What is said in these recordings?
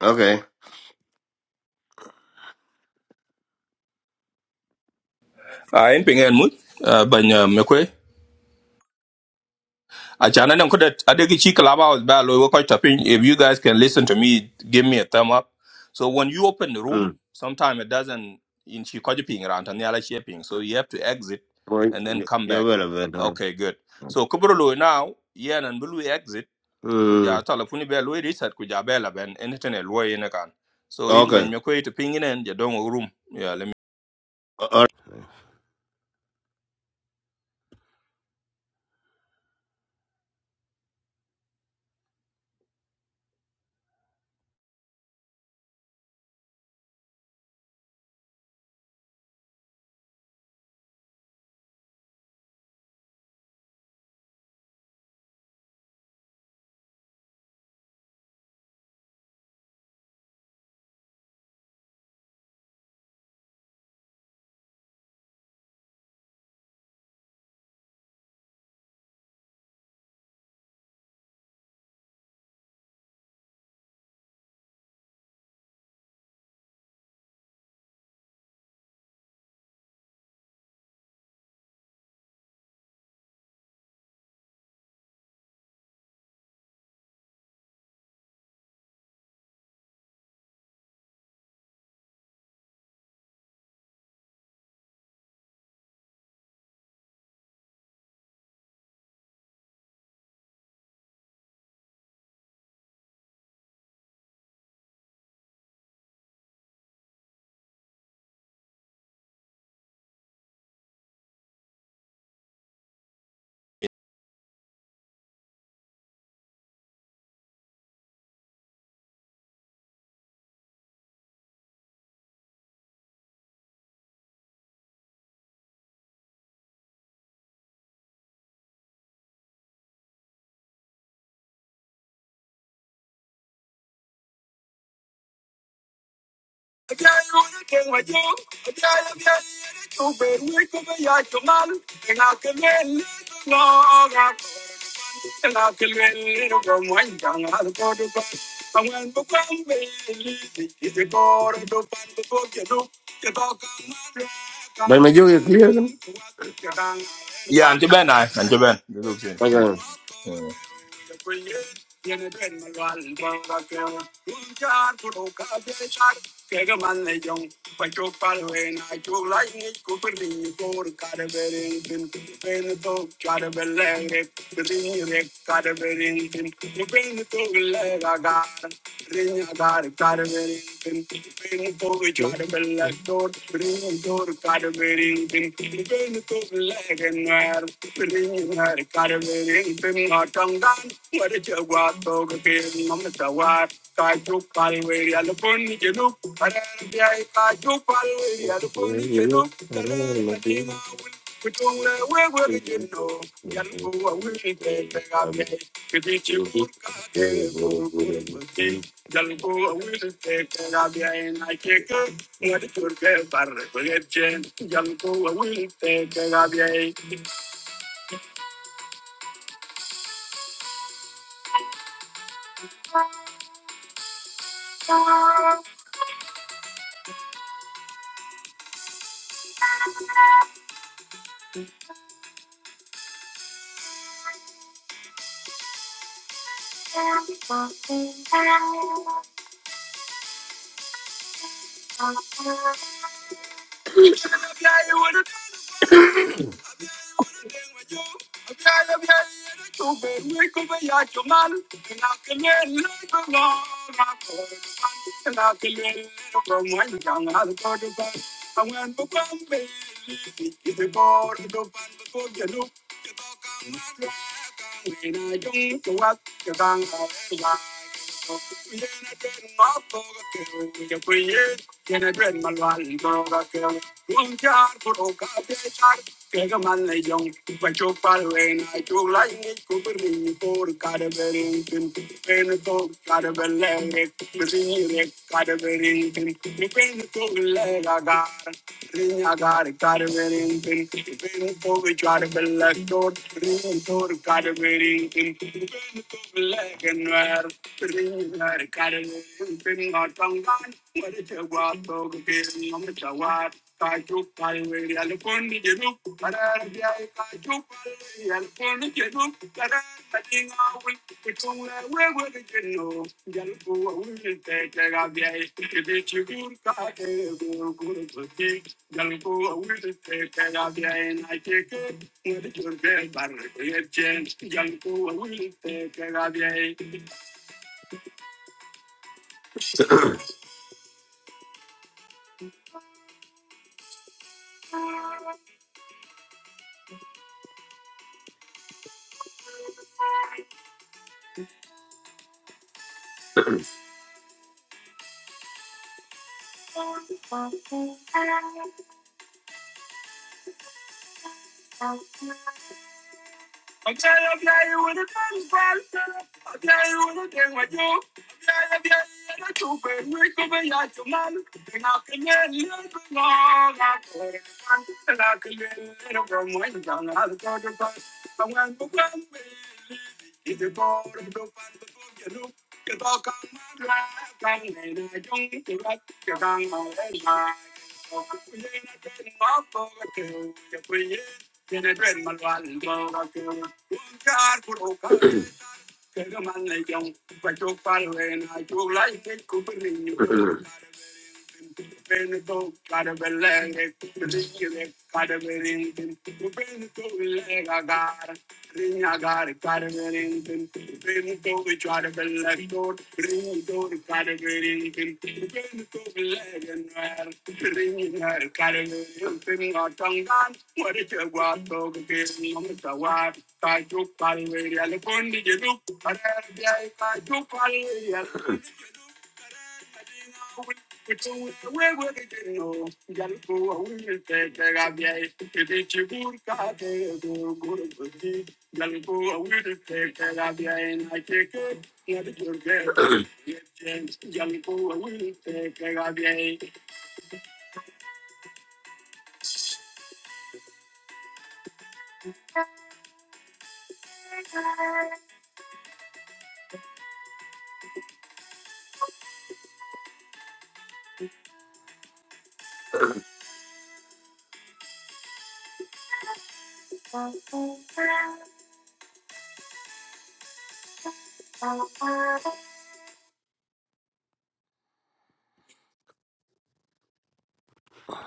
Okay. a en ping en mut uh, ban uh, me kwe a chana nan kuda adegi chi clubhouse ba lo wo kwaita ping if you guys can listen to me give me a thumb up so when you open the room Mm. sometimes it doesn't in chi kwaji ping ran tan yala chi ping so you have to exit Well, and then y- come you're back well aware now. okay good so kubro lo now yeah and blue exit Mm. kuja telefoni be lo reset kuja be la ben internet lo yin kan so in Okay. ban me kwe to ping in en ja don room yeah let me Uh, all right. But my joke is clear. isn't it? yeah and to ben i and to ben look Okay. chin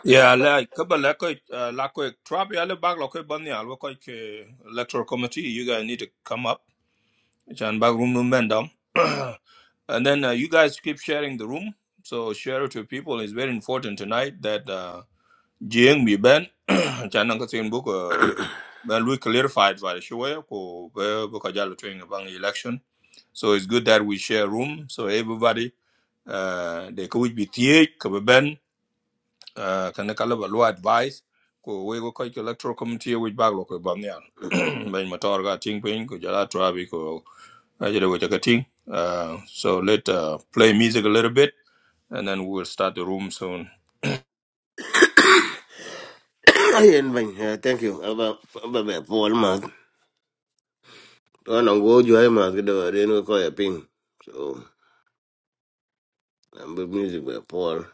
Yeah, like couple like uh, like trap ya le bag like ban ya like electoral committee you guys need to come up chan bag room room bend and then uh, you guys keep sharing the room so share it to people It's very important tonight that uh jing bi ben chan nang tin book uh, well we clarified by the show ko be ko jalo twing bang election so it's good that we share room so everybody uh they could be tie ko be ben uh, kana kala ba lua advice ko we go ko electoral committee which bag lo ko bam ya ben motor ga ting pin ko jala trabi ko ajere we ka ting uh, so let uh, play music a little bit and then we will start the room soon Ayen bany, eh, thank you. Aba aba be Paul Mark. go jo ay Mark do den ko ya ping. So, am music be Paul.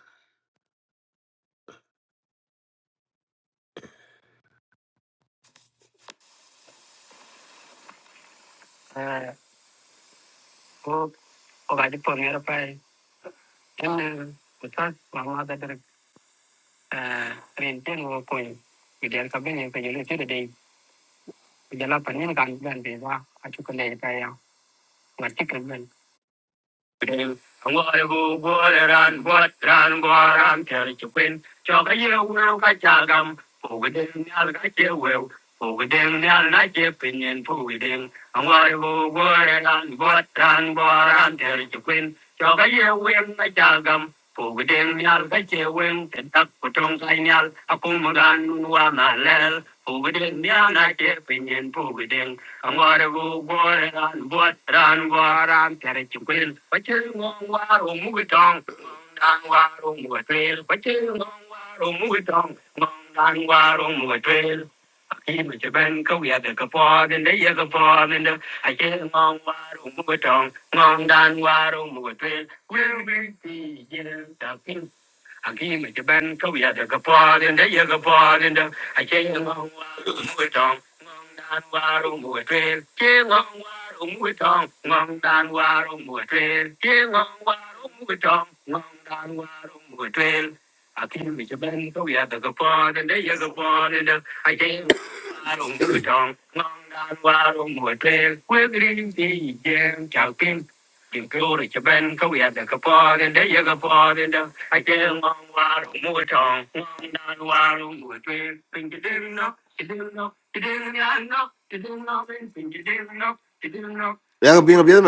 Ya ko ping biel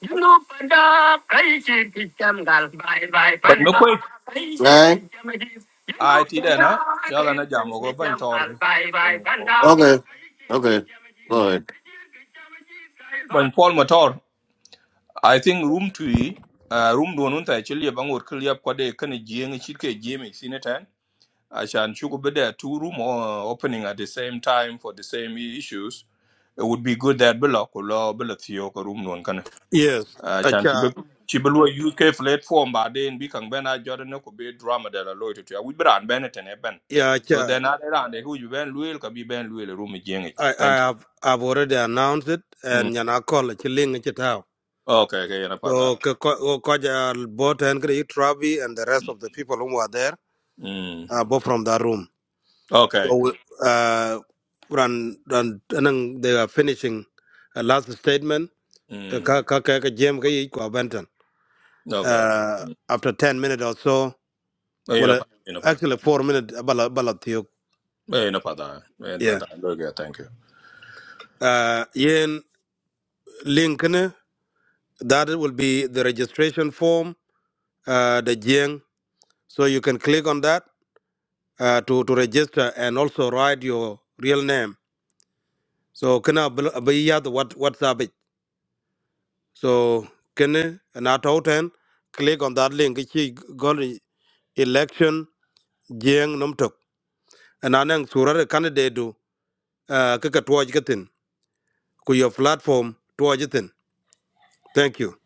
Juno panda kai chi ti cham gal bye bye but no panda koi kai chi cham di. Juno I ti da panda na jala kai na jamo go chi ben cham tor gal ga. bye bye ben panda. pol Okay, motor okay, go mm ahead. ben pol motor i think room to uh, room do nun ta chili bangor kliap ko de kana jieng chit ke jemi Ashan Shugube, there are two room uh, opening at the same time for the same issues. It would be good that Bella Kula, Bella Theo, room no one can. Yes, Ashan acha, Chibu, Chibu, use K platform, but then Bikang Ben, I Jordan could be drama that I loyalty to. you. We better and Bennett and Eben. yeah, So acha. then I ran the who you Ben Luil, could be Ben Luil, room again. I, I Thank you. have, I've already announced it, Mm. and you know, call it chilling it out. Okay, okay, you know not that. So, Kaja bought and create Travi and the rest Mm. of the people who were there, Mm. uh, both from that room. Okay. So, we, uh, run, run, and then they are finishing a last statement. Uh, Mm. ka- ka- ka- ka- Jam ka yi kwa Benton. Okay. Uh, Mm. after 10 minutes or so, You're well, not uh, that. you know not actually, four minutes, about, about, that. you know not yeah. that. Very good, Thank you. Uh, yen link That will be the registration form, uh, the Jiang. So you can click on that uh, to, to register and also write your real name. So can I be the what WhatsApp it? So can I and at all ten click on that link. Ichi gol election Jiang Numtok. And anang surare candidate do uh, kaka tuaj gatin ku your platform tuaj gatin. Thank you.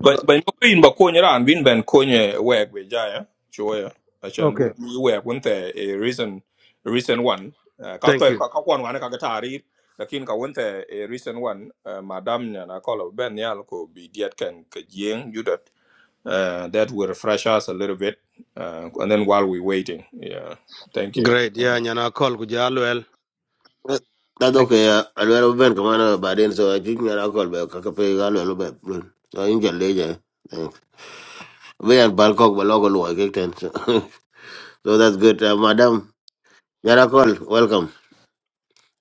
But Go- but no pin ba konye ran win ben konye work we jaya choya achan Okay. bu bu work when the a recent a recent one uh, ka Thank to you. ka ka kwan wan ka tari lakin ka when the a recent one uh, madam nya na call of ben yal ko be diet can ka jing you that uh, that will refresh us a little bit uh, and then while we waiting yeah thank you Great. mm. Yeah, nyana call ku jalo el. Eh, That's Thank you. okay. Uh, I will have been command by then, so I think I'll call back. I can pay a little bit. So I enjoy later. Thanks. We are Bangkok, but local work. eh, thanks. So that's good. Uh, madam, Yara call. welcome.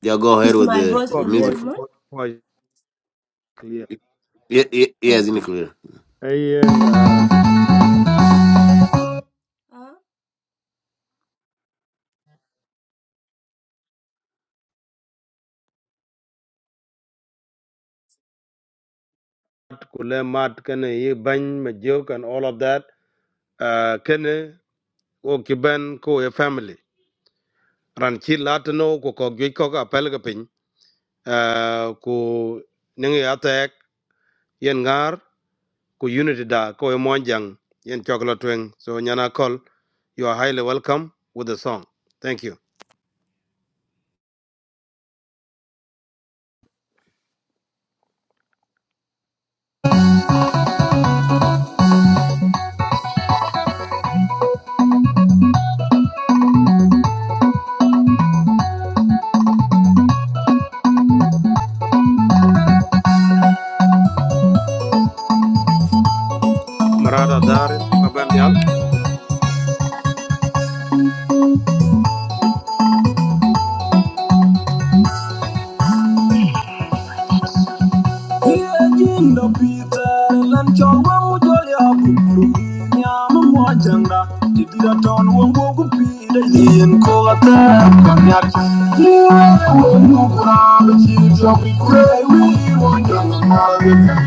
Yeah, go ahead with A the, call the music. for for for clear. Ye- ye- Yes, in clear. Ayen uh, kule mat kene ye bany me joke and all of that. Uh, kene o kiban. ko ye family. Ran chi latino ko ko gwe ko ka pel ka pin. Uh, ko nengi atek yen ngar ko unity da ko ye monjang yen chocolate wing. So nyana call. you are highly welcome with the song. Thank you. Marada darin babanyal. Yejinda Peter lan chorwa mujoli aburu Nyama mojanda Tidira ton wongo kupira Yen kola ter kanyak Yewe wongo kura Bichi chokwi kure Wiri wonjanga mali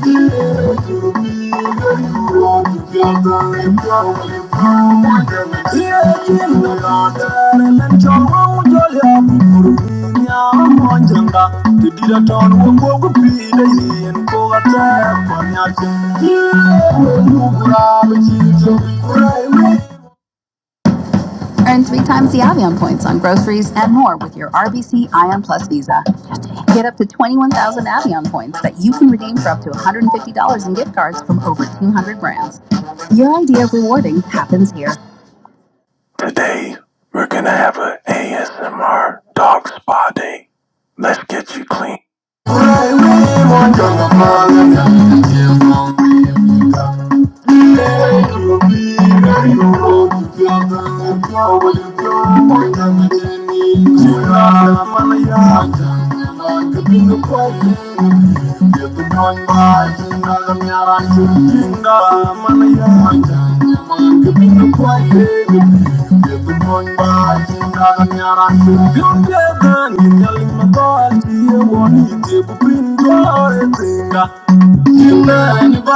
Earn three times the Avion points on groceries and more with your RBC Ion Plus Visa. Get up to 21,000 Avion points that you can redeem for up to $150 in gift cards from over 200 brands. Your idea of rewarding happens here. Today, we're gonna have an ASMR dog spa day. Let's get you clean. Thank you. Thank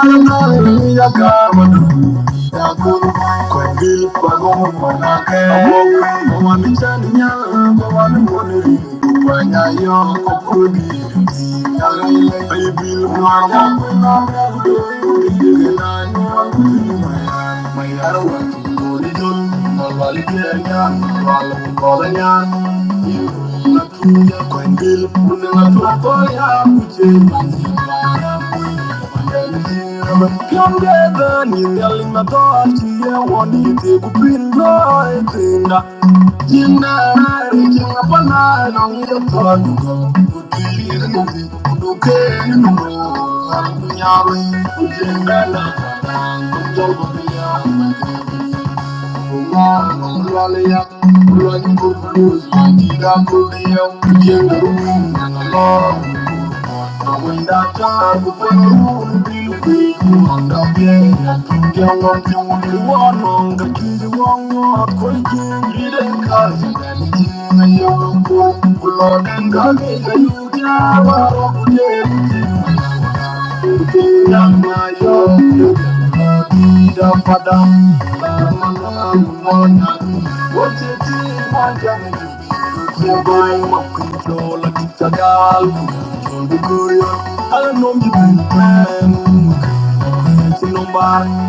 you. Jinda, jinda, jinda, jinda, jinda, jinda, Thank you. Thank you. Thank you.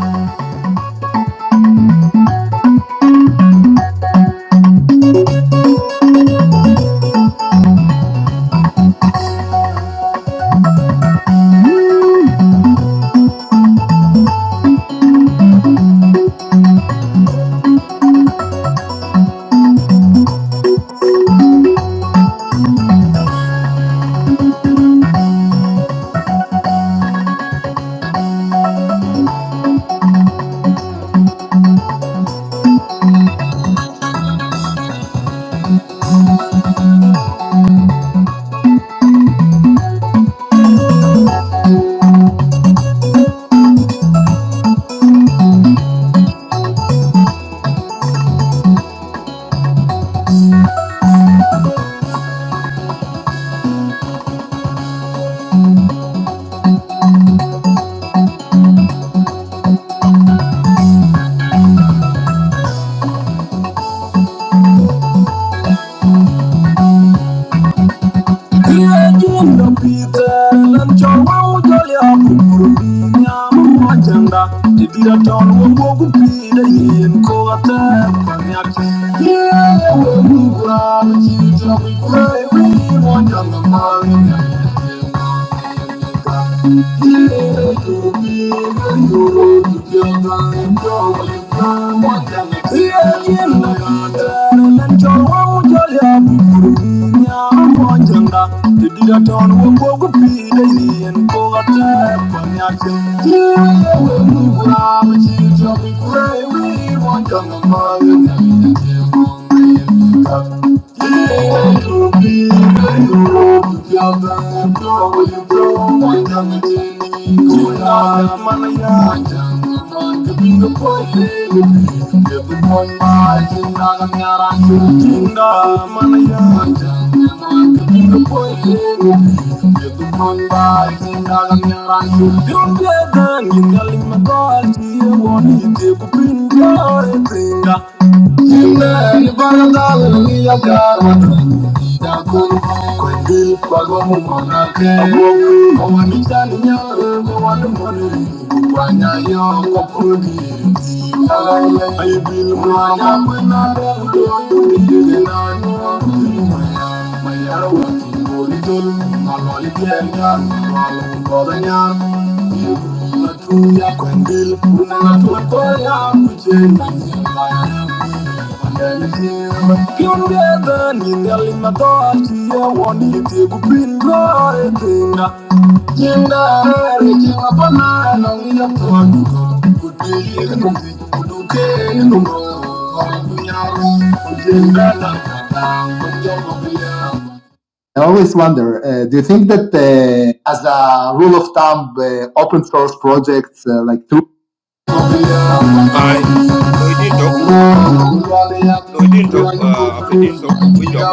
Yeah, we'll be proud of you, don't be afraid, we want your love. Thank you. You're better than you, darling, my God. You want to take a pin, Singa. Nimeni barandal niya kara. Yakun kwendil pagomu monake. Omanita nyoro mwanu mori. Kwanya yo kokudi. Ayi bil mwana mwena rendo yudi na nyo. Mayara wati ngoli tol. Naloli tiyan yan. Naloli kodan yan. Unatumia kwendil, unatua kwaya kujenga nyumba yangu. Wananielewa. Kiongeza ningali matoachia wanite kupindwa retinga. Jinda retinga pana nangia tuanduko. Kutiri nungi, kudukeni nungo. Wandunyaro, kujenga na kata, kujenga bila. I always wonder, uh, do you think that uh, as a rule of thumb, uh, open source projects uh, like Drupal Thank i loidin tok loidin tok uh, after din tok ogwe jok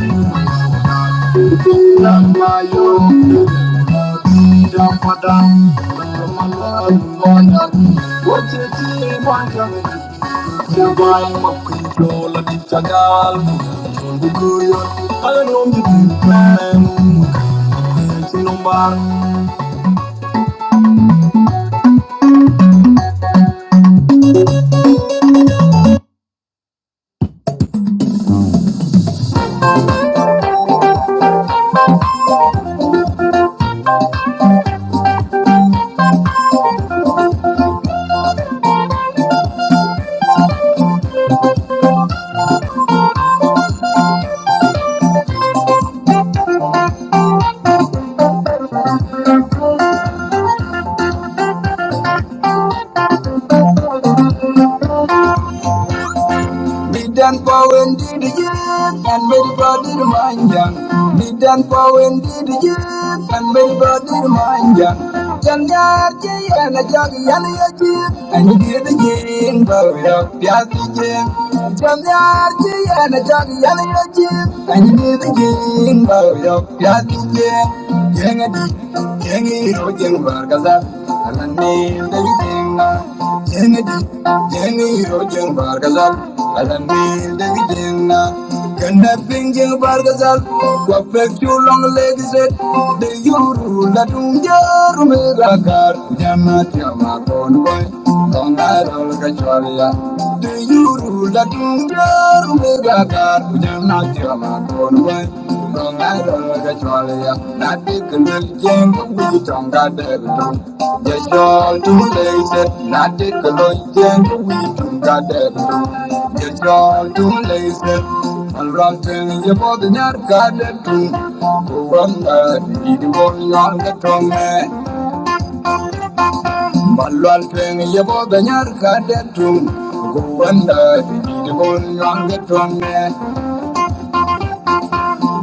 you. Thank you. Bidan pawen di di jet, and very body reminding. Bidan pawen di di jet, and very body reminding. Jangar ji and a jog yan ya ji, and you get the jing, but we don't get the jing. Jangar ji and a jog yan ya ji, and you get the jing, but we don't get the jing. Jing a di, jing a hero, jing a do you rule the Thank you.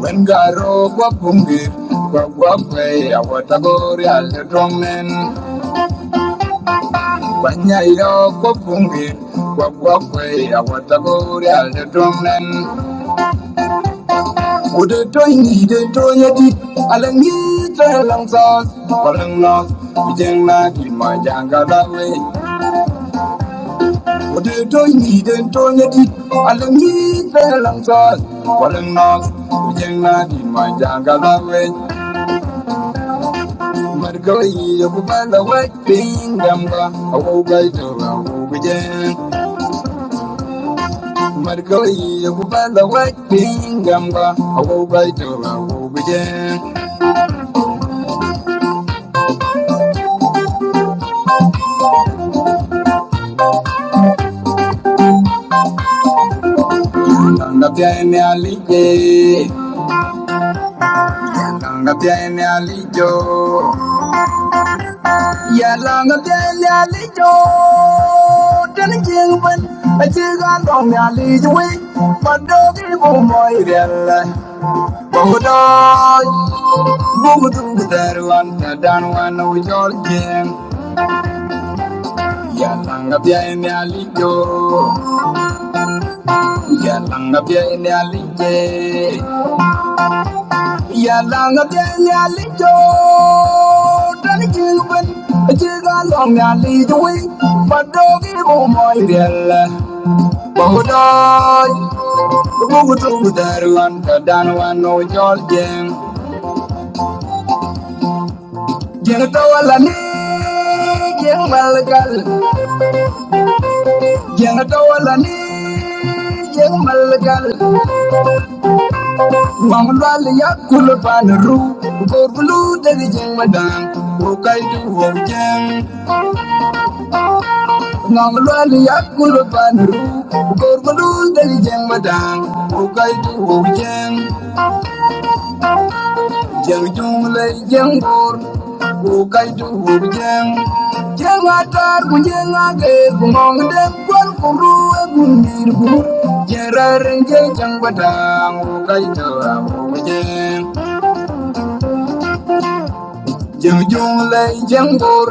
When Garo Kwapumbi, Kwakwe, Awatagori, Aldromen, Panyayo Kwapumbi, Kwakwe, Awatagori, Aldromen, would the toy need a toyati, Alangita long sauce, Palang loss, Vijayna, my Janga that way. Would the toy need a toyati, Alangita long sauce, Palang loss, Vijayna, my Janga that way. Markaɗi ya kuma lawaɗin gamba a ƙoƙar turawa bijen. Markaɗi ya kuma lawaɗin gamba a ƙoƙar turawa bijen. Langafiya ne alike, langafiya ne alijo. Ya langafiya ne alijo, dan jin ban a cikin don ya alijo wai. Mando ki bu moirel, baudo Bugudu darwan tadan wana ujolgen Yalanga bia ini alijo Yalanga bia ini alije Yalanga bia ini alijo Dani chiguben Chiga long ni alijo wi Padogi bumoy biela Bugudoy Bugudu darwan tadan wana ujolgen Jeng tawala ni Jeng malgal Janatawalani jeng malgal mamlal yakul panru korblu dari jeng madang bukai duo jeng mamlal yakul panru korblu dari jeng madang bukai Jeng jung le jeng bor ku kai tu hub jeng jeng atar ku jeng age ku mong den kwan ku ru e ku nir ku jeng rareng jeng jeng badang ku kai tu jeng jeng jung le jeng bor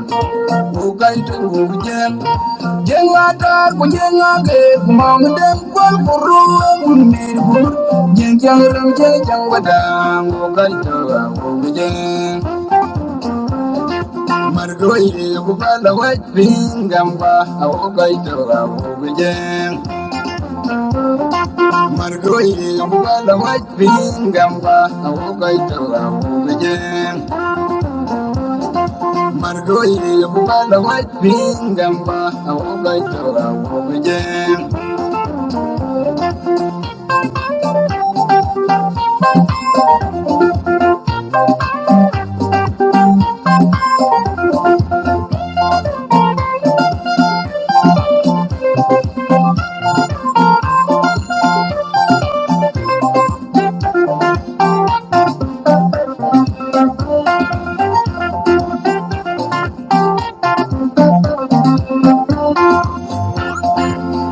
ku kai tu hub jeng jeng atar ku jeng age ku mong den kwan ku ru e ku nir ku jeng jeng reng jeng jeng badang ku kai tu jeng Margoye bukala wajbingamba awokai tora buguje Margoye bukala wajbingamba awokai tora buguje Margoye bukala wajbingamba awokai tora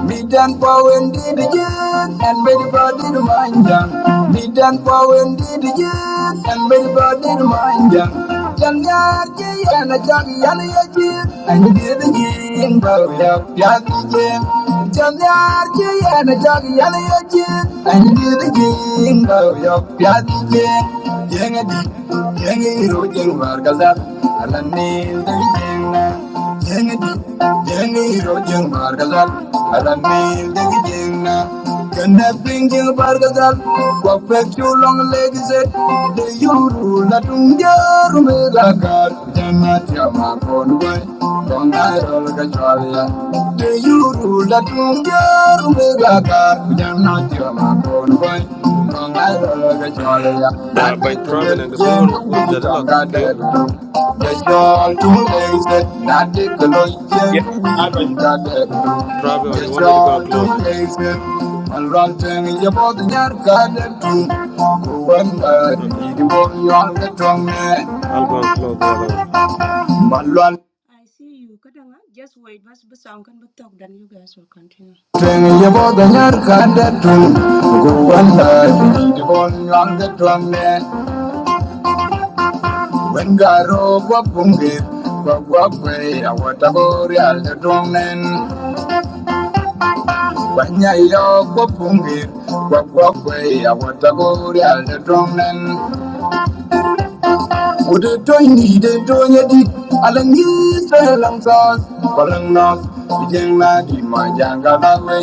Bidan pawen di di jen, and bedi body di manjang. Bidan pawen di di jen, and bedi body di manjang. Yang yar ji yana jagi yana ya ji, and di di jen baru ya ya di jen. Yang yar ji yana jagi yana ya ji, and di di jen baru ya ya di jen. Yang di, yang iru jeng warga zat, alam ni di jen. Jenny Margazal, Alamil Degina, Canapingil Bargazal, Perfectu long legs, the Yuru Latunga Rumelakar, Jamatia Makonway, Bongai Olgachalia, the Yuru Latunga Rumelakar, Jamatia Makonway. Uh, bany trabi nang da binigon gwan dadilak tiyuk. yeah or you want me to go and close it? Okay. I'll go and close the other one. Thank you. Wengaro gwabungit gwagwagwe awatabori aldedongnen wanyayo gwabungit gwagwagwe awatabori aldedongnen udetoini detonyedik alangiselamsas balangnos bijengna dimajangalawe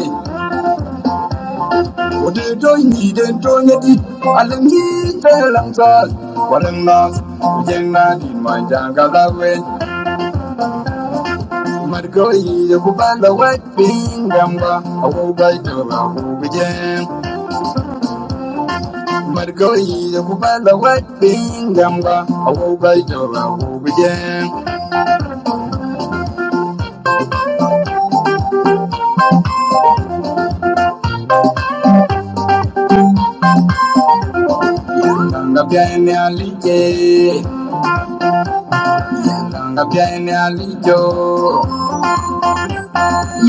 udetoini detonyedik alangiselamsas balangnos bijengna dimajangalawe Marconi okupanda wapingamba awaubaitaba ubuje Marconi okupanda wapingamba awaubaitaba ubuje Langa byane alije Langa byane alijo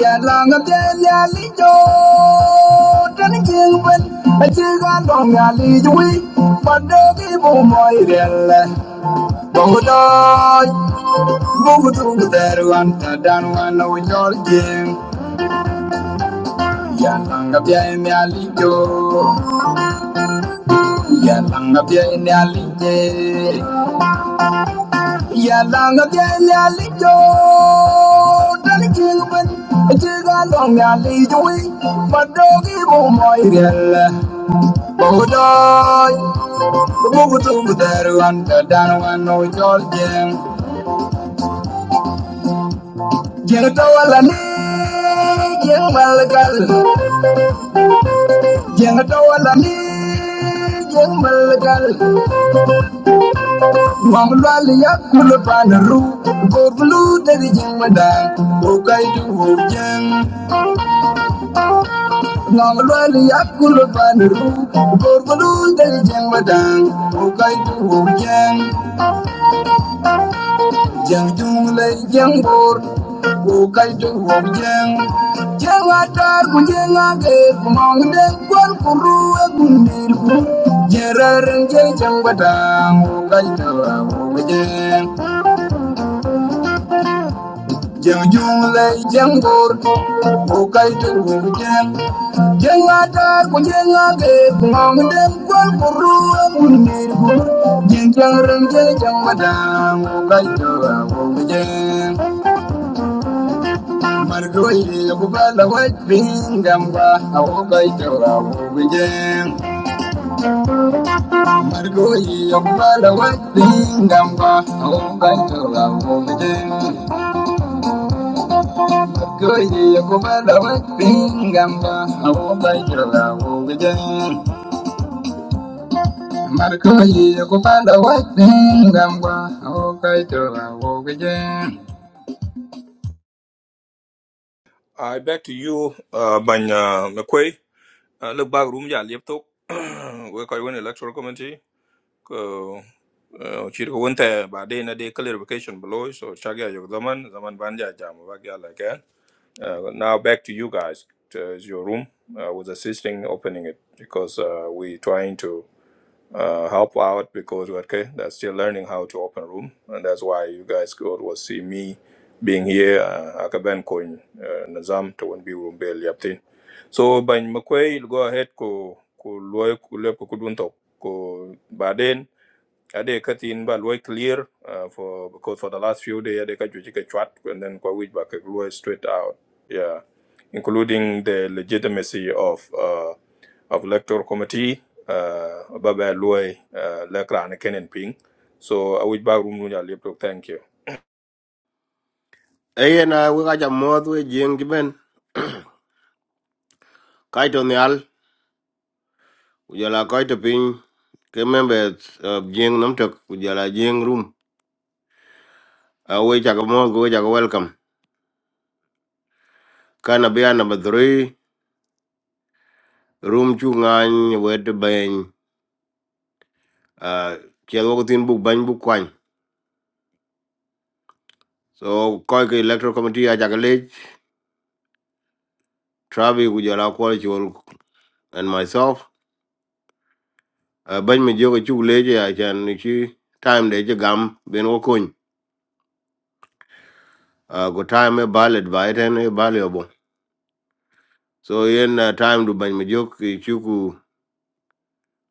Ya langa byane alijo Tani jingwen Achiga long alijo wi Padogi bumoirele Bodo Mugutu deru anta danu ana unyolje. Yalanga pia ene alijo. Yalanga pia ene alije. Yalanga pia ene alijo. Dali kilben. Chiga long me alijo we. Madogi mo moirele. Bodoy. Mugutu deru anta danu ana unyolje. Jeno tawala ni. Jeno malakal. Jeng tawala ni jeng melegal Wang lwal yak mulepan ru Gor blu dari jeng medang Bukai duo jeng Wang lwal yak mulepan ru Gor blu dari Jeng jung lay jeng bor Ku kay jung hok jeng Jeng atar ku jeng age Ku mong deng kwan ku ruwe ku nir ku Jeng rareng jeng jeng batang Ku kay tawa hok jeng jung lay jeng bor Ku kay jung hok jeng Jeng atar ku jeng age Ku mong deng kwan ku ruwe ku batang Ku kay tawa hok Mardoki Bubala White Bingamba, Awokai Tara Bubijam. Mardoki Bubala White Bingamba, Awokai Tara Bubijam. Mardoki Bubala White Bingamba, Awokai Tara Bubijam. Mardoki Bubala White Bingamba, Awokai Tara Bubijam. I back to you, uh, Banya McQuay. Uh, look back room, yeah, laptop. We call one electoral committee. Uh, chỉ có vấn đề bà đây là đây clarification below so chắc là yok zaman zaman ban giờ jam và cái là Uh, now back to you guys to your room I was assisting opening it because uh, we trying to uh, help out because okay, they're still learning how to open room, and that's why you guys could will see me being here. Uh, akaben coin nazam to one be room be liaptin. So by McQuay, go ahead ko ko loy ko lep ko kudunto ko baden ade katin ba loy clear uh, for because for the last few days ade ka juji chat and then kwa which back loy straight out yeah including the legitimacy of uh, of electoral committee uh ba ba loy uh, lekra kenen ping so a which back room nu ya laptop thank you Eye na we ka moth we jeng jiben. Kaito nyal. Ujala kaito piny. Ke members of jeng namtok. Ujala jeng room. Uh, we chaka moth we chaka welcome. Kana bia number three. Room chu ngany wet bany. Uh, Kiel wako tin buk bany buk kwany. So koi ke electoral committee a chaka lech. Travi ujala kwal chol and myself. Uh, bany me joga chuk leche a chan ni chi time de je gam. Bin wakony. Uh, go time e ballot by ten e ballot So yen uh, time to ban majok chuku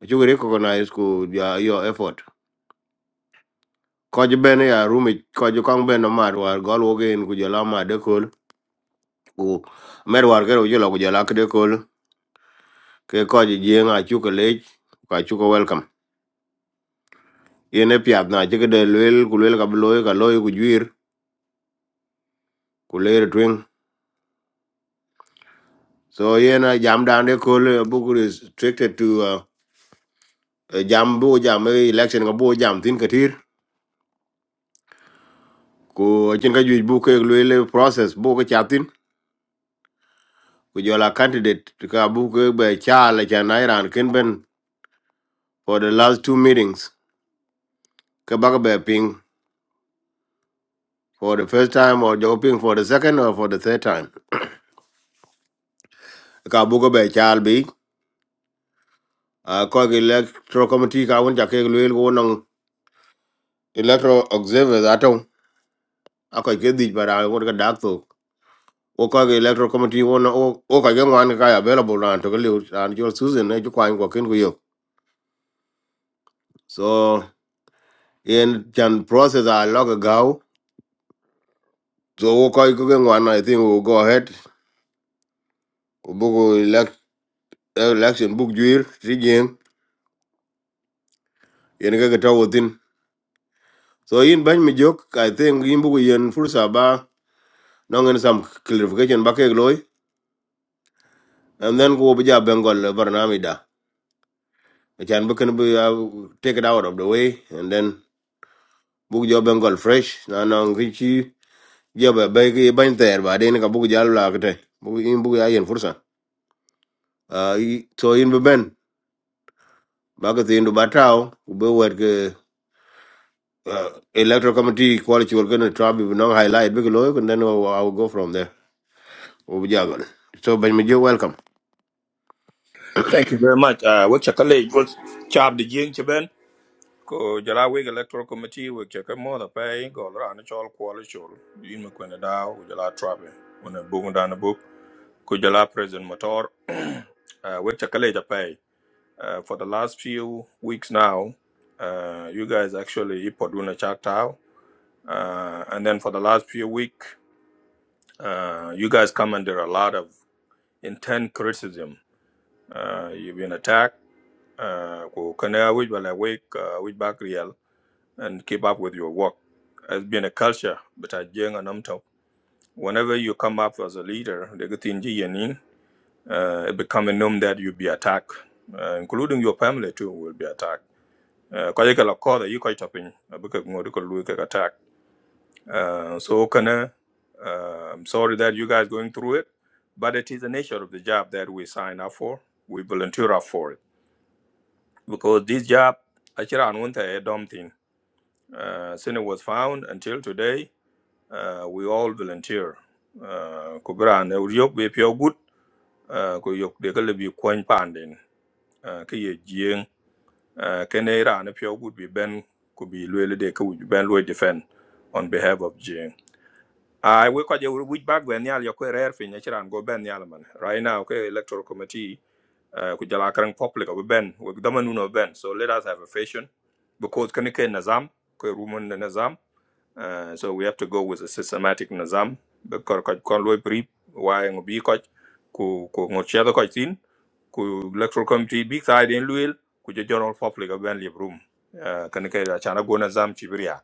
chuku recognize ku ya your effort. Koj ben ya rumi koj kong ben no mad war gol wogen ku jala ma de kol ku mer war gero jala ku jala kde kol ke koj jien a chuku lech ka chuku welcome. Yen e piat na chike de lwel ku lwel ka bloy ka loy ku juir ku leer twing. So yen a jam down de kol uh, buku restricted to uh, uh, jam bu jam eh, election ka bu jam tin katir ku chin ka juij bu ke lwel eh, process bu ka chatin ku jola candidate ka bu ke be chala cha na iran ken ben for the last two meetings ke baka be ping for the first time or jo ping for the second or for the third time ka bu ke be chal bi a ko ke electoral committee ka won ja ke lu el won electoral observers ato a ko ke di bara won ka dak to o ko ke electoral committee won o o ka ke wan ka available ran to ke lu ran jo susan ne ju kwan ko ken ku yo so in chan process a log go so ko ko ke wan i think we will go ahead bugo election buk juir trigien yen kaka tawotin so in bany mi jok i think yin bugo yen fursa ba nongen some clarification ba kek loy and then ko bija bengol barnami da achan bukan bu ya take it out of the way and then book jo Bengal fresh na nong richi jo ba ba ki bany ter ba den ka bug jal la kete bug yin bugo ya yen fursa uh, i- so yin bu ben ba ka tin du batao be wet ke uh, electoral committee quality we're going to try we not highlight big low and then I'll, I'll go from there We'll be juggling. so Benjamin Joe welcome thank you very much uh what chakale what chap the jing chben ko jara we electoral committee we check more da pay go ra na chol kwal chol yin me kwenda da jala trabe when a book down the book Kujala president motor uh, we chakale japai uh, for the last few weeks now uh, you guys actually poduna chaktao uh, and then for the last few week uh, you guys come under a lot of intense criticism uh, you've been attacked uh, ku kana which will awake uh, which back real and keep up with your work it has been a culture but I jenga namto whenever you come up as a leader they get in uh, it becoming known that you'll be attacked, uh, including your family too will be attacked. Uh, Kwa yake la koda yi kwa itapin, abuka ngodi kwa lui kaka attack. Uh, so kana, uh, I'm sorry that you guys going through it, but it is the nature of the job that we sign up for. We volunteer up for it because this job, actually, I want a dumb thing. Uh, since it was found until today, uh, we all volunteer. Uh, kubra ne uriok be pure good. Uh, kuyok de kalle bi kwan pandin. Uh, uh, kene Iran if you would be ben could be really they could ben Louis defend on behalf of Jing. I we could you which bag when yal your career fin and go ben yal man. Right now, okay, electoral committee uh could jala karang public we ben we damanun of ben. So let us have a fashion because can you nazam, ke rumun nazam. Uh, so we have to go with a systematic nizam because kon loy pri why ngo bi ko ku ku ngo chedo ko tin ku electoral committee big side in luil ku je general public of ben live room uh, kan ke da chana go nizam chibiria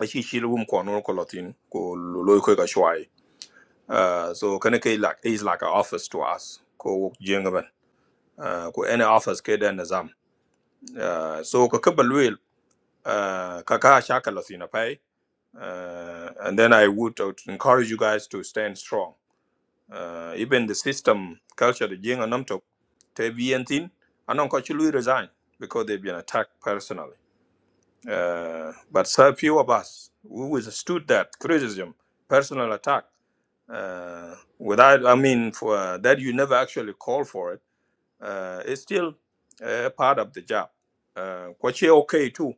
a shi shi room ko no ko lotin ku loy ko ga shwai uh, so kan ke like is like an office to us ko jenga uh, ku any office ke da nizam uh, so ka ka balwil uh, ka ka shaka lotin pai Uh, and then I would, I encourage you guys to stand strong. Uh, even the system culture, the Jing and Namtok, te bien thin, anong ko chulu resign because they've been attacked personally. Uh, but so few of us who withstood that criticism, personal attack, uh, without, I mean, for uh, that you never actually call for it, uh, it's still uh, part of the job. Uh, kwache okay too.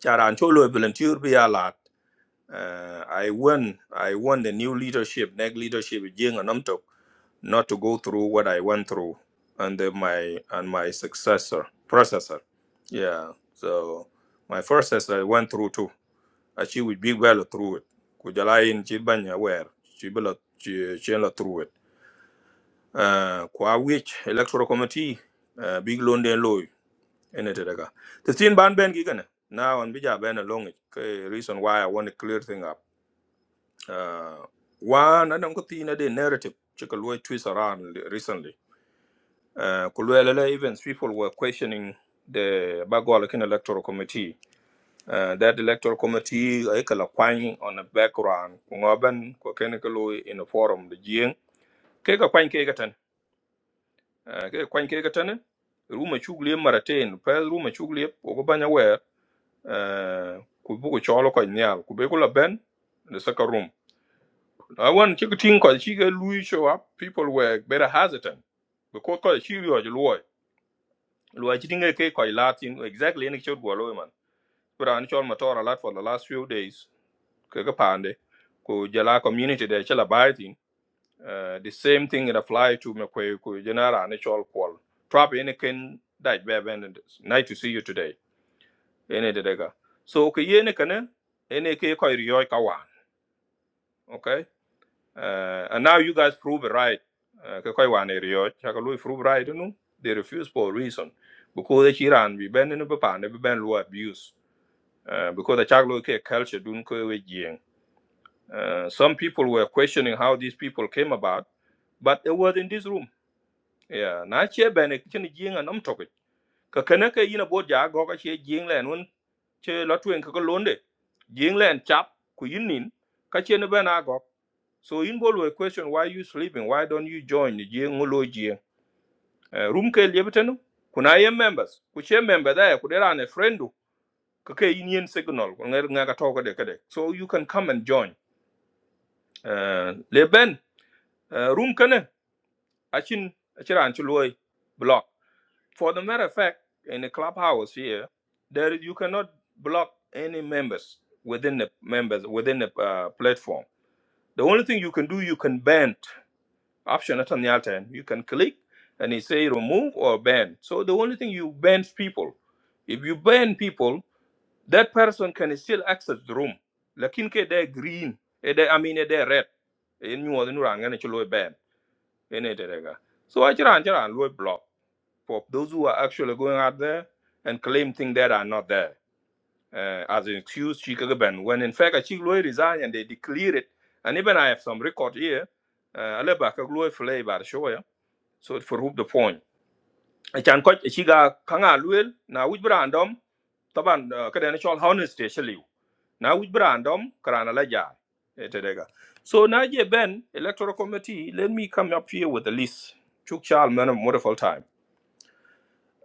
Charan cholo volunteer be a lot. Uh, I want I want the new leadership, next leadership, Jing and Namtok, not to go through what I went through under my and my successor, processor. Yeah. So my processor I went through too. And she would be well through it. Kujala in Chibanya where she will she she la through it. Uh kwa which electoral committee uh, big loan den low in it. The thin ban ben gigana. Now and bija ben along it. Okay, reason why I want to clear thing up. Uh, one, I don't think the narrative Chick twist around recently. Uh, Kulwelele events, people were questioning the Bagwalakin Electoral Committee. Uh, that electoral committee, Ikala Kwang on the background, Kungaban, Kokenikalu in the forum, the Jing. Keka Kwang Kegatan, uh, Keka Kwang Kegatan, Ruma Chugli Maratain, Paz Ruma Chugli, Ogobanya Ware, Kubuku Cholo Kanyal, Kubekula Ben, the second room. I want to think because she get Louis show up, people were better hesitant because because she was Louis. Louis think a cake or Latin exactly any short go Louis man. But I'm sure Matora a lot for the last few days. Kaka Pande, ku jala community they shall abide in. Uh, the same thing it apply to me ku ku general and all qual. Trap any can that be abandoned. Nice to see you today. Any de dega. So ku yene kana any cake or Rio Kawan. Okay. Uh, and now you guys prove it right. Uh, ka koi wan area chakalui prove right you know they refuse for a reason because the chiran be ben in papa ne be ben lu abuse uh, because the chaklo ke culture dun ko we jing Uh, some people were questioning how these people came about but they were in this room yeah na che ben chin jing and am topic ka kana ka ina bo ja go ka che jing len un che lotwen ka ko londe jing len chap ku yinin ka chen ben a so in bol we question why you sleeping? Why don't you join the Jiang Ulo Jiang? Eh, Room ke liebten? Kuna ye members? Kuche member there? Kudera ane friendu? Kake union signal? Kunger ngaga talk de kade. So you can come and join. Eh, Leben eh, room kene? Achin achira anchuloi block. For the matter of fact, in the clubhouse here, there you cannot block any members within the members within the uh, platform. The only thing you can do, you can ban option at the altern. You can click and it say remove or ban. So the only thing you ban people. If you ban people, that person can still access the room. Lakin ke they green, eh, they- I mean eh, they red. In you are going to ban. In it, Eh, ne terega. So I chiran chiran loy block for those who are actually going out there and claim things that are not there. Uh, as an excuse, she could ban. When in fact, she resigned and they declare it. And even I have some record here. Uh, I left back a glory flavor, show ya so for rub the phone I chan ko chiga kanga luel na wij brandom taban ka den chol honest sheliu na wij brandom karana la ja etedega so na je ben electoral committee let me come up here with the list chuk chal man a wonderful time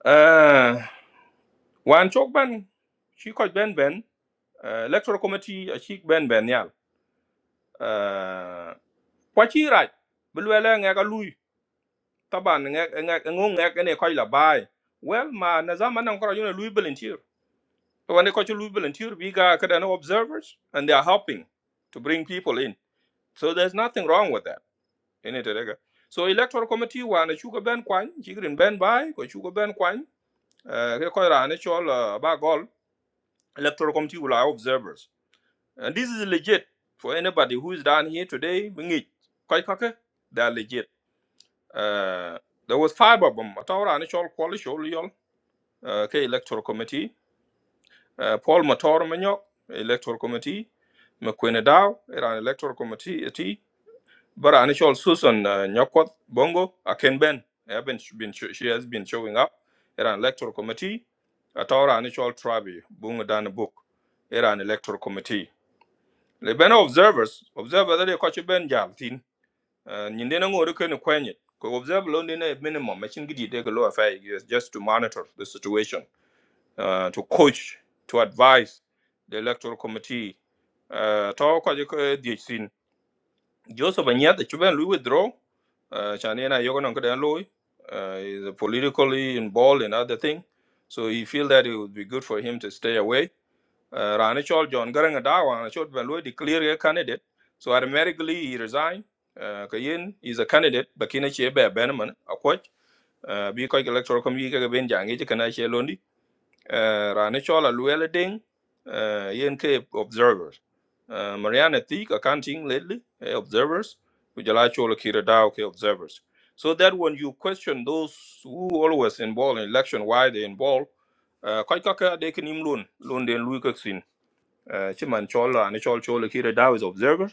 uh wan chok ban chi ko ben ben uh, electoral committee a chi ben ben yal uh kwachi raj bulwele nga Taban ngek ngek ngong ngek ene koy la bay. Well ma na zaman nan koro yuna Louis volunteer. To wane ko Louis volunteer we ga kada of observers and they are helping to bring people in. So there's nothing wrong with that. Ene terega. So electoral committee wa na chuga ben kwan, chigrin ben bay ko chuga ben kwan. Eh ke koy ra ne chol eh, ba gol electoral committee will are observers. And this is legit for anybody who is down here today. Bingi koy kake they are legit. Uh, there was five of them. Atawra ne chol kwali uh, ke electoral committee uh, Paul Mator Manyok electoral committee McQueen Dow era electoral committee eti bara initial Susan uh, Nyakwat Bongo Aken Ben have been, been she has been showing up era electoral committee atora initial Trabi Bunga Dan Book era an electoral committee le ben observers observer that they catch ben jaltin uh, nyinde na ngore ken kwenye ko observer lo ndine minimum machine gidi de ko lo afai just to monitor the situation uh, to coach, to advise the electoral committee. Uh, to ko je ko die sin. Joseph Anyat, the Chuban Louis withdraw. Uh, Chanina Yogan Louis uh, is politically involved in other thing. So he feel that it would be good for him to stay away. Uh, Rani Chol John Garang Adawa, and Chol Ben Louis declare a candidate. So automatically he resigned. Uh, Kayin is a candidate, Bakina Chebe Benaman, a coach. Uh, because electoral committee ka ben jangi uh, rani chola luela ding uh, yen ke observers uh, mariana thick accounting lately uh, observers kujala chola kira dao ke observers so that when you question those who always involved in election why they involved uh, kai ka ka de kin im lun den lui ka uh, chiman chola rani chola chola kira dao is observer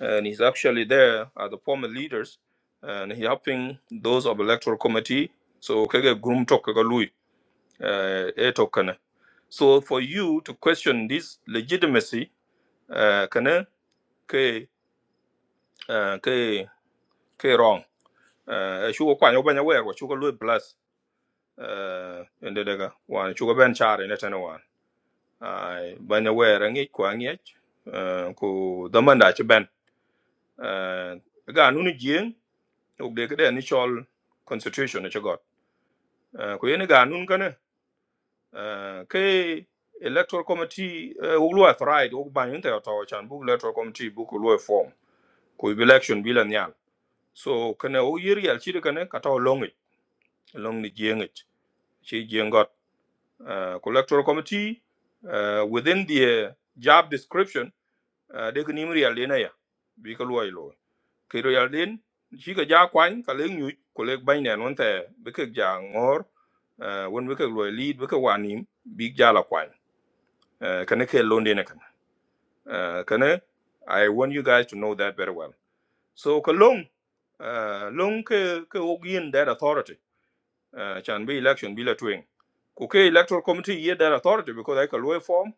and he's actually there as the former leaders and he helping those of electoral committee so kege grum tok kaga lui so for you to question this legitimacy, uh, kana ke uh, ke ke wrong. Uh, shugo kwa nyoba nyawe kwa shugo lui plus uh, ende daga wan shugo ben chari ne tena wan. Ai banya we rangi kwa ngech uh, ku damanda che ben. Uh, ga nunu jien ugde kede ni constitution ne chagot. Uh, ku yene ga nun kana uh, ke electoral committee uh, uglu authority ugbanyo nte otawo chan bu electoral committee bu ku lui form ku election bi la nyal so kana o yeri yal chi kana ka to long it long ni jeng it chi jeng got uh, ku electoral committee uh, within the uh, job description uh, de kini mi yal na ya bi ka loy lo ke ro yal den chi ka ja kwan ka le nyu ku le ban ne non te bi ka ja ngor uh, won bi ka loy lead bi ka wanim bi ja la kwan uh, kana ke londe ne kana uh, kana i want you guys to know that very well so ka long uh, long ke ke ogin that authority uh, chan be election be la twing ku ke electoral committee ye that authority because i ka law form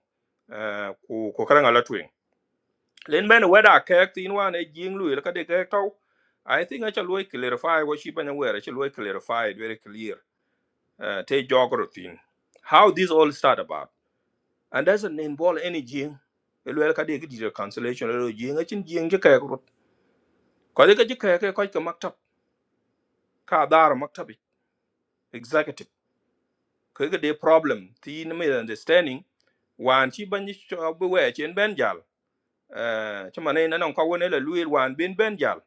uh, ku ku karanga la twing len ben whether ke tin wan e jing lu ka de ke tau i think i shall we clarify what she been aware i shall we clarify it very clear uh, te jogro how this all start about and doesn't involve any jing elwel ka de ki di cancellation lo jing a chin jing ke ke ko de ke ke ke ko ka maktab ka dar maktab executive ke de problem ti ni mi understanding wan chi ban cho bu we chen ben jal eh chuma ne nan ko wona la luil wan bin ben jal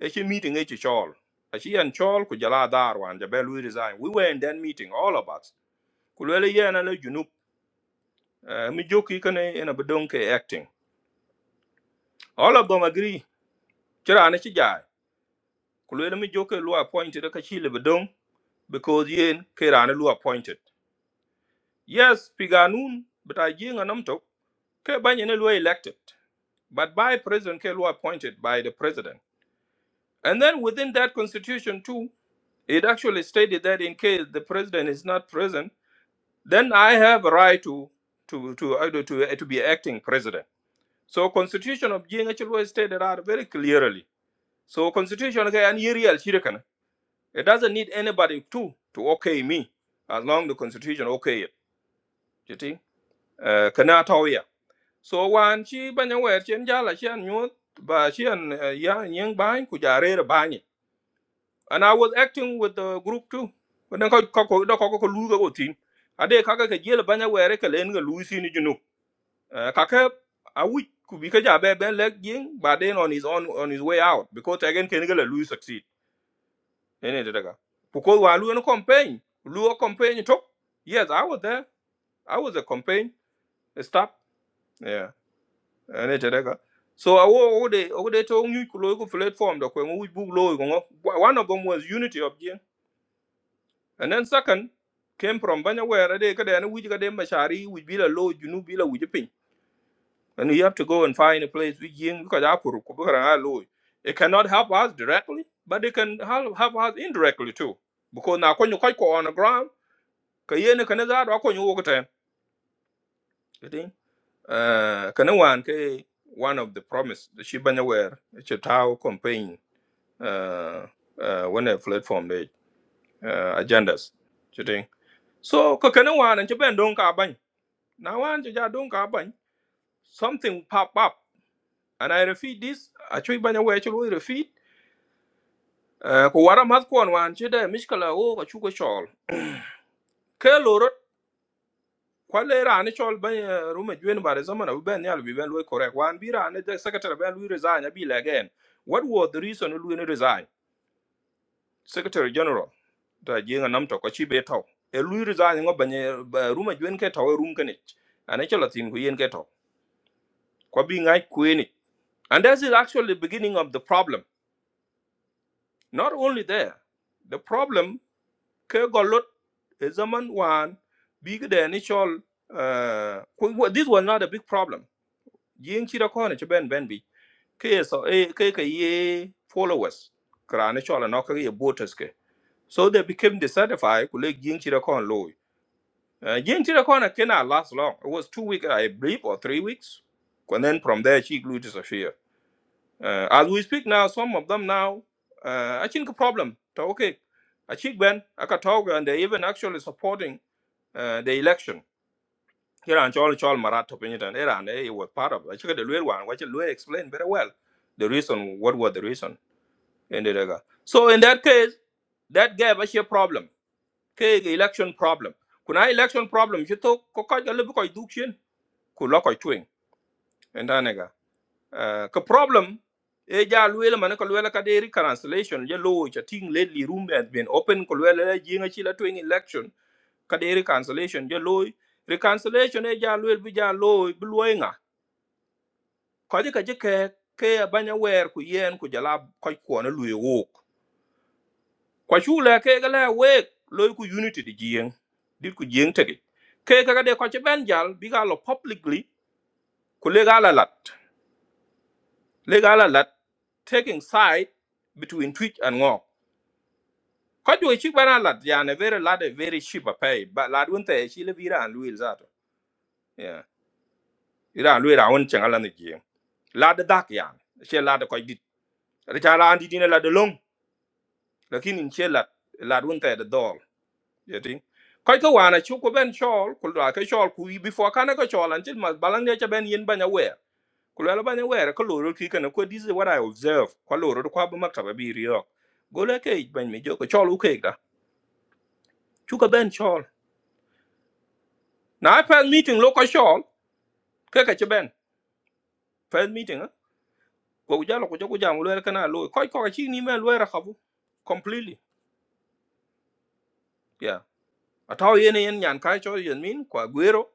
e chi meeting e chi chol a chi an chol ku jala dar wan ja be luil resign we were in that meeting all of us ku le ye na le junub eh, mi joki kane ena bedon ke acting all of them agree chira na chi jai ku le mi joke lu appointed ka chi le bedon because yen ke ra na lu appointed yes piganun bita jinga namtok Ke Banyan were elected, but by President Kelu appointed by the president. And then within that constitution too, it actually stated that in case the president is not present, then I have a right to to to either to, to uh, to be acting president. So constitution of Jing actually stated out very clearly. So constitution okay, and here real shiri It doesn't need anybody to to okay me as long the constitution okay it. You see? Uh, kana tauya. so wan chi banya wer chen jala chen nyut ba chen eh, ya nyeng bany ku jare re bany and i was acting with the group too but then ko ko ko ko ko lu go tin ade ka ka ka jela banya wer ka len ga lu sin junu ka ka a wi ku bi ka ja be ben leg yin ba then on his own, on his way out because again ken ga la lu succeed ene de daga ku ko wa lu no campaign lu o campaign to yes i was there i was a campaign stop Yeah. ane so awo ode ode to nyu ku loy platform da ko ngu bu loy ko one of them was unity of jin and then second came from banya where they ka dan wuji ka dem mashari wuji bila loy junu bila wuji pin and you have to go and find a place with jin because apuru ku bra loy it cannot help us directly but it can help, help us indirectly too because na ko nyu ko ko on the ground ka yene ka ne za do ko nyu wo ko ten you think uh ka ne wan ke one of the promise the shibanya where it's a tau campaign uh, uh, when a platform they uh, agendas chiting so ko kana wan an ben don ka ban na wan ja don ka ban something pop up and i refeed this a chui banya we chui refeed uh, ko wara mat kon wan che de miskala o ko chu ko chol ke loro kwale rani chol ban eh, rume jwen bare zaman u ben yal bi ben lo correct wan bi rani de secretary ben lu resign abi again what was the reason lu resign secretary general ta jenga nam to ko chi be to e lu resign ngo banye ruma jwen ke to rum kane ana chala tin ku yen ke to ko bi ngai ku e ni and this is actually the beginning of the problem not only there the problem ke golot e zaman wan bi de ni chol uh, ku- wa- this was not a big problem yin chi da ko ne ben ben bi ke so e ke ke ye followers kra ne chol no ke ye voters ke so they became dissatisfied ku le yin chi da ko Uh, Jane Tirakona cannot last long. It was two weeks, I believe, or three weeks. And then from there, she grew disappear. Uh, as we speak now, some of them now, uh, I think a problem. So, Okay. I think when Akatoga and they even actually supporting uh, the election. Here and Chol Chol Marat Topinitan era and he was part of it. I think the real one, which Luel explained very well the reason, what was the reason in the regard. So in that case, that gave us a problem ke election problem kuna election problem shi to ko ka ga lebu ko dukshin ku lo ko twing enda ne ga ka problem e ja luel man ko luel ka deri cancellation je lo cha ting lately room has been open ko luel la jinga chi la twing election ka deri cancellation je lo reconciliation e ja luel bi ja lo bi lo ko je ka je ke ke banya wer ku yen ku jala ko ko na luel kwa chula ke gala wek loy ku unity di jieng dit ku jieng tege ke ka de ko ben jal bi ga lo publicly ku le gala lat le gala lat taking side between twitch and ngo ko jo chi bana lat ya very lat a very cheap pay but lat won te chi le vira an luil zato yeah ira luil ra won changala ne jieng lat de dak ya che lat ko dit ri cha la an di ne lat de long lakini che lat lat won te de dol yeti koy ko wana chu ko ben chol ko la ke chol ku before kana ko chol until mas balang ne cha ben yin banya wer ko la banya wer ko loro ki kana ko this is what i observe ko loro ko ba makaba bi riyo go le ke ban mi jo ko chol u ke da chu ko ben chol na pa meeting lo ko chol ke ka che ben pa meeting ko ja lo ko jo ko jam lo kana lo koy ko ka chi ni me lo ra khabu completely yeah. ataw yen yen nyan kai cho yen min kwa guero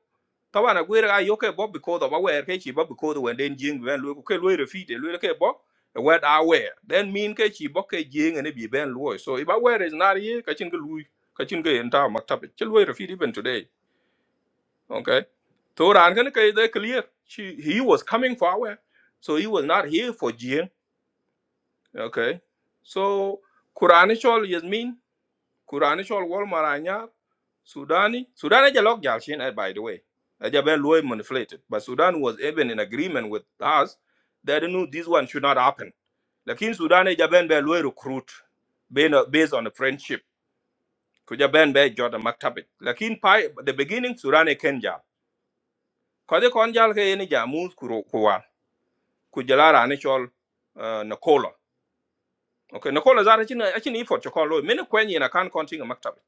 tawa na guero ayo ke bob because of aware ke chi bob because when den jing ben lu ke lu refi de lu ke bob what aware then mean ke chi bob ke jing ne bi ben lu so if aware is not here ka chin ke lu ka chin ke enta maktab che lu refi even today okay so ran kan ke de clear she he was coming for aware so he was not here for jing okay so Quran is all yes mean Kurani shol wol maranyar Sudani Sudan is a log jalshin eh, by the way. Ajabel Loy manipulated. But Sudan was even in agreement with us that they knew this one should not happen. Lakin Sudan Jaben be Loy recruit based on based on the friendship. Kujaben be Jordan Maktabit. Lakin pi the beginning Sudan Kenja. Kade konjal ke yeni jamus kuro kuwa. Kujalara anishol uh, Nicola. Okay, Nicola zara chini achini ifo chokolo. Mene kwenye na kan kontinga maktabit.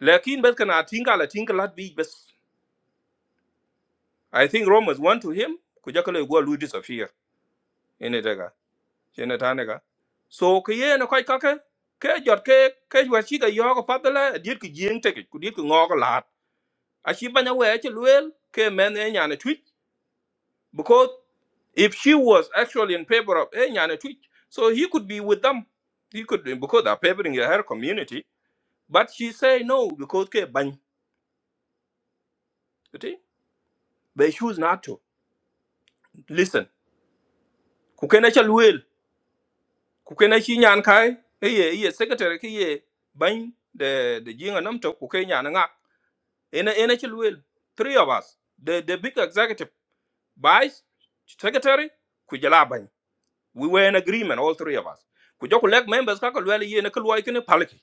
Lakin bet kana tinga la tinga lat bi bes I think Romans 1 to him, kujakalo igwa lui disappear. Ine tega. Chene tanega. So kiye na koi kake, ke jot ke, ke jwa chika yoga padala, diet ki jing teke, kudiet ki ngogo lat. lahat. Ashi banya weche luel, ke men e nyane twitch. Because if she was actually in favor of e nyane twitch, so he could be with them. He could, because they're favoring her community. But she say no, because ke bany. You see, They choose not to. Listen. Kukene cha luel. ku kena chi nyan kai e ye ye secretary ke ye ban de de jinga nam to ku ke nyan nga ena ena chi luel three of us the the big executive vice secretary ku jala ban we were in agreement all three of us ku joku lek members ka ko luel ye na ko loy kene palki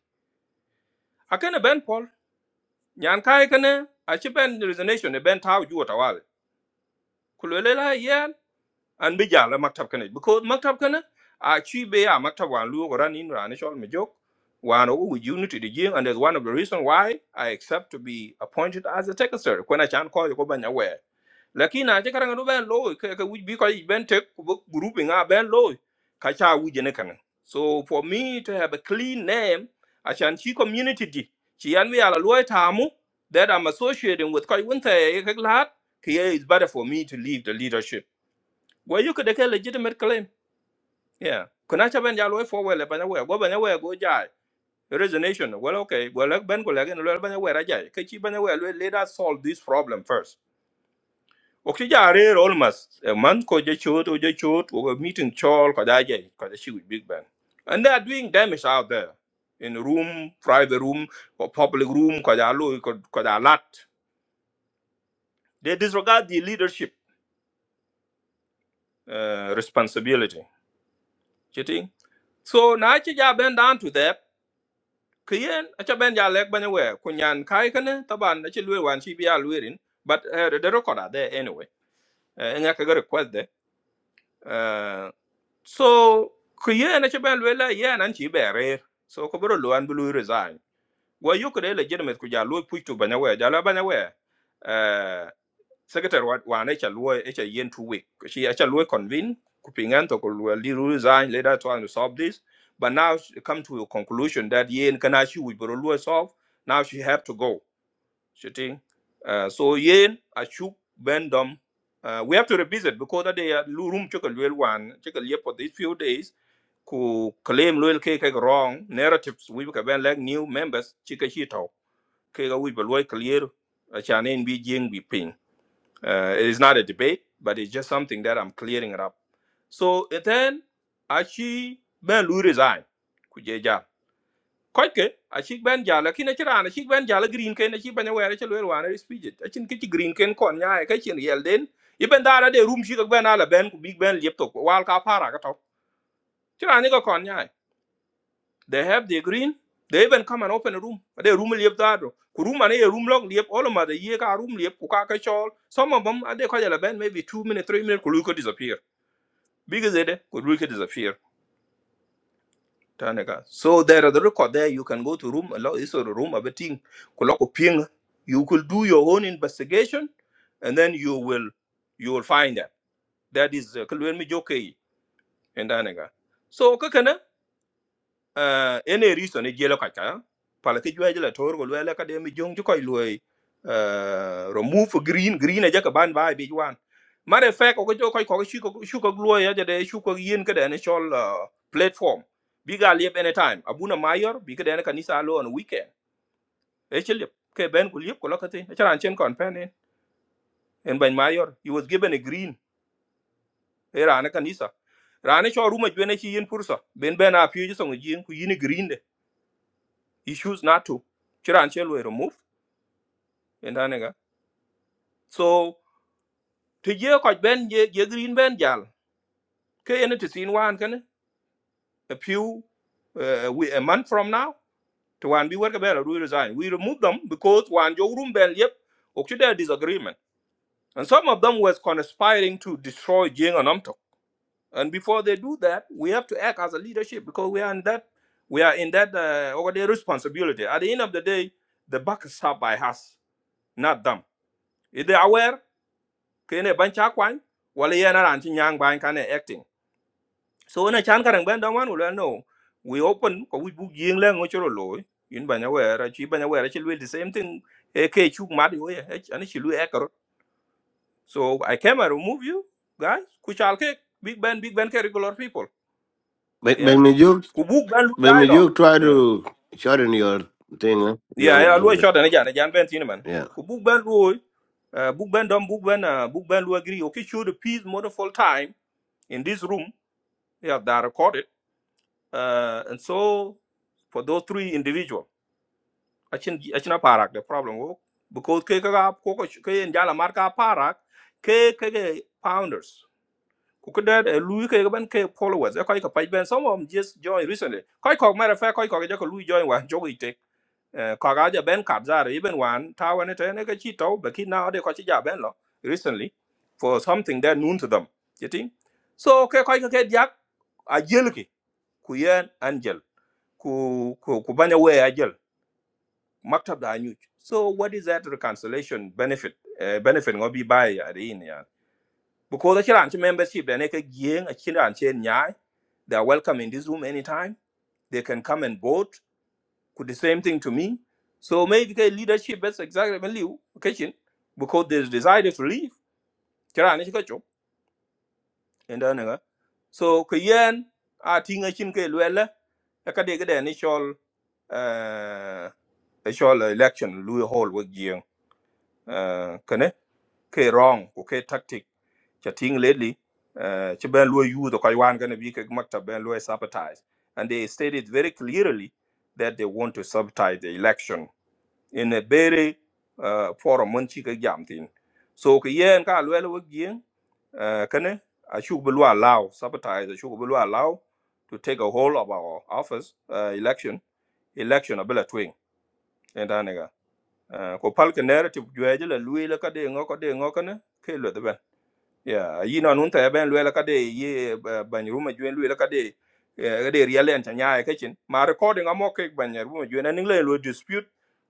akene ben pol nyan kai kene a chi ben resignation e ben taw juwa tawale ku luel la ye an bi jala maktab kana because maktab kana a chui be a maktab wan luo ko ran in ran chol me jok wan o wu unity de jing and that's one of the reason why I accept to be appointed as a secretary when I chan ko ko banya we lakini a je karanga do ben lo ke ke wi bi ko ben tek ko bo group nga ben lo ka cha wu je ne kana so for me to have a clean name a chan chi community di chi an wi ala lo tamu that I'm associating with ko winte ke lat is better for me to leave the leadership well, you could take a legitimate claim. Yeah. Kuna cha ben jalo for well banya we go banya we go jai. Resignation. Well, okay. Well, like ben go like no banya we rajai. Kachi banya we let let us solve this problem first. Oki ja are almost a month ko je chot o je chot o meeting chol ko da jai ko da shi with big bang. And they are doing damage out there in room, private room, or public room ko ja lo ko ko da lat. They disregard the leadership uh, responsibility. Chitting. So now I ben down to that. kiyen acha ben ja lek banya we kunyan kai kana taban acha lwe wan chi bia lwerin but uh, the record are there anyway uh, nga ka ga request de uh, so kiyen acha ben lwe la yan an chi bere so ko bro lwan bu lwe resign wa yo kre legitimate ku ja lwe pu tu banya we ja la banya we Eh, secretary wa wa ne cha luo e cha yen two week she e cha luo convene kupingan to ko luo li ru resign later trying to solve this but now she come to a conclusion that yen kana she we bro luo solve now she have to go she think uh, so yen a chu bendom uh, we have to revisit because that they are lu- room took a little one took a for these few days ku claim loyal cake wrong narratives we can like new members chika chito ke ga we bro clear a chanen bi jing bi ping uh, it is not a debate, but it's just something that I'm clearing it up. So and then achi ben lu resign. Kujeja. Koike, achi ben jala kina chira na achi ben jala green ken, achi ben aware chal wel wana speech. Achin kichi green ken kon nya ka chin yel den. Iben dara de room shi ka ben ala ben ku big ben liep tok wal ka para ka to Chira ni ka kon nya. They have the green. They even come and open a room. They room liep that. Ku room and a room log liep. All of them, they ye ka room liep. Ku ka ka chol. Some of them, and they call a band maybe two minutes, three minutes. Ku luka disappear. Because they could luka disappear. Tane ka. So there are the record there. You can go to room. A lot is a room of a thing. Ku ping. You could do your own investigation, and then you will you will find that that is kulwen mi joke and tane ka. So kakana uh, ene riso ni jelo kaka pala ti jwe jela tor ko lwele ka demi jong ko lwe uh, remove green green aja ka ban ba e bi jwan mare fe ko ko ko ko shu ko shu ko lwe ya jade shu ko yin ka dene chol uh, platform bi ga liep anytime abuna mayor Biga ka dene kanisa lo on weekend e chelip ke ben ko liep ko lokati e charan chen kon pen en ban mayor he was given a green e rana kanisa rana cho ruma jwe ne chi yin pursa ben ben a pye jisong yin ku yin e green de he choose not to chiran che lwe remove endanega so to ye ko ben ye ye green ben jal ke ene to sin wan kan a few uh, we, a month from now to wan bi work better we resign we remove them because wan jo room ben yep ok there disagreement and some of them was conspiring to destroy jing and Amtok. and before they do that we have to act as a leadership because we are in that we are in that uh, over their responsibility at the end of the day the buck is up by us not them is they are aware kene ban cha kwan wala yana ran chi nyang ban kane acting so na chan karang ban dong wan wala no we open ko we bu yeng la ngo choro lo yin ban yawe ra chi ban yawe ra chi the same thing e ke chu ma di we ani chi lu e karo so i came and remove you guys ku chal ke big band, big band. ke regular people Ben- yeah Benjamin Joe ku bu ban lu Benjamin dialogue Joe try yeah to shorten your thing eh? yeah yeah, lu your shot na jan na jan ben tin man yeah ku bu ban lu uh, book band don't book band uh, book band will agree okay show the piece more full time in this room yeah that recorded Uh, and so for those three individuals, achin achin parak the problem wo because ke ka ko ko ke njala mar parak ke ke ke founders ku ke dad lui ke ban ke followers e ko ka page ben some of them just joined recently ko ko matter of fact ko ko ko lui join wa jogo ite ko ga ja ben kap zare even one. ta wane te ne ka chi to but ki now de ko chi ja ben lo recently for something that known to them you think so ke ko ke jak a jel ku yen angel ku ku ku banya we ajel maktab da anyuj so what is that reconciliation benefit uh, benefit ngobi bai arin ya because the chiran membership da ne ka gieng a chiran chen nyai they are welcome in this room anytime they can come and vote could the same thing to me so maybe the leadership that's exactly my liu kitchen because they decided to leave chiran ne enda nga so ke yen a tinga chin ke lwele e ka de gede ni chol eh e chol election lu hol wo gieng eh kane ke wrong ko ke tactic cha ting lately eh che ben lu yu to kai wan gonna be ke makta ben lu sabotage and they stated very clearly that they want to sabotage the election in a very uh, forum mun chi ka jam tin so ki yen ka lwel wo gien uh, kane a chu bu lwa law sabotage a chu bu lwa to take a hold of our office uh, election election abela twing and anega uh, ko pal ka narrative jwe jela lwe la ka de ngo ka de ngo kane ke lwe de yeah, yi na nun ta ben lwe la kade ye ban ruma juen lwe la kade kade riale an tanya e kitchen. Ma recording amo ke ban ruma juen an ingle lo dispute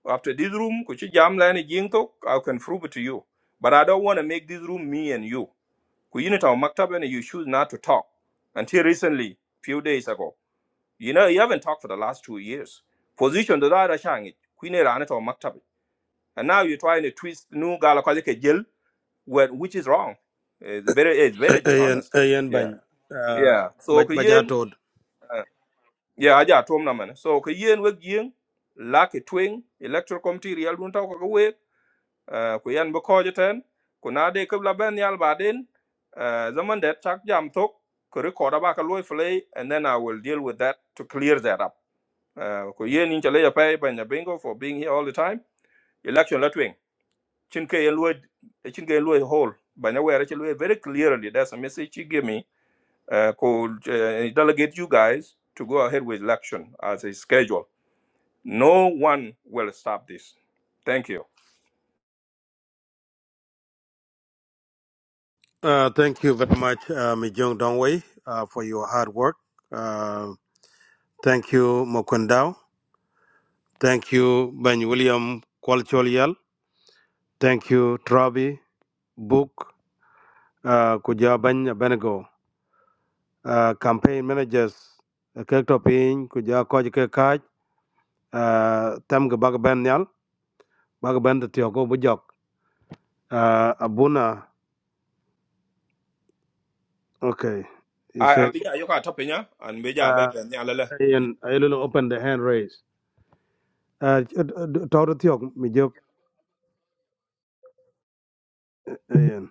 after this room ku jam la ni jing to I can prove it to you. But I don't want to make this room me and you. Ku yi ni ta maktab and you choose not to talk until recently few days ago. You know you haven't talked for the last two years. Position da da shangi ku ne rana ta maktab. And now you're trying to twist nu gala kwale ke jil what which is wrong. It's very it's very A- Ayan, dishonest. ayan Yeah. bany. Uh, Yeah. So Baj- kayen Bajatod. yeah aja tom na man. So kayen wek yin laki twing electoral committee real dun taw ka wek uh, ku yan ba koje ten ku na de kabla ben yal ba den uh, zaman det chak jam tok ku record ba ka loy play and then I will deal with that to clear that up. Uh, ku yen in chale ya pay ben bingo for being here all the time. Election letwing. chin ke yelwe chin Hall. yelwe hole banya were chelwe very clearly that's a message he gave me uh, called uh, delegate you guys to go ahead with election as a schedule no one will stop this thank you Uh, thank you very much, uh, Mijong Dongwei, uh, for your hard work. Uh, thank you, Mokundao. Thank you, Ben William Kwalcholial. Thank you, Trabi, Book, uh, Kuja Bany Benego. Uh, campaign managers, uh, Kek Topin, Kuja Koj Kekaj, uh, tem ga bag ben nyal bag ben de tio ko bu uh, abuna okay you i am say biga yoka tapenya and meja uh, bebe nyalele ayen ayelo open the hand raise uh, tawra tio mi jok ayen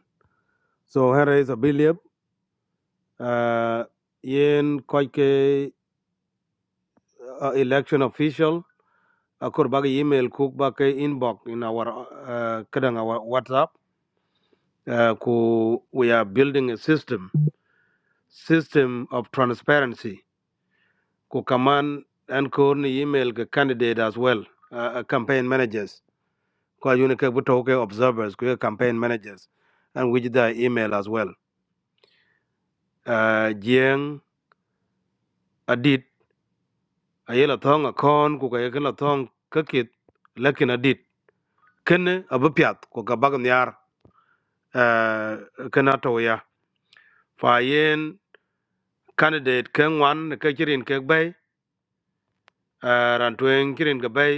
so hand raise a billion uh, yen koy ke uh, election official akur bag email cook bag inbox in our uh, kadang our whatsapp uh, ku we are building a system system of transparency ku kaman and ko ni email ke candidate as well uh, uh, campaign managers ko ayun ke buto ke observers ko campaign managers and which the email as well uh, jeng adit ayela thong akon ku ka yela thong kakit lakin adit kene abupiat ko ka bag nyar uh, kana to ya fa yen candidate ken wan ke kirin ke bay uh, ran tuen kirin ke bay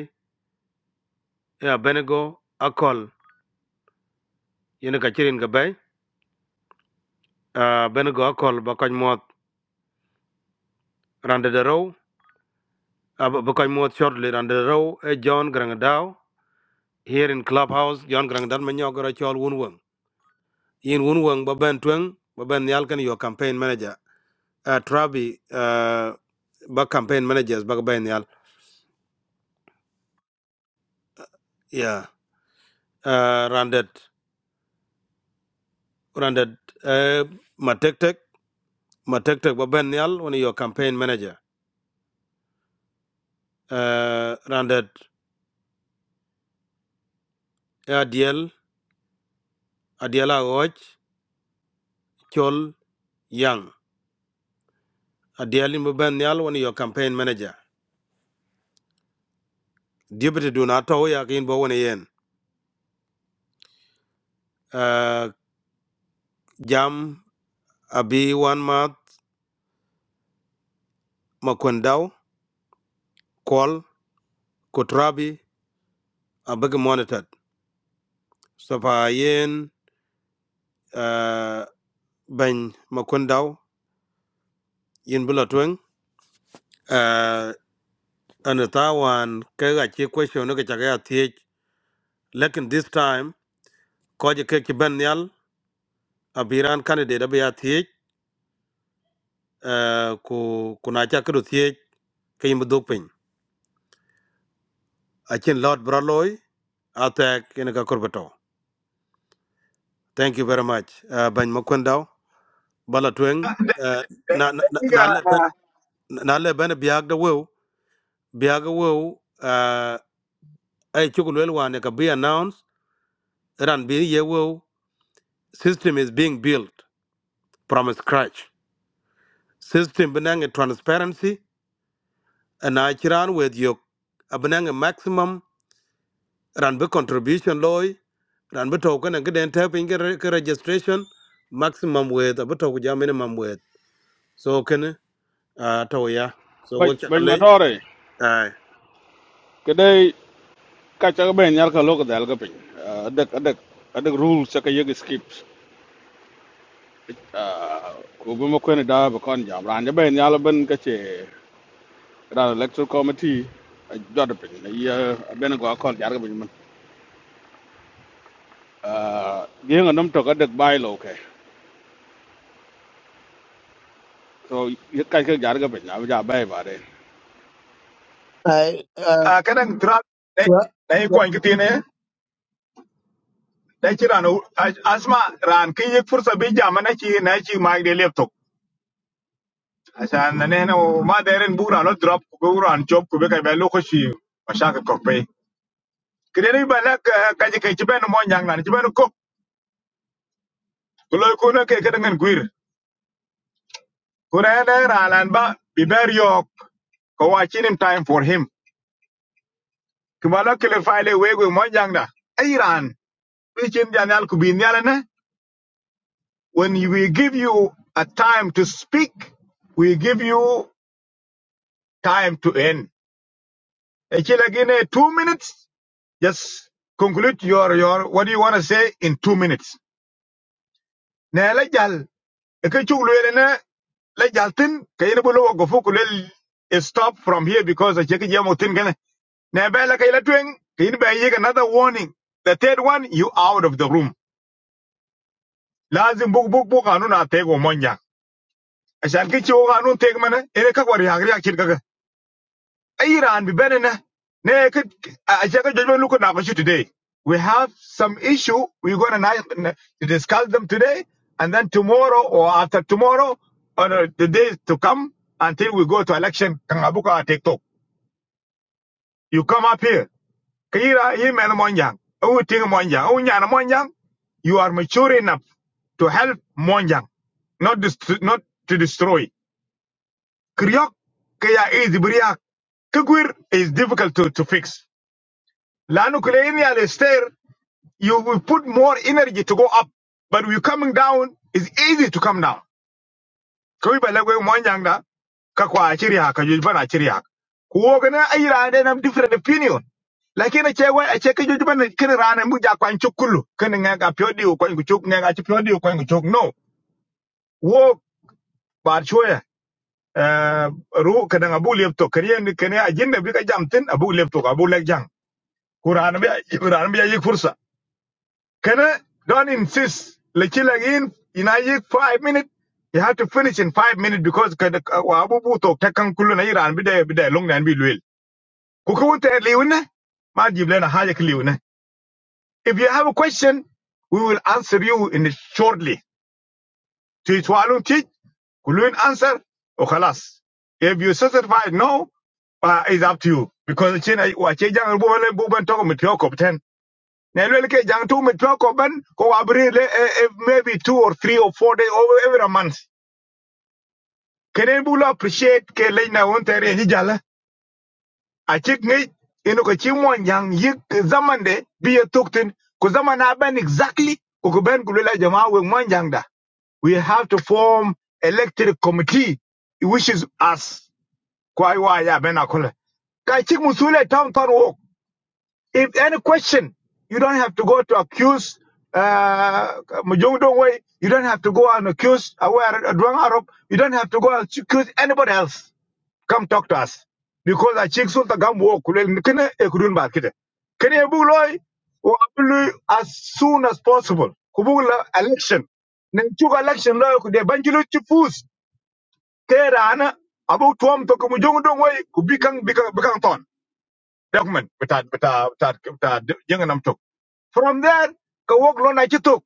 ya benego akol yen ka kirin uh, ben go kol ba koñ moot rande de row uh, ba koñ shortly rande de row e John Grang here in clubhouse John Grang Dal ma ñogoro chol wun weng yin wun weng ba ben tweng ba ben yal kan yo campaign manager uh, Trabi uh, ba campaign managers ba ben yal yeah uh, randet randet uh, ma tek tek ma tek tek ba ben yal woni yo campaign manager uh, randet ADL ADL a chol yang adiali mban nyal woni your campaign manager deputy do na to ya kin bo woni yen uh, jam abi wan ma makwendao kol kotrabi abeg monitored so pa yen uh, ban makwendao yin bula twen uh, an ta wan ka chi question ga ta ga thiech lekin this time ko je ke ki ben nyal abiran candidate abi ya thiech uh, ku kuna cha kru thiech ke yim dupin achin lot braloi atek ina ka korbato thank you very much uh, ban makwendao bala tweng uh, na na Dakiga, na na le ben ah, na le ben biag da wew biag da wew uh, ay chukul wel wane ka be announced ran bi ye wew system is being built from scratch system benang transparency and i chiran with you abanang maximum ran be contribution loy ran be token and get tapping registration maximum with abato minimum with so can uh, to ya so Bañ wo cha đấy, cái kale tore ai ke day bên nhà ben yar ka lok dal ga pin adak adak adak rules cái ka yeg skip ko bu ma ko ne da ba kon jam ran bên nhà yar ben ka ce ran electoral committee jot pin ne bên ben con kon jar ga pin man ge nga nam to ka dak bai lo ke so cái cái ka jar ga pin na ja bai ba de ai ah, kadang drug dai tua dai ko an kitine dai kira no asma ran kin yik fursa bi jama na ci na ci ma de laptop asan na ne no ma da ren bura no drop ko bura an chop ko be kai be lokaci ma shaka ko pe kire ba la ka ji kai ci ben mo nyang nan ci ben ko ko loy ko na ke kadang an guir ko na da ran ba bi ber yok ko watching time for him kimala kile file we we mo jangda iran bi chin janal ku bin yala ne When we give you a time to speak, we give you time to end. Actually, again, eh, two minutes. Just conclude your your what do you want to say in two minutes. Na lejal, ekechulu na lejal tin kayene bolo gofu kulel stop from here because I check jamu tin gane. Na bela kayela kayene ba another warning. The third one, you out of the room. Lazim buk buk buk anu na tego monja. Ashan kicho o anu teg mana ere kakwari agri akchir Iran be better na- na ka- I check out judgment look at our issue today. We have some issue. We're gonna discuss them today, and then tomorrow or after tomorrow, or the the days to come until we go to election. Kangabuka TikTok. You come up here. Kira email Monjang. Oh, ting Monjang. Oh, nyana Monjang. You are mature enough to help Monjang, not dest- not to destroy. Kriok kaya is briak. Kagwir is difficult to, to fix. Lanu Kulenial stair, you will put more energy to go up. But we coming down, it's easy to come down. Kawi ba lagwe mwanyanga, kakwa achiri haka, jujban achiri haka. Kuwogana ayira ande nam different opinion. Lakini chewe, acheke jujban kini rana muja kwa nchukulu. Kini nganga piodi u kwa nchuk, nganga chipiodi u kwa nchuk. No, wo bar choya. Uh, ru kada abu lepto kariya ni kene ajinda bika jamtin abu lepto abu lek jang kurana bi kurana bi ayi fursa Can don't insist. Lechilagin in a five minutes. You have to finish in five minutes because kada wabu buto takan kulu na iran bida bida long na bi luel. Kuka wunta liwina ma jible na haja kliwina. If you have a question, we will answer you in shortly. To it walun teach kulun answer o khalas. If you satisfied no, uh, it's up to you because china wa chejang buban buban toko mitioko Nelwel ke jang tu mit ko ban ko abri le eh, eh, maybe two or three or four days over every month. Kene bula appreciate ke le na won tere ni jala. A chik ngi ino ko chi mon jang yik zaman de bi ye tuktin ko zaman a ban exactly ko ko ben kulela jama we mon jang da. We have to form elected committee which is us. Kwa iwa ya ben akola. Ka chik musule town town walk. If any question, you don't have to go to accuse uh, Mujung Dongwei. You don't have to go and accuse Aware Adwang Arab. You don't have to go and accuse anybody else. Come talk to us. Because I check Sulta Gambo Kulel Kene Ekudun Bakita. Kene Buloy or Abului as soon as possible. Kubula election. Nenchuga election lawyer could they banjulu chifus. Kera ana about tuam to ku Mujung become become bikang bikang ton. Document. Betat betat betat betat jenganam from there ka wok lo na chituk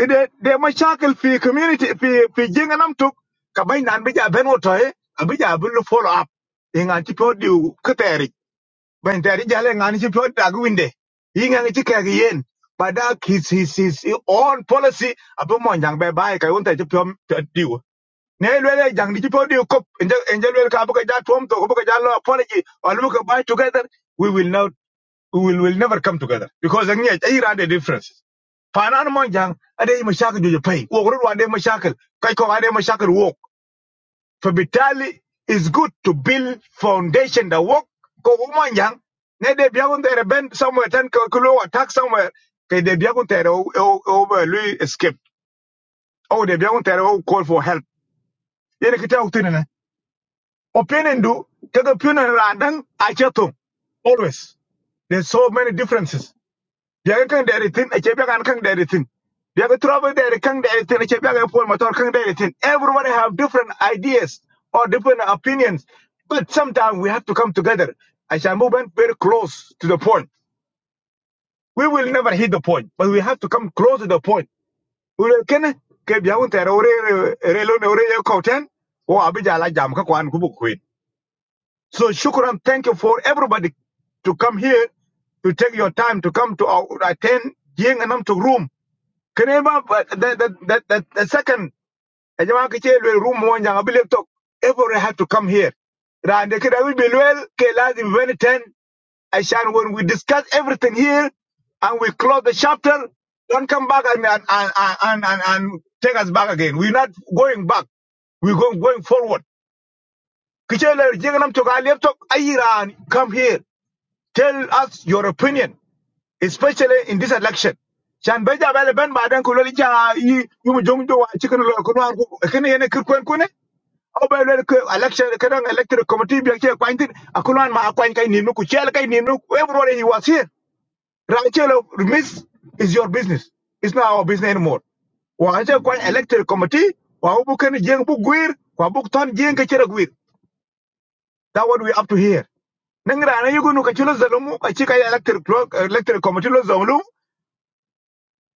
kede de ma shakel fi community fi fi jinga nam tuk ka bay nan bi ja ben woto e abi ja bi follow up e ngan ti pyo diu keteri ben teri jale ngan ti pyo dag winde yi ngan ti yen but that is his, his, his own policy abu mon jang be bay ka won te ti pyo diu ne lele jang di ti pyo diu kop enje enje lele ka bu ka ja to bu ka ja apology or lu ka bay together we will know we will, will never come together because ang yet ay rande differences fanan mo jang ade yi mashakil jojo pay wo ru ande mashakil kai ko ade mashakil wo fabitali is good to build foundation that work ko mo jang ne de biagun there bend somewhere ten ko ko attack somewhere kai de biagun there over lui escape oh de biagun there oh call for help yene kita uktine ne opinion do kaga opinion randang achatung always there's so many differences biaga kang dari tin ache biaga kang dari tin biaga trouble dari kang dari tin ache biaga pol motor kang dari tin everybody have different ideas or different opinions but sometimes we have to come together I shall move on very close to the point we will never hit the point but we have to come close to the point we will ken ke biaga un ore ore ne ore ye koten o abija la jam ka kwan kubu kwin so shukran thank you for everybody to come here to take your time to come to our attend yeng anam to room Kanema, but the, the, the, the, the second, a jama ke che lwel room one yang abile talk, everybody had to come here. Rande ke dawi bilwel ke lazim 2010, Ashan, when we discuss everything here and we close the chapter, don't come back and, and, and, and, and, and take us back again. We're not going back. We're going, going forward. Ke che lwel jenganam to ka lep talk, ayiran, come here. Tell us your opinion especially in this election chan beja bele ben baden ko loli ja yi yumu jongdo wa chikin lo ko war ko kene yene kir kwen kune aw be lol ko election kadang electoral committee bi ke kwantin akulan ma akwan kai ninu ku chel kai ninu everybody he was here rachelo miss is your business it's not our business anymore wa anje kwan electoral committee wa bu ken jeng bu gwir wa bu ton jeng ka chere gwir that what we up to here nangra na yugo no ka chulo zalumu ka chika electoral electoral committee lo zalumu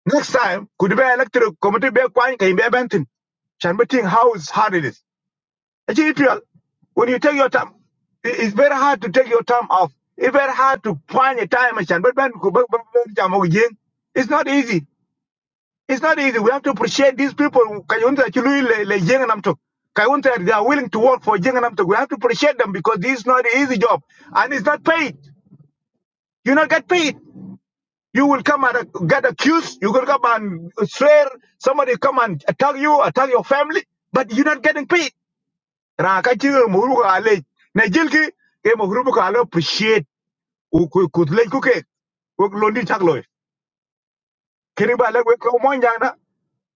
Next time, could be electoral committee be quite can be benton. Shan be think how is hard it is. Actually, Israel, when you take your time, it- it's very hard to take your time off. It's very hard to find a time and shan be ben ku- be- be- be- jam with yin. It's not easy. It's not easy. We have to appreciate these people. Kayunta chului le le yin and amto. Kayunta they are willing to work for yin and amto. We have to appreciate them because this is not an easy job and it's not paid. You not get paid. You will come and uh, get accused. You will come and swear. Somebody come and attack you, attack your family, but you're not getting paid. Rakachi muhuru kale. Najilki ke muhuru kale appreciate. Uku Kutle kuke. Kuk londi chaklo. Kini ba lagwe kumonjang na.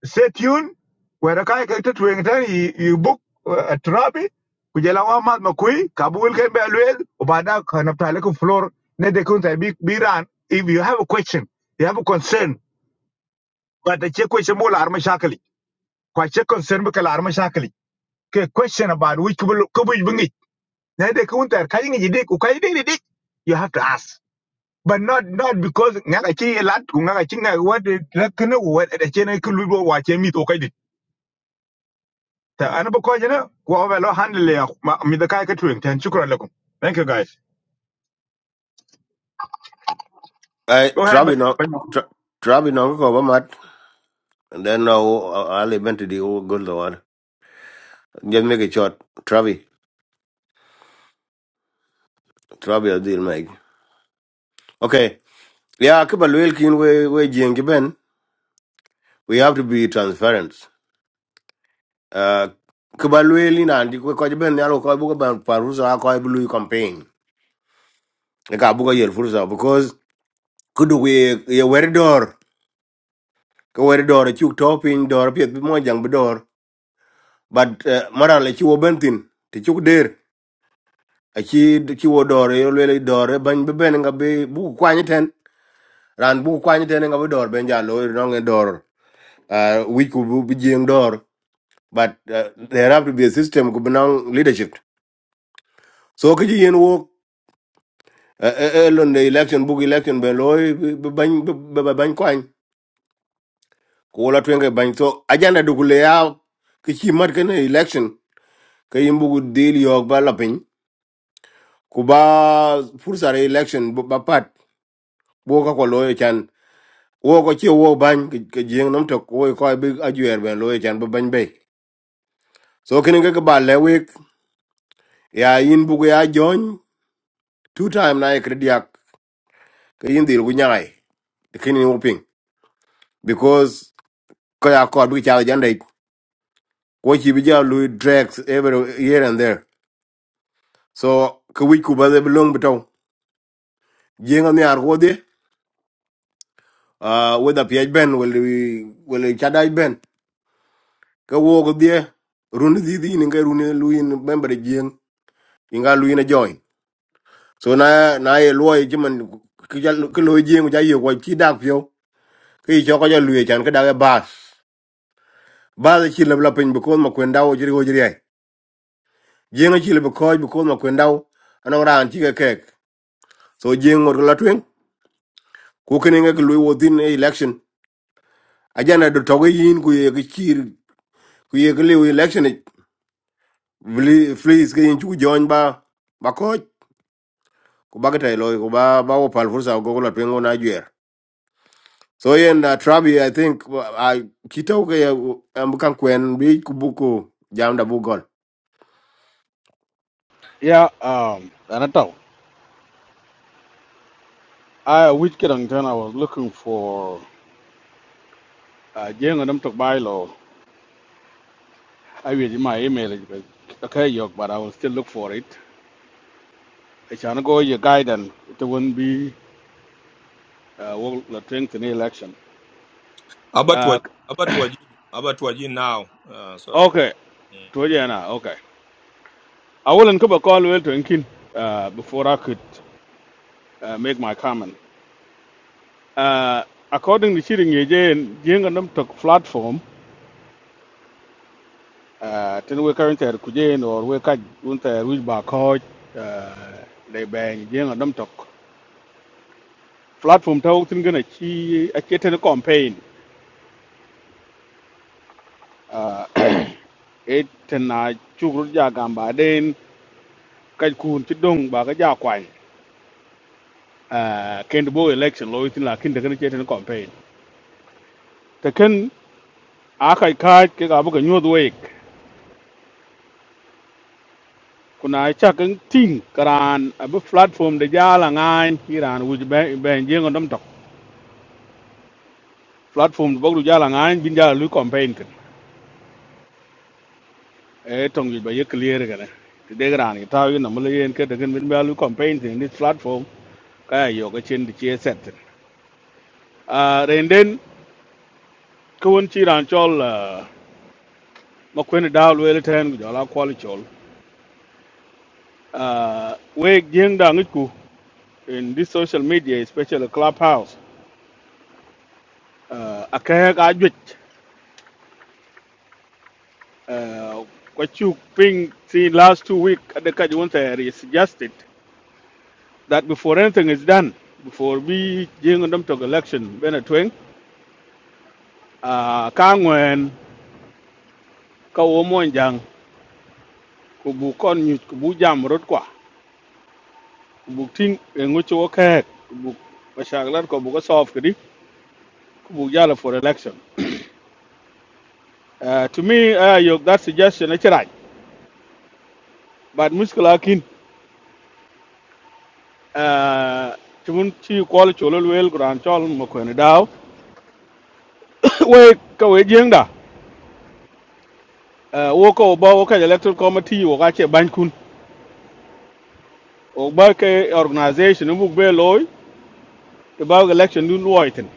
Stay tuned. Where kai kakte tuwing tan you book uh, a therapy. Kujela wa mat makui. Kabul ke be alwel. Ubada kanapta leku floor. Ne dekun sa bi biran. If you have a question, you have a concern. but the che question mo lar mashakali kwa che concern bu kalar mashakali question about which kubul kubuj bungi na de kun ter kayi ngi dik ku kayi dik you have to ask but not not because ngaka chi lat ku ngaka chi what la kana what da che na kulu do wa che mi to kai dit ta an ba ko jina ku wa ba lo handle ya ma- mi da kai ka tuwing tan shukran lakum thank you guys I go try ahead we but, not try try we not go over mat and then I'll, I'll eventually go to the one just make it short Travi Travi a deal Mike okay yeah Kiba Luel Kin we we Jiang Ben we have to be transparent Uh, ba lueli na ndi ko je ben yalo ko bugo ban parusa ko ay blue campaign e ka bugo yel fursa because kudu we ye wer dor ko wer dor chu topping dor pet bi mo jang bi dor but uh, maran le chu bentin ti chu der a chi chi wo dor yo le dor ban bi ben nga be bu kwani ten ran bu kwani ten nga bi dor ben ja lo no nge dor wi ku bu bi jeng dor but uh, there have to be a system ku benang leadership so ke yen wo elon the election book election be loy be ban be ban kwan ko la twenge ban so agenda du kule ya ki chi mat ken election ke imbu deal yok ba la pin ku ba fursa re election bu- ba pat bo ka ko loy e chan wo ko chi wo ban ke jeng nam to ko ko bi ajuer ben loy e chan bu ban be so ken ke ba le week ya in bu ya join two time na krediak ke in dil gu nyaai ken in uping because ko ya ko bi cha agenda What you bija Louis drags every here and there. So kawik kuba de belong beto. Jenga ni argo de. Uh, whether PH Ben will we will chadai Ben. Ka wog de run di di ninga run Louis member jeng inga Louis na join. So na na ye loy jiman ka loy jeng ja ye kwa chi dak pyo. Ka yi choko ja Louis chan ka dak e bas. Bas e chi lebla pin because ma kwendao jiri go jiri ai. Jenga chi lebla koj because ma kwendao anong ran chi ka kek. So jeng ngor la ku kene nga lui within a election ajana do toge yin ku ye ki chir ku ye ki liu election ik. Vli- fleas ke yin chu jony ba ba ko ku ba ta loy ku ba ba wo pal fursa go la twengo na jwer so yen na trabi i think wa- i kitau ke am kan kwen bi ku buku jam da bu ya um ana taw i which kedang then i was looking for uh, jenga nam tok I will my email is good. okay, yok. but I will still look for it. I shall go your guidance. It won't be uh, well, the thing in the election. about Uh, what about what about what now uh, so okay, mm. Tojana, okay. I will include a call well to Inkin uh, before I could uh, make my comment. Uh, according to Shirin Yejayan, Jinganam took platform. Uh, then we currently at Kujain or we can't reach back coach. uh, They bang Jinganam took platform. Tao Tingan a chi a chitin campaign. uh, it na chukur ja gamba den đến cái ti chích ba bà cái kwai quay ken bo election lo tin la kin de ken cheten campaign te ken a kai ka cả ga cái ga nyod we ai chắc ken ting karan a bộ platform de ja la ngan iran wu be be riêng ngom dom tóc platform bo du là la ngan bin ja lu campaign ken e tong yu bây giờ clear ga ne ti de ran ni ta yu na mu cái yen ke de ken bin campaign thì this platform ka ya yo ga chen di che set uh, ko won ci ran chol ah, daal wele ten gu jala kwali chol Ah, we jeng da ngi ku in this social media especially clubhouse uh, a ka ga jwet ko chu ping see last two week at the ka won there suggested that before anything is done before we jeng dam to election bena twen uh, ka ngwen ka jang ku bu kon nyu ku bu jam rot kwa ku ting ngi chu ka ku bu mashaklar solve Bujala for election. Uh, to me, uh, your, that suggestion is right. But Muskala Kin, uh, Timun Chi Kuala Cholol Wel Grand Chol Mokwene Dao, we kawe jengda, uh, woka oba woka electoral committee woka che bankun, oba ke organization ubu be loy, to ba election dun loiten,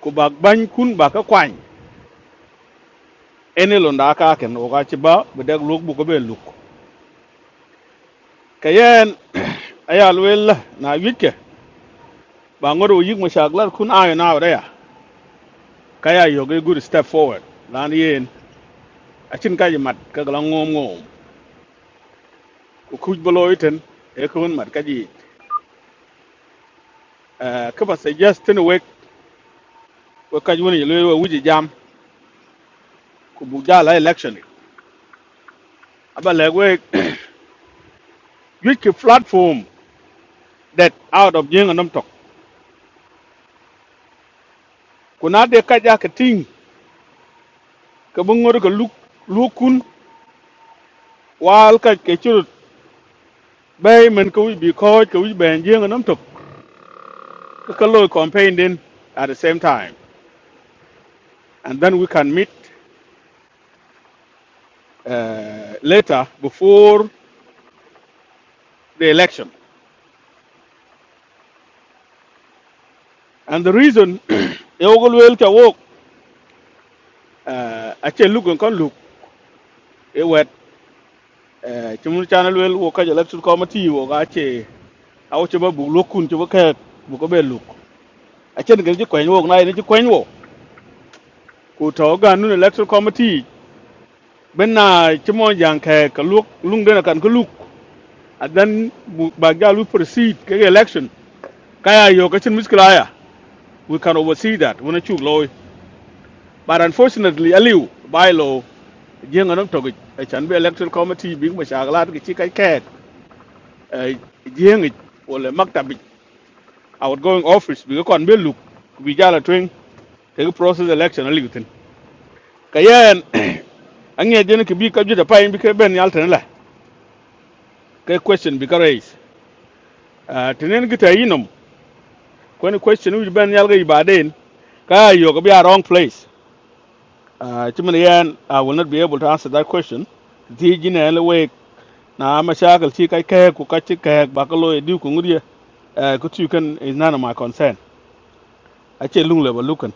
ko ba bankun ba ka kwany, ene londa aka ken woka che ba, bedag luk buko be luk. Kayen, ayal wel na wike, ba ngoro yik mashaglar kun ayo na kaya yo ge good step forward lan yen achin kaji mat ka gala ngom ngom ku kuj bolo iten e ko won mat kaji eh, ka ba suggestion we we kaji won yelo we wuji jam ku bu jala election aba le we yik ki platform that out of jing anam tok ku na de kaja ka ting ka bu ngor ka luk lukun wal ka ke churut bay men ko wi bi ko ko wi ben jing anam tok ka ka lo campaign din at the same time and then we can meet uh, later before the election. And the reason Yogol will to walk uh actually look and can look it wet uh Chimun Channel will walk at election committee or ache how chaba book look to work at Bukabel look. I can get you coin walk night into coin walk. Kutoga noon electoral committee Ben na Chimon Yanka look lung then I can look and then Bagalu proceed kege election. Kaya Yokachin Miskalaya. We can oversee that when a chug loy. But unfortunately, Aliu, bylaw. riêng ở nông trường cái chẳng về electoral committee biến mà sáng là cái chi cái kẹt ấy riêng cái, hoặc là mắc tạm bị outgoing office bị cái còn biết lục bị ra là truyền cái process election là cái tin cái anh nghe cho nên cái bị cái gì đó phải bị cái bên nhau thế này cái question bị cái raise à thế nên cái thấy inom cái question which bên nhau cái bà đến cái yêu cái bị a wrong place à chứ mình yên I will not be able to answer that question thì cái này là về na mà sáng cái chi cái kẹt của cái chi kẹt bà cái lôi đi cùng người uh, ku tu kan is none of my concern a ce lung le ba lukan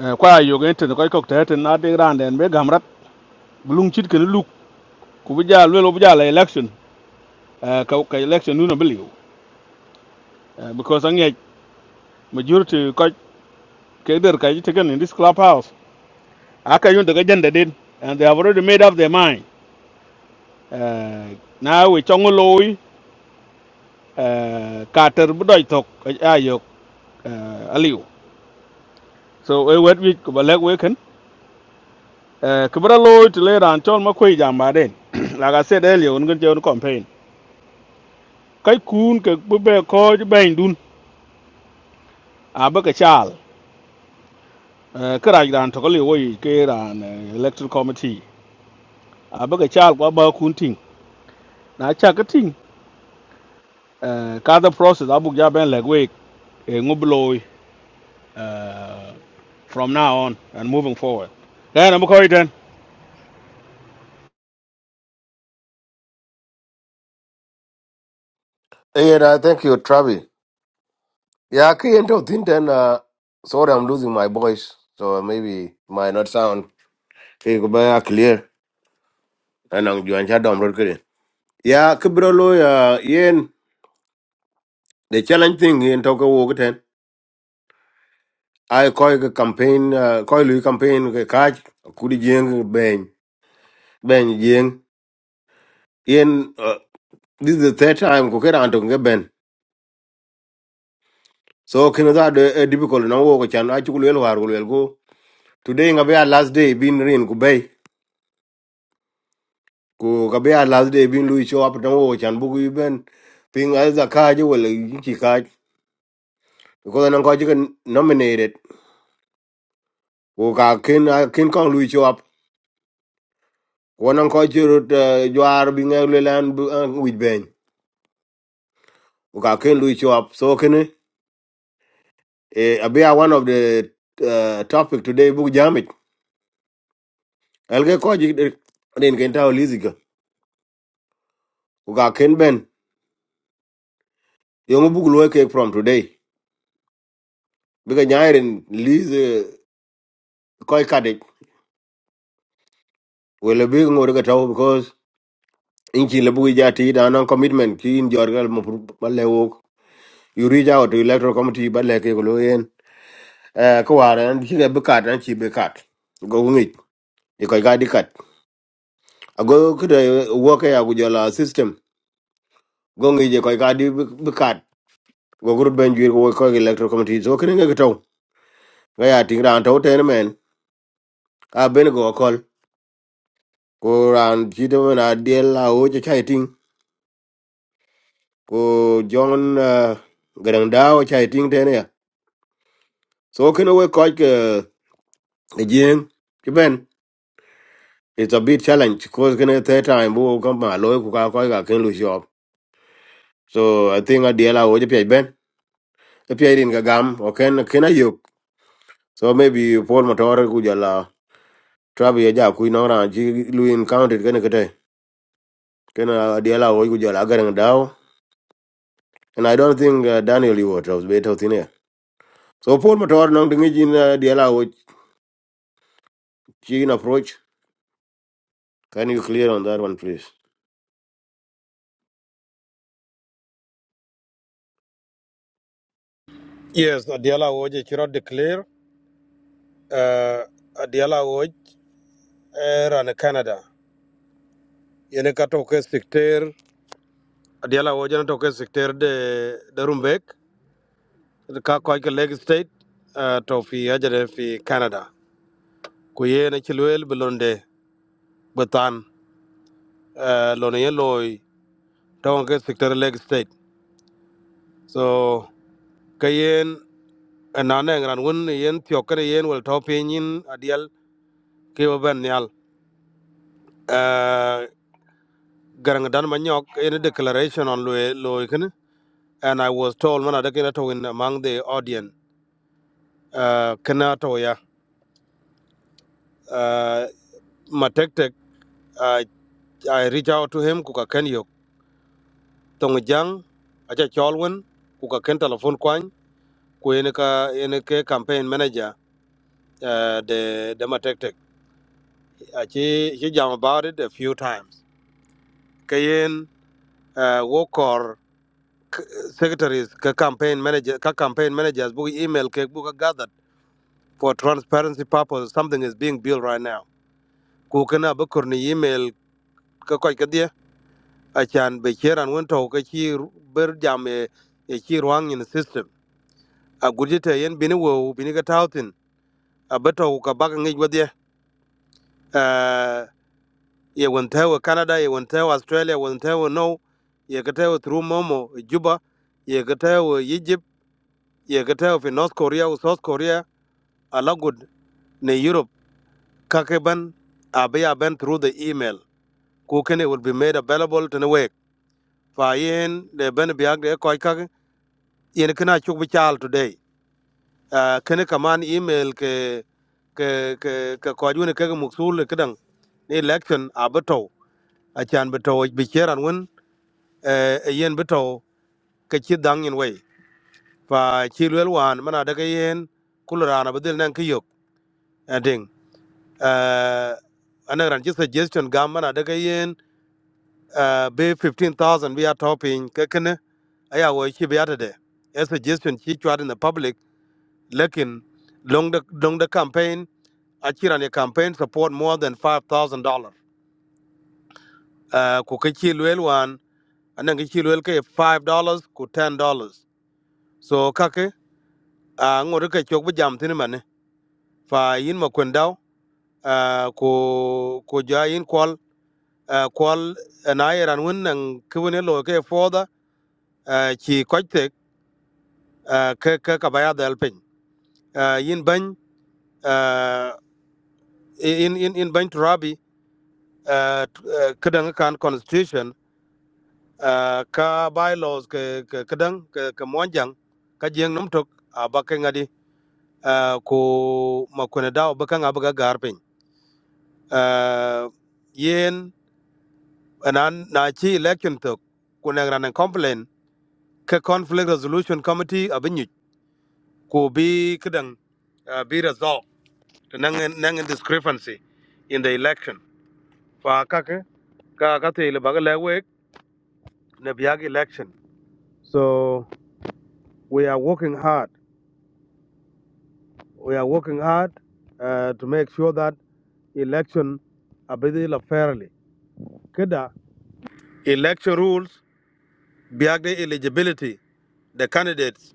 uh, kwa yo ga intan ko ko ta tan na de ran den be gamrat lung chit kan luk ku bu ja lo bu ja election uh, ka election nu na believe uh, because an yet majority ko ke der ka yit kan in this clubhouse aka yun daga janda den and they have already made up their mind uh, na we chong loy uh, ka ter bu doi uh, aliu so e wet wi ku ba lek we Eh, kibra loy ti le ran chol ma kwe jamba den like i said earlier un gun jon campaign kai kun ke bu be ko ji ben dun a ba ka chal Eh, ka raj ran to ko le woy eh, electoral committee a ba ka chal kwa ba kun ting na cha ka ting eh, process abu ja ben le we ngub eh, from now on and moving forward then am ko den yeah i thank you trabi yeah ki yen to thin ten uh, sorry i'm losing my voice so maybe it might not sound ke ku ba clear and i'm join cha dom Yeah, kibro lo ya yen the challenge thing yen toka wo ten. I koi cái campaign uh, koi lui campaign ke kaj kudi jeng ben ben jeng yen uh, this is the third time ko kera antong ke ben. So kino da de uh, difficult na wo ko chan a chukul el war ko el go. Today nga be a last day bin rin ku bay ku ka be a last day bin lui show up na wo ko chan bu ku ben ping as a kaj wala chi kaj. Ko na ko chi nominated ko ka ken a ken kong lui show up wonon ko chirut jwar bi ngeg le lan with ben ko ka ken lu cho up so ken e abia one of the uh, topic today Book jamit elge ko ji den ken taw lizika ko ka ken ben yo bu lu ke from today biga nyairen liz ko kade wala bi ngor ga taw because inchi le bu ja ti da non commitment ki in jorgal mo balle wo you reach out to electoral committee balle ke ko lo yen eh ko waran chi ga bukat an chi bukat go ngi Di koi ka di kat. Ago kuda woke ya kujola system. Gongi je koi ka di bi kat. Go gurut ben juir ko koi electoral committee. So kene nge kitau. Gaya ting ran tau ten men. A ben go akol. Ko ran chito men a diel la o je chai ting. Ko John garang da o chai ting ten ya. So kene we koi ke jeng. Ki ben. It's a big challenge. Cause kene third time bo kampa loy kuka koi ka ko ga ken lu shop. So I think a diel la o je pi ben. Pi rin ka gam. Oken kena yuk. so maybe Paul Matore kujala trabi ya ja kui na ran chi Luin County kene kete kene adiala o kujala garang dao and I don't think uh, Daniel you was better thin here. So Paul Matore nong dingi jin uh, diala o chi in approach can you clear on that one please Yes, Adiala Woj, Chiro declare, uh, Adiala Woj, air and Canada. Yene ka toke sikter, Adiala Woj na toke sikter de, de Rumbek, de ka koi ke leg state, uh, to fi ajade fi Canada. Kuye na chilwel belonde, betan, uh, lone ye loy, toke sikter leg state. So, kayen, anane ngran wun yen tiokere yen wel topin yin Adial, ke ban nyal. uh garang dan manyok in a declaration on loy loy kin and i was told man adakina to in among the audience uh kana to ya uh matek i i reach out to him kuka ken yok tong jang acha cholwen kuka ken telephone kwan ku in ka in ke campaign manager uh the the matek achi he jam about it a few times kayen uh wokor secretaries ka campaign manager ka campaign managers book email ke book gathered for transparency purpose something is being built right now ku kana bukur ni email ka koy ka dia achan be cheran won to ka chi ru- ber jam e e chi ruang in the system a gurjete yen bini wo bini ka tautin a beto ka bak ngi wadye eh ye won tawo canada ye won tawo australia won tawo no ye ka tawo through momo juba ye ka tawo egypt ye ka tawo north korea South Korea a lot good. In Europe kakeban abe ya ben through the email kukene will be made available to the week fa yen de ben biag de koy kake yen kana chuk bi chal today uh, kene kaman email ke ke ke ke koy woni ke muksul kedang ni election abato achan beto bi cheran won eh yen beto ke chi dang yen way fa chi lwel wan mana daga yen kulrana bedel nan kiyok ending eh anan ran chi suggestion gam mana daga uh, be 15,000 we are topping kekene aya wo chi be atade a suggestion chi chwad in the public lekin long the long the campaign achira ne campaign support more than $5,000 uh, ku ke chi lwel wan anan ke chi lwel ke $5 ku $10 so kake uh, ngor ke chok bu jam tin mane fa yin ma kwendao uh, ku ku ja yin kwal uh, kwal uh, na yeran wun nang kwene lo ke foda uh, chi kochtek uh, ke ke kabaya del uh, yin bany uh, in in in bany turabi uh, t- uh, kadang kan constitution uh, ka bylaws ke ke kadang ke ke monjang ka jeng num tok abaka ngadi uh, ko makone daw baka ngabaga garpin uh, yen anan na chi election tok kunang ran complain ke conflict resolution committee abinyu ko bi kadang uh, be resolved to nang nang discrepancy in the election fa kake ka ka election so we are working hard we are working hard uh, to make sure that election abidila fairly kada election rules biag eligibility the candidates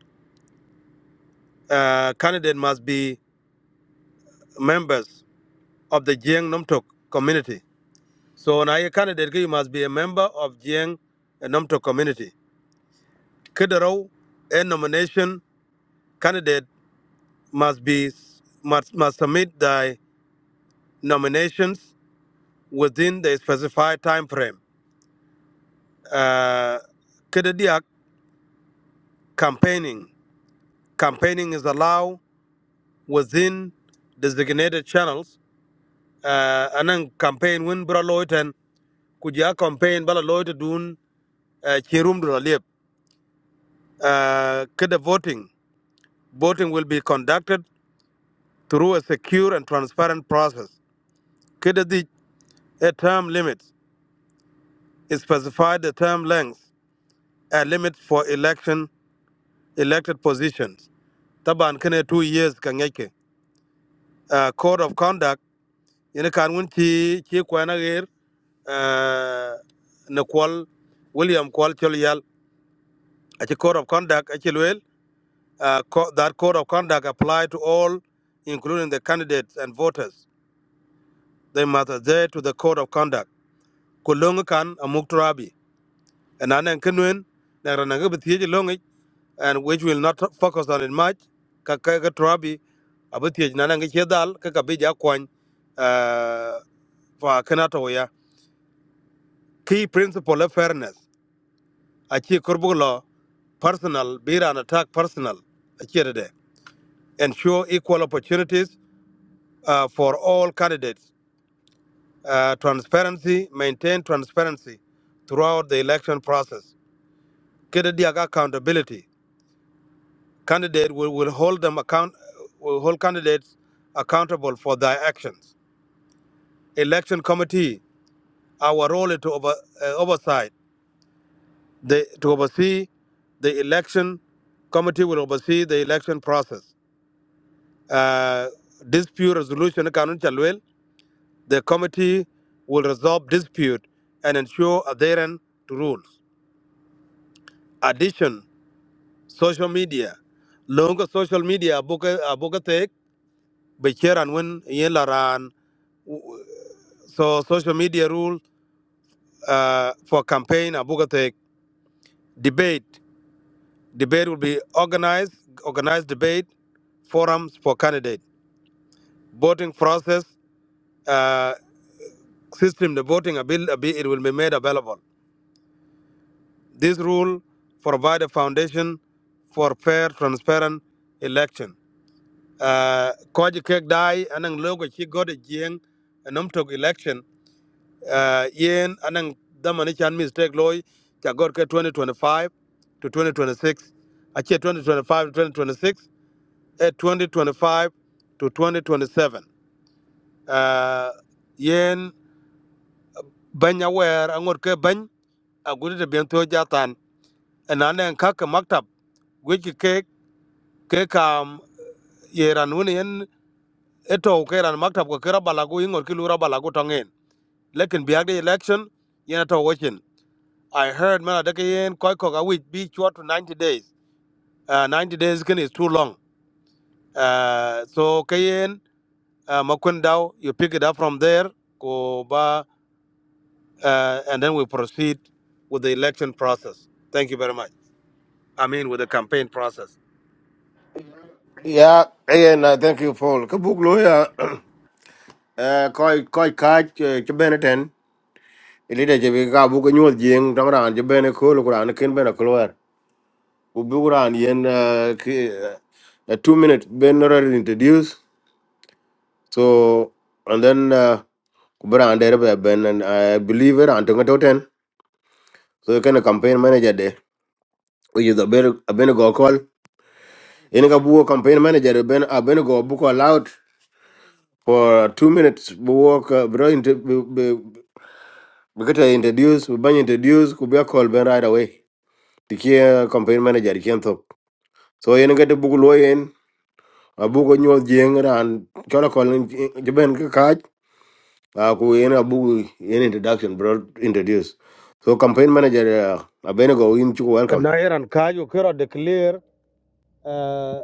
uh, candidate must be members of the Jiang Nomtok community so na ye candidate ki, you must be a member of Jiang Nomtok community kidaro a nomination candidate must be must, must submit their nominations within the specified time frame. Uh, Kedediak campaigning campaigning is allowed within designated channels. Uh, and then campaign win bra loiten kuja campaign bala loiten dun uh, chirum dura liep. Uh, Kede voting voting will be conducted through a secure and transparent process. Kede di a term limit is specified the term length a limit for election elected positions taban kene 2 years ka uh, code of conduct ina kan won ti ti kwana ger uh, na kwal william kwal chol yal a code of conduct a ci uh, co- that code of conduct apply to all including the candidates and voters they must adhere to the code of conduct kulong kan amuk and anen kenwen na rana ga longi and which will not focus on it much ka ka ga trabi abtiye na nan ga ke dal ka ka bija kwan uh, fa kana ya key principle of fairness a ce kurbulo personal bira an attack personal a ce de. ensure equal opportunities uh, for all candidates uh, transparency maintain transparency throughout the election process kede dia accountability Candidate will, will hold them account will hold candidates accountable for their actions. Election committee, our role is to over, uh, oversight the, to oversee the election committee will oversee the election process. Uh, dispute resolution account chalwell, the committee will resolve dispute and ensure adherence to rules. Addition, social media. Long social media book a book take be share and win yen laran So social media rule uh, for campaign Abugatek debate. Debate will be organized, organized debate, forums for candidate. Voting process, uh, system, the voting, abil- abi- it will be made available. This rule provide a foundation for fair, transparent election. Uh, Koji kek dai anang logo chi gode jieng nom tok election uh, yen anang damani chan mistake loy cha god ke 2025 to 2026 ache 2025 to 2026 e 2025 to 2027 uh, yen banya wer angor ke bany agudi de biento jatan enane kaka maktab gweki ke ke kam yeran woni yen eto ke ran maktab ko kera balagu ingor ki lura balagu tongen lekin biagde election yen to wochin I heard man adakayen koi koka which be short to 90 days. Uh, 90 days can is too long. Uh, so kayen uh, makundao you pick it up from there go ba uh, and then we proceed with the election process. Thank you very much. I mean with the campaign process. Yeah, and uh, thank you, Paul. Ka buk lo ya. uh, koi koi kaj uh, chi bene ten ilide chi bi ka bu ko nyuol jing tong ran chi bene kolo kuran kin bene kulwer ku bu kuran yen uh, ki, uh, a two minute ben already introduced So and then uh, kubera and there ben and I believe it and toten. So you can a campaign manager there. We use a ben a ben go call. In a buo campaign manager ben a ben go book allowed for two minutes. We walk uh, bro into we get introduce we ban introduce could be a call ben right away. The key uh, campaign manager he can't talk. So you get a book lawyer in a book on your jing and call a call in Japan catch. aku yen abu yen introduction bro introduce so campaign manager uh, abenego in chuku welcome Na iran kayo kira declare uh,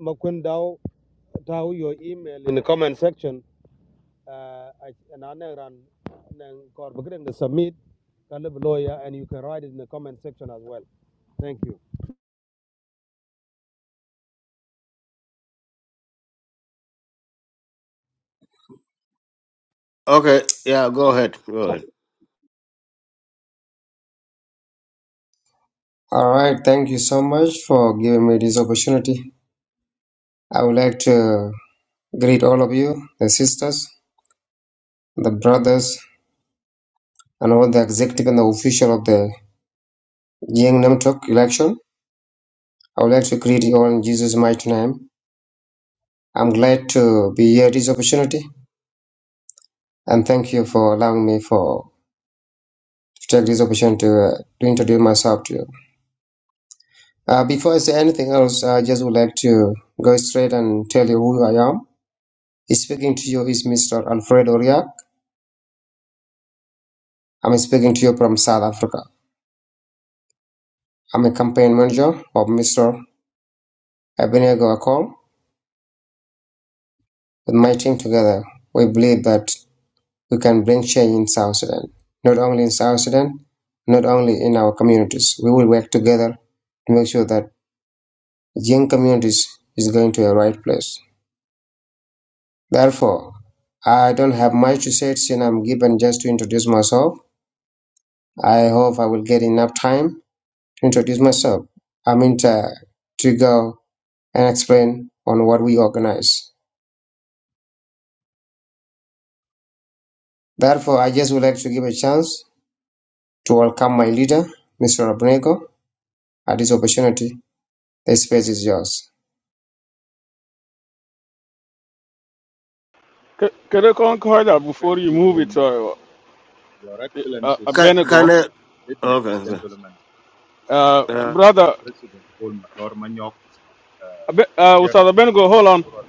makundao tau your email in the comment section uh, the submit Kalib lawyer and you can write it in the comment section as well. Thank you. okay yeah go ahead go ahead All right, thank you so much for giving me this opportunity. I would like to greet all of you, the sisters, the brothers, and all the executive and the official of the Jiang Namtok election. I would like to greet you all in Jesus' mighty name. I'm glad to be here this opportunity, and thank you for allowing me for to take this opportunity to, uh, to introduce myself to you. Uh, before I say anything else, I just would like to go straight and tell you who I am. Speaking to you is Mr. Alfredo Ria. I'm speaking to you from South Africa. I'm a campaign manager of Mr. Ebenego Akol. With my team together, we believe that we can bring change in South Sudan. Not only in South Sudan, not only in our communities. We will work together to make sure that young communities is going to the right place. Therefore, I don't have much to say since I'm given just to introduce myself. I hope I will get enough time to introduce myself. I mean, to, to go and explain on what we organize. Therefore, I just would like to give a chance to welcome my leader, Mr. Abnego, at this opportunity. The space is yours. C- Could I concur that before Thank you you move very it, to much, uh, Your uh, uh, can Excellencies, can Abednego, I, uh, ladies okay and okay gentlemen, uh, uh, uh, brother, President Paul Mator Manyok, uh, Abe- the uh, Ustaz chairman of the Abednego, hold on. Electoral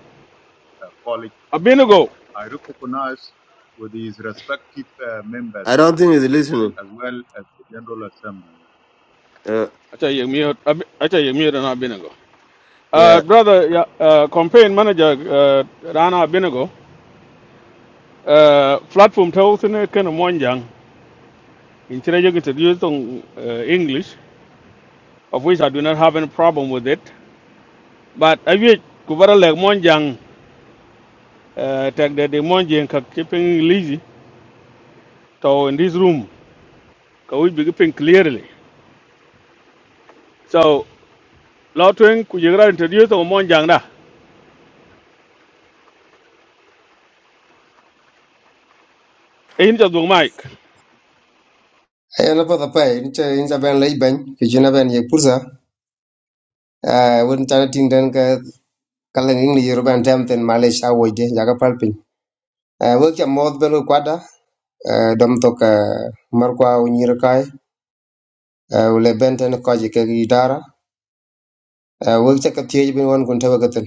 uh, College. Abinago. I recognize with his respective uh, i members don't think he's listening as well as the General Assembly. uh, I tell you, mute. Ab- I tell you, mute and Abinago. Uh, yeah brother, yeah, uh, campaign manager uh, Rana Abinago. Uh, platform tells in a kind of Monjang. In Chile, on uh, English, of which I do not have any problem with it. But I wish Kubara like Monjang, uh, take the Monjang keeping lazy. So in this room, can we be keeping clearly? So, Lotwing, could you introduce on Monjang? da? Eh, in just one mic. I Ayana pa tapai, nche inja ben lay ben, kijina ben ye pulsa, ah, wun tana ting den ka kalang ing li yoruba and tem ten malish awo ide, jaga palpin. Ah, Wul kia moth belu kwada, ah, dom toka markwa unyirakai, ah, wule ben ten koji ke gidara, Ah, wek ca ka thiec bin wen kun tɛbɛ käthin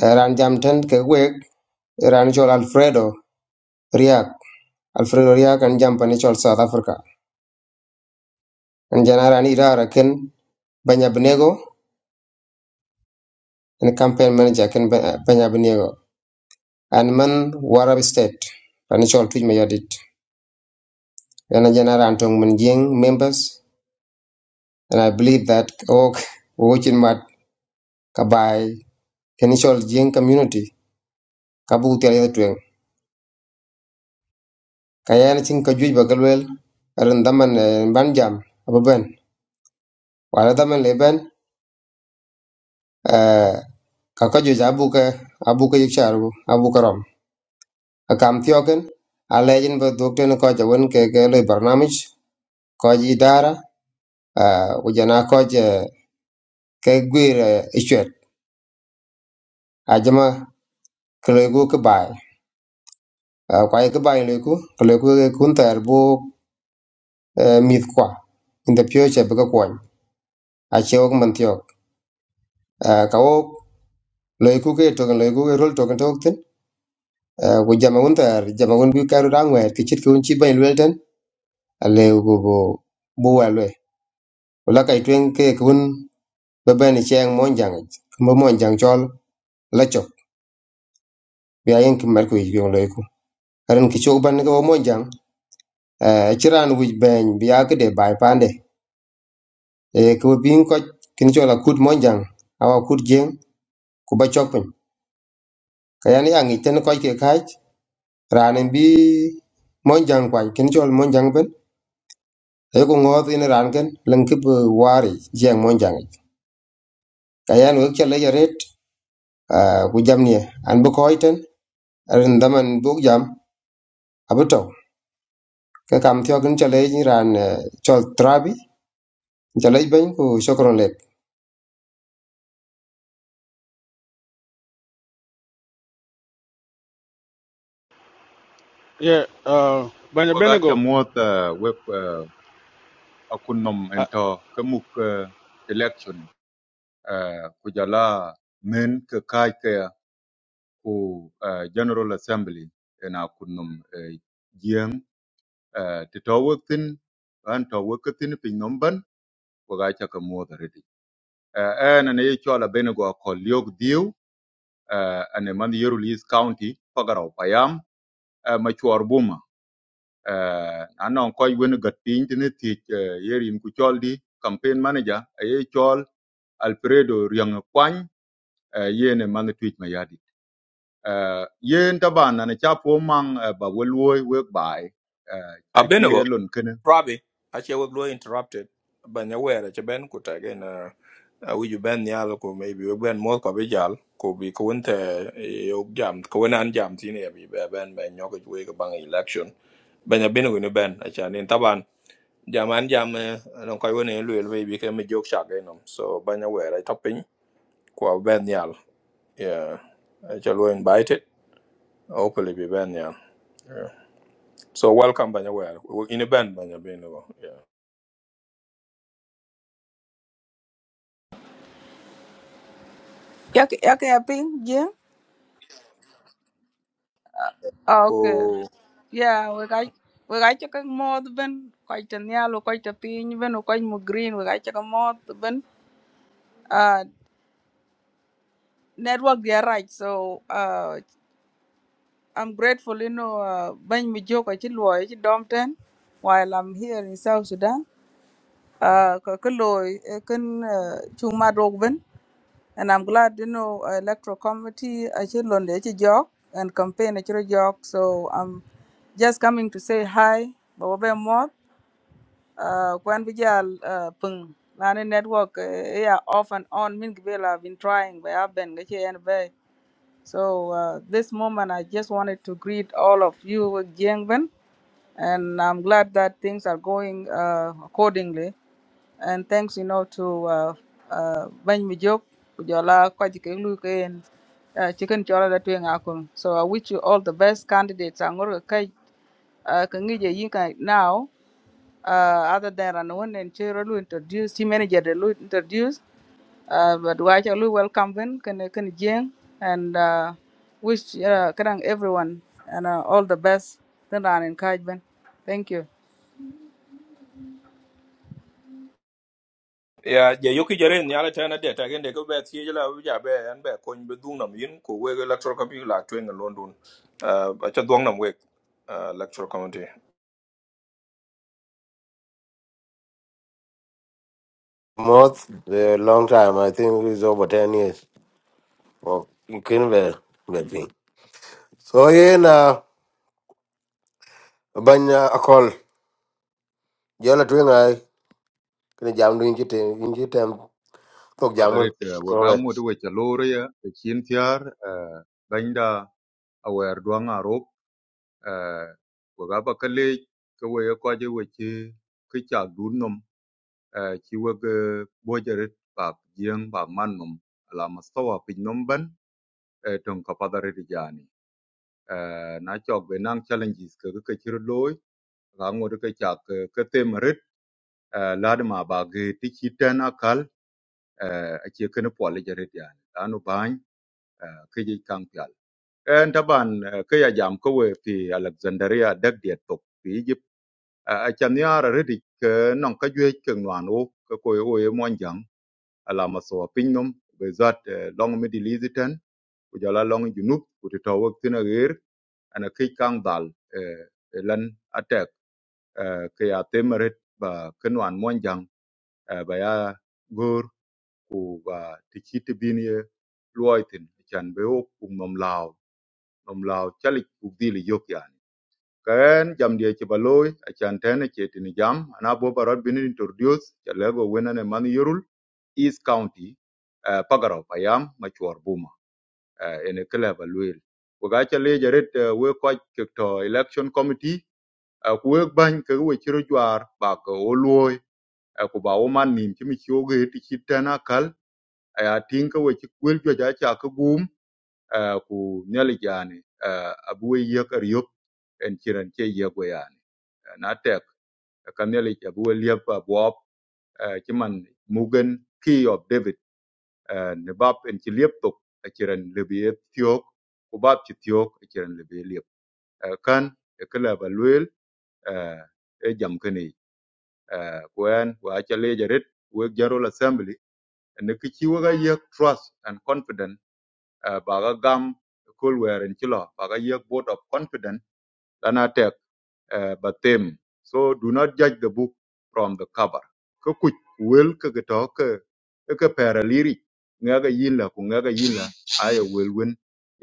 raan jam tɛn kɛ wek Rani Alfredo Riak. Alfredo Riak and jump and chol South Africa. And jana rani rara ken Banya Benego and campaign manager ken Ba- Banya Benego. And man Warab State. Rani chol tuj mayadit. And jana rani tong man jing members. And I believe that ok watching mat kabai initial jing community kabu tiari tueng. Kayana ching kajuj bagalwel. Aran daman eh, ban jam ababen. Wala leben ka juic abuke abuke yik sharu abuke rom akam tioken alejin be dokten ko ja won ke ke le barnamij ko ji dara ku jana ko je ke gwir ichwet ajama kle gu ke bai ko ai ke bai le ku ke kun bu mit kwa in the future be ko kwon a che ok man tiok ka ok le ku ke to le ku rol to ken tok ten ku jama won bi karu dangwe ke chit ku chi bai le ten ale ku bu bu wa Wala kay tweng ke kun be ben cheng monjang mo mon chol la chok bi ayen ki mer ku yong le ku karan ki chok ban ko mon jang eh chiran wi ben bi ke de bai pande e ko bin ko kin chola kut mon awa kut jeng ku ba chok pin kayan yang iten ko ke kai ranin bi mon jang kin chol mon ben e ko ngot in ran ken lang ki bu wari jeng monjang. jang kayan wi chele yaret ku jam an bu ko iten ran daman bu jam Abuto, to ke kam thio gin chale ni ran eh, chol trabi chale ben ku sokro le Yeah, uh, Banya Kogacha Benigo. moth uh, wek uh, akunnom ento kemuk uh, election uh, kujala men ke kai ke ku uh, General Assembly ena kunum uh, jiang uh, ti to an to wokatin pin nomban waga chaka muodha redi. Uh, ena ne chola benego akol liog diu uh, ane man yerul East County pagara upayam uh, machuar buma. Uh, anon koy wen gat piny tini uh, yerin ku chol di campaign manager aye chol Alfredo Riang Kwany uh, yene man twich uh, yen taban na cha po mang uh, ba we luoi we bai uh, ti ki abenego lon ken Robbie, actually, we blow interrupted. But nowhere, it's ben could again. Uh, uh, we you ben nyal ko maybe we ben mo ko be jal ko bi ko wonte yo jam ko wona an jam tin e bi be ben ben nyoko we ko bang election ben ya ben woni ben a in taban jam an jam no ko woni lu el bi ke me jok cha ge no so ben ya we ra topping ko ben nyal yeah Actually we invited hopefully be ben nyal so welcome ben ya we in a ben ben ya ben go Yake yake api Yeah. Okay. yeah Yeah, we got we got chaka mod ben. Quite a nyalo, quite a pin, ben, quite more green. We got chaka mod ben. Uh, network they are right. So uh, I'm grateful, you know, uh, ben mi joke achi luo achi dom ten while I'm here in South Sudan. Uh, ka ka loy kan chung ma dog ben and I'm glad you know uh, electoral committee actually on the jog and campaign actually jog so I'm just coming to say hi baba be mod uh kwan bijal uh pung lani network uh, yeah off and on min gibel I've been trying but I've been gachi so uh, this moment, I just wanted to greet all of you, Jiangben, and I'm glad that things are going uh, accordingly. And thanks, you know, to uh, uh, Ben Mijok, Kujola, Kwajike Luke, and uh, Chicken Chola that doing Akun. So I wish you all the best candidates. I'm going to now. Uh, other than and one, and Chiro Lu introduced, team manager they Lu introduced, uh, but Wacha Lu welcome them, can can Jiang and uh, wish uh, kadang everyone and uh, all the best. Then I encouragement. Thank you. ya je yoki jare ni ala tana de ta gende ko be ti jela wi ja be an be ko be dung nam yin ko we electoral committee la twen london uh a cha dung nam we uh, electoral committee most a long time i think it's over 10 years oh you can be that thing so yen uh, banya a call jola twin i can jam doing it inchi it um talk pa jamun deret uh, we go ka ahead ngot we cha lore ya te chin tiar uh, banda awer duang arop uh, we ga ba kale ke we ko je we chi ki cha dun nom uh, chi we ge bo jeret ba jieng ba man nom ala mastawa pin nom ban uh, tong ka pa deret jani uh, na chok be nang challenges ke ke chi loi ga ngot ke cha ke ke tem eh, lad ma ba ge ti chi ten akal eh, a chi ken pol je ret yani anu ban ke ji kang pial en taban eh, ke ya jam ko we fi alexandria dak dia tok fi egypt Eh, a chan ya ra ret ke non ka jwe ke nwan o ke ko e o ye mon jang ala ma so pinnum be zat eh, long mi di liziten ku jala long junub ku ti to wak tin a ger ana ke kang dal eh, lan atek eh, ke ya temeret ba ke nwan mon jang eh, ba ya gur ku và ti chi ti bin ye luai tin chan be o kum nom lao nom lao chalik ku di li yok yan ken jam die ci ba loy chan ten ci tin jam ana bo barot bin introduce ya lego wenane man yorul east county eh, pagaraw payam machuar buma eh, ene kele ba luel we ga ca leja eh, we koc to election committee eh, ku wek bany ke we ciro jwar ba ke o luoi eh, ku ba wo man nim cimi ci oge ti ci tena ya tinka we ci kwel jwa ja cha ka gum eh, ku nyali jani eh, abu we yek er yok en chiran che yek we yani Eh, na tek eh, ka nyali abu we liep pa bop ci man mugen key of david eh, ne bab en ci liep tok eh, chiran le bi tiok ku bab ci tiok eh, chiran le bi liep Eh, kan e kala ba luel e jam kani ku en wa cha le jarit we General assembly ne ki ci we ga yek trust and confidence eh, baga gam kol werin ci lo baga yek vote of confidence lana tek eh, ba tem so do not judge the book from the cover ka kuc wel ka ga to ka ka pera liri nga ga yila ku nga ga yila aya wel wen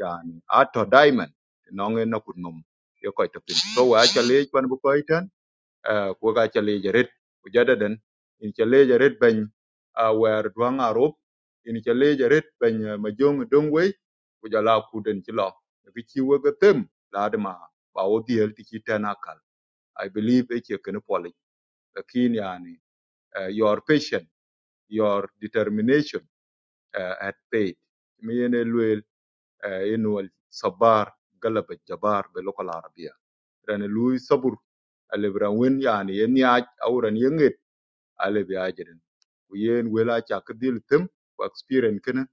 yani ato diamond nonge na kun nom yo ko to pin so wa cha le ban bu ko uh, ko ga chale jaret ko jadadan in chale jaret ban uh, wer duang arop in chale jaret ban uh, majong dongwe ko jala kuden chilo ki chi wo tem la ma ba wo diel ti chi tanakal i believe e che ken poli lakin yani uh, your patience, your determination uh, at paid mi ene luel uh, inwal sabar galaba jabar be lokal arabia ran lui sabur alibran wen yani yen ya auran ale bi ajirin ku yen wel aca ki dhil thim ku experience kini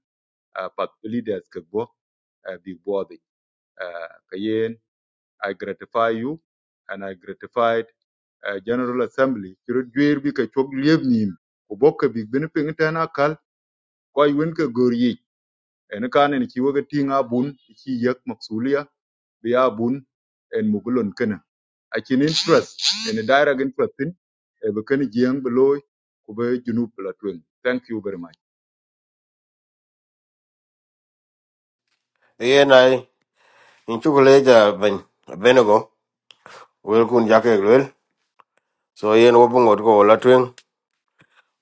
uh, pat leaders ki bo uh, bi bothy uh, ka yen i gratify you and i gratified uh, general assembly cï rot jwer bi ke cök liep nim ku bok ke bik bini piŋ tɛn akal ku ai wen ke gor yic ɛni kaan en ci weke tiŋ abun ci yek maksulia biya bun and mugulon kana akin interest and a direct interest in e be kan jiang beloy ku be junub la twin. thank you very much yen i in chuku leja ben abenego wel kun jake wel so yen wo bungot ko la twen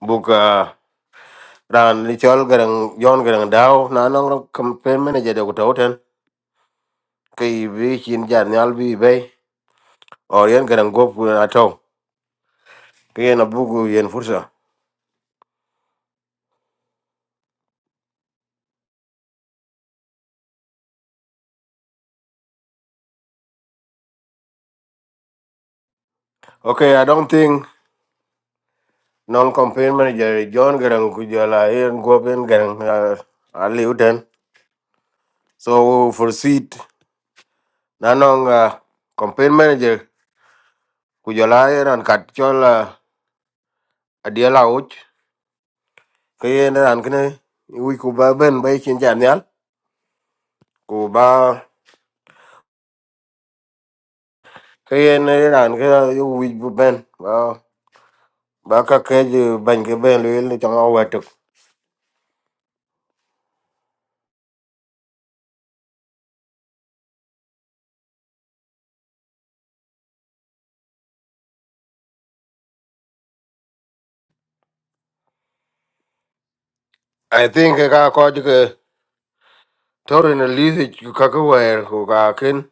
buka ah, ran ni chol garang yon garang daw na nong campaign manager de ko tawten kay bi chin jar nyal bi be or yen garang gop ato kay na bugu yen fursa okay i don't think non campaign manager John garang ku jala yen gop yen garang ah, ali uten so for seat na nong ah, campaign manager ku jala yen an kat chol ah, adiela uch kayen ran kene wi ku ba ben ba chin jan yal ku ba kayen ran ke wi bu ben ba ba ka ke ji ban ke ben le le chang wa tuk i think ka ko ji ke torin li ji ka ka wa ku ka ken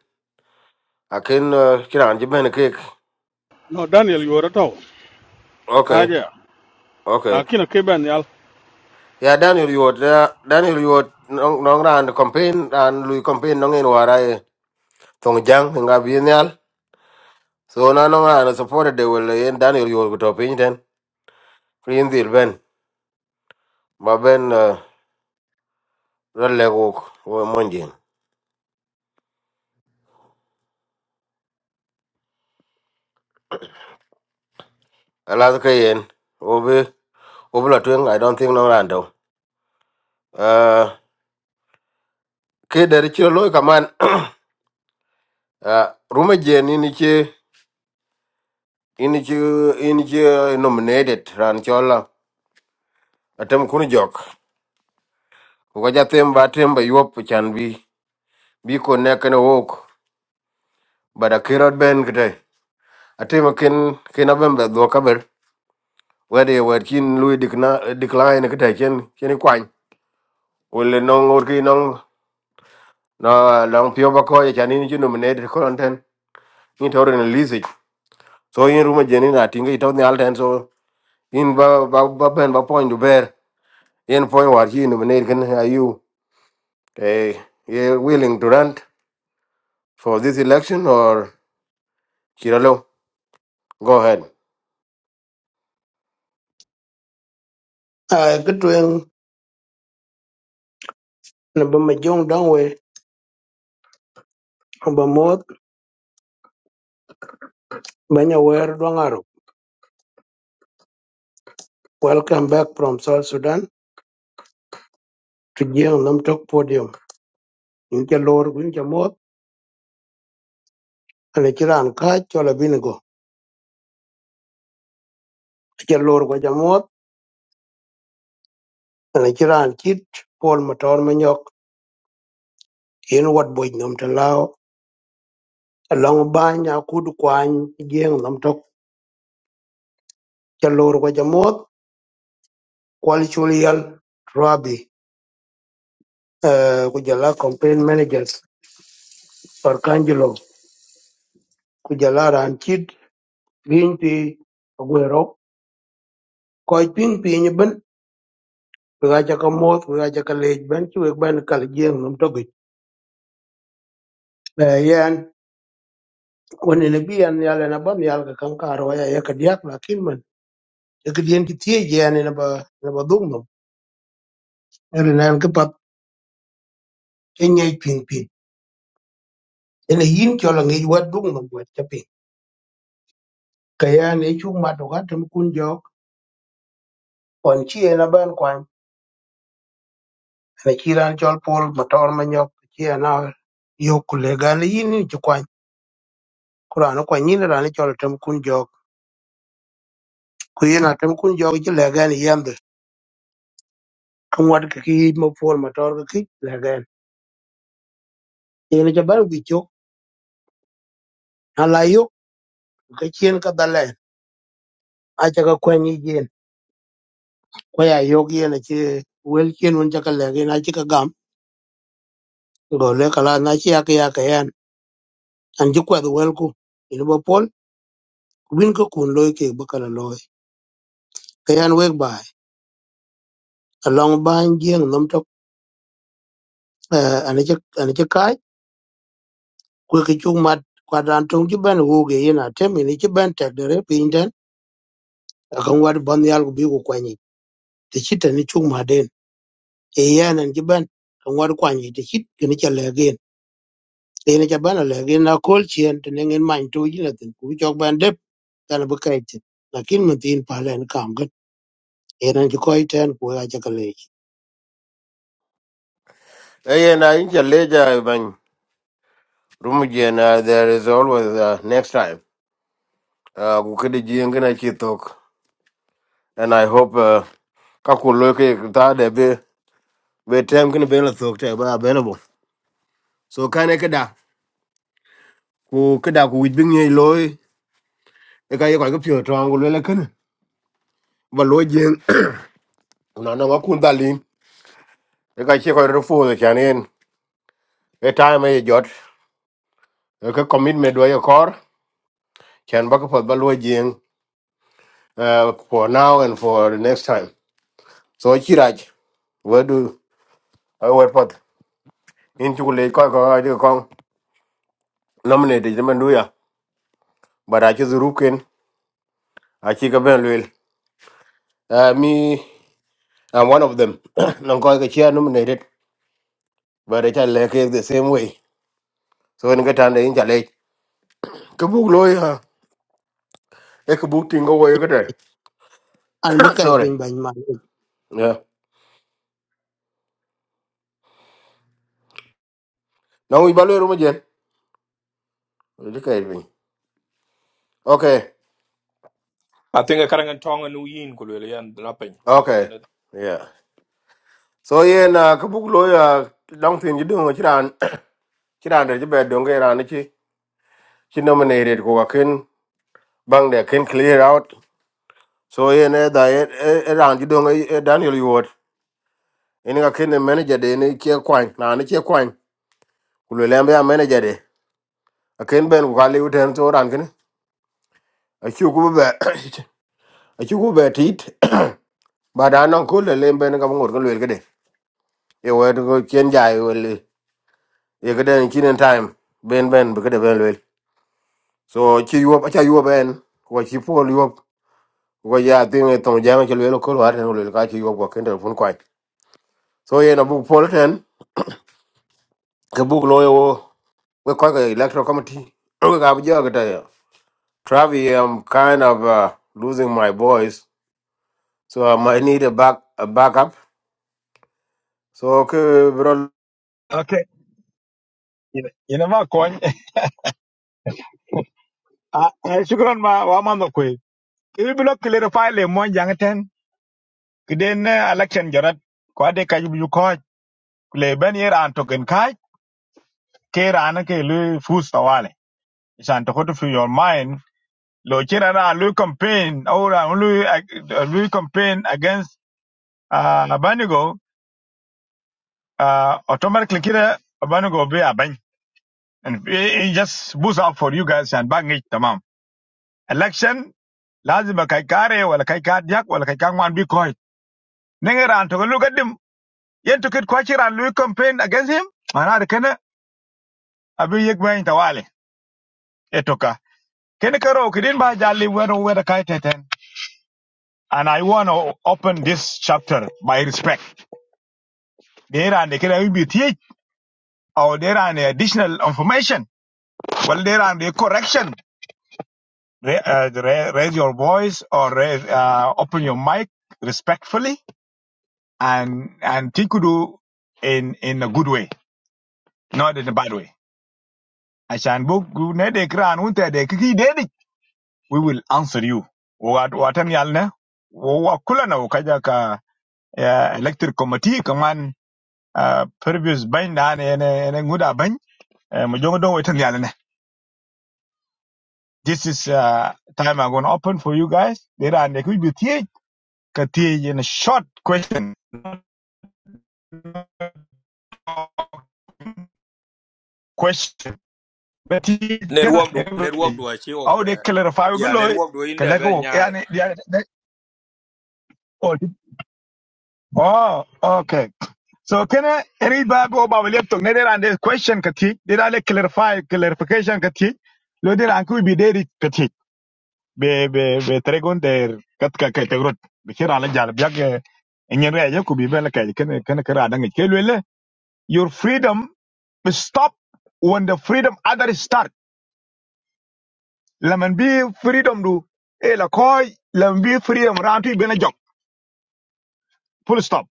a ken kiran ji ben ke No, Daniel, you were at all. okay Akaja. okay Akina Kiban, y'all. Yeah, daniel yot ya daniel yot nong nong ran campaign ran lui campaign nong en warai. e tong jang nga bi so na nong ran supported They will en daniel yot ku to pin den Green deal ben. ba ben ra le go wo monjin ala ka yen wo be wo i don't think no rando uh kid, der chiro loy man. uh ruma je ni ni che ini che ini nominated ran chola atem kun jok ko ja tem ba tem ba yop chan bi bi ko ne walk. But a kirot ben kete atem ken ken abem ba do kaber wede wer kin lui dikna decline kete chen chen kwan wole nong or ki na lang pio ba ko ya ni ju nominated content in to release it. so in room jeni na tinga ito ni alten so in ba ba ba ben ba point to bear in point war he nominated can are you eh you willing to run for this election or kiralo go ahead ai cái chuyện là bơm mà dùng đông we bơm mót bây giờ we ở đông aro welcome back from South Sudan to giang nam tok podium những cái lor của những cái mốt, là chỉ ran cá cho là bên go cái lor của cái mót là chỉ ran chít Paul mà tròn mà nhóc hiện vật bồi nam ta lao long ba nhà cú du quan giang nam tok cái lor của cái mót quality Rabi, uh, kujala campaign managers, Arcangelo kujala ran chit gin pi agwero koy ping piny ben wega chaka moth wega chaka lej ben ci weg ben kal jeng num togi yen woni ne bi an yale na ban yal ka kan karo ya ya ka diak la kin man e ka dien ti tie je ne ba ne ba dung num er na an ka pat e nyai ping ping ene yin chola ngi wat dung num wat cha ping ka ya ne chu ma to ga tem kun jok on chi e na ban kwan ne chi ran chol pol motor ma nyok chi na yo kulega ne yin ni chi kwan ku raan kwa nyin raan chol tem kun jok ku yin a tem kun jok ji legen yende ka ngwat ka ki ma pol ma tor ka ki legen yin ja ban wi chok na la yok ka chien ka dalen a cha ka kwen yi jen ko ya yok yen che wel chien un cha ka legen a chi ka gam go le ka la na chi ya ka ya ka yan an ji kwa the wel ku yin ba pol win ka kun loy ke ba kala loy ka yan wek bai along ban jeng nom tok ane che ane che kwe ke chuk mat kwa dan tong chi ben wu ge yin a tem ni chi ben tek de re pin den a kan war ban yal ku bi ku kwa ni te chi te ni chuk ma den e yan an chi ben kan war kwa ni te chi ke ni cha le gen e ni cha ben a le gen na kol chien te ne ngin man tu yin ten ku chok ben de ta le kai te lakin mun tin pa len kam ge e ran chi koi ten ku a cha ka le chi eh yeah, na in ja leja ban room jena there is always uh, next time uh ku kedi jenga na chitok and i hope uh, ka ku loke ta de be be tem kin be la tok te ba available so kane ke da ku ke da ku wit bing ye loy e ka ye ko ke pyo tong ku le ken ba lo jeng no no ku da lin e ka che ko ro fu de chan en e time e jot e ka commitment do ye kor chan ba ko ba lo jeng uh, for now and for the next time so chi raj we do I wet pot in chu le ko ko ai ko nominate je man do ya but I just ruken I chi ka ben lwel uh, me I'm one of them non ko ke chia nominated but acha leke the same way so when gata ne inja le ke buk lo ya e ke buk tingo wo gata an bu kai sorry pin ban ma ni yeah now we balwe rumo jen okay okay i think a karang tong an yin ko le yan na pen ne okay kana yeah so yeah na ke buk lo ya dang You jidong chiran chiran de be dong ge ran chi chi nominated ko ka ken bang de ken clear out so yeah ne da e e- e ran jidong e daniel yuot en ga ken manager de ne che kwang na ne che kwang kulo lembe a manager de aken ben ku kaliu ten coran kene acu ku be acu ku be tit ba non ko le lemben ka ngor ko le gede e wet ko chen jai wel e gede kinen time ben ben be gede ben wel so ci yuop aca yuop en ko ci pol yuop ko ya tin e jama ci le ko war ten le ka ci yuop ko kende fun kwai so ye na bu pol ten ke bu lo yo we ko ko electoral committee ko ga bu jo gede Travi, I'm kind of uh, losing my voice so I might need a back a backup. So okay, bro. okay ina ina ma ko ai shukran ma wa ma no ko ibi lo clarify le mo kiden eh, election jorat ko ade ka yu ko le ben yer an token kai ke ran ke lu fus tawale isan to to your mind lo kira na lu campaign or lu lu campaign against uh, abanigo uh, automatically kira abanigo be abany and it, it just boost up for you guys and bang it tamam election lazima kai kare wala kai ka diak wala kai ka ngwan bi koi nengera an to lu gadim yen to kit ko kira lu campaign against him mana abi yek ben tawali etoka ken karo kidin ba jali wero wero kai teten and i want to open this chapter by respect there are the kira be teach or there and additional information well there are the correction Ra- uh, ra- raise your voice or raise, uh, open your mic respectfully and and tikudu in in a good way not in a bad way ashan book ne de kran unta de kiki de we will answer you wa watan yalne wa kulana wa kaja ka eh, electric committee kaman uh, previous bain da ne ne ne nguda bain eh, mu jongo don watan yalne this is uh, time i'm going to open for you guys there are ne ku bi tie ka tie in a short question question but tie kana network do network everybody do a ok how be they clarify ya below network do in kalaka be wo nyaai yani yani- oh oh, okay So can I read back over laptop? Neither and this question kati. Did I like clarify clarification kati? Lodi ranku bi deri kati. Be be be tregon der kat ka ka tegrot. Be kira ala jal biak eh, enyen re ayo kubi bela ka ken Can kira adang ke lele. Your freedom will stop when the freedom others start. Lemon be freedom do e la koi lemon be freedom rantu bena jok. Full stop.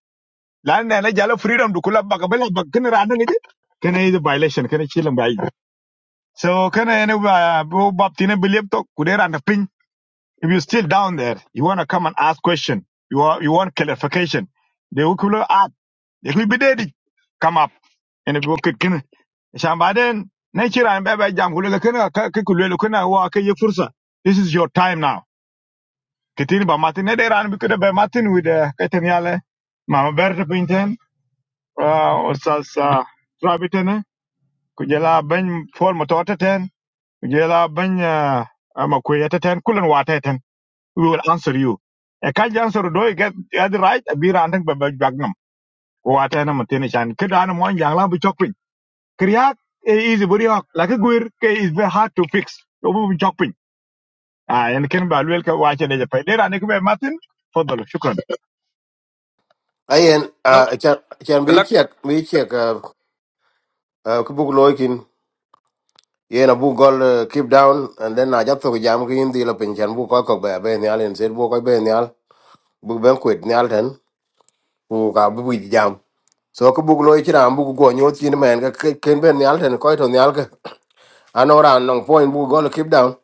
Lan na la jala freedom do kula baka bela bak ken radang ke. Can I is a violation? Can I chill and buy? So can I anyway uh, bo- Bob Tina believe to could there and the ping. If you're still down there, you wanna come and ask question. You want you want clarification. They will cool up. They will be dead. Come up. And if you could can Shambaden nature and baba jam kule kana kule kana wa ke ye fursa. This is your time now. Ketini ba Martin. ne deran bi kuda have Martin with uh, keteniale mama berta pinten uh, or sas uh, rabitene kujela ben for mototeten Jela banya amakwaya ta ten kulan wata ten. We will answer you. A kaj answer do you get get the right a beer and think by bagnum. Wata na matene chan. Kid an mon yang lang bu chokpin. Kriya is very hot. Like a guir ke is very hard to fix. Obu bu chokpin. Ah and ken ba lwel ka wacha de japai. Dera ne kube matin. Fadalo. Shukran. Ayen, no uh, can can be elect check, be check. Uh, uh, kubuk loikin. Yen abu gol uh, keep down, and then I just took jam kin di la pin can bu koi kok ba ben yal and said bu koi ben yal bu ben quit yal ten bu ka bu bu jam. So kubuk loi chira bu go nyot chin man ka ke- ken ben yal ten koi ton yal ka. Anora nong point bu gol keep down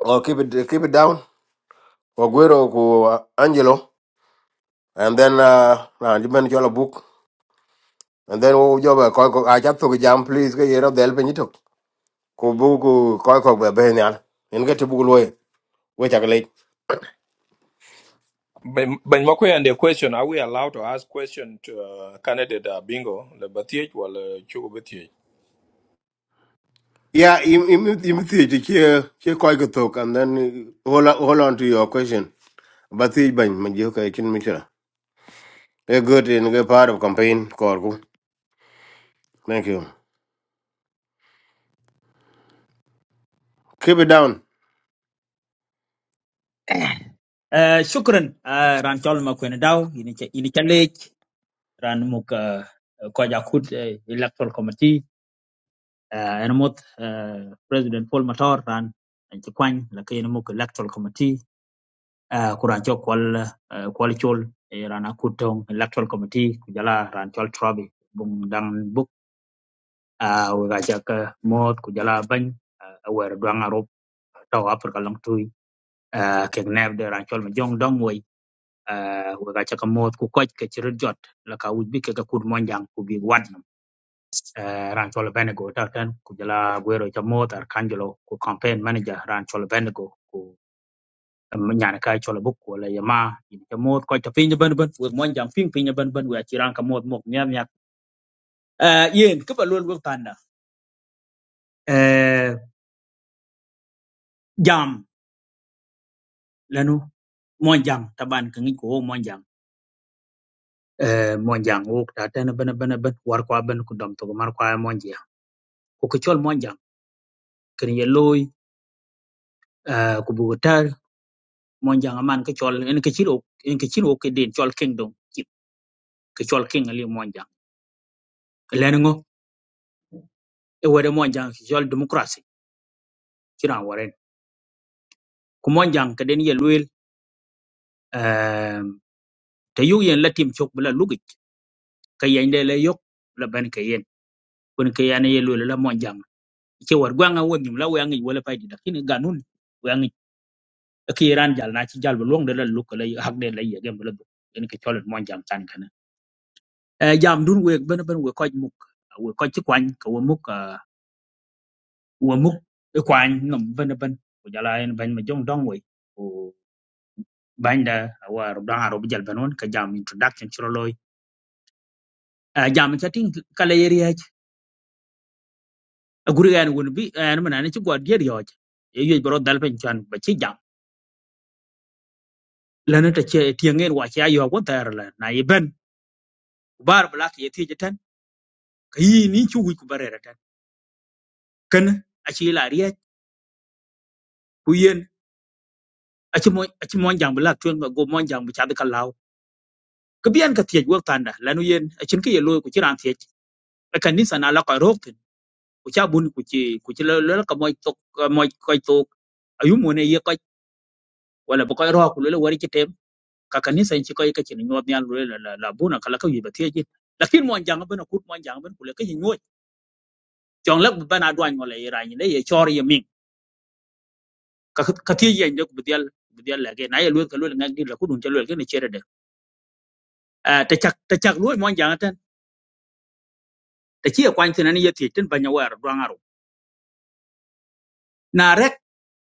or keep it keep it down. Ogwero ku uh, Angelo and then uh, Ranjiben Chola book and then wo jo ba ko ko a cha to jam please ke yero del pin to ko bu ko ko ko ba be nyal en ga te bu lo we cha le ben ben mako yan question are we allowed to ask question to uh, candidate uh, bingo le batie wala chugo yeah im im im ti ti ke ke ko ko to and then uh, hold on- hold on to your question But ti ban ma je ko kin mi kira a good in a part of campaign ko ko thank you keep it down Eh, shukran ah, ran chol ma kwen daw ini cha ini cha ran muk uh, ko ja kut eh, electoral committee uh, en mot eh, president Paul Matar ran en ci kwany la kay en muk electoral committee uh, ku ran chol kwal eh, kwal chol eh, ran akut tong electoral committee ku jala ran chol trabi bung dang buk a uh, we ga ja ka mot ku jala ban uh, wer duang arop taw afrika long tuy uh, kek neb de ran chol ma jong dong way uh, we ga chaka mot ku koch ke chiri jot la ka wuj bi ke ga kud monjang ku bi wad nam uh, ran cholo benego ta tan ku jala gwero cha mot ar ku campaign manager ran cholo benego ku um, nyana ka cholo buk ku la yama yin cha mot koch ta pinya ban ban we monjang ping pinya ban ban we chi ran ka mot mok nyam nyak uh, yen ke ba lol wuk uh, jam lanu monjang taban ke ngi ko monjang uh, monjang wuk ta tan ban ban ban war kwa ban ku dom to mar kwa monjang ku ke chol monjang ken ye loy ah, ku bu ta mon jang man ke chol en ke chiro en ke chiro ke den chol kingdom chip ke chol king ali mon jang len ngo e wede mon jang ke chol democracy kiran waren ku mon jang ke den ye loy te yu yen latim chok bula lugit ka yen de le yok la ban ke yen kun ke yan ye loy la mon jang ke war gwanga wonyum la wangi wala paydi da kin ganun wangi ke ran jal na ci jal bu long de la luk la hak de la yegem la en ke chol mon jang tan e jam dun we ben ben we koj muk we koj ti kwany ko we muk ah, we muk e kwany ngam ben ben ko jala en ban ma jong dong we ko banda war dan aro bijal benon ka jam introduction chiro loy Eh, jam chatting kala yeri haj guri gan won bi en man ne ci god yer yoj e yoj bro dal ben chan ba ci jam lana ta ce tiengen wa ci ayo ko tar la na yi ben bar black ye ti jatan kayi ni ci wi ku barere tan kana a ci la riya ku yen a ci mo a ci mon jam black tuen go mon jam bu chad ka biyan ka tiej wak tanda lanu yen achin ka ye loy ku ci ran tiej e kan ni sana la ko rok tin ku cha bun ku ci ku ci la la ka moy tok moy koy tok ayu mo ne ye koy wala bu koy ro ku le wari ci tem ka kan ni san ci koy ka ci ni nyod nyal la la la buna kala ka yiba tiej lakin mo jang bana kut mo jang ban ku le ka yi nyoj jong la bana dwan ngol ye ran ne ye chor ye min ka ka tiej ye ku dial bu dial la ge na ye loy ka loy ngak di la ku dun ci loy ke ne chere de ta chak ta chak loy mo jang tan ta ci ye kwan tin ani ye tiej tin banya war dwan aro na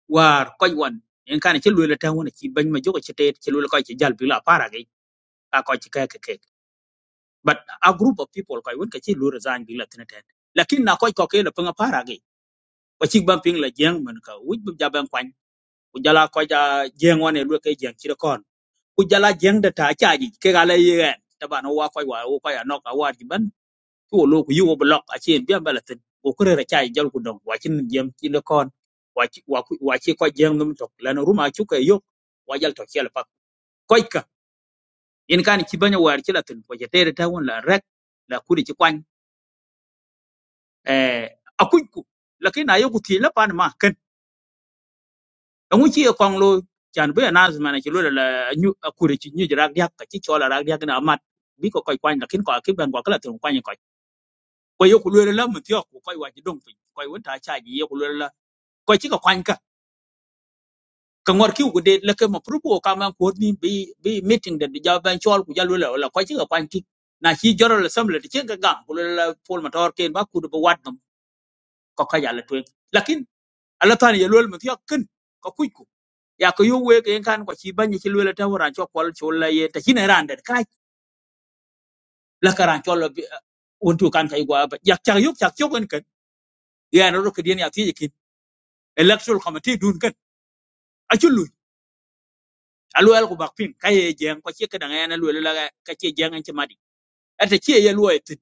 war koy wan en kan ci lule tan wona ci bañ ma jogo ci te ci lule koy ci jal bi la para gi ka koy ci kay kay but a group of people koy won ka ci lule zan bi la tan tan lakin na koy ko ke la panga para gi ko ci bam ping la jeng man ka wuj bu jaban kwan ku jala ko ja jeng wona lu kay jeng ci kon ku jala jeng da ta caaji ke ga la yeen taban wa koy wa ko ya nok awar ji ko lo ku yugo blok a chen biam balatin o ko kure ra chai jal ku dong wa chin jem chi le kon wa chi wa ku- wa chi ko jeng num tok lan ruma chu ka yok wa jal to chel pa ko ka in kan chi banya war chi latin ko je tere ta won la rek la ku ri chi kwan eh akuy ku la kin ayo ku ti la pan ma ken ngu chi e kong lo chan bu na zma na chi lo la nyu ku ri chi nyu ra yak ka chi chola ra yak na mat bi ko koy kwan la kin ko ki ban ko kala tin kwan ko ko yo ku le la mu ti ko koy wa chi dong pi ko won ta cha ji yo ku lo ko ci ka kwany ka ka ngor ki ku de le ke ma pru ko ka ma ko ni bi bi meeting de ja ban chol ku jalu le la ko ci ka kwany ki na ci joro le sam le ci ka ga ku le la pol ma tor ken ba ku do wat no ko ka ya le twen lakin ala tan ye lol ma ti ken ko ku ku ya ko yo we ke kan ko ci ban ci le ta wora cho kol cho la ye ta ci ne ran de kai la ka ran cho le won tu kan kai gwa ba ya cha yo cha cho ken ken ya no ro ke dien ya ti ki electoral committee dun ken a chu alu al kubak pin ka ye jeng ko che kadang yana lu la ka che jeng an chamadi ata che ye lu etin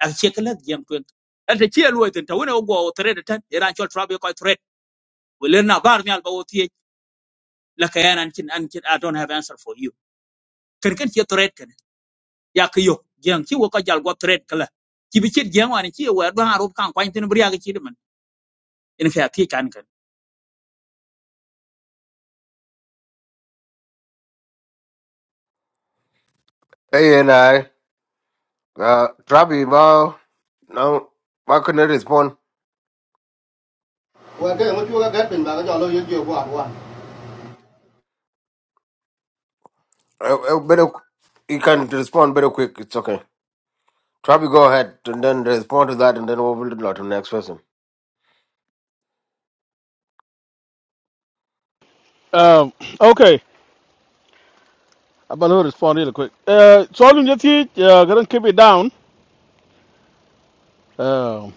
a che kala jeng twen ata che lu etin tawne go o thread tan iran chol trabe ko thread we len na bar nyal ba o tie la ka yana an chin an chin i don't have answer for you ken ken che thread ken ya ka yo jeng chi wo ka jal go thread kala chi bi che jeng wan chi wa ba harup kan kwan tin briya ga chi de man in ka ti kan kan hey and i uh trabi ba Now, ba couldn't respond Well, okay, what you got got back, I'll you go one. uh, uh, better you can respond better quick it's okay Travi, go ahead and then respond to that, and then we'll move on to the next person. Um, okay. I'm going to respond real quick. Uh, so, I'm just going to keep it down. Um,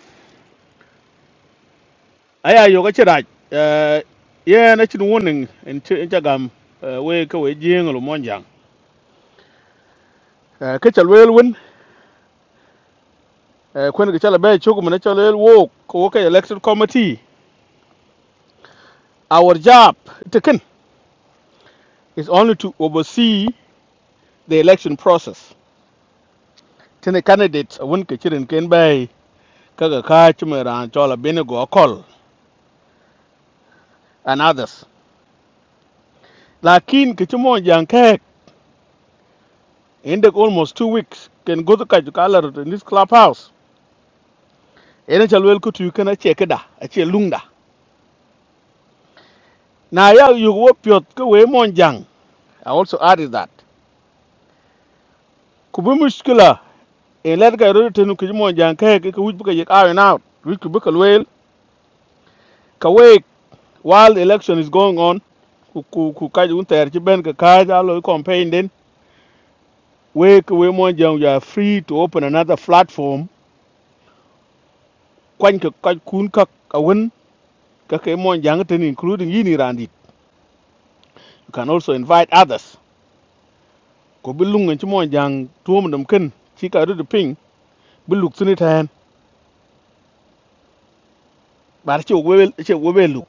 I you got your right. Uh, yeah, and it's warning in Chagam. Uh, we go with Jing or Monjang. Uh, catch a real win. Uh, when the Chalabay Chokum and Chalel walk, walk election committee. Our job, taken, is only to oversee the election process. Ten Tene candidate, one kitchen can buy. kaga ka chimera chola binigo kol and others lakin kichimo yanke in the almost two weeks can go to kajukalar in this clubhouse ene chalwel kutu kana chekeda ache lungda na ya yugo pyot ko we monjang i also added that kubu in let ga rote nu kichimo yanke ko wujbuka iron out wujbuka lwel ka while the election is going on ku ku ku kaju unter chiben ka kaja lo campaign den wake we monjang you are free to open another platform Kwan ke kaj kun kak ka wen ka ke mon jang ten including yini randit. You can also invite others. Ko bi lungan ci mon jang tuom dam ken ci ka rudu ping bi luk sini tan. Bar ci we ci we luk.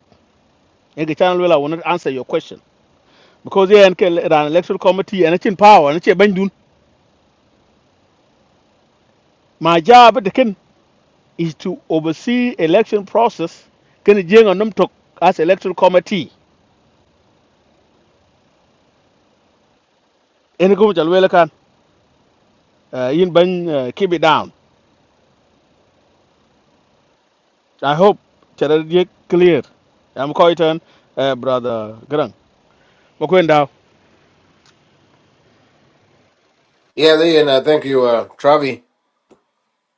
E ga channel wala won't answer your question because yeah and ran electoral committee and it's in power and it's ben dun. My job the ken is to oversee election process ken jeng on num tok as electoral committee. En ko mo jal wela kan eh, yin ban eh, keep it down. I hope Charadiek clear. I'm quite an uh, brother Grang. Makwenda. Yeah, there, and I thank you, uh, Travi.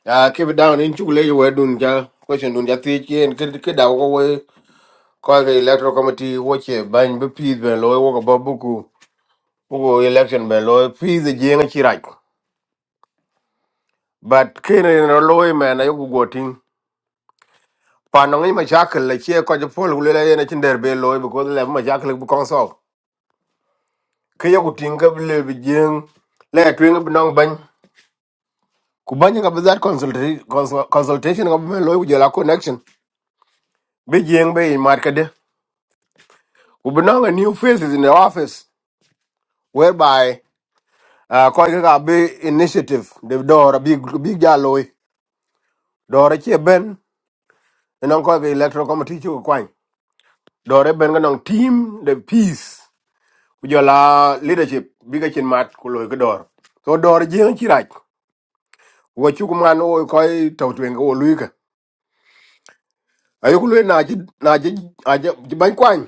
Uh, keep it down. In chukule you were doing ja question doing ja tichi and kid kid Call the electoral committee. Watch it. Bang be peace ben loy walk about buku. Buku election ben loy peace the jing chirak. But kene in a loy man I go goting. Panongi machakal la chia kwa jepol gulela yena chinder be loy because le machakal bu konsol. Kaya kutinga bile bijing le twinga binong kubanya ka bizat consultation consultation ka be loy kujela connection be jeng be in market kubinanga new faces in the office whereby uh, koi ka ka be initiative de dora big big ja door dora che ben non koi ka electoral committee chu kwany dora ben ga nong team the peace kujela leadership biga chin mat ku loy ka dora so door jeng chirach wo chu man o koi tawtwen ko luika ayo ku loy na chi na chi a chi ban kwany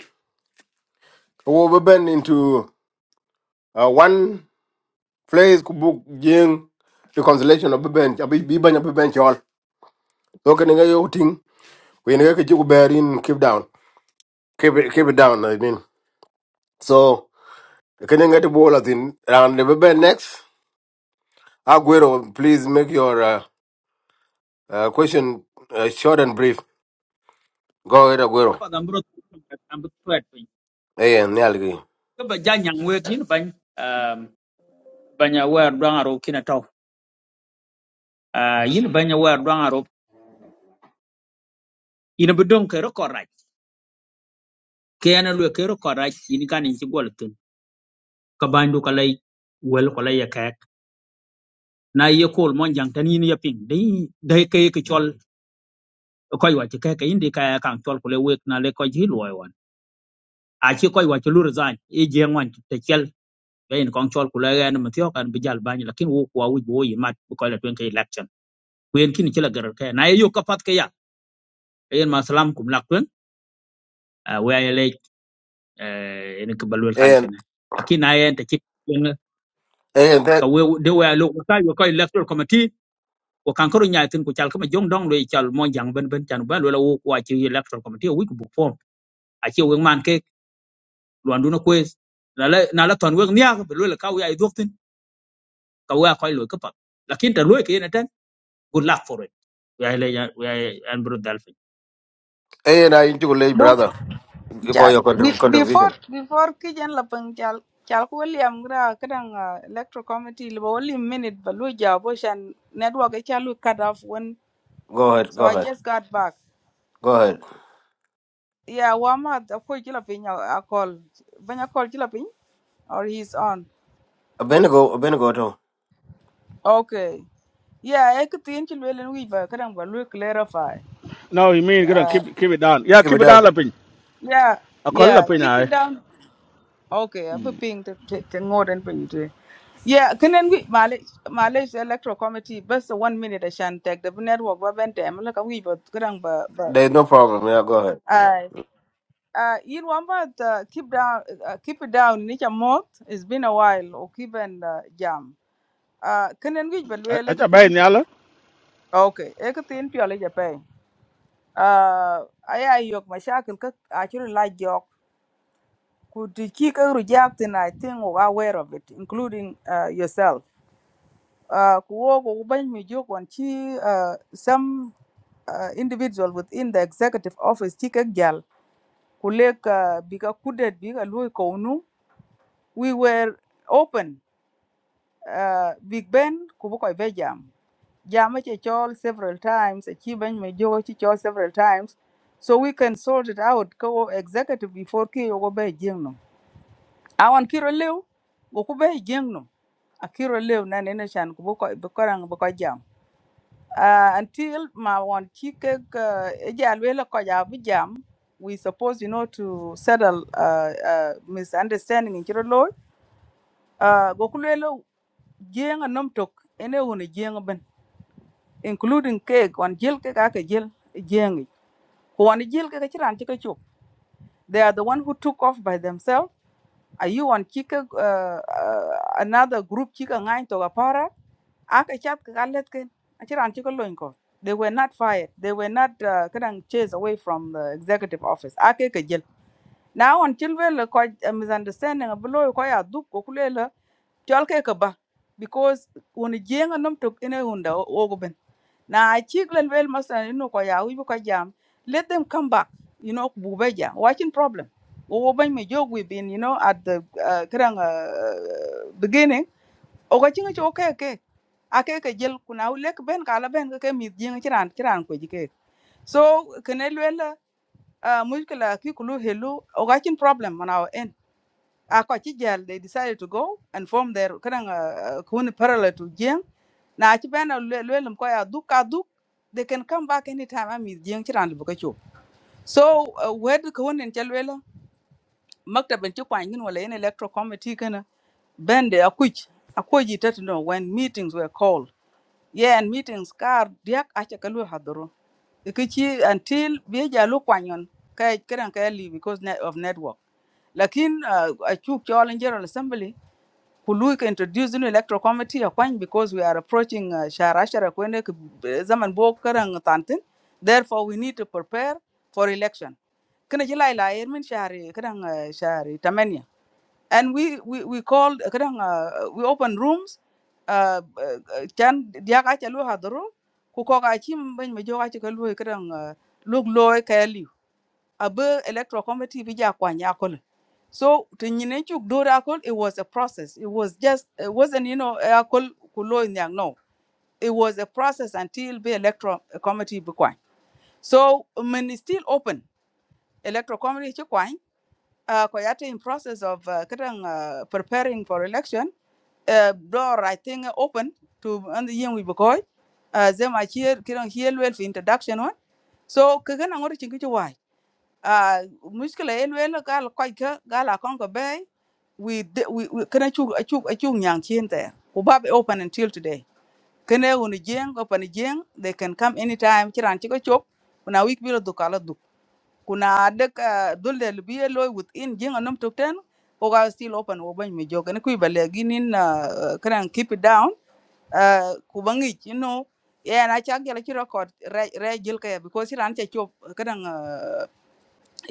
wo be ben into uh, one place ku book jing reconciliation of ben abi bi banya be ben chol so kan nga yo ting we nga ke ku bear in keep down keep it, keep it down i mean so kan nga to ball? tin round the ben next aguero please make your uh, uh, question uh, short and brief go ahead aguero pa dam bro am thread pin Hey, and nyalgi ka ba janyang we kin ban ban ya wa do harup kin Ah, yin banya war dwang arop yin bi dong kero koraj kena lwe kero koraj yin kan yin ci gol tun ka bandu ka lay wel ko lay yakak na ye kol mon jang tan yin ya ping dai dai kay ki chol koy wa ci kay indi kay kan chol ko le wek na le ko ji loy won a ci koy wa ci lur zan e je ngwan te chel gain kon chol ko le gan ma tiyo kan bi jal bany lakin wo ko wi bo yi mat ko la tun kay election ku yen kin ci la gar kay na ye yo ka pat kay ya yen ma salam kum lak tun eh en ko balwel kan and kana lakin na ta ci hey, and ka that we de we lo ko yo ko electoral committee ko kan ko nyaa tin ko chal ko jong dong lo chal mo jang ben ben chan ba lo la wo ko ci electoral committee wi ko bu form a ci we man ke lo andu na ko na la na la ton we nyaa be lo la ka we ay doktin ka we ko lo ko pa lakin ta lo ke yen tan good luck for it we ay le we ay an bro dalfi hey, and i into late Look, brother for Ja. your be, contrib- before contribution before kijan lapang chal chal ko William gra kadang uh, electro committee libo only minute balu jabo and network e cut off when go ahead so go I ahead just got back. go ahead Yeah, Wama, the poor Jilapin, I call. When I call Jilapin, or he's on. abenago abenago Okay. Yeah, I could think you will and we but can we clarify? No, you mean Grang, Uh, keep keep it down. Yeah, Give keep it it down up. lapin. yeah, A call yeah, lapin keep I. it down. Okay, I'm a ping to more than ping to. Yeah, can then we Malaysia Malaysia Electoral Committee, best one minute I shan't take the network, but then I'm like a wee but good, but. There's no problem. Yeah, go ahead. Uh, uh, you know, about uh, keep down, uh, keep it down. Nicha mot. It's been a while. Or keep and uh, jam. Uh, kanan gij balwe Acha bay lekatin. nyala. Okay, lekatin piyale jape. Uh, aya yok mashakil ka actually like yok. Could the kick a reject and I think we're aware of it, including uh, yourself. Uh, kuwo ko kubany mi jok wan chi uh, some uh, individual within the executive office chi kek jal ku lek uh, bi ka kudet bi ka lui we were open uh, big ben ku bu be jam jam ci chol several times ci ben me jo ci chol several times so we can sort it out ko executive before ki yo go be jingno awan kiro lew go ku be jingno a kiro lew na ne chan ku bu koy jam uh, until ma won ci ke e jal we la ja jam we supposed you know to settle uh, uh, misunderstanding in kiro law uh, jeng and Nomtok, anyone a nom tok ene jeng ben including cake on jil ke ka ke jeng ko on jil ke ka chiran ke chop they are the one who took off by themselves are you on chika uh, uh, another group chika ngai to a para aka chat ka let ken a chiran chika Loinko. they were not fired they were not uh, kadang chased away from the executive office ake ke jil now on children ko uh, a below ko ya duk ko kulela tol ke ka ba because when on jeng and Nomtok in a nom tok ene hunda ogo Now I check and well master you know koya we ko jam. Let them come back. You know bubeja. Watching problem. Wo ban me jog we been you know at the uh, karang uh, beginning. O ka chinga cho okay okay. Ake ke jel kuna u lek ben kala ben ke mi jinga chiran chiran ko jike. So kenel well uh, muskala ki kulu hello o watching problem on our end a ko ci jel they decided to go and form their kanang uh, kuni parallel to jeng na ci ben lwelum kwa ya duk they can come back anytime ami jeng ci ran bu so uh, wed ko wonen ci lwela maktab ci kwa ngin wala en electoral committee kana ben de akuj akoji no when meetings were called yeah and meetings kar diak acha kalu hadoro ikichi until beja lu kwanyon kay kadang because net of network lakin uh, achuk cholen general assembly Kuluika introduced in electoral committee Akwany because we are approaching uh, Shahar Ashara Kwende Kib- Zaman Bo Karang Tantin. Therefore, we need to prepare for election. Kena jila ila Ermin Shahari Kadang uh, Shahari Tamania. And we, we, we called uh, Kadang uh, we opened rooms. Uh, uh, Chan Diaka Chalu Hadru. Kukoka Chim Ben Majoka Chikalu Kadang Lug Loy abe electoral committee bi ja kwa nya kole so to nyine chuk do ra it was a process it was just it wasn't you know a kol kulo nyang no it was a process until the electoral committee bi kwa so when it's still open electoral committee chi kwa uh, ko in process of uh, kadang uh, preparing for election uh, door i think open to and the yen we bi koi uh, zema here kidang here well for introduction one so kagan angor chingi ah muskila en wel gal koy ka gal a kon we de- we we- kena chu chu chu nyang chin there ku bab open until today kene woni jeng open jeng they can come anytime chiran chiko chop kuna week bilo dukala duk kuna de dulde libiye loy within jeng anum tukten ko ga still open wo ban mi joga ne kuy bale ginin kran keep it down Uh, ku you know yeah na chak jala chi record re re jil ka ya because chiran chop kran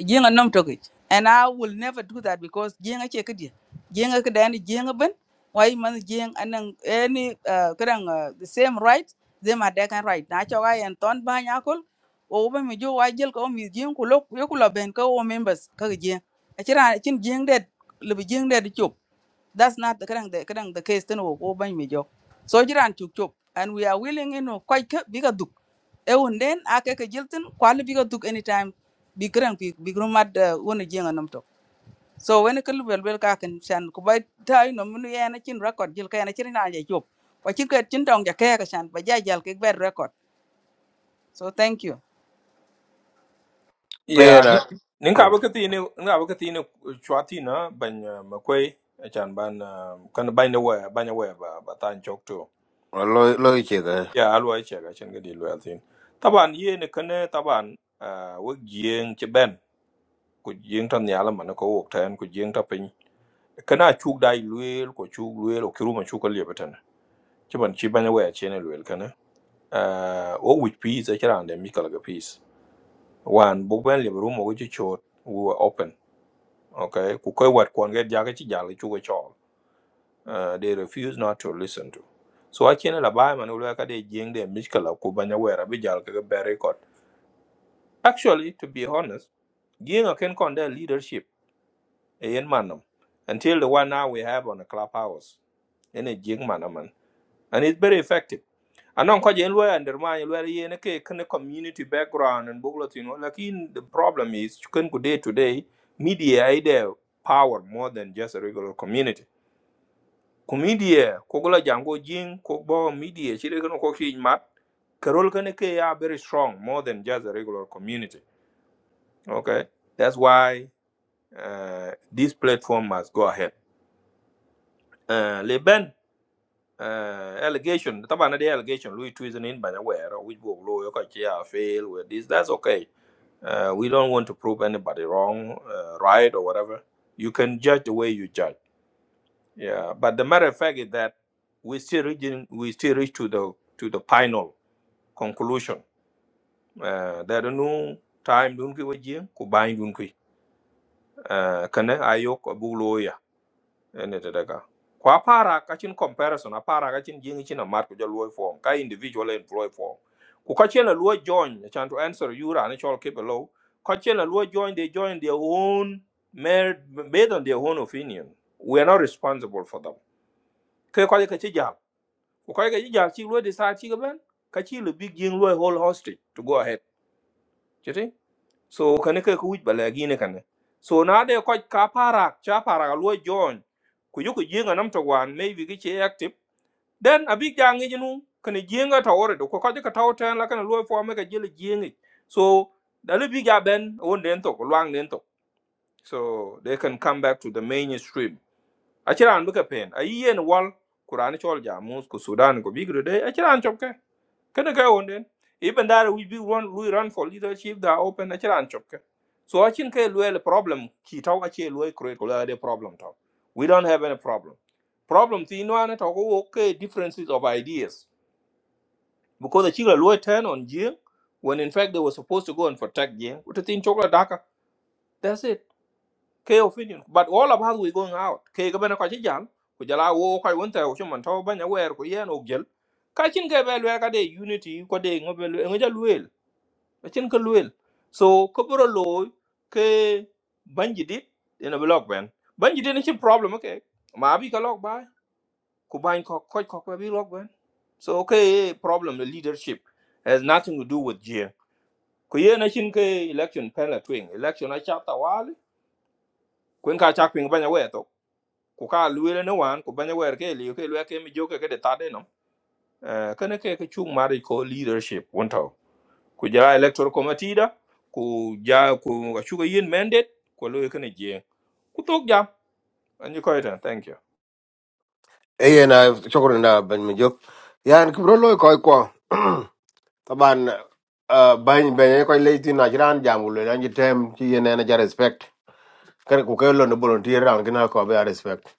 jenga nom toki and i will never do that because jenga che kedi jenga kada ni jenga ben why man jeng anan any uh, kadang uh, the same right them are can right na chawa yan ton ba nyakol o ba mi jo wa jel ko mi jeng ko lok yo ko ben ko o members ka jeng a chira chin jeng det le jeng det chop that's not the kadang the kadang the case tano ko ban mi jo so you run chuk chuk and we are willing you know quite bigger biga duk e won den ake ke jiltin kwali bigger duk anytime bi kadang bi bi grum mad wona jenga nam to so when ke lubel bel ka kan shan ko bai tai no mun ye na chin record jil ka ya na chin na a job, ko chin ke chin dong ja ke shan ba ja jal ke ber record so thank you Hey, Yeah, and I, nin ka baka tine nin ka baka tine chwati na banya makwai achan ban um, kan banya waya banya waya ba ba tan chok to. well, loy, loy, check. eh. Yeah, alwa che ga chen ga di lwa tin. Taban ye ne kane taban uh, wo gieng che ben ku gieng tan yala man ko wok tan ku gieng ta pin. Kana chuk dai luel ko chuk luel o kiru man chuk ka batan. Che ban chi banya waya che ne luel kana. Uh, wo wich peace a chiran de mikal ga peace. Wan buk ben liye rumo go chi chot we were open okay ku koy wat kon get jaga ci jall ci ko chol uh, they refuse not to listen to so I can la bay man ulo ka de jing de miskala ku banya wera bi jall ka be record actually to be honest jing a ken kon their leadership e yen manam until the one now we have on the clubhouse in a jing manaman and it's very effective anon ko je lawyer undermine lawyer yen ke ken community background and buglo you know like in the problem is ken ku day to day media ide power more than just a regular community ku media ko gula jango jing ko bo media chire kono ko fi mat karol kane ke ya very strong more than just a regular community okay that's why uh, this platform must go ahead uh, leben uh, allegation tabana the allegation louis treason in banaware which go low ko chia fail with this that's okay uh, we don't want to prove anybody wrong uh, right or whatever you can judge the way you judge Yeah, but the matter of fact is that we still reaching, we still reach to the to the final conclusion. Uh, there are no time dun ki waji ku bayin dun ki. Uh, Kana ayok abu loya ene tadaka. Kwa para kachin comparison, a para kachin jingi china mat ku jalo form, ka individual employee form. Ku kachin a luo join, chan to answer you ra ne chol keep low. Kachin a luo join, they join their own, made, based on their own opinion. We are not responsible for them. Kaya kwa ko koy ga jijal ci lo decide ci ga ben ka ci le big jing lo hold hostage to go ahead you see so kan ka ku wuj bala gi ne kan so na de ko ka para cha para lo join ku yu ku jinga nam to wan maybe ki ci active then a big jang ji nu kan jinga ta ore do ko ko ka taw tan la kan lo fo me ka jil jinga so da le big ya ben won den to ko lang den to so they can come back to the mainstream Achiran bika pen. A yen wal kurani chol jamus ku Sudan ku bigro de achiran chopke. Kana ka onden. Even that we be run we run for leadership that open achiran chopke. So achin ke luel problem ki tau achi luel create ko luel de problem tau. We don't have any problem. Problem ti no ana tau ko okay differences of ideas because the chila luel turn on Jing when in fact they were supposed to go and protect Jing. What the thing chocolate daka. That's it ke opinion but all of us we going out ke ga bana ko ci jam ku jala wo ko won ta ko man to banya wer ko yen og jel ka cin ke be lwer ka de unity ko de ngo be ja luel ka cin ka luel so ko bro lo ke banji dit ina blog ben banji ni cin problem okay ma bi ka log ba ku ban ko ko ko ko bi log ben so okay problem the leadership has nothing to do with jing ko yen na cin ke election panel twing election a chapter wal kwen ka chak ping banya wer ku ka luele ne wan ku banya wer ke liu ke lue ke mi joke ke de tade no eh kene ke ke chung mari ko leadership wonto ku ja electoral committee da ku ja ku ga chuga yin mandate ko lue kene je ku tok ja anyi ko ita thank you Hey, and I, chocolate and I, Ben Majok. Yeah, and Kubro loy, koi, kwa. Taban, uh, Ben, Ben, eh, koi, late in Najiran, Jamul, and you tem, he na energy respect. Can Kukelo, no volunteer, and can I call respect.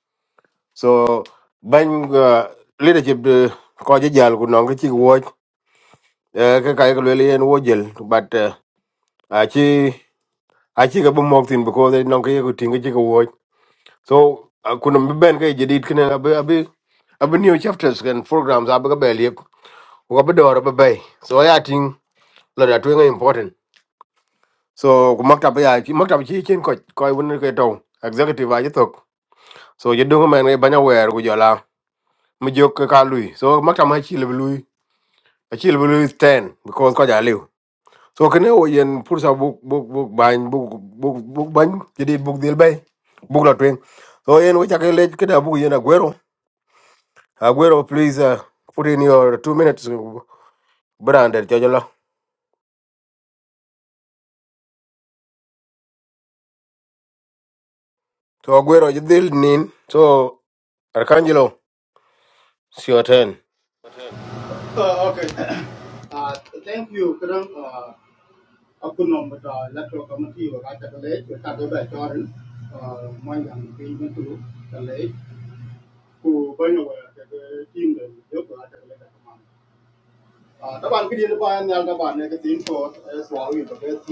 So, Ben, uh, leadership, the Koji Jal, could not get you watch, uh, Kakai, and Wojel, but, uh, Achi, Achi, Gabu Moktin, because they don't get you to think So akuna mben ka jadid kene abi abi abi new chapters and programs abi ka bel yep ko abi dor abi bay. So I think la da twenga important. So ku maktab ya ki- maktab chi chen ko ko won ke to executive aji tok. So you don't man e banya wer ku jola mi jok ka ka lui. So maktab ma chi le lui. A chi le lui 10 because ko ja liu. So kene o yen pursa book, book, book, ban book, book, book, ban jadid book, dil bay. book, la twen. So yen wo chakele kida book, yen agwero Aguero, please uh, put in your two minutes. uh, Branded, Jojolo. So Aguero, you deal nin. So Arcangelo, it's your turn. Uh, okay. Uh, thank you, Karam. Uh, I could not but uh, electoral committee or right at the lake, we had by Jordan, uh, my young being to the lake, who by the way, the team that we took right at the lake at the moment. Uh, the one we didn't buy and the other one, the for as well, we the best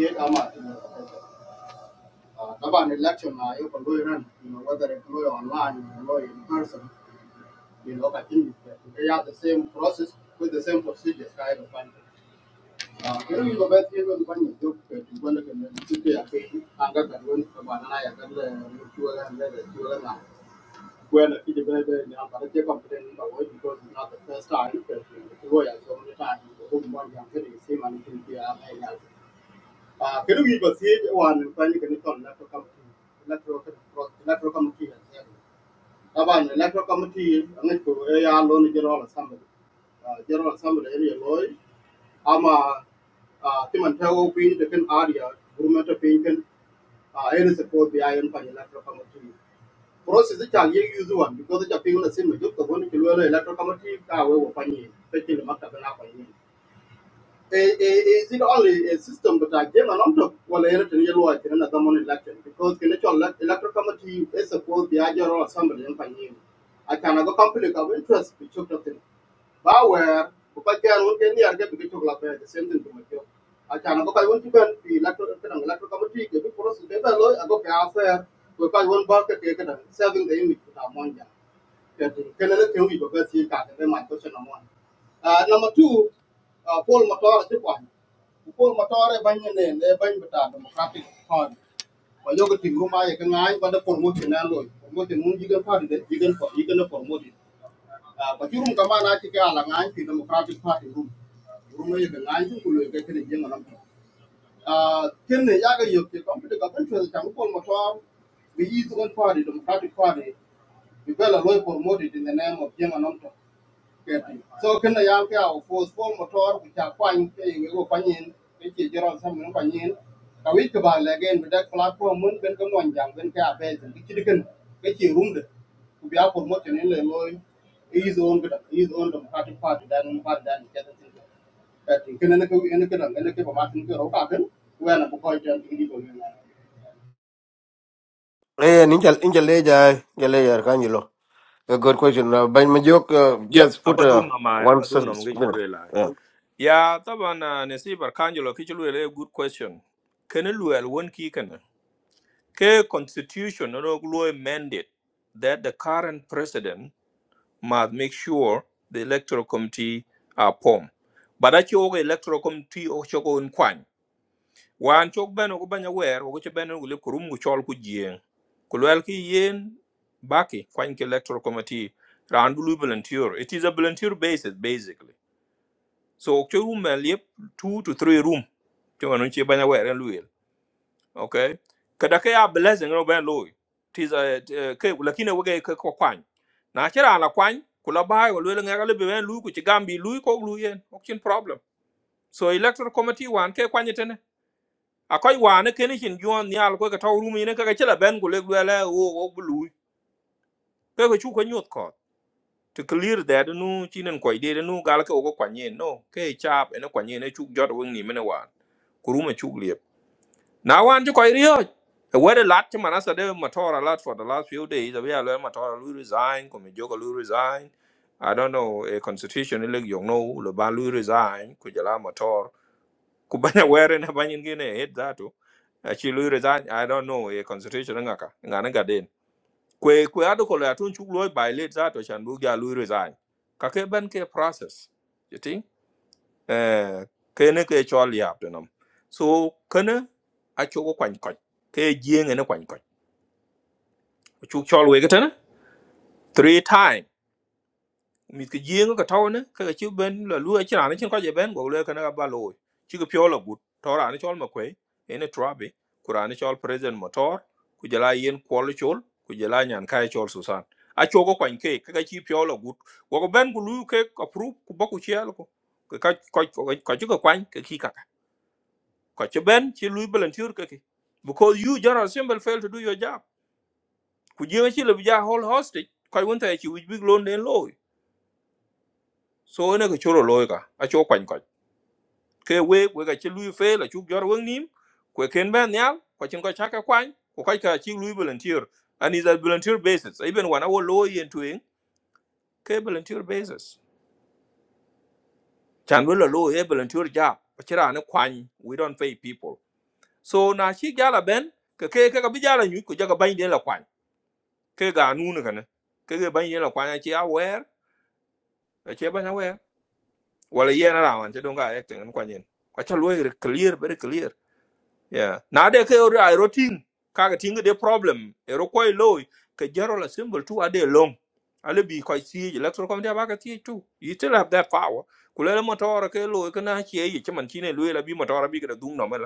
Uh, طبعا الأكشن uh, له run whether it له online or in person you know I think they are the same process with the same procedures kind of thing. Uh, Kero yu gobet yu gobet kwan yu gop yu gwan lekin yu tipe ya pe anga gadwen kabana na ya gadle yu kiwa gan lele kiwa gan na well, it is very, very young, but I take because it's not the first time. Because the lawyer so many times, the whole one the same and it will be a man. Ah, kadu wi ba se wan kwani kani kon na to kam na to ko na to kam ti taban na to kam ti an ko e ya lo ni la sam ah la sam de ri ama ah ti man pin de kan area gurma to pin kan ah e ni se ko bi ayon kwani na to kam ti process ta ye use one because ta pin na sim jo ko ni ko lo la to kam ti ka we wo kwani te ti ma ta na Eh, eh, eh, is it only a system but I gave an onto well a written yellow I can common election because the electoral electoral committee is supposed the general assembly in Panyin. I can go conflict of interest which took nothing. Bauer, because they are working the other because of like, uh, the same thing to my job. I can go I want to go the electoral electoral committee the process the are low I go fair because one bark taken serving the image with our money. Kenene Kengi because he got the my question number one. Uh, number two, uh, Paul Matara Japan. Paul Matara Banyan and the Democratic Party. By yoga team room, I can I but the promotion and loy. Promotion moon you can party that you can you can promote it. Uh, but you room come on, I think I like the Democratic Party room. Room you can I think you will get it young and uh, Kenny Yaga Yoki, come to the government, Paul Matara, the Eastern Party, Democratic Party. Bibela Loy promoted in the name of Jim Anonto. So can the young of force four motor which are quite paying a panyin, which is Gerald Samuel Panyin, a week about again with that platform, Mun Benka Monjang, Benka Abed, and the Chicken, which he roomed to be up promoted in the Loy, his own, his own Democratic Party, that one part that he doesn't think. That he can I look at the Martin Kerr Okagan, when a boy turned illegal. Eh, ninja, ninja leja, eh. ninja leja, Arcangelo. A good question. Uh, by my joke, uh, yep just put uh, abadum na mai one s- abadum na s- mungeje minute. lue lai Yeah. ya tabana ne si barkanjolo ke lue good question kene lue al won ki kene ke constitution no lue mandate that the current president must make sure the electoral committee are formed. But a chok electoral committee o chok on kwan. Wan chok ben o banya wer o chok ben o lip kurum ku chol ku jien. Kulwel ki yen baki kwan ki electoral committee round blue volunteer. It is a volunteer basis basically. So ok chok room lip two to three room. Chok anun chi banya wer okay kada ke ya blessing no ben loy tis a ke lakini wege ke ko kwany na chira na kwany kula bai ko lele ngega le ngala be ben lu ku ci gambi lu ko lu yen okin problem so electoral committee wan ke kwanyete ne akoy wane kene chin yon nyal ko ka taw rumi ne ka chila ben ko le lele wo wo lu ke ko chu ko nyot ko to clear that nu chinen ko ide nu gal ke ko kwanye no ke chap ene kwanye ne chu jot wing ni mene wan kuruma chu Now want to quite real. Where the lot to Manasa de Matora lot for the last few days, we are learning Matora Lu resign, Kumijoka Lu resign. I don't know, a constitution illeg you know, Luban Lu resign, Kujala Mator, Kubana wearing a banyan guinea head that too. Actually, Lu resign, I don't know, a constitution ngaka, nganaga den. Kwe kwe adoko le atun chuk loy by late that or shanbuga Lu resign. Kake ban ke process. You think? eh kene ke chol yap nam so kene a chu ko kwany koch ke jieng ne kwany koch chu chol we gatan three time mi ke jieng ko taw ne ke chu ben la lu chi ran chin ko je ben go le kene ba lo chi ke pyo la gut to ran chol ma kwe ene trabi ku chol president motor ku jala yen kwol chol ku jala nyan kai chol susan a chu ko kwany ke ke chi pyo la gut go ben ku lu ke approve ku ba ku chi al ko ka ko ko chu ko kwany ke ki ko ci ben ci lui volunteer ka ki because you general assembly fail to do your job ku jinga ci le bija hold hostage ko won ta ci wij big loan den loy so ne ko choro loy ka a cho kwan ko ke we we ka ci lui fail a chu jor won nim ko ken ben nyal ko cin ko chaka kwan ko kai ka ci lui volunteer and is a volunteer basis even when our loy into in ke volunteer basis chan we loy e volunteer job ko ci ra ne kwan we don't pay people so na ci gala ben ka ke ka bija la nyu ko jaga bain den la kwan ke ganun kana ke ge ban yela kwanya che aware a che ban aware wala yena rawan che donga acting an kwanyen kwa cha loy clear very clear yeah na de ke ro ai rotin ka ga tinga de problem e ro koy loy ke jero la symbol tu ade long ale bi koy si electoral committee ba ka ti tu you still have that power kulele motor ke loy kana che yi che man chine loy la bi motor bi ga dung no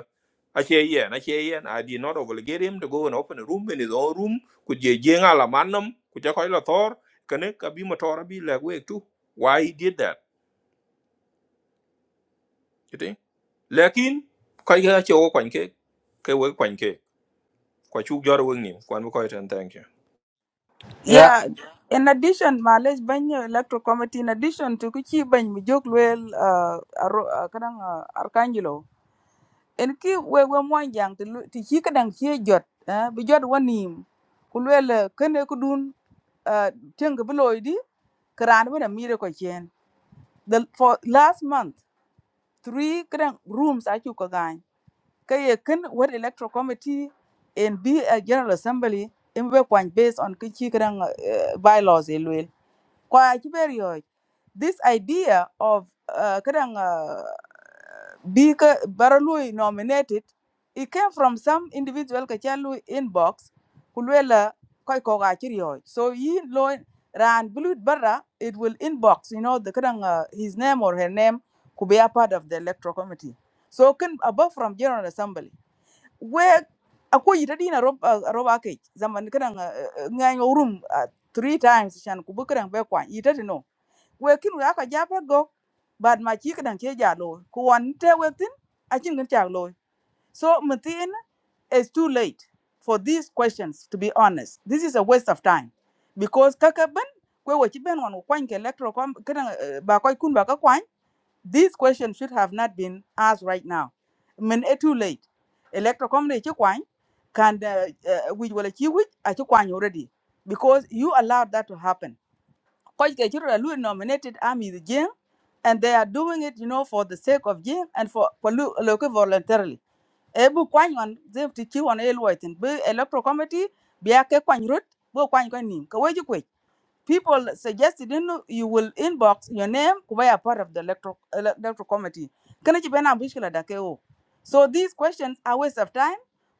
Acheyen, Acheyen, I did not obligate him to go and open a room in his own room. Could ye jing ala manum? Could ya coil a thor? Can it be motor be like way too? Why he did that? You think? Lakin, Kaika Cho Quanke, Kawa Quanke, Quachu Jorwing, Quanbucoit and thank you. yeah. yeah in addition malej ban electro committee in addition to kuchi ban mi jok luel uh, Arro- uh, kadang uh, arkanjilo en ki we we mwan jaŋ ti lu- ti ci kadan ci jot eh, bi jot wanim ku luel kene ku dun uh, tiŋ bi looi di ki raan bina miide ko cien the for last month three kadan rooms acu ko gaany ka ye kin wet electoral committee en bi a general assembly in be kwany based on ki ci kadan uh, bylaws e luel kwa Tiberioj, this idea of uh, kadang uh, being baralui nominated, it came from some individual kachalu inbox kulwela koi koga So he lo ran blued barra, it will inbox, you know, the kadang uh, his name or her name could be a part of the electoral committee. So can above from General Assembly we akwai yita dina rob ah, rob ake zaman kadan ngang room ah, three times shan kubu kadan be kwan yita no we kin we aka jabe go bad ma chi kadan ke ja lo ku wan te we tin a chin kan cha lo so mutin it's too late for these questions to be honest this is a waste of time because kaka ben kwe we chi ben wan kwan ke electro kadan ba koy kun ba ka kwan these questions should have not been asked right now. I mean, it's too late. Electoral committee chi kwany can which will achieve which I chi kwany already because you allowed that to happen. Coach Kechiro Lui nominated Army the Jing, and they are doing it, you know, for the sake of Jing and for for lu- local voluntarily. Ebu kwany on them to chew on a loitin. Be electoral committee, be a ke kwany root, bo kwany kwany nim people suggested in you will inbox your name kuba are part of the electoral ele- electoral committee kana ci bena bishkila da kai wo. so these questions are waste of time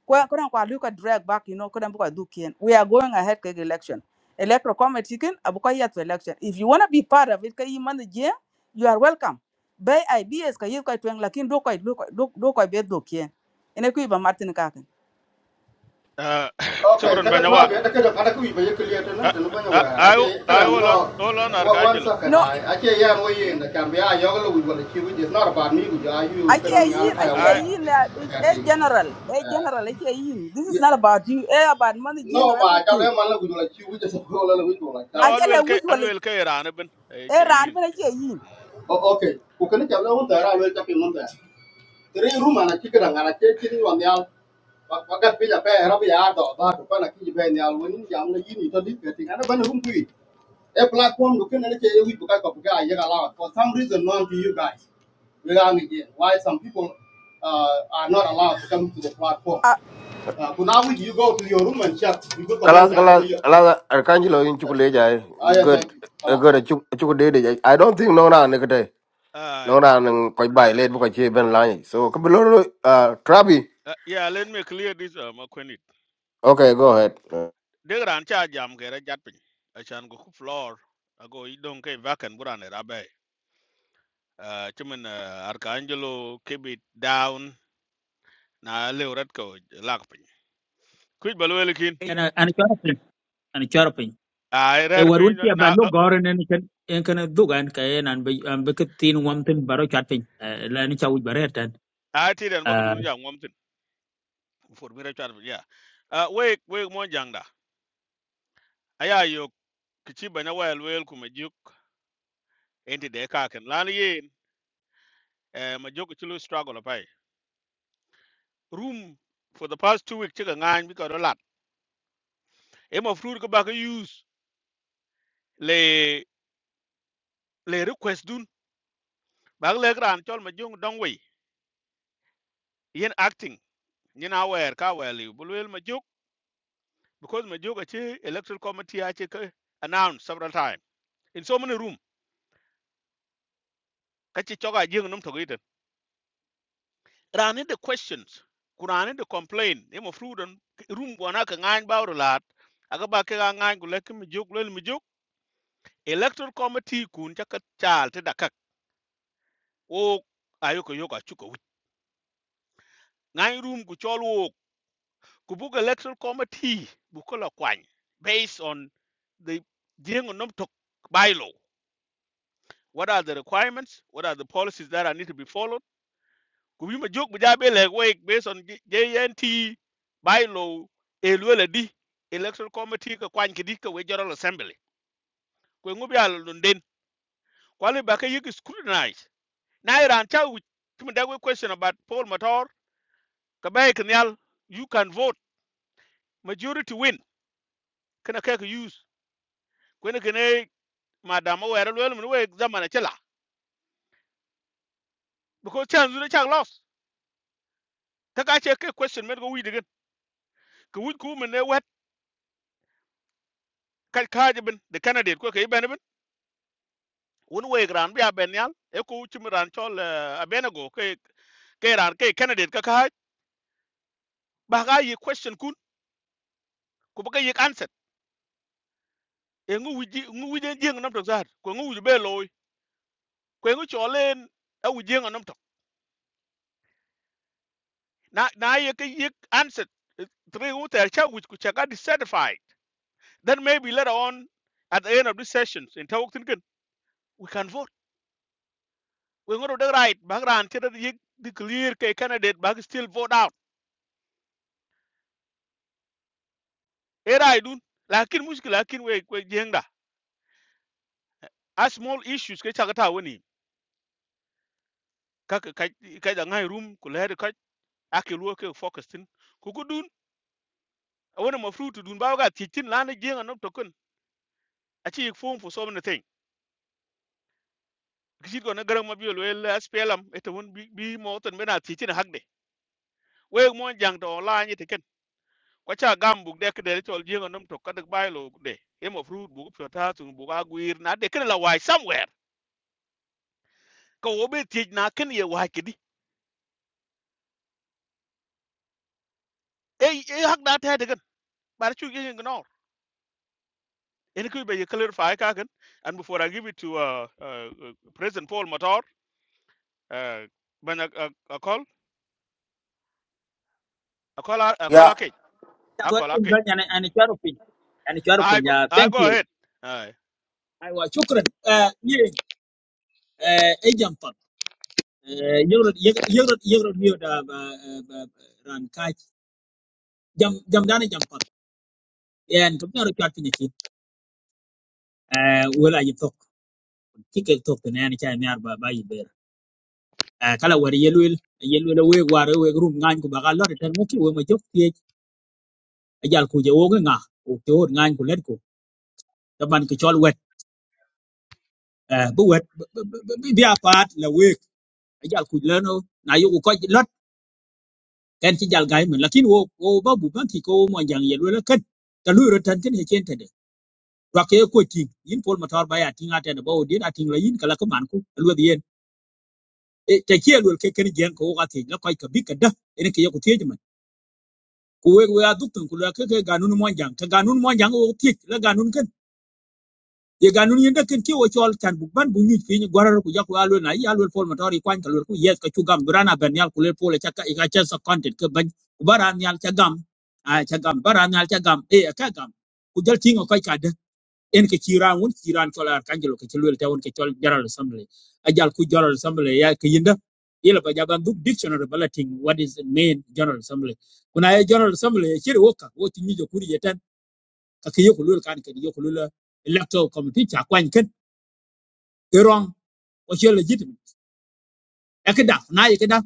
kwa kuna kwa luka drag back you know kuna buka dukien we are going ahead with election electoral committee kin abuka yet to election if you want to be part of it kai man je you are welcome bay ideas ka yis kai twen lakin do kai do kai do kai be dukien ene ku ba martin kakan Uh, Okay, Chokoron kada twa Banyawa. be da kada kada kuyi be kiliya to na I, to no banya I, wa I, ake I kada will on, no all on wa wan Archangelo. sa kana ake ya mo yin da kan be a yo lo wala ki wi is not about me wi are you Ake kada ngi an yin, kaya wa ake I, yin that is ati a general, a general, ake yin. This is not about you, eh, about money, gang, no or ma ja everything. le man lo wala ki wi just ko lo wi to la no, ka wi I Ake will, le which I will will carry Anabin. eh, ran, Chain. but ake yin. o okay ku kana ja lo ta ra lo ja pe mon ta tre ruma na ki kada ngara ke kin yo nyal wa ga pe ja pe ra be ya do ba to pa na ki be nyal woni jam na yini to di ke ti ana ban rum kuyi A platform looking at it, we look at Kapuka, Yaga lot. For some reason, known to you guys, we are again. Why some people uh, are not allowed to come to the platform. Ah, Uh, but now you go to your room and check. You go comment. Kalas, I am kalas, kalas, Arcangelo in Chukuleja. eh, Good, thank you. a Allah, good, thank you. a Chukudede. I don't think no round, Nikate. Uh, uh, No round, and quite by late because she been lying. So, Kabuloro, uh, Trabi. uh, yeah, let me clear this, uh, Makwenit. Okay, go ahead. Uh, They ran charge, I'm getting a japping. I shan't go ku floor. I go, you don't care back and burn it. uh, chumin uh, Arcangelo keep it down na leo rat ko lak pin kuj balu kin ana ana chara pin ai e rer war won pin ti ba na no gore nen ken en ken dugan ka en an be an be ke tin wam tin baro chat pin la ni chawu bare tan a ti den bagu ah dun ja ngom tin for mi rachar ya wake wake mo jangda aya yo kichi banya wel wel ku majuk enti de ka ken lan yin eh majuk chulu struggle pai room for the past two weeks chiga ngan bi ko lat e mo fruit ko ba use le le request dun bag le gran chol majung dongwe yen acting nyina wer ka wer liu bu luel majuk because majuk achi electoral committee achi ke announce several time in so many room kachi choga jing num to giten rani the questions kurani the complain e mo frudan room bona ka ngan bawro lat aga ba ke ngan gule ke majuk luel majuk electoral committee kun chaka chal te dakak o ayo ko yoka chuko wit ngan room ku chol wo ku bug electoral committee bu ko la kwany based on the jing num to bylaw What are the requirements? What are the policies that are need to be followed? Could we joke with like wait based on J- JNT bylaw elwela electoral committee ka kwan kidi ka we general assembly. Kwe ngubi ala lunden. Kwali baka yiki scrutinize. Na iran cha we kimadawe question about Paul Matar. Kabaye kenyal you can vote majority win. Kana kaka use. Kwene kene Madam, wera lwela mwe examine chela because chance you chak loss. Taka che ke question med go we digen. Ku we ku men ka kaaje bin de candidate ko ke ben bin won we gran bi aben yal e ko chim ran chol eh, abenago ke ke ran ke candidate ka kaaj ba ga yi question kun ko ba ga yi answer e ngu wiji ngu wiji jeng nam to zar ko ngu wiji be loy ko ngu cholen a wiji jeng nam to na na ye ke yi answer e, three who tell cha which ku cha ga dissatisfied then maybe later on at the end of this sessions in talk thinking we can vote we ngu do the right ba ran che da yi declare ke candidate ba still vote out era idun lakin muskil lakin we we jengda a small issues ke chagata woni ka ka ka da ngai room ku le ka ake luo ke focus tin ku ku dun wona ma fruit dun ba ga titin la ne jenga no tokun a chi form for so many thing kisit go na garang ma biol wel aspelam eta won bi bi mo ton bena titin hakde we mo jang to la ni tiken ko cha gam buk de ke de tol jenga no to ka de bailo de e ma fruit bu ko ta tun bu ga guir na de ken la wai somewhere ko obe tij na ken ye wai kidi e e hakda ta de But you can ignore. And it could be you clarify kagan. And before I give it to uh, uh, uh, President Paul Motor, uh, when I, I, I call, I call, I call, Yeah. I call, I chawu call, I tin call. ban an an Mm. charu pin an charu I pin go, ya I thank go you ahead. I, i wa shukran eh ye eh e jam pat eh yoro yoro yoro mi da ba eh, ba- ba- ran ka jam jam dan jam pat en to baro chat pin ki eh wala yi tok ki ke tok ne an cha ni arba ba yi ber Eh, kala war yelwel yelwel we war we rum ngan ko ba ga lor tan mu ki we ma jok eh, ajal ku je wogo nga ku te wor ngany ku let ku taban ki chol wet eh bu wet bi bi apat la wek ajal ku leno na yugo ko lot ken ci jal gay men lakin wo wo babu ban ki ko mo jang yel wala kat ta lu ro tan ken he chen tade wa ke ko tin yin pol motor baya tinga tade ba o din atin la yin kala ko man ku lu bi yen e te ke lu ke ken gen ko wa ti la ko ka bi ka da ene ke yoku teje man ku we we aduk tan ku la ke ke ganun mo jang ka ganun mo jang o ti la ganun ke ye ga nun yenda ken ke wo chol chan bu ban bu nyuj piny gwarar ku jak alwe na ya alwe pol matori kwan kalwe ku yes ka chugam brana ben yal kule pole chaka ka cha sa content ke ban ku baran yal cha gam a cha gam baran yal cha gam e ka gam ku jal tingo kai ka de en ke chiran won chiran chol ar kanjelo ke chulwe ta won ke chol general assembly a jal ku general assembly ya ke yinda yela ba jaban duk dictionary balating what is the main general assembly kuna ye general assembly ye chiri woka wo tinyi jo kuri yetan ka ke yo kulwe kan ke yo kulwe electoral committee cha kwan ken ke wrong ko che legitimate e ke da na ye ke da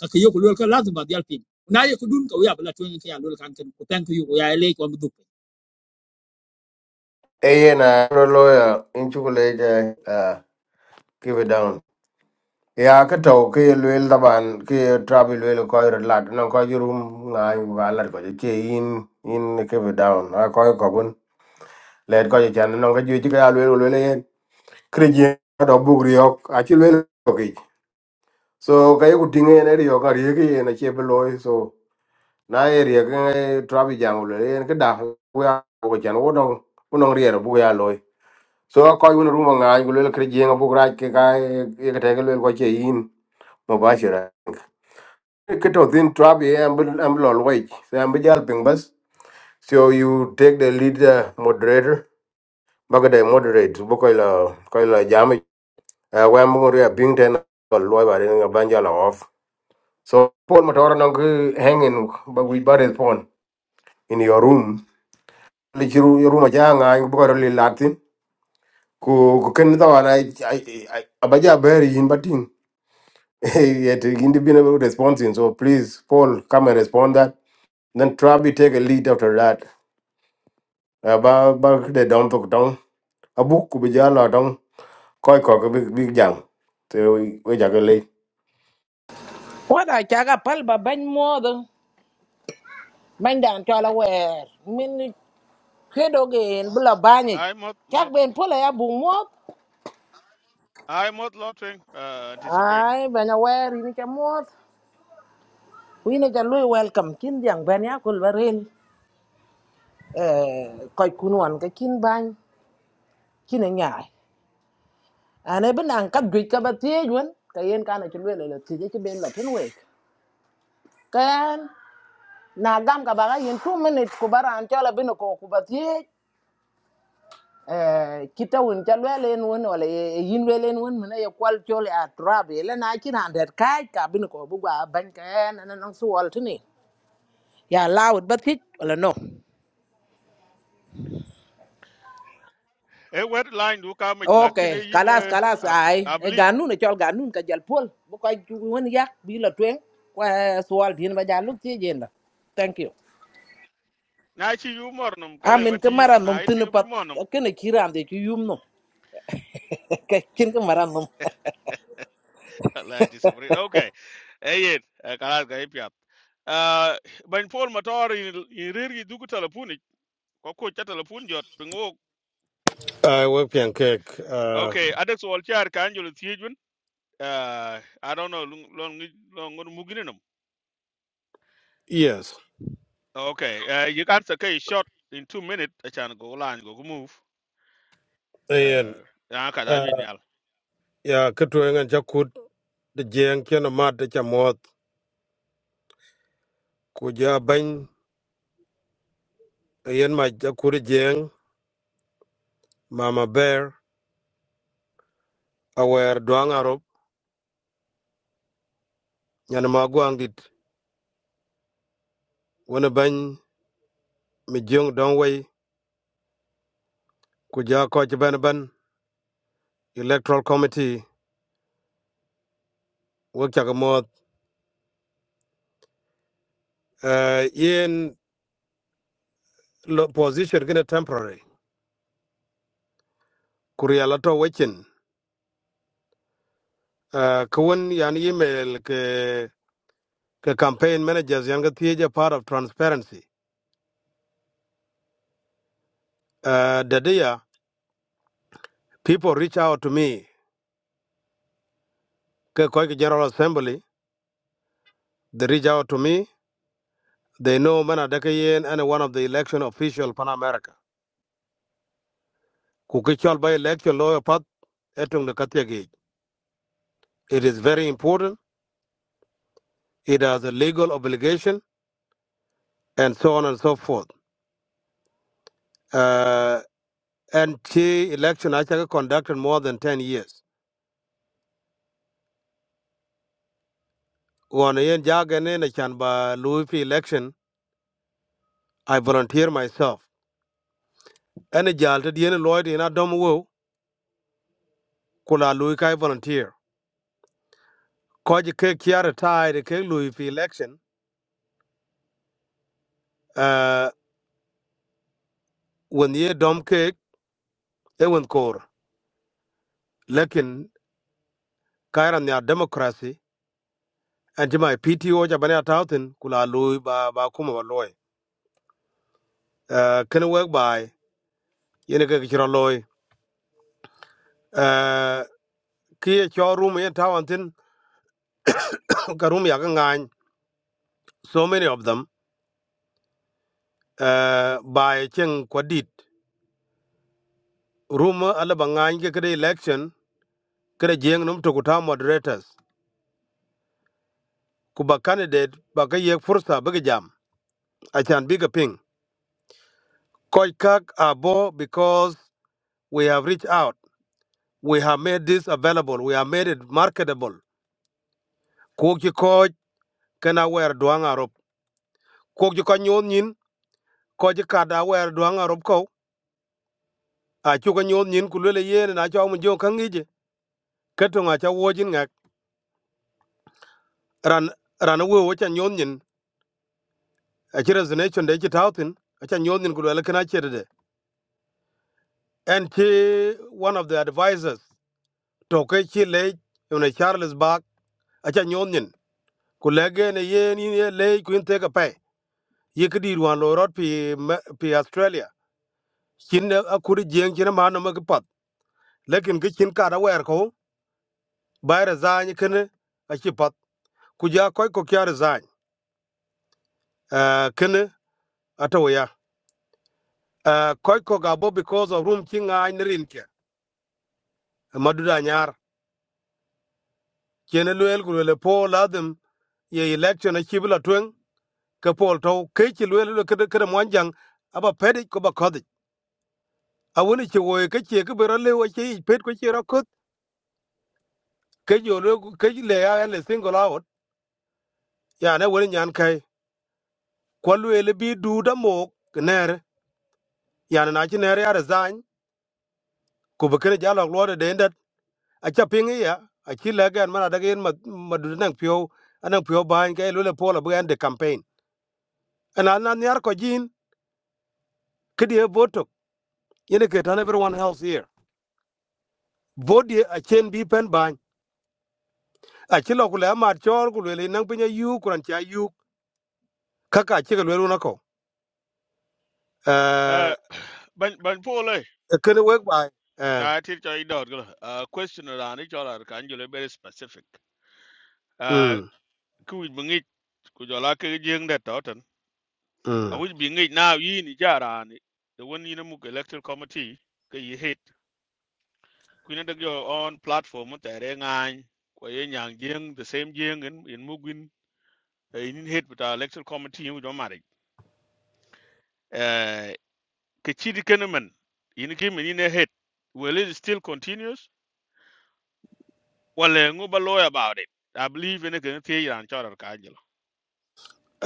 ka ke yo ko lol ka lazim ba dial pin na ye ko dun ka ya bla tun ka ya lol kan ken ko tan ko yo ya le ko mu du Aye na pro lawyer in chocolate uh give it down. Ya ka to ke lwel daban ke travel lwel ko ir lat no ko jurum na ba lat ko che in in give it down a ko ko bun let ko chan no ko ju ti ka lwel lwel yen krije do bugri ok a chi lwel ko ki so ka yu tinge ne ri ka ri ki na che bloy so na e ri ka travel jam lwel yen ka da ku ya ko chan wo no ku no ri ro bu ya loy so ko won ruma nga ko le kre jenga bu ra ke ka e ke te ke le ko che yin mo ba shira ke to din trap ye am am lol wai so am jal ping bas so you take the lead uh, moderator baga de moderate bu ko la ko la jam uh, wa mo ri a ping ten ko lo ba de nga ban jala off so pol ma tora nang hanging ba wi ba de phone in your room le chiru your room ja nga bu ko le latin ku ku ken da wana abaja beri in batin yet independent responding. So please, Paul, come and respond that. Then Trabi take a lead after that. Uh, ba ba de don to don. A book could jala don. Koi koi big big jam. So we we jagale. wada caga palba bany moodo bany dan cola weer min kedogeen bula banyic I mot cak mot. ben pola ya bung moot I mot lotting uh, anti Sabrina. ay banya weer ini ca moot wini ca lui welcome cin jang ben ya kul ba rel eh, koc kun wan ka cin bany cin nyaay ane bi nang kap juic ka ba tiej wen ka yen kana ci luele la tije ci ben la tin week kan na gam ka baga yen 2 minute ku baran cola bino ko ku ba tiej eh, kita wun ca lwele en wun wala e- e yin lwele en wun mene ye kwal chol ya trab ele na kin handet kai ka bin ko bu gwa ban ka en na nang su wal tini ya lawd bat hit wala no A wet line do come it like okay in kalas I kalas ai e believe. ganun e chol ganun ka jal pol bu ka wun ya bi la twen kwa sual din ba ja luk ti jenda thank you Now she you mornum, amin ke Calebati, maran now num I tin think be pat mornum. kene kiram de ki yum no kin ke maran Allah ti sabri. Okay. Ayen kalas ga ipya. Ah ban Paul Matar in in riri dugu telefoni ko ko cha telefon jot pingo. I work in cake. Uh, Okay, adex wal char kan jolo tiejun. Uh, I don't know long long long muginenum. yes. Okay, uh, you can say okay, short in two minutes I can go line go move. And Uh, ya ka da jin uh, yal. yeah, Katuang and Jakut, the Jang, Kianamat, the Chamot, Kuja Bang, Ian my Jakuri Jang, Mama Bear, Aware Duang Arab, Yanamaguang did, Winnebang, Mijung Dongway, Kuja Koch Banaban, Electoral Committee, Work Chagamot, uh, Ian lo position gina temporary kuria la to wechen uh, kawun yan email ke ke campaign managers yan gathie part of transparency uh, dadia people reach out to me ke koi ke general assembly they reach out to me they know mana daka yen and one of the election official pan america ku ke chol by election lawyer pat etung de kathie ge it is very important it has a legal obligation and so on and so forth uh, and she election actually conducted more than 10 years wana yen jagane na chan ba Louis P. election, I volunteer myself. Any jal to dien Lloyd in Adam wo, kula Louis kai volunteer. Koji ke kiara tai de ke Louis P. election, uh, when ye dom ke, e wen kor. Lekin, kaira ya democracy, and jima PTO jabane atautin, kula Louis ba, ba kuma ba loy. Uh, kene wek bai, yene ke kichira loy. Uh, kiye cho room yen tawantin, ka room yaka ngany, so many of them. uh, by Cheng Kwadit. Rumor Alabangany ke Kere election, Kere Jeng Num Tokuta moderators. Kuba candidate Bakaye Fursa Bagajam. Achan Bigger Ping. Koikak Abo because we have reached out. We have made this available. We have made it marketable. Koki Koj Kana Wer Duang Arop. Koki Kanyon Yin, Koji Kada Wer Duang Arop Ko. Achuka Nyon Yin Kulele Yen and Achamu Jokangiji. Ketung Acha Wojin ngak Ran Ranaway Wachan achi resignation de achi tautin acha nyodin ku lele kana chede de and she, one of the advisors to ke chi le yone charles bach acha nyodin ku lege ne ye ni ye le ku inte ka pe ye kidi ruan lo rot pi me- pi australia chin ne akuri jeng chin ma no ma ki pat lekin ki chin ka da wer ko ba resign kene achi pat ku ja koy ko kya resign eh kene atawaya koy ko ga bo because of room chinga ai nerin ke maduda nyar chene luel ku lele po ladim, ye election a chibi la tweng ke pol to ke chi lwe lwe ke ke mon jang aba pedi ko ba kodi a woni chi wo ke chi ke bero le wo chi pet ko chi ra kot ke yo le ke le ya le single out ya ne woni nyan kai ko lwe le bi du da mo ner ya na chi ner ya resign ku be ke ja lo lo de den dat a cha ping ya a chi le gan ma da gen ma ma du nang pyo anang pyo ba ke lwe le pol ba de campaign ana na nyar ko jin ke die voto yene ke tan everyone else here bodi a chen bi pen ban a chi lo kule amar chol kule le nang pinya yu kuran cha yu kaka chi kule lu nako eh Uh, ban ban Paul eh, e kene wek bai eh I teach you dot go. Uh, question around each other can jolo very specific. Ờ, mm ku wich bi ŋic ku jɔl ake ke jiŋ det tɔ tɛn mm awic bi ŋic naaw yin ija raani de wen yin emuk electoral committee ke yi hit kuin edek jɔ on platform tɛɛr e ŋaany kua ye nyaŋ jiŋ the same jiŋ en muk win yinin hit bita electoral committee wu jɔ maric ke cit kenemen yin kimen yin e hit well it still continues well ŋu ba loy about it i believe ene kene thiec raan cɔrɔr kaajil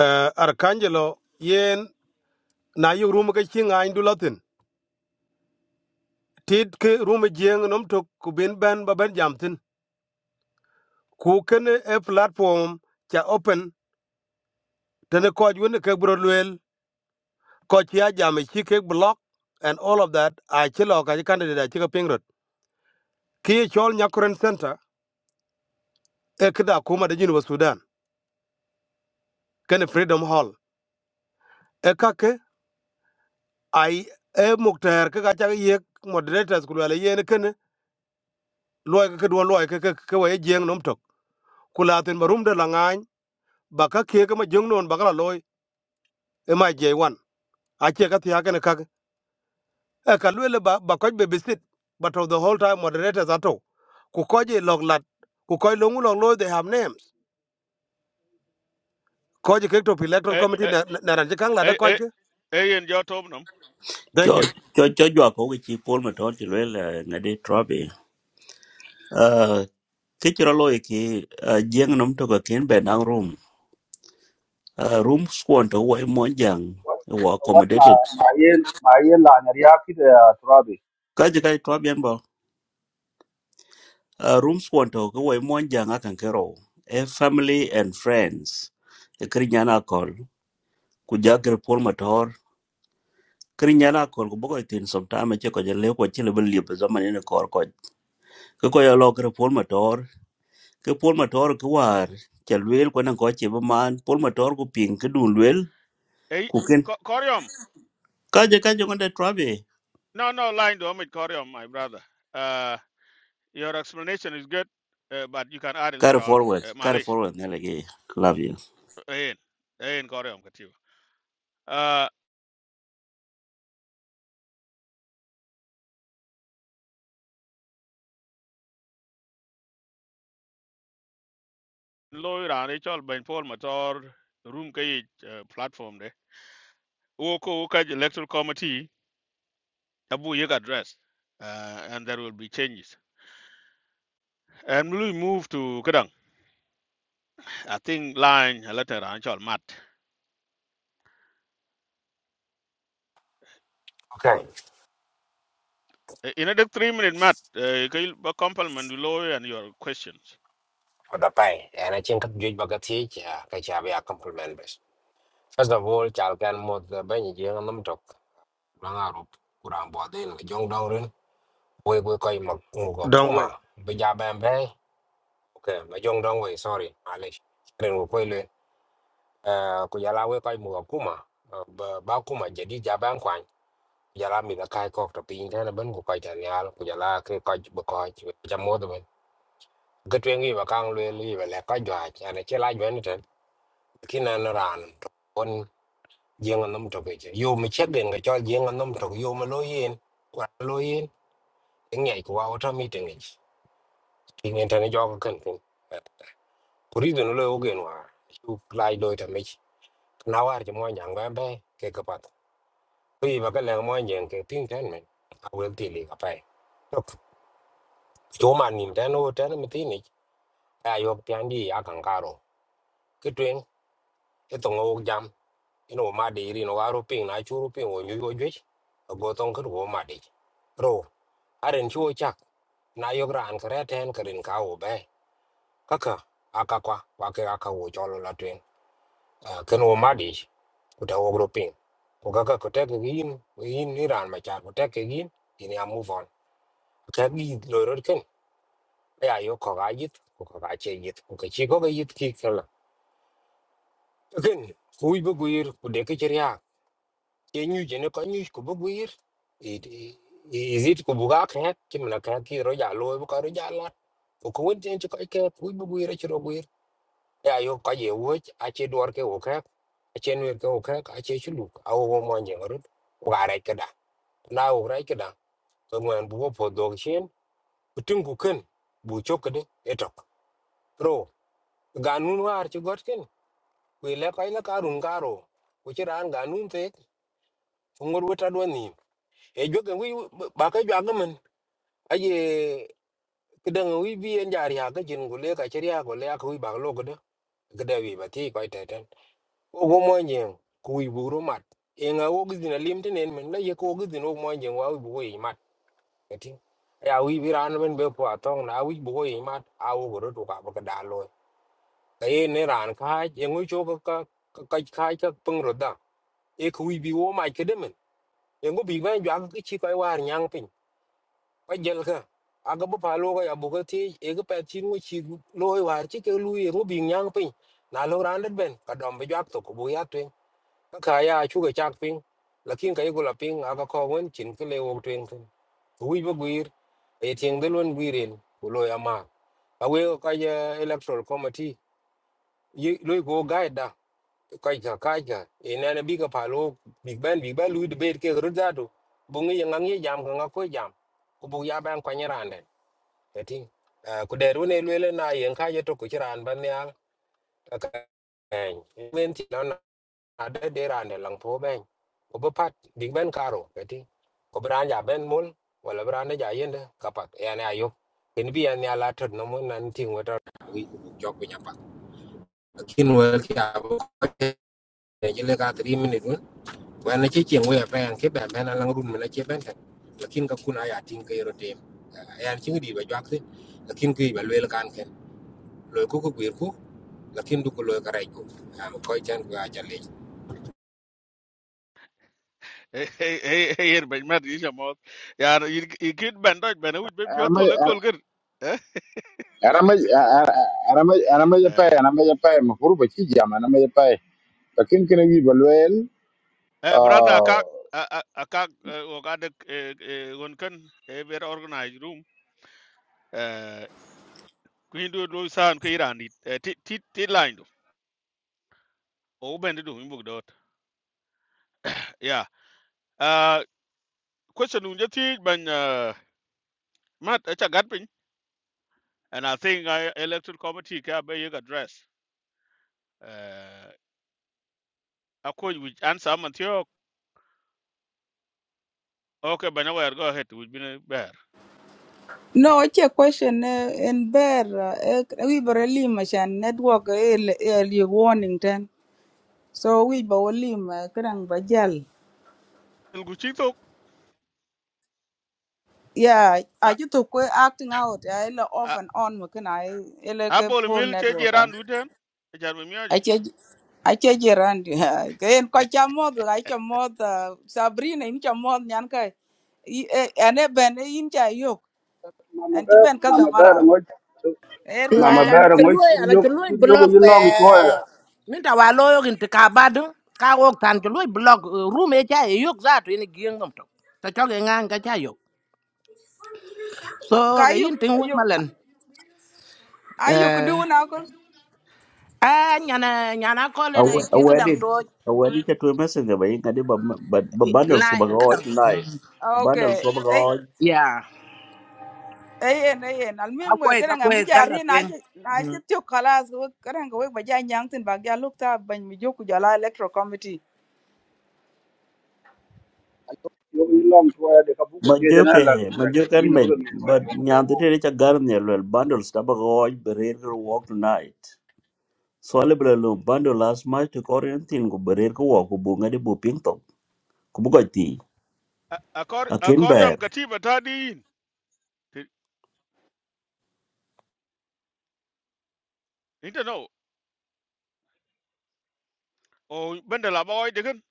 eh arkangelo yen na yu rum ka chi ngai du latin tit ke rum jeng nom tok ku bin ban ba ben jam ku kene e platform cha open tene ko ju ne ke bro luel ko chi a jam e chi ke block and all of that a chi lo ka chi candidate a chi ka pingrot ki e chol nyakuren center e kida kuma da jinu Sudan kene Freedom Hall e kake ai e muktar ka ga ye moderators kulu ala yene kene loy ka kedwa loy ka ka wa jeng nom tok kulatin barum da langan ba ka ke ka ma jeng non ba ka loy e ma je wan a che ka tiya kene kake e ka lwele ba ba ko be bisit but of the whole time moderators ato ku ko je log lat ku ko longu log loy they have names ko je ke to electoral committee na na ran je kang la da ko ke eyen jɔ topnom thank cho you cho cho jwa ko ki pol ma ton ti le na de trobe uh ke ti ro loy ki jeng nom to ka ken be nang room uh, room squad to wo mo jang và wo một mà accommodated mà yên mà yên là người khác thì tôi nói gì ka ji kai trobe en bo uh, room squad to ko wo mo jang akan kero a family and friends e kri nyana kol ku jagre pol ma tor kri nyana kol ku bogo tin sometime che ko je le ko ti le bel zaman ne kor ko ko ya lo kre pol ma ke pol motor ke war cha luel ko nan ko che man pol motor ku ping ke dun luel ei ku ken koryom ka je ka je ngonde trabe No, no, line to Amit Koryom, my brother. Uh, your explanation is good, uh, but you can add it later carry on. forward Uh, carry Malish, forward ne lege love you Ain, Ain Koryom, Katiba. Uh, Loy Rani Chol Ben Paul Mator, Room Kay uh, platform de. Woko Woka Electoral Committee, Abu Yek address. Uh, and there will be changes. And we move to Kadang. I think line uh, later on, Chol Matt. Okay, Uh, In another three minute, Matt, uh, you can compliment Loy and your questions. Odapai, and I think you baga teach, Kachabi a compliment best. First of all, Chalkan mod the Benny Yanam talk, Rangarup, Kurambodin, Jong Dongrin, we will call him Mugo don't Kuma, wait Bijabambe, okay, my Jong Dongway, sorry, Alish, Ren Wukwele, Kuyala, we call Mugo Kuma, Bakuma, Jadi Jabanquan, Yala mi the Kai Kok, the Pin, and a Bungo Kaitanial, Kuyala, Kai Kok, Bokoj, Jamodaman. Good thing we were can't really leave a lack of judge, and a chill like Benton. khi nào nó ran con riêng anh nằm trong cái chứ yêu mà chết đến cái cho riêng anh nằm trong yêu mà lôi yên qua lôi yên cái ngày của ao trong meeting ấy thì nên thế này cho cái cần cũng cứ đi đến lôi ok nữa chú lại đôi thằng ấy nào ở trong mọi nhà bạn bè cái cái bắt vì mà cái làng mọi nhà cái tiếng thế này à quên tiền đi gặp phải chỗ mà nhìn thế nó thế nó mới tin này ai học tiếng gì à càng caro cái chuyện cái tông ông jam you know ma de ri no waro ping na churu ping wo nyu go jwe go tong ko wo ma de ro aren chuo chak na yo gran kre ten krin ka wo be kaka aka kwa wa ke aka wo cholo la twen ken wo ma de ku ta wo gro ping ko kaka ko tek gi yin yin ni ran ma cha ko tek gi yin yin ya move on ka gi lo ro ken ya yo ko ga yit ko ko ga che yit ko ke chi ko ga yit ki kala ken ku bu guir ku de ke ke nyu je ne ko nyu ko bu guir it it ko bu ga kret ke mna ka ki ro ja lo bu ka ro ja la ko ko won ten ko ke ku bu guir ke ro guir ya yo ka ye wo a che dor ke o ka a che nu ke o ka a che chu lu a wo mo nje ro ko ga re ke da na o re ke da ko mo an bu wo po do chen ku tin ku ken bu cho ke de etok ro ga nu war che got ken ku le ka le ka run ga ro ku che ran ga nu te ngor wo ta do ni e jo ke wi ba ka jo aye kedang wi bi en jari ha gajin gule ka chiri ha gule ak wi bag lo gede gede wi ba ti ko teten o go mo nyen ku wi buru mat e nga o gidin alim tenen men la ye ko gidin o mo nyen wa wi bu yi mat kati ya wi bi ran ben be po atong na wi bu yi mat a o go ro ka ba ka da lo ka ye ne ran ka ye ngu cho ka ka ka ka ka pung ro da e ku wi bi wo ma kede men e ngu bi ban ja ka chi ko war nyang pin ko giờ ka aga bu pa lo ga bu ga ti e cái pe chin chín chi lo i war chi ke lu i ro bi nyang pe na lo ran det ben ka dom be jak to ko bu ya twen ka ka ya chu ga chak ping la kin ka i go la ping aga ko wen chin ke le wo twen ten wi bu cái e tieng luôn lon gwiren ku lo ya ma awe ka ya electoral committee yi lo go guide da ka ka cái ka e na na bi ka pa lo big ben big ben lu debate ke ru da do bu ngi yang ngi jam ka ko jam ko bu ya ban kwa Getting. Ku der wene lwele na yen ka yeto ku chiran ban nyal. k a k a n Men ti lon ade de rande lang po b e n Ku bu pat big ben karo. g e t i n g Ku bran ja ben mul. Wala bran ja yende kapak. Ene ayok. Ken bi an nyal atot no mun nan ting wata. Wi ku jok bi nyapa. Kin wel ki abu. Jile ka 3 minute mun. Wana chi c h e n g we ben ke ben ben lang run m u che ben kan. Lakin ka kun aya ting ke rotem. a y n c h i n di ba jwak sin. Lakin ki ba lwele k a n loy ku ko gwir ku lakin du ko loy ka rai ku am koy chan ga cha le Hey, hey, hey, hey, here, ben mer isha mod. Yar, you kid ben doj ben uj ben pyo ana tole kol gir. Eh? ma je pay Eh, ana ma je pay ma furu ba ci jam ana ma je pay ka kin kin wi ba loel Eh, brother, ah, akak, a- a- akak, eh, wakadek, eh, eh, wonken, eh, very organized room. Eh, kuin do do san ke irani. Eh, ti, ti, ti line do. O ben do imbug dot. Yeah. Uh, question unja ti ben, uh, mat, echa gatpin. And I think I electoral committee ka be yek address. Uh, akoj which answer man tiyo. Okay, ben aware, go ahead. Which been, No, ake question, eh, in bear, eh, we barely machine network, eh, le- early warning then. So we barely, eh, kadang bajal. el guchito Yeah, I just took uh, acting out, eh, le off and on, makana, I like a abol poor mil che network. jeran duten e jar mi aji Ache ache jirani kayen ko cha mod ga cha mod Sabrina in cha mod nyan ka I- e- ane ben e in cha yok mà mà an ti ben ka bây zamara giờ mới er ba mà ga cha na bây na giờ mod mới chului na chịu chului chịu chịu cái block gì te long chúa á min ta wa loyo gin te ka badu ka wok tan chului block uh, room e cha e yok za to ni gieng ngam to ta cho ge ngang ka cha yok so ka ga yok, yin ting won yuk malen ayuk eh du na ko a nyana nyana ko le ne a chi ka dang wedding to a wedding cha tu messenger ba yin kadi ba ba ba bundles la ko ba ko ka dang to tonight okay bundles ko ba ko ay ya ay ay ay a almim we kwai ka kadang am kwai jalla jari na twen ci na ci tu khalas we kadang we ba ja nyang tin ba ga lukta ban mi joku jala electro committee chịu cái gì long chúa á để cái buốt ma kia cho nên joke là ma truyền đại joke an diện nó me bắt đầu nhiều hơn but nyam te te cha gar ne luel bundles ka ba ko berer ko walk tonight so ale bro bundle last match to korean ko berer ko walk ko bunga ngade bu ping to ku akor akin akoriam ber katiba tadin inte no o bende la boy degen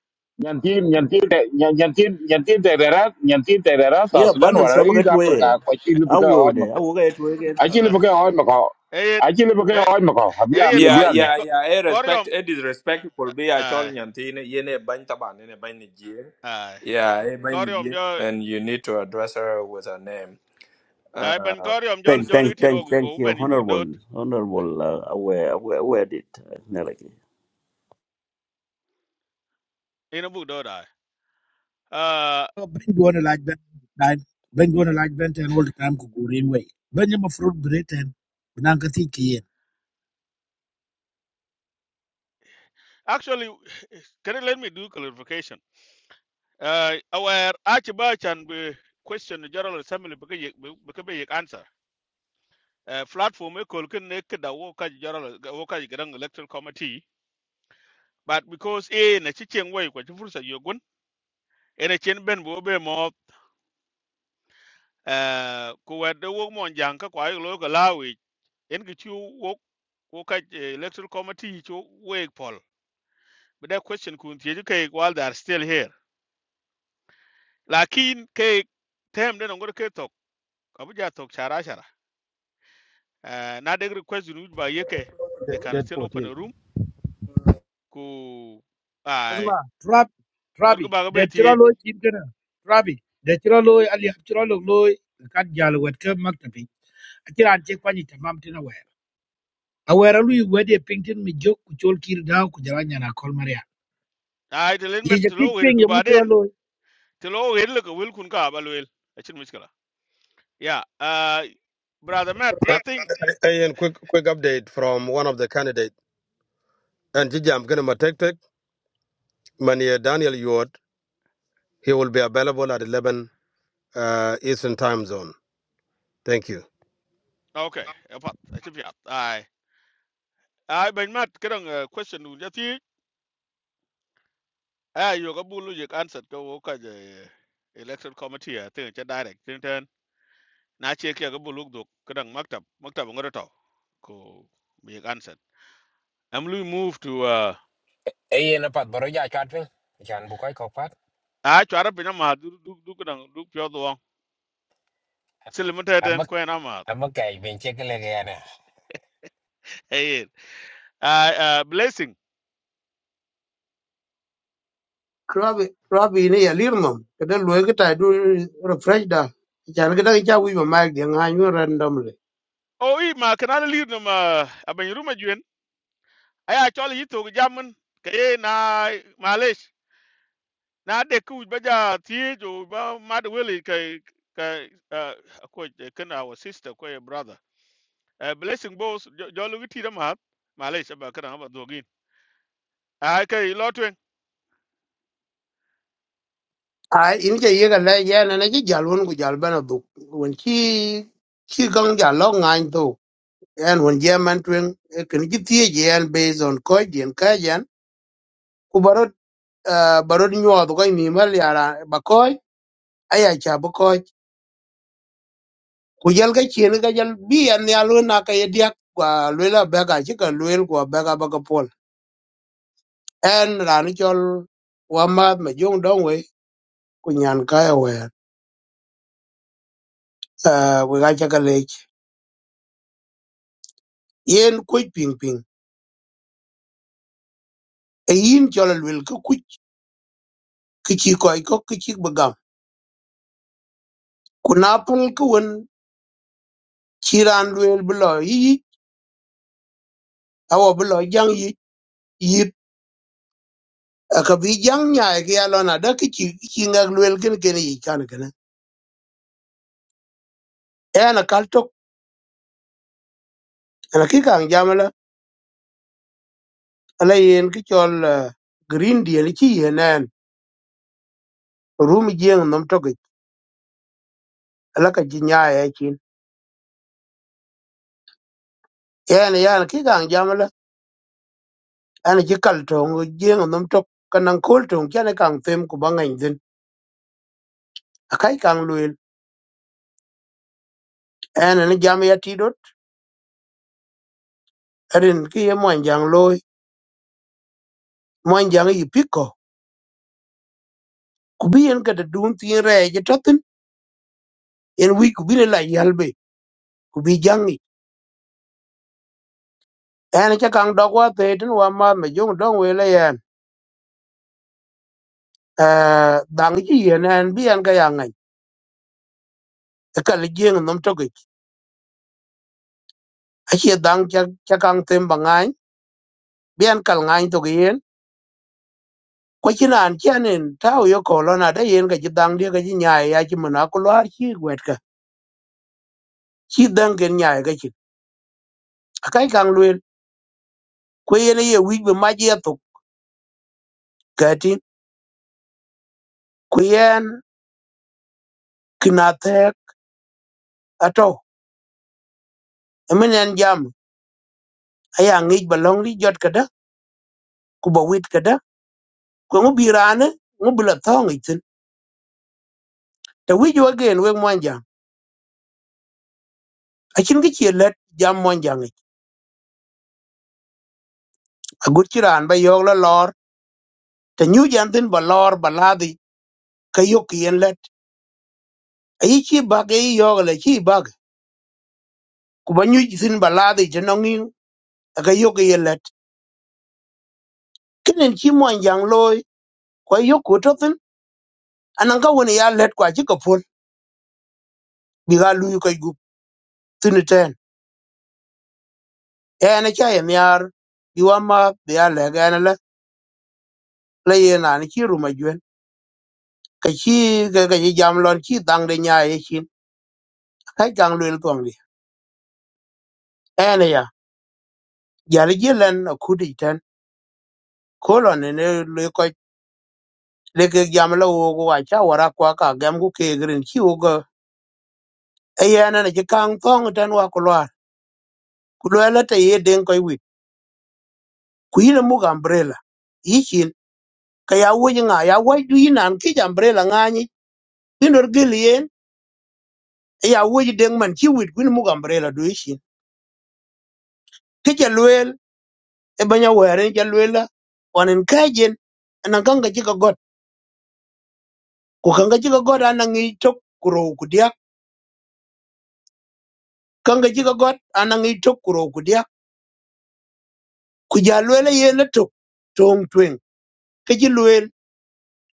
nyantin nyantin de- nyantin nyantin de dera nyantin de dera sa yeah sudan banan wala sabu i get da per ka way ko ci lu ka hoj awu ma de ko awu get way get a ci wala lu ka hoj ma ko eyen a ci lu ka e- hoj ma ko abiam eyen ko Yeah, abiam ya yeah, ko- yeah. I respect, koriom I disrespectful be a chol ay nyantine, yene bantaban, yene banijin. ay Yeah, eh, koriom banijin. jo And you need to address her with her name. ay ben koriom jo thank jo thank litir wo thank thank wo you ben ibuk honorable dot honorable uh, aware aware aware did uh, naraki ina buk dot ay uh Oh, Ben going to like Ben, right? Ben going to like Ben and all the time could go green way. Ben you fruit bread and banana tea kien. actually can you let me do clarification uh aware achi ba chan be question the general assembly because you because you answer uh, platform e kol ken ne kida wo ka jara wo ka gran electoral committee but because e na chi chen wei kwa chi fursa yogun e na chen ben bo be mo uh, ku wa de wo mon jang ka kwa lo ga lawi en ki chu wo wo ka eh, electoral committee chu we pol but that question kun ti ke while they are still here lakin ke tem de ngor ke tok abuja tok chara chara uh, na de request nu ba yeke they can dead still 14 open a room ku ai Asma, trap, ngor ga trabi. ba ga The be ti chiralo chin kana. Trabi. The chiralo ali chiralo lo kat jalo wet ke maktapi. Achira anje kwani tamam tina wer. Awera lu wede pingtin mi jok ku chol all daw ku jalanya na kol maria. ai te len Ye je met kit lo wer ping ye duba den muchiralo. te lo wer le ko wel kun ka ba wel a chin muskala yeah uh brother matt i think Hey, Ian, quick quick update from one of the candidates. And Gigi, I'm going to take it. Mania Daniel Yuot, he will be available at 11 uh, Eastern Time Zone. Thank you. okay apat a chip yat ai ai ben matt kedang uh, question nu jati ai yo ka bulu je answer ko wo ka je election committee a te cha direct ten ten na che ke ka bulu dok kedang maktab maktab ngoro to ko bi answer am lu move to uh e yen pat boro ja chat pin chan bu koy ko pat a chara pina ma du du du kedang du pyo do silimete am ten ko na ma am kay ben che kele hey uh, uh, blessing krabi krabi ni ya lir mom ke de lu ge ta du refresh da chan ge da cha wi ma ma ge nga nyu random o i ma kana lead no ma aban ruma juen aya chol yi jamun kay na malish na de ku ba ja ti jo ba ma de wele kay kay uh ko kana our sister ko your brother uh, blessing boss jo lu da ma malish ba kana ba dogin ay kay lotwen a in ce yega le ye na ne ci jal won ku jal bana duk won ci chi gang jal lo ngain to en won je man twen e ken ci tie je en based on ko jen ka jen ku barot ah, barot nyo do ko mi mal yara ba ko aya cha ba ko ku jal ga ci ga jal bi en ya lo na ka ye dia kwa lo la ba ga ci ka lo el kwa ba ga ba ka pol en ran chol wa ma me jong dong we ku nyan ka ya we ah, we ga cha ka le yen ku ping ping e yin jɔl luel ke kuc ke ci kɔc kök ke cik bi gam ku na pöl ke wen ci raan luel bi lɔ yiyic awɔ bi lɔ jaŋ yic yit ka bi jaŋ nyaai ki ya lɔn ada ke ci ke ci ŋɛk luel kën kene yic kan kene ɛn akal tök ɛn ki kaŋ jam la ala yen ki cɔl green deal ci yen ɛn rum jieŋ nom tökic ala ka ji nyaay ci nyaai ɛcin ɛn yan ki kaŋ jam la ɛn ci kal töŋ jieŋ nom tök ka naŋ kool töŋ cɛn kaŋ them ku ba ŋɛny dhïn akai kaŋ ene ni jam ya tidot erin ki ye mwan jang loy mwan jang yi piko ku bi yen kata dun tin re je totin en wi ku bi le la yalbe ku bi jangi ene cha kang dog wa te tin wa ma me jong dong we le yan eh dang ji yen en bi en ga yang ai ka le jeng nom to ge a che dang cha cha kang tem ba ngai bi en kal ngai to ge yen ko chi nan chen en tao yo ko lo na da yen ga ji dang de ga ji nya ya chi mana ku lo chi gwet ka chi dang gen nya ga chi akai kang ku yen ye wic bi mac ye thuk kɛɛti ku yen kina thɛɛk atɔ emen ɛn jam aya ŋic ba lɔŋ li jɔt kada ku ba wit kada ku ŋu bi raani ŋu bi la thɔ ŋic thin te wic wagen wek muɔn jaŋ acin ki cie lɛt jam muɔn jaŋ ic agut ci raan ba yɔɔk la lɔɔr te nyu jɛn thin ba lɔɔr ba laadhi ka yok ki yen lɛt ayi ci bak ye yɔɔk le ci bak ku ba nyuc thin baladi laadhi te nɔŋiŋ ka yok ki yen lɛt kenen ci muɔn jaŋ looi kua yok ku tɔ thin anaŋ ka wen ya lɛt kua ci ka puol bï ka luyi köc gup thïnï tën ën ëcïö myar bï wan ma bïa lëga ënë lëyë nani cï rum ajuen ka cï këkëc ï jam lon cï dhang dë nya ïë cin ëka gang lwel thöngü ën ëya jali jë lën akudu tën kolo nïnë lue köc lekek jam l'ogo wa ca wor akwa ka gëm kukek rïn cï ogo ëya ënën ëcï kang thöngü tën wa kulwar ku lueel ëtë ïë dïng köc wït ku in ëmükö ambrela ï cin ka ya wöc ï ŋa ya wëc dwyer na kïc ambrela ŋa nyic bino gel yen ya wuji deng man ki wit gwin mu umbrella do shi ke ja luel e banya were ja luela wanen kajen anan kanga jiga god ku kanga jiga god anan ngi tok kuro ku dia kanga jiga god anan ngi tok kuro ku dia ku ja luela ye na tok tong tweng ke ji luel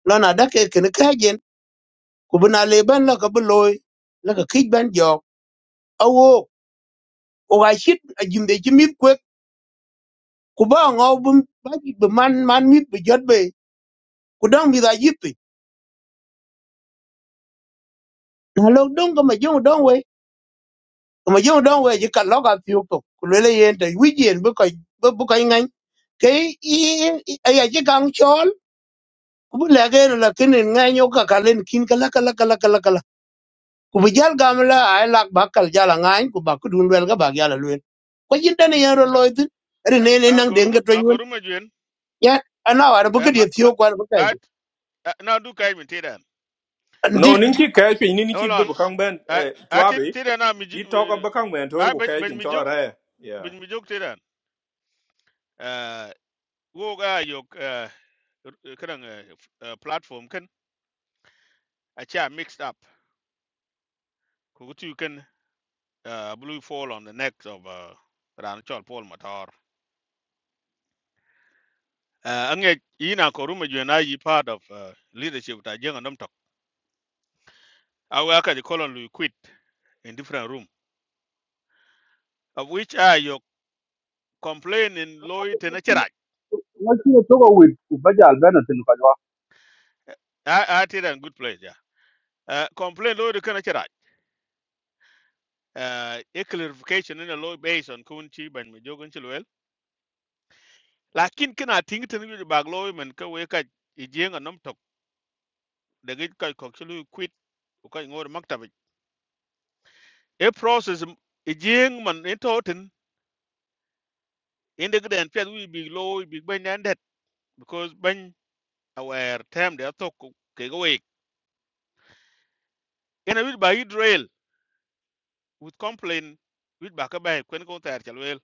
lana dake ken kajen ku bina le ban la ka bloy la ka kij ban jok awo o ga shit a jimbe ji mit kwek ku ba ngo bum ba ji- bu man man mit bu jot be ku dang mi da na lok dong ka ma jong dong we ka ma jong dong we ji kan lok a piu to ku le le yen te wi jen bu ka bu ka ngai ke i a ya ji kang chol ku bu le ge la kin ngai nyo ka ka len kin kala kala kala la ka la ka la ka la ku bu jal gam la ai lak ba kal jala ngai ku ba ku dun wel ga ba ya la luen ko jin dane yan ro loy tin ri ne ne a nang ko den ruma ga to a ko nyun ruma juen ya ana wa bu Eh, ka di ma ma thio kwa bu at ka na du kay min ti ji No, ninki kaipin, ninki hold on bibu kang ben, i eh, at trabi. ti dan na mi ji- He talk eh, about kang ben, I toru ben kai ben kaipin, mi juk chola raya. Yeah. Bin mi jok tedan. uh, Wo ga yok uh, kadang uh, platform kan acha mixed up. Ku tu kan uh, blue fall on the neck of uh, Ran Chol Paul Matar. Uh, ange ina ko ruma jena yi part of uh, leadership ta jenga nam tok. Awa ka di kolon lu quit in different room. Of which are your complain in loy tenachera. mới chịu cho cái việc của bây giờ bên nó tin qua chứ I I did a good place, yeah. Uh, complain low the kind of uh, a clarification in a low based on Kunchi by Majogan lakin kana ting tin yu bag lo men ka we ka i jenga nom tok de gi ka ko chulu quit ko ka ngor maktab e process m- i jeng man in totin in de gden pet wi big lo big ben nan det because ben aware tem de tok ko- ke go we kana wi ba israel with complain wi ba ka ba kwen ko tar chal wel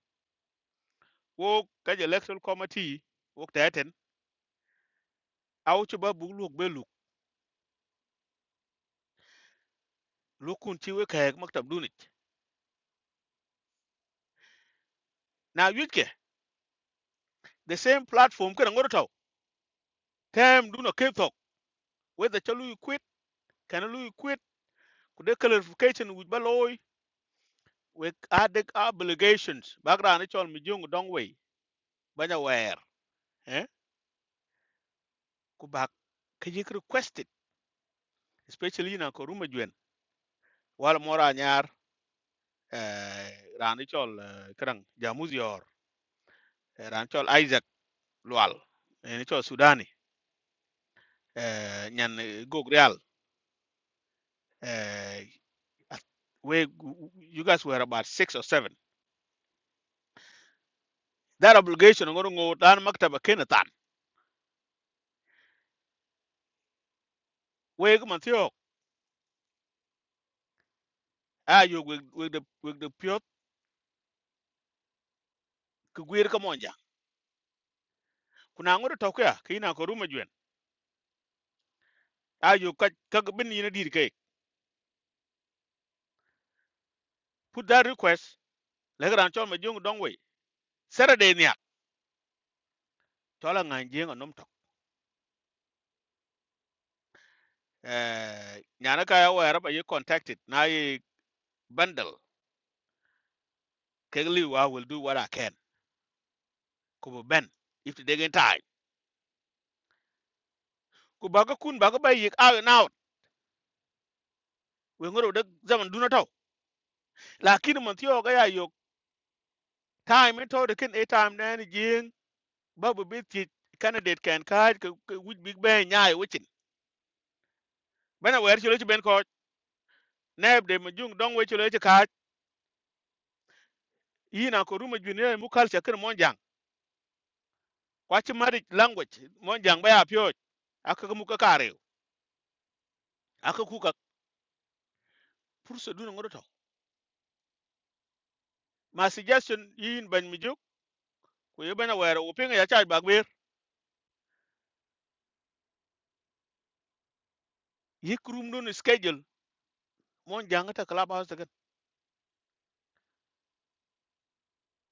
wo ka je electoral committee wo ta ten aw chu ba bu lu be lu lu kun chi we ka maktab dunit na wi ke the same platform kana ngor taw tem duno ke tok whether cha quit kana lui quit Could de clarification with baloy we had obligations background? It's all mi jung dong we banya wer eh ku bak ka yik requested especially in ko ruma jwen wala mora nyar eh rani eh, krang Jamuzior, yor eh, isaac lwal eh, ni chol sudani eh nyan eh, eh we you guys were about 6 or 7 that obligation ngoro ngo dan maktaba kenatan we man ayo weg weg de weg de piot ku gwer ka monja kuna ngoro to ka kina ko ruma jwen ayo ka ka ga bin yina dir kai put that request le gran chon ma jong dong we saturday nya to la ngan jeng anom to eh nyana ka ya wa raba ye contacted na ye bundle kegli wa will do what i can ku ben if they get time ku ba ka kun ba ka bay yik out and out we ngoro de zaman duna to lakin man tiyo ga ya yo time to de ken e time na ni jing ba bu bit ti candidate can card ke which big ben nyai wichin bana wer chulo chi ben ko neb de mujung dong we chulo chi card yina ko ruma junior mu culture kin monjang kwa chi mari language monjang ba ya pyo aka mu ka kare aka ku ka purso dun ngodo to ma suggestion yin ban mi juk ko ye bana wer o pinga ya charge bag ber yik room dun schedule monjang ta club house ta kan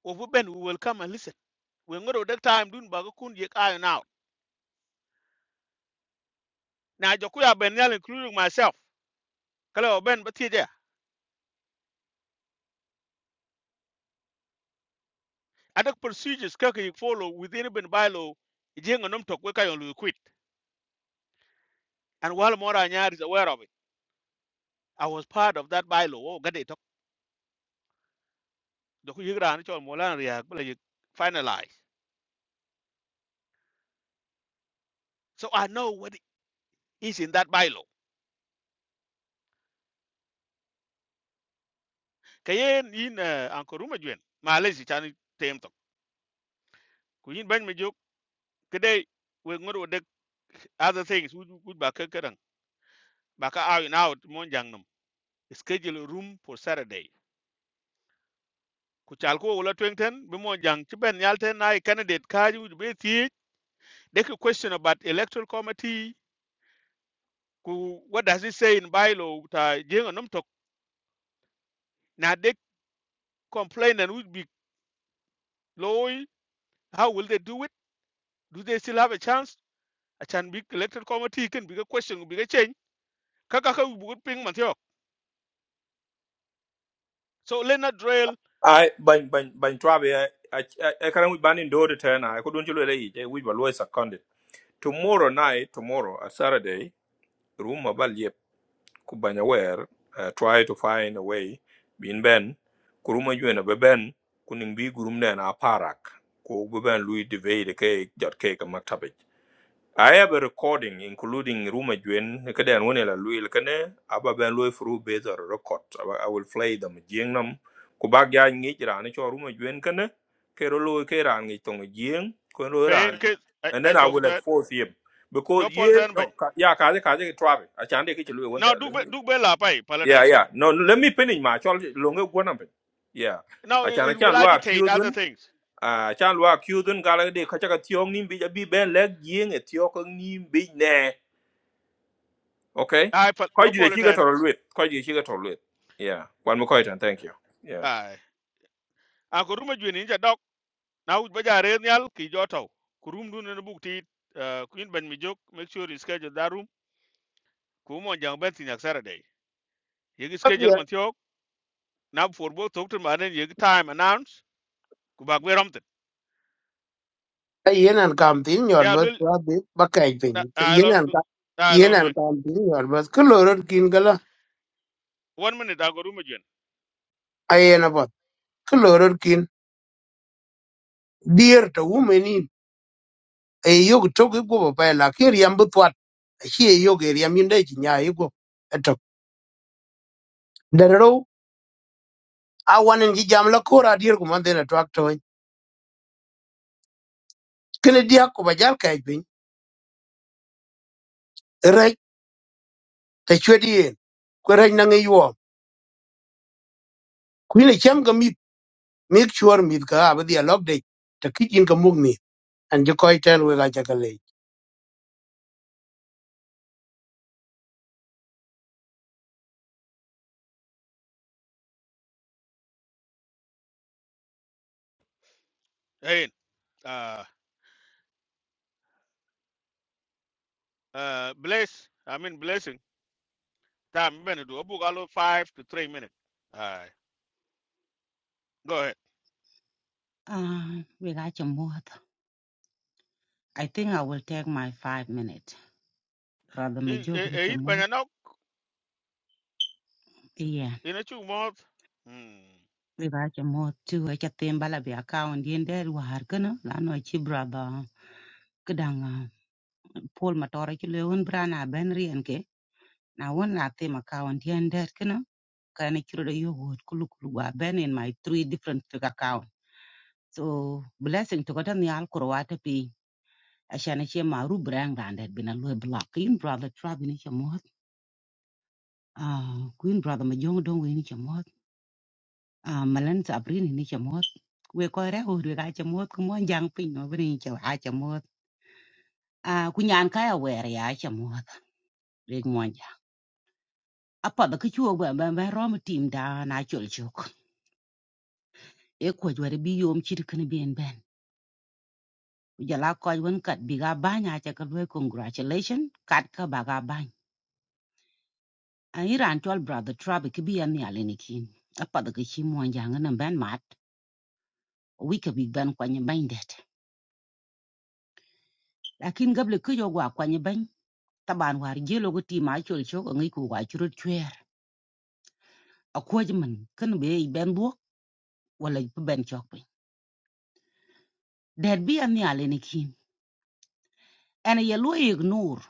o bu ben we will come and listen we ngodo that time dun ba ko kun yek ayo now na jokuya ben yal including myself kala o ben ba ti je Other procedures kaka you follow within urban bylaw jenga nom tok weka yon lu quit and while mora anyar is aware of it i was part of that bylaw oh gade tok do ku yigra an chon molan riak bla yik finalize so i know what is in that bylaw kayen in uh, ankoruma jwen malaysia chan tem tok ku yin ban me jok kede we ngoro de other things we we back ka kadan out and out mon jang schedule a room for saturday ku chal ko wala twengten be mon jang ci ben yalten nay candidate kaaju be tie They could question about electoral committee. Ku, what does it say in bylaw? Ta Now they complain and would be low. How will they do it? Do they still have a chance? A chan big electoral committee can be a question, be a change. Kaka would ping mantiok. So let not drill. I, ban, ban, ban trabi, I, I, I can't ban in door to turn. I ko not you lay, eh, we ba always seconded. Tomorrow night, tomorrow, a Saturday, room about yep, kubanya wear, uh, try to find a way, bin ben, kuruma you and a kuning bi gurum na a parak, ku beben lui devay the cake, jot cake a maktabit. I have a recording including Ruma Juen, Kadan Winela Luil Kane, Abba Ben Louis Fru Bezer record. Aba- I will play them Jingnam, Kubagya Nijran, Cho Ruma Juen Kane, Kerolo Keran Tong Jing, Kayen Kunuran, case. I and I then I will that. enforce him. Because No fault yeah, and bang. no, ka- yeah, Kazi Kazi Travi, I can't take it to one Now there. do Let me, do be la yeah, palatan. yeah, no, let me finish my child longer one of it. Yeah, Now I it, can't, I will can't agitate accuse other one things. à chan lua kyu dun gala de ka chaka tiong nim bi ja bi ben lek yeng e tio ko nim bi ne okay I ko no ji de fault chi ga and. toro luet ko ji chi ga toro luet yeah kwan mo ko itan thank you yeah Aye. Anko ruma na wuj baja re nyal ki joto ku rum dun ne buk ti uh, kuin ben mi jok make sure you schedule that room ku mo jang ben tin saturday ye gi schedule man tiok na for bo tok tin maden ye gi time announce ku bak we romten yen an kam tin nyor ya bas lul wa bi ba kai pin a yen lot an ka a yen lot we an kam tin nyor bas ku lorot kin gala one minute ago room jen ayen abot ku lorot kin dear to women in e yog to ku go ba la kir yam bu twat shi e yog e yam yin de ji nya yi go to da ro a wanen ji jam la ko ra dir ku man de na twak to kin dia ku ba jal kai pin re ta chwedi yen ku re na ngi yo ku ni cham ga mit make sure mit ka ba dia log de ta kijin ka mugni an ji koi ten we ga hey uh uh bless i mean blessing time ben do bu galo five to three minutes ay go ahead Uh, we got your mouth. I think I will take my five minutes. brother. e my e joke ni e your in mouth. banana Yeah. in a chu mo hmm We got your mouth too. I just think bala be account in there we are gonna la no chi brother kadang uh, Paul Matora chi le un brana benri enke. Na one la them account in there kana kana chiro de yo wood kulu kulu wa ben in my three different fig account. So blessing to godan yal kurwata pi. Ashana chi ma ru brang randet bina lo block in brother trap ni your mouth. Ah, queen brother ma jong dong we ni chamot Ah, malan sa abrin ni chamot we ko re ho re ga chamot ko mon jang pin no brin cha ha chamot a ku nyan ka ya wer ya chamot re mon ja apa da ku chuo ba ba ba rom tim da na chul chuk e ko jware bi yom chir kan ben ben ku jala ko won kat bi ga ba nya cha ka we congratulation kat ka ba ga ba a iran tol brother trab ki bi ya ni ale ni kin apa da ku chi mon jang na ben mat we ka bi ben ko ni ben det. lakin gable kijo gwa kwany bany taban war jelo go ti ma chol chok ngi ku gwa churut chwer akwaj man kan be i ben buok wala pe ben chok piny dad bi an yale ni kin ana ye lo e ignore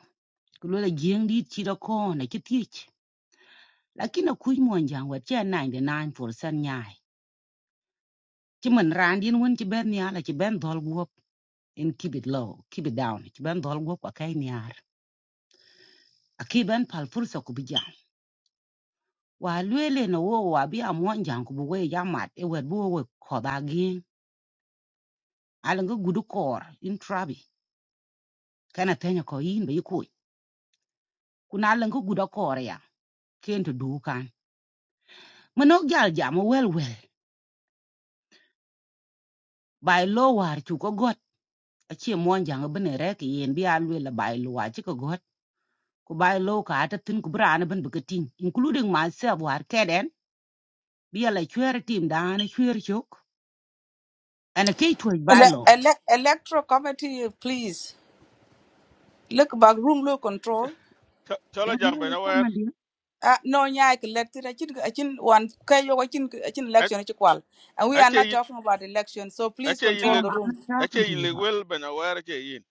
ku lo la jeng dit chi da ko na chi tich lakin akuj mon jang wa cha 99% nyai chi man ran din won chi ben yala chi ben dol guop in keep it low keep it down chi ben dol guop ka kai niar aki ben pal fursa ku bijam wa lwele na wo wa bi amon jang ku buwe jamat e wet buwe we koda gin alan gudu kor in trabi kana tenya ko yin be ku kuna alan gudu kor ya ken to dukan mano gal jam wel wel bai lo war chu ko got a che mon jang bene re ki yen bi a bai lo wa chi ko got ku bai lo ka ta tin ku brana ben be including myself war keden bi ala chwer tim dan chwer chok ana ke tuoj bai ele, lo ele, electro committee please look back room low control Ch- cholo jam ben Come aware on, dear. Uh, no, yeah, I collected. I think, I think one, okay, you- I think, I think election, I think, well, and we are ache not yin talking about election, so please ache yin control lek Ma'am, the I'm room. not ache talking to yin you. lek wel ben aware ache yin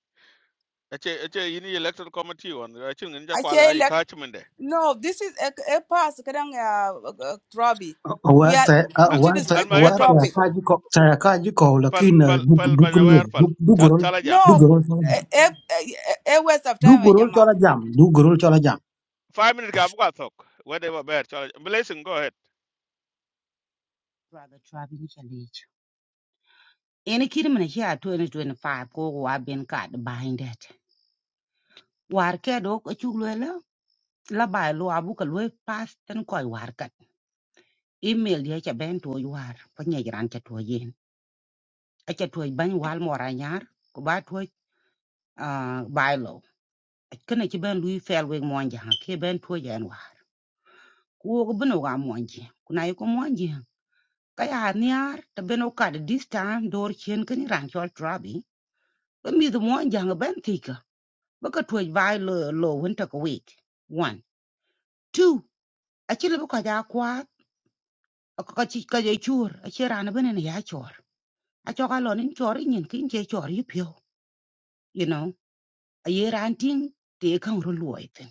ache ache yin yi electoral committee on ache ngin ja I kwale say, ayi elect, ka chimende no, this is a, a pass, kadang, uh, uh, Robbie. We aware are, ta we should aware ta stick to the almahim aware pal ta topic. ka ji ko ta ka ji ko la pal kin pal du pal du ben kun lu aware du pal du Chal- gorol chala jam du No, gorol chola jam a, a, a, a waste of du time, eh, gorol Jama. chola jam du gorol chola jam 5 minute ga buka thok wede ba ber chala jam. blessing go ahead Brother Travis Nchalich. Ene kiri mene shi a 2025 ko wa ben ka da behind it. War ke do ko chuglo la la ba lo abu ka lo pass tan ko war ka. Email dia cha ben to war pa nye gran cha to yen. A cha to ban wal mo ra nyar ko ba to ah ba lo. A Kana ki ben lui fel we mo anja ke ben to yen war. Ko ko beno ga mo anje. Kuna yi ko mo anje. Ka ya niar ta beno ka da this time dor chen kan ran chol trabi. Ba mi do mo anja ben tika. baka tuwej vai lo lo winter ko week one two achile baka ja kwa ka chi ka je chur achira na bene na ya chor acho ka lo nin chor nyin kin je chor yu pyo you know a ye ran ting te kan ru luoi tin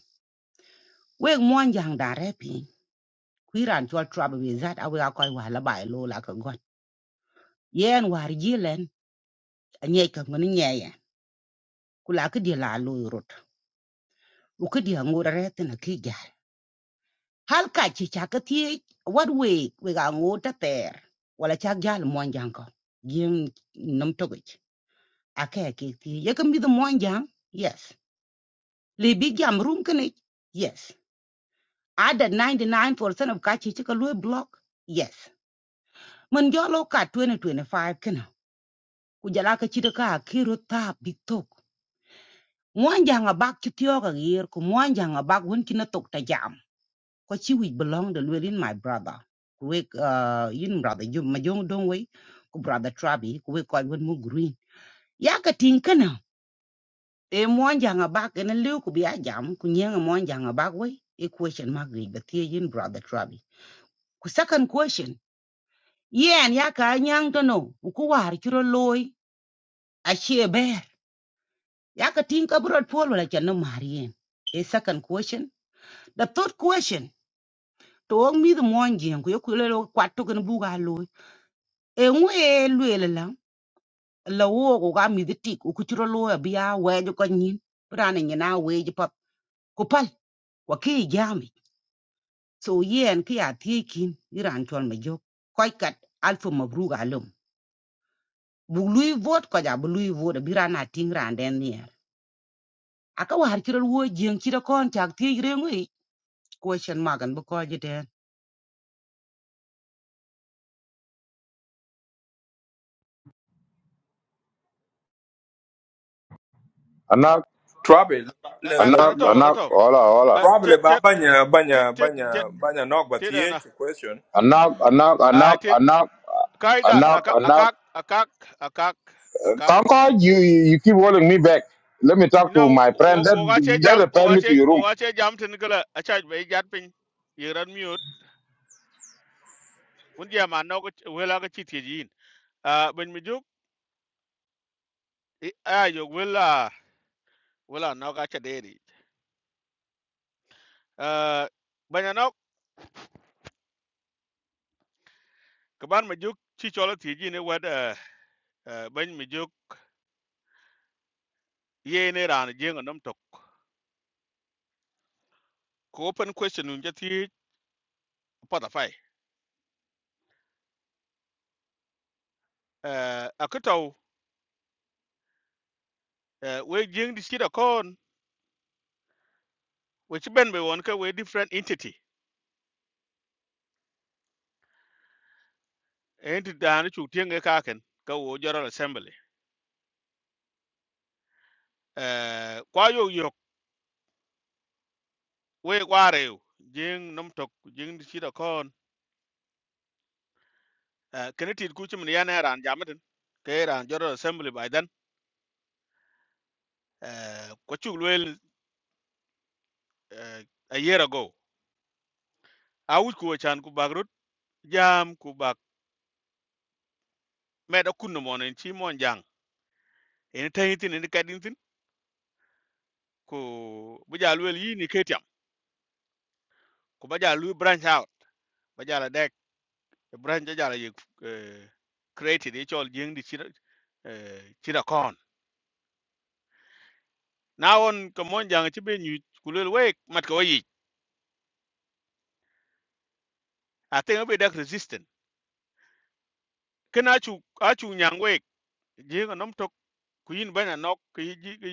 we mon jang da re pi ku ran chol trouble with that awe ka koi wa la bai lo la ka gon yen war ji len a nye ka ngun nye ya ku la ka di la lo rut u ka di ngura re tin a ki hal ka ci ca ka tie wat we we ga ngo ta ter wala ca gal mo jang ko gin nam to gi a ka ke ti ye ka mi do yes le bi jam rum kne yes ada 99% of ka ci ci ka lo block yes man jolo ka 2025 kna ku jala ka ci da ka ki ro ta bi tok mo jang a bak ci tyo ga yer ku mo jang a bak won ki na tok ta jam Kochi which belong to within my brother. Kuwek uh in brother you majong dong we ku brother Trabi kuwek koi wen mu green. Yaka tinkana. E mwanja nga bak ene liu ku biya jam ku nyanga mwanja nga bak we. E question mark gri batia yin brother Trabi. Ku second question. Yen yaka nyang to no. Uku war churo loy. Ashi e bear. Yaka tinka brot polo la chana marien. E second question. The third question. To ong mi the mwanja ku yokulelo kwatu kan buga loy. e ŋuhe luele la la wo ko ga mi ti ko ku chro lo bi we ko nyin bra nyina we ji pap ku pal wa ki jami so yen ki a ti kin iran chon me jo ko kat alfu mabruga lum bu lui vot ko ja bu lui vot bi ting ran den aka war chro wo jeng chro kon tak ti re ngui question magan bu ko ji den anak Trabi, le, le, anak le, anato anak anato hola hola Trabi tet ba tet banya tet banya tet banya tet banya nok ba tet tiye ana question. anak mm. anak ah anak tet anak kaida anak akak anak akak akak akak akak Concord, you you you keep holding me back let me talk you to know my friend wo that wo ga that jam refer wo ga me to your room wo ga jam tin gala acha be jat pin yiran mute. un je ma no ko wela ko chiti jin a ben mi juk a yo wela wela no ka cha deri a ben no ko ban mi juk chi cholo ti jin wed ben mi juk ye ne ran je ngom tok ko open question un je ti pa da fai a ko taw we jing di sida kon we chi ben be won ka we different entity entity da ni chu ti nge ka ken ka wo general assembly eh kwa yo yo we kwa reu jing nom tok jing di sida kon Eh, kene tit ku chimin yan ran jamatin ke ran joro assembly by then eh, ko chuk luel eh, a year ago a wuj ku chan ku bak rut jam ku bak meda kunno mon en chi mon jang en tayitin en kadintin ku buja luel yi ni ketiam ku baja lu branch out baja la dek e branch ja ja la yek eh, created e chol jing di chira eh, chira kon na on ko mon jang chi be nyu ku luel wek mat ko yi a tenga be dak resistant kena chu a chu nyang wek jing nom tok kuin banya nok ki ji ki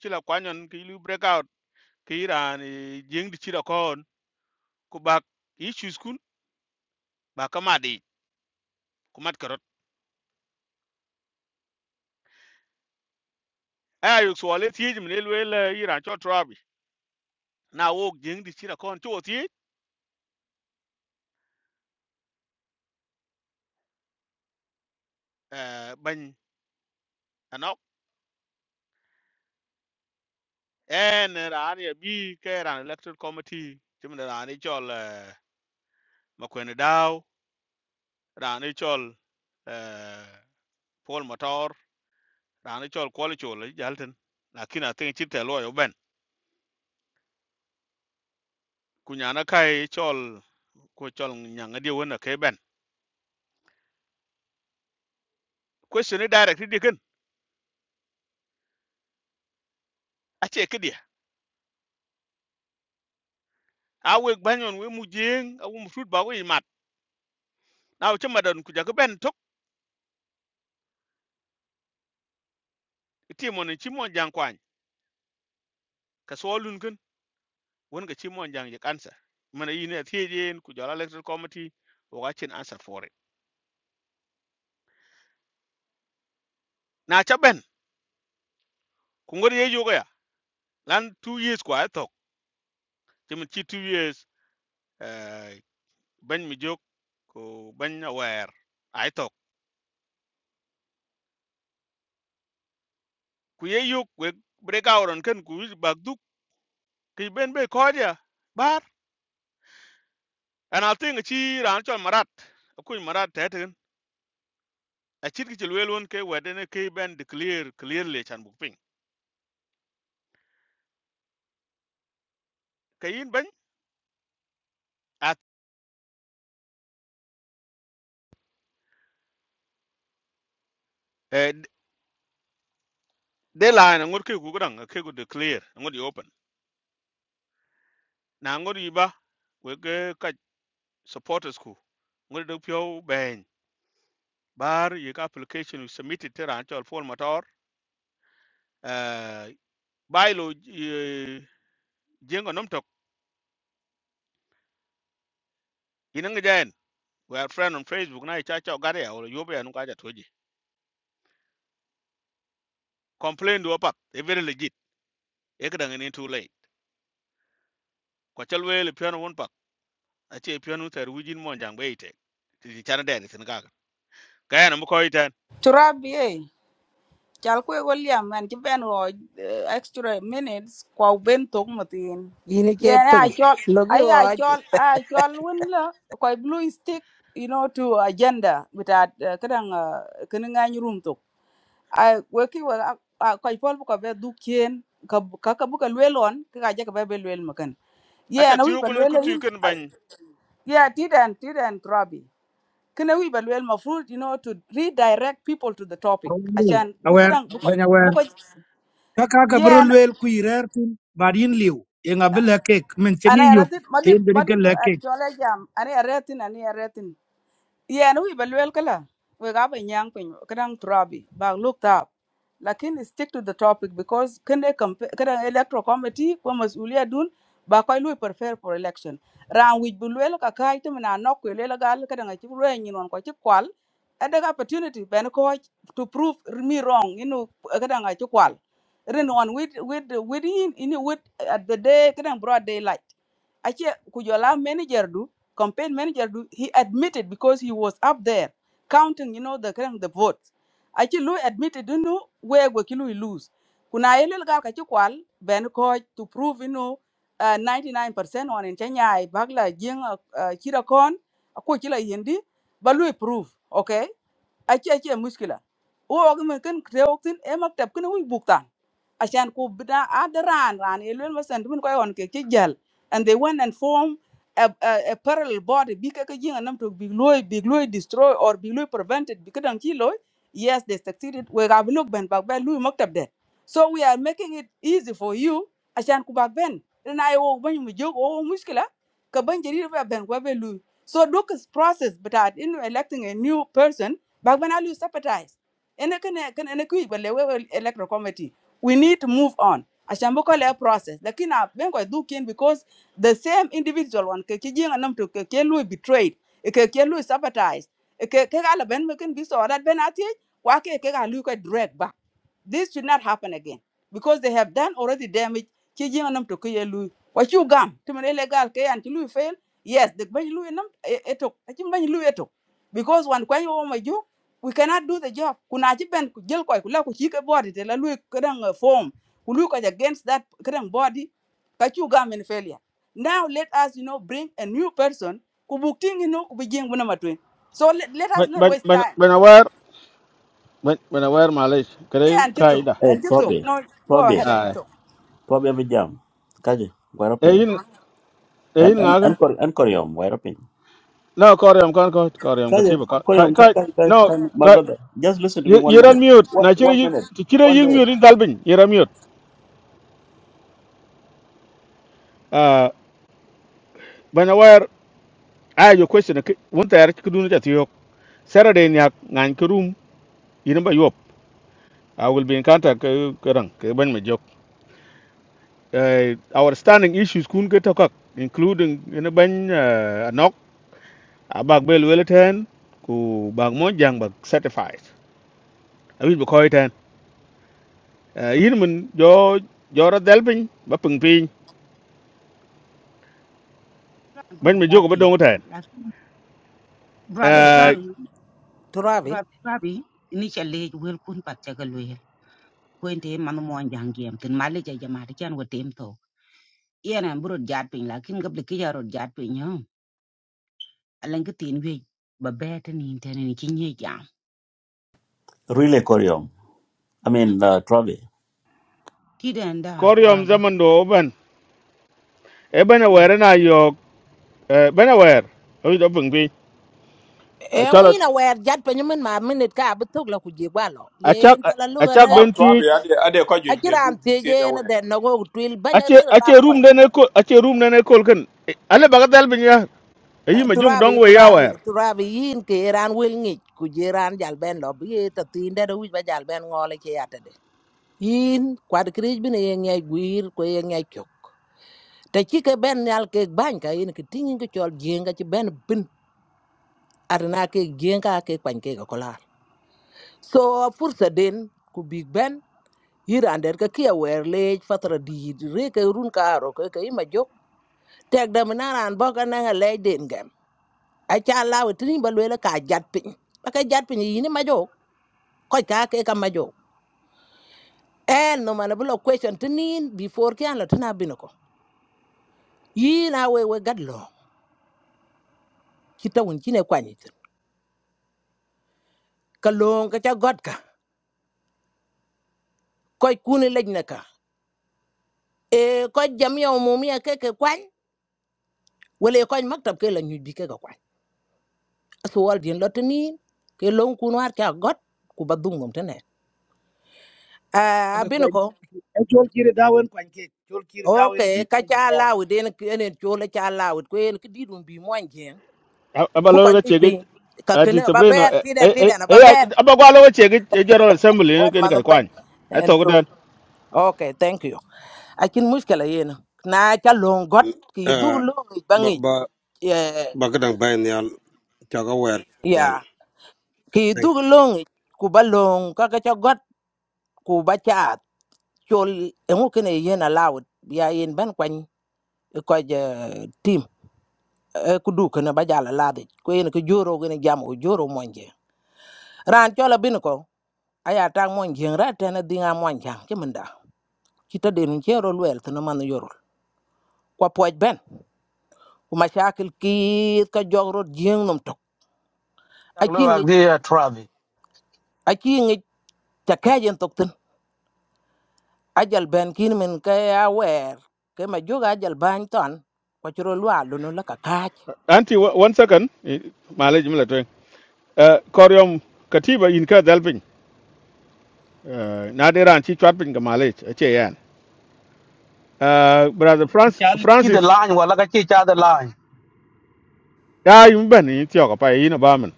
chila kwanyon ki lu break out ki ran jing di chira kon ku bak issues kun ba kama di ku mat karot ay yu so le ti jim le le le iran cho trabi na wo jing di chira kon cho ti eh ban anok en ran ya bi ke ran electoral committee jim da ran chol makwen daw ran chol eh, Paul Motor ran chol kwali chol jalten lakini atin chite lo yo ben kunyana kai chol ko chol nyanga dia wona kai ben question ni direct di ken a che ke dia a we banyon we mu jeng a we mu fut ba we mat na o chema don ku jaga ben tok ti mon chi mon jang kwan ka so lun ken won ga chi mon jang je kansa mana yi ne tie jen ku jara electoral committee o ga chin answer for it na cha ben ku ngor ye yoga ya lan two years kwa tok chema chi 2 years eh ban mi jok ko ban aware ai tok ku ye yok we break out on ken ku bag duk ki ben be koja bar and i think chi ran chon marat ku marat te tin a chit ki lwe lon ke wede ne ke ben declare clearly chan bu ping ke yin ben at de line ngur ke ku gran ke ku declare ngur di open na ngur yi ba we ke ka supporters ku ngur do pyo ben bar ye ka application you submitted te ran chon form motor uh bylaw jengo nom tok yin ngi jaen we are friend on facebook na cha cha gare ya or yobe anu ka ja toji complain do pak e very legit e ka dangane too late ko chalwe le piano won pak a che piano ter wijin mon jang be ite ti ti chana dere sin gaga kaya na mko itan Turabi, eh? Chal kwe go liam an ci ben wo eh, extra minutes kwa ben tok mutin. yini che Yen ping a chol logi ay a wa chi chol a chol win la kwa blue stick you know to agenda with bitat kadang kene ngany room tok. I we ki we ah, ah, kwa pol ko be du kien ka ka ka bu ka lwelon ka ja ka be be lwel makan. a cha Yen a wi tiyo ba gun lwel ku tu yin. kan ban Yeah, didn't didn't Robbie kene wi balwe mafruit you know to redirect people to the topic ashan Awer, bukudan buko awer, buko ka ka ka bro yeah ana liu en abel kek men chen ana yi yok yaratin madut en de ke madut le kek chole jam ana yaratin ana yaratin yen wi ba luel kala we ga ba nyang pin kadang trabi ba look up lakin stick to the topic because kene kadang electoral committee ko masuliya dun ba koy lui prefer for election ran wi bu luel ka kai to na nok we le gal kadang ci lu en non ko ci kwal ada ga opportunity ben ko to prove me wrong you know kadang ci kwal ren on with with with in in with at the day kadang broad daylight ache ku jola manager du campaign manager do- he admitted because he was up there counting you know the kind of the votes actually Lou admitted you know where we kill we lose kuna elel ga ka chikwal ben ko to prove you know uh, 99% on in Kenya ai bagla jing uh, kira kon ko kila yindi balu prove okay achi achi muskila o ogmen kan kreoktin emak tap kan wi buktan عشان كو بدا أدران ران يلول مثلا تمن كوي هون كي جل and they went and form a, a, a parallel body bi ka jing anam to big loy big loy destroy or big loy prevented because ka dang loy yes they succeeded we ga look ben bag ben loy maktab de so we are making it easy for you عشان كو bag ben na yo Oh, mu jog o mushkila ka ban jari ba ben wa ben loy so look is process but at in electing a new person bag ben alu sympathize ene kene kene can ku ba we we electoral committee we need to move on عشان بكل process لكن do دوكين because the same individual one ke kijinga nam to ke ke lui betrayed e ke ke lui sabotaged e ke ke ala ben mekin biso that ben ati wa ke ke ga lui ko drag back this should not happen again because they have done already damage kijinga nam to ke lui what you gam to men illegal ke an lui fail yes the ben lui nam eto achim ben lui etok. because one kwa yo ma we cannot do the job kuna ci ben ku jël koy ku la ku ci ke body te la luy kadang uh, form ku luy ko against that kadang body ka ci government failure now let us you know bring a new person ku buk you know ku bi jeng bu so let, let us ban not ban waste ban time ban awar ban ban awar malais yeah kare and kito kaida hey and kito trobe no go trobe ahead and ay Kito. trobe be jam kaje wara pin eyin and eyin and ngagan and kor and koryom wara pin no koryam kan ko koryam ko kaje tiba kai koryom ka kai ka ka no ka- my kai brother just listen to me one yiran minute mute one, na chire one yi minute chire one yi minute mute in dalbin yiran mute ah ban awar ay yo question ki won tayar ki dunu ta Saturday nyak ngan kurum irin ba yop. I will be in contact ke kerang ke ban me jok. Eh, our standing issues kun ke tokak including in ban uh, anok abag bel weleten ku bag mo jang bag certified. Abi be koy ten. Eh, yin mun jo jora delpin ba pung pin ban me ja jok ba dong ten. brother eh Eh, travi turabi brother travi initially wel kun pat chakalwe kwen te man mo jang gem tin mali ja jama de chan wo tem to yena burut jat pin la kin gable ki jarot jat pin yo alan ki tin we ba be te ni te ni ki jam really koryom i mean uh, trobe ti den koryom brother zaman do ban. E ban yes aware na yok eh ban aware. Abi do pung pin. Eh, en Chalot ina wer jat pe nyimin ma minit ka bi tuk la ku je gwalo achak yen tala achak lugara Trabi, ben Trabi ti ade ade ko jo de good akiram te tiye je na jawe. den no go twil banya ache rir ka ache ma ko room ne ne ko ache room ne ne kol kan ale baga dal bin ya e yi ma jung turabi dong we ya turabi wer turabi yin ke ran wel ngi ku je ran jal ben lo bi ta tin de wi ba jal ben ngole ke yata de yin kwad krij bi ne ye ngi gwir ko ye ngi kyok te ki ke ben yal ke ban ka yin ke tingin ke chol jenga ci ben bin arna ke jenga ke pan ke ko lar so fursa den ku big ben yiran det ka kia wer lec fathra diit re ke run kaaro ke ke ima jok tek dam na ran bo ka nanga lec den gem acha lawe tini ba lwela ka jat pin, ba ka jat piny yini ma jok koj ka ke ka ma jok en no mana bulo question tinin before ki an la tina bino ko yina we we gad long kita won kine kwanyit ka long ka cha god ka koj kuni lec na ka e koj jamiya umumia ke ke kwany wale koj maktab ke la nyuj bi ke ka kwany suwal din lo tini ke long kun war ka got ku badung nom tene a ake bin kwan ko e chol kire dawen kwan ke oke ka cha to lawo den ken chole cha lawo ko en ki didum bi mon gen bu ko abalo ga ni che bi ga ka ken ati ba sabrina ber tiden e e tiden e ba ber abagwa lo ga che ga general assembly ne wan ken man kai ban kwan ai en to to gudan okay thank you akin muskala yen na cha long got ki dug Uh, long ba bangi ba ya ba ka dang bay nyal chaga wer ya nyal. ki Thank dug you. long ku ba long ka ka cha got ku ba cha chol engu kene yen allowed ya yen ban kwany ko je team e ku du kene ba jala lade ko yen ko joro gene jam o joro monje ran chola bin ko aya ta monje ra tena dinga monja kemenda kita denu chero lwel tena man yorol kwa poj ben ku mashakil kiit ka jogro jeng num tok Chak lo aki wak ngi di uh, Travi. aki ngi ta kajen tok tin ajal ben kin men ka ya wer ke ma joga ajal ban ton ko chiro lwa lunu la ka kaj anti wa- one second male jimla to eh koryom katiba in ka dal bin Eh, na de ran chi chat bin ga male ache yan eh brother francis Chal ki the francis line wala ka chi cha the line. ya yum ban ni tiok pa yi na ba min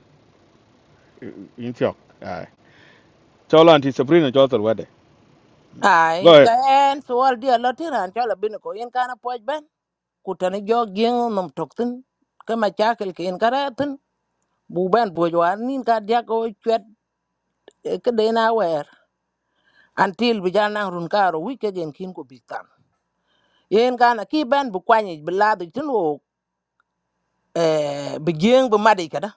yin tiok ai cholo anti sabrina jotor wede go Ai, ka ahead en sual dia lo tiran cho la bin ko yen kana poj ben. Ku tani jo gien nom tok tin. Ka ma chakel ke en kara tin. Bu ben poj war nin ka dia ko chwet eh, ka de na wer. Antil bi jan nang run karo wi ke gen kin ko bi tan. Yen kana ki ben bu kwani bi la du tin wo eh bi gien bu madi kada.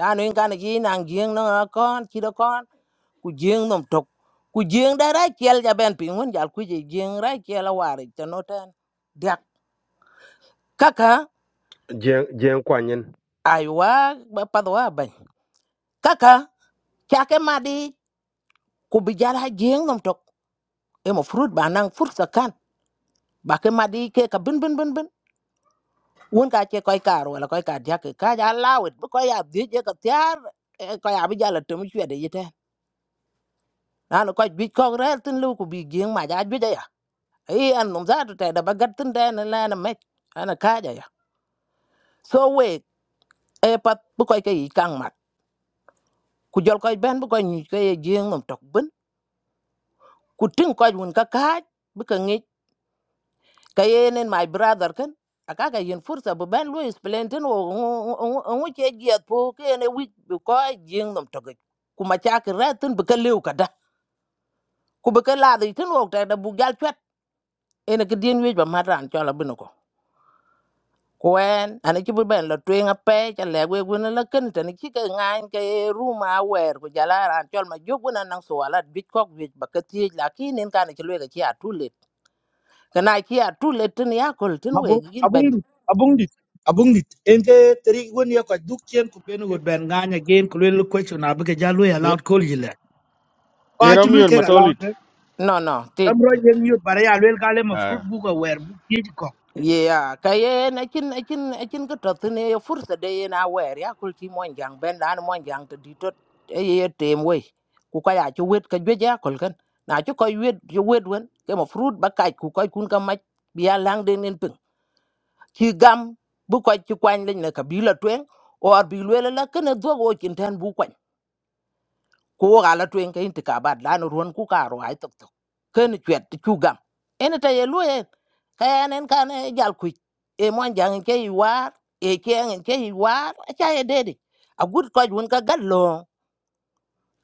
Na no yen kana gi nang gien no kon ki do kon. Ku gien nom tok. Ku gien da ra kiel ja ben pingun jal ku je gien ra kiel a war ta no ten. kaka Jiang Jiang Kuan Yin. aywa ba- padwa ban kaka chake madi ku bijal ha jeng nom tok e fruit banang nang fursa kan ba ke madi ke ka bin bin bin bin won ka che koy kar wala koy ka ja ke ka ja lawet bu koy ab je ka tyar e koy ab jala tum chwe de yete nan koy bi ko rel tin lu ku bi jeng ma ja ju ja ya e an nom za te da ba tin de na la na me ana ka ja ya so we e pat bu koy ke kang mat ku jol koy ben bu koy nyu ke jeng nom tok bin ku tin ko jun ka ka bi ka ngi ka yenen my brother kan aka ka yen fursa bu ben lu explain tin wo ngu che giat po ke ne wi bu ko jing nom to ku ma cha ka ra tin bu ka lew ka da ku bu ka la di tin wo ta da bu gal chat ene ke dien wi ba ma ran cho la bu ko kwen ane ci bu ben la twen a pe cha le we gun la ken tan ci ka ngan ke ru ma wer ku jala ran chol ma jog gun nan so ala bit kok bit ba ka ti la ki nen ka ne ci le ka ci a kana ki a tu le tin ya kol tin we abung gin abung ben dit abung dit abung dit en ke tri won ye ka duk chen question abi ja Ye- allowed Kolila. But you Yeramiot look allowed Matolit. her. no no ti I'm writing you, but I will call yi le pa ti luel ke eh. am ro yen yot bar ya luel ka le fruit Ah. bu ka wer yeah ka ye na kin na kin na kin ka to tin ye fursa de ye na wer ya kol ki mon jang ben dan mon jang ti di to e ye tem we ku ka ya chu wet ka jwe ya kol kan na chu ko wet chu wet wen ke mo fruit ba kai ku ko kun ka ma biya lang de nin pin ki gam bu ko chi kwan le na ka bi la twen or bi le la kana do go kin tan bu ko wo ala tuen ke inti ka bat la no ruon ku ka ro ai tok tok ken chwet ti chu gam en ta ye lu en ka en kan e jal ku e mon jang ke i war e ke en ke i war a cha ye de de a gut ko jun ka gal lo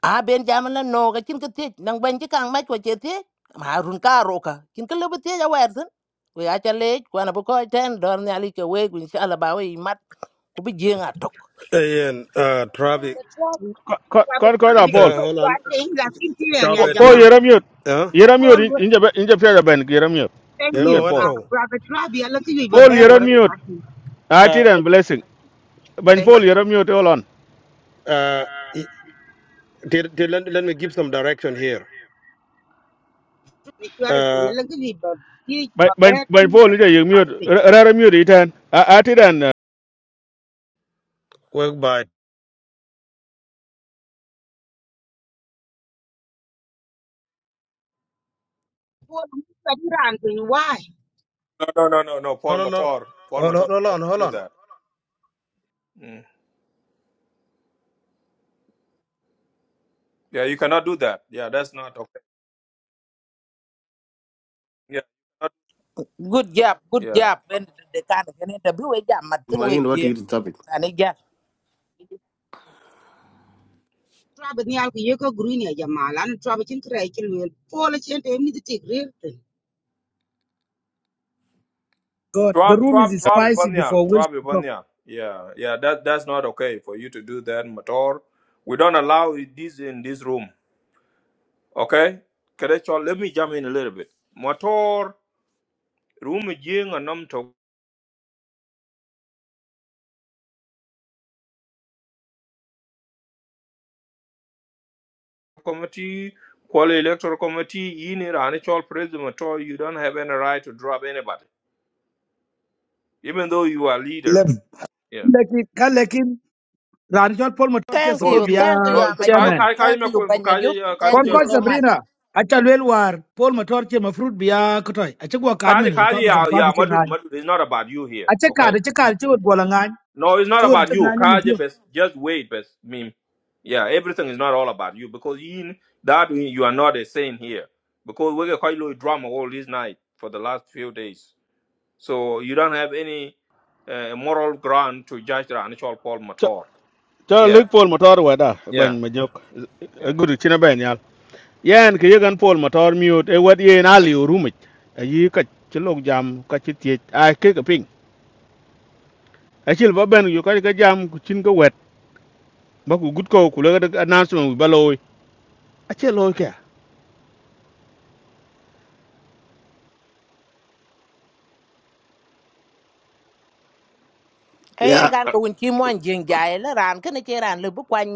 a ben jam na no ga chin ke ti nang ben ji kang mai ko che ti ma run ka ro ka kin ke le ti ya wer tin we a cha le ko na bu ko ten dor ne ali ke we ku inshallah ba we i mat ku bi jeng a tok Ian, uh, Travi, The trouble, Ko Brother ko ko da Trabi, I'm Paul. uh, going hold on. to think that in here and Ciao, Po Paul Yajama. Betek. Yeramiot. Huh? Yeramiot in- inja be- inja pera ben Yeramiot. thank you. Yeramiot No, Paul. Ah, Anto. Brother Trabi, I look at you, but Paul bear, but Yeramiot. Uh, Atir and blessing. Ben Paul thank you. Yeramiot all on. uh, y- did, did, let, let me give some direction here. If you are a thing, I Uh, look at you, but you, Ben but ben bear, ben Paul ija Yeramiot. but Raramiot itan. Atir and uh, work by. Paul, I'm going Why? No no no no no No, Paul no, no. Motor, Paul Hold Motor on, hold on, cannot hold do on. that. Mm. Yeah, you cannot do that. Yeah, that's not okay. Yeah, not, Good job, good yeah. job. And the kind of can interview we jam mà tin we Mayin what he gear. you topic? And again, Trouble ni alku yeko green ya jama lan trouble chin kray chil wel pola chen te mi ti grir te god the Drop, room is drop, drop it, spicy Banyal. before we Drop it, talk Banyal. Yeah, yeah. That that's not okay for you to do that, Mator. We don't allow this in this room. Okay, Kelechi, let me jump in a little bit. Mator room jing and num to committee, quali electoral committee, in it, and it's all president Mator. You don't have any right to drop anybody, even though you are leader. lem Yeah. lekin ka ran jot Paul Motor thank So support you, biya you thank you, no kaji Majuk. chairman. kaji kaji Thank me you, Ben Majuk. kaji kaji Thank Kon ko you jorol so much. Sabrina acha lwel war Paul Motor che mafruit biya kotoi acha gwa kaji kadmen kaji Republican ya Party ya che Madut, ngai. madut. It's not about you here. Acha kad Okay. acha kad che wot gola ngai. No, it's not Che wot about che you. ngai ne Kaje, tio. best just wait, best meme. Yeah, everything is not all about you because in that way you are not a saint here because we get quite low drama all this night for the last few days. So you don't have any uh, moral ground to judge the actual Paul cho Mator. cho Yeah, lik Paul Motor wada yeah, ben majok. yeah. Guru china ben yal. Yan ke yegan Paul Motor miot e wat yen ali urumit. Ayi ka chilok jam ka chitiet. Ai ke ka ping. Achil ba ben yu ka ka jam ku chin ka ba ku gut ko ku le ga announcement wi baloy a che loy ka Ayan Yeah, gan ko win chi mo jing jai la ran kan che ran le bu kwan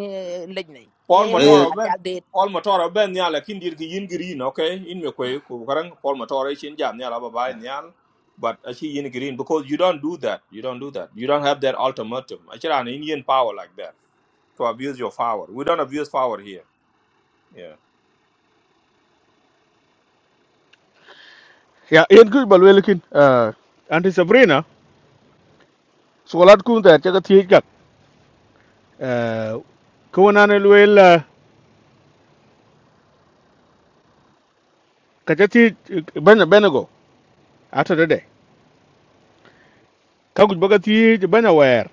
lej nei. Paul E wen eh, Motor da ben jal de. Paul Motor ben nyal lakin dir ki yin green okay in me kwe ku karang Paul Motor e chin jam nyal aba bai nyal but achi yin green because you don't do that you don't do that you don't have that ultimatum achi an Indian power like that to abuse your power we don't abuse power here yeah ya en ku balwe lekin eh anti sabrina solat ku ta che ga ti ga eh ko na ne lwe la ka che ti banya benego ata de de ka gut baga ti banya wer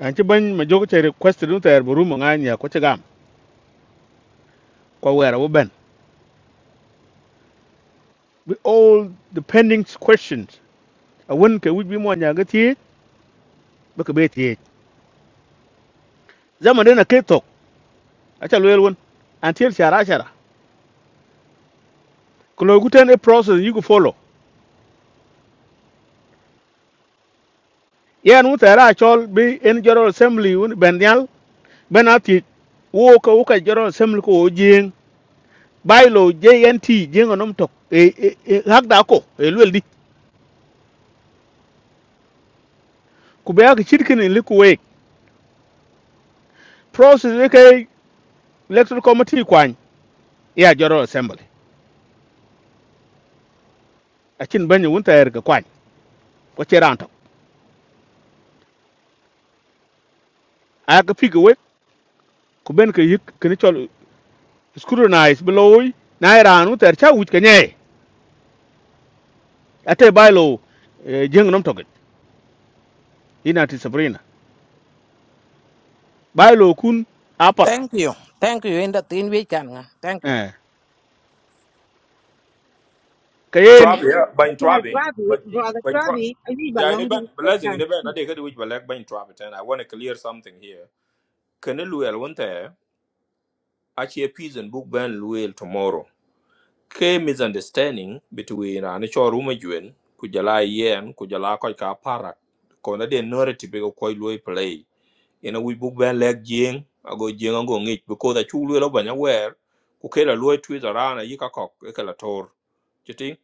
an ci ban ma jogo che request dun ta er buru mo nganya ko che gam ko wer wo ben we all the pending questions a won ke wi bi mo nya ga ti ba ka be ti zaman na ke tok a che lwe won until shara shara ko lo guten a process you go follow yen wu tera achol bi en general assembly un ben nyal ben ati wo ko wo ka general assembly ko jing bailo jnt jing onom tok e e- e- hak da ko e lwel di ku be ak chirkin li ku we process we ke electoral committee kwan ya general assembly achin ben wun ter ga kwan ko cheran tok a ga pig we ku ben ke yik kin chol scrutinize beloy na iran wu ter cha wuj ke nye ate bailo jing onom tok ina ti sabrina bailo kun apat Thank you. Thank you in the tin we kan nga. Thank you. eh Kayen, Travi long di yeah by bakal Travi trabi but brother by Travi trabi abi ba yeah in long di event blessing bakal in event ade kadu which black by Travi and I want to clear something here Can Kenelu el wonte achi a peace and book ban luel tomorrow ke misunderstanding between an cho ruma juen ku jala yen ku jala ko ka parak ko na de narrative e ko koy loy play ina wi bu ben lek jing ago jing ango ngi ko da chu loy lo banya wer ku ke la loy twi rana yi ka kok e ka la tor chiti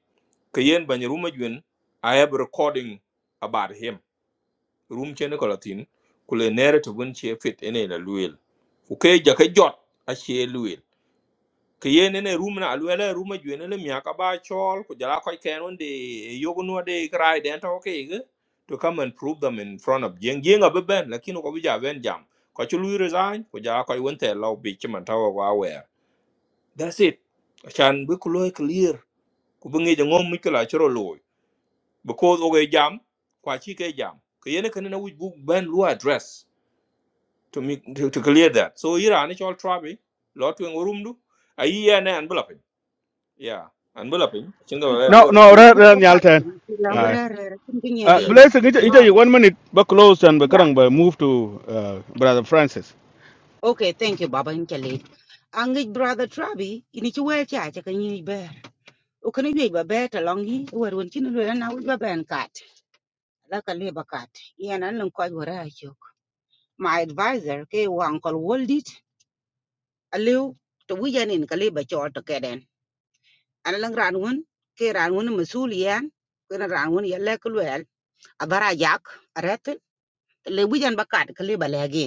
ke yen banya ruma juen i have recording about him room chen e ko latin ku le narrative un che fit ene la luel ku ke ja ke jot a che luel ke yen ne room na alwele room ju ne le miaka ba chol ku jara ko ken de yogo no de krai den to ke ge to come and prove them in front of yen yen abe ben lakini ko bija ben jam ko chu resign ku jara ko won te law bi chiman ta wa wa that's it chan bi ku loy clear ku bi ngi ngom mi kala chro loy because o jam kwa chi ke jam ke yen ken na wuj bu ben lu address to me to, to clear that so ira ne chol trabi lot wen room du ayi ne an bulapin yeah and bula piny achinga tu ba wer brother no, wer no, you red, do red, ko pa nyal ti ten. ti la mm Aye. gre re chin kin ye Uh, yi yeah blessing, inja, yeah inja, ah you one minute, but close and but yeah karang, but move to uh, Brother Francis. okay thank you baba in chale angit brother trabi ini chi wel cha cha kan yi ber o kan yi ba ber ta long yi wer won chin lu na wi ba ben kat la ka le ba kat yana nan ko wora my advisor ke wa uncle aliu to wijan in kali ba chol to keden ana lang ran won ke ran won masulian ke ran won yalle kulwel abara jak aret le wijan bakat kali ba legi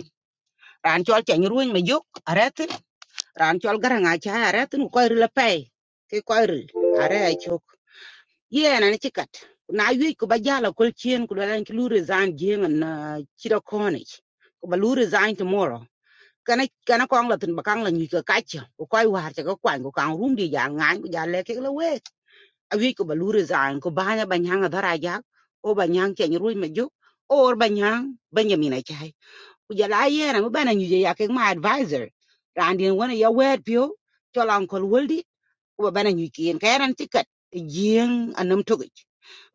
ran chol chen ruin ma juk aret ran chol garanga cha aret ko ir la pay ke ko ir are chok ye na ni chikat na yu ko ba jala kol chien ku lan ki lu resign jeng na chira kone ko ba lu resign tomorrow kana kana kong la tin bakang la nyi ka ka chi ko koi war cha ko kwan ko kang rum di ya ngan ko ja le ke la we a wi ko ba lu re zan ko ba nya ban hang da ra ja o ban hang che nyi ru me ju or ban hang ban ya mi na chai ku ja la ye na mo ba na nyi ya ke ma advisor ran din wona ya wet pio cho la ko wol wa bana nyu kien ka yaran tikat jing anum togich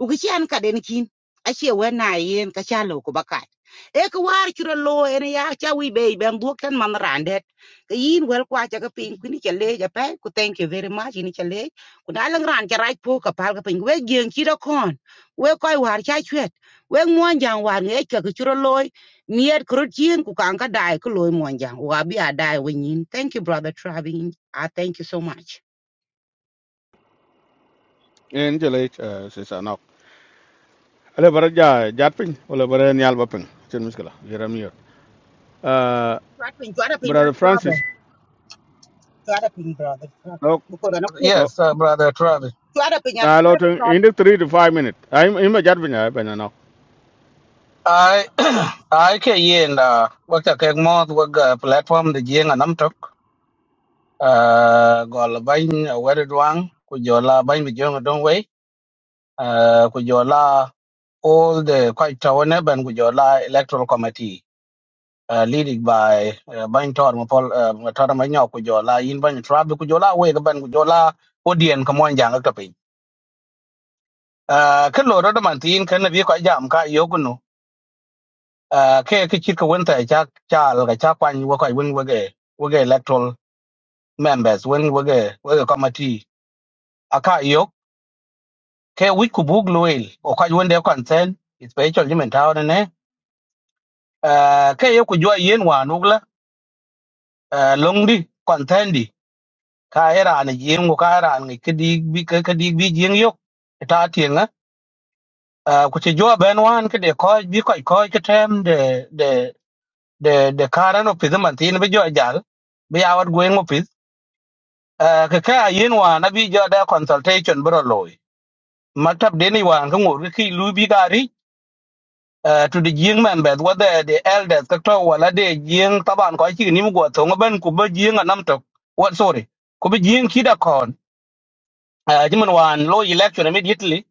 u ki an ka den kin a che wa na yen ka cha lo ko bakat e ko war churo lo en ya cha wi be ben bu ken man randet ka yin wel kwa cha ka pin ku ni cha le ja pe ku thank you very much ni cha le ku na lang ran cha raj po ka pal ka pin we gien chi do kon we koi war cha chwet we mon jang war nge cha ka churo lo miet kro chien ku kan ka dai ko lo mon jang wa bi a dai we nyin thank you brother travin i thank you so much In Jalech, uh, Sisa Nok. Ale bara ja jatping, ole bara nyal baping. Chen miskala, Jeremiah. Uh, Chwat piny, chwat piny Brother brother, Francis, chwat piny brother, chwat. no, Because an akwed, no, Yes, uh, brother Travi. chwat piny an na lo akwed ten, in brother. the three to five minute. I'm, I'm a jatping, I ben now. I I ke yin da wak ta kek mo wak uh, platform de jing anam tok. Uh, gol bain uh, wedded wang ku jola bain bi jong don way. Uh, ku jola all the quite tawane ban ku jola electoral committee. Uh, leading by uh, Bain Tor Mapol uh, Tor Manyok ku jola yin Bain Travi ku jola we ban ku jola Odien ka mon jang ka Ah, kin lo đó đó mình tin cái kan na bi ko jam ka yo gunu à ke ke chit cái vấn ta cha cha al ga cha quan wo ko vấn wo ge wo ge electoral members vấn wo ge wo ge committee aka yo ke wi ku bug lo el o ka wen de consent is pe mình jimen ta ona à cái ke của ku jwa yen wa là à long di consent đi ka era ne yen wo ka era ne cái di bi cái ke di bi yen yo ta ti nga ku che jwa ben wan ke de ko bi ko ko ke tem để the the current office man tin bi jo jal bi awat going office uh, ka ka yin wa na bi jo da consultation bro loy matab de ni wa ka ngor ki lu bi gari uh, to the jing man bet what the the elders ka to wala de jing taban ko chi ni go to ngaben ku ba jing nam to what sorry ku bi jing ki da kon uh, jiman wan low election immediately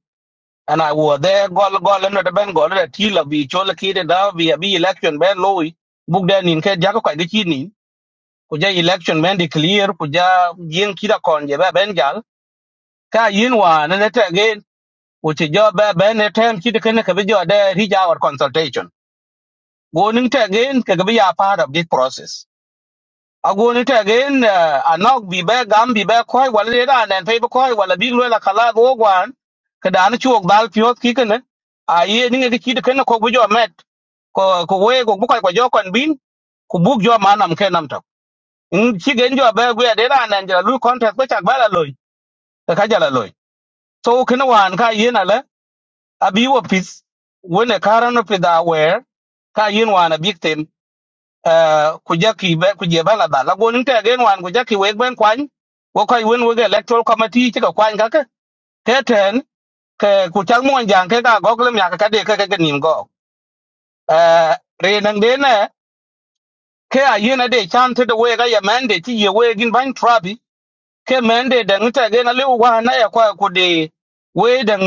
and i was there gol gol no da ben gol da tila bi chola ki da bi bi election ben loy bugda nin ke jago ka de chi nin kuja election men declare kuja yin kida kon je ba ben gal ka yin wa na ne ta gen uchi jo ba ben ne tem kida kan ka bi jo da rija our consultation go ning ta gen ka ga bi ya part of this process a go ning ta gen anok bi ba gam bi ba koi wala ne da nan pe ba koi wala bi lo la kala go gwan ka da na chuok dal pyot ki kan a ye ning ga kida kan ko bi jo met ko ko we go bu koi ko jo kon bin ku buk jo manam ke nam chigen jo be gwe de ran nan jala lu contract ko chak bala loy ka ka jala loy so kina wan ka yin ala abi wo pis wona karan of da where ka yin wan abi ten eh ku jaki be ku je bala da la gonin te gen wan ku jaki we ben kwan wo kai wen we electoral committee ti ka kwan ka ka ke ten ke ku chak mon jang ke ka gok lem ya ka ka de ka ka nim go eh re nan de na ke a yin ade chan te de we ga ya mande ti ye we gin ban trabi ke mende dang ta ge na lu wa na ya kwa ku de we dang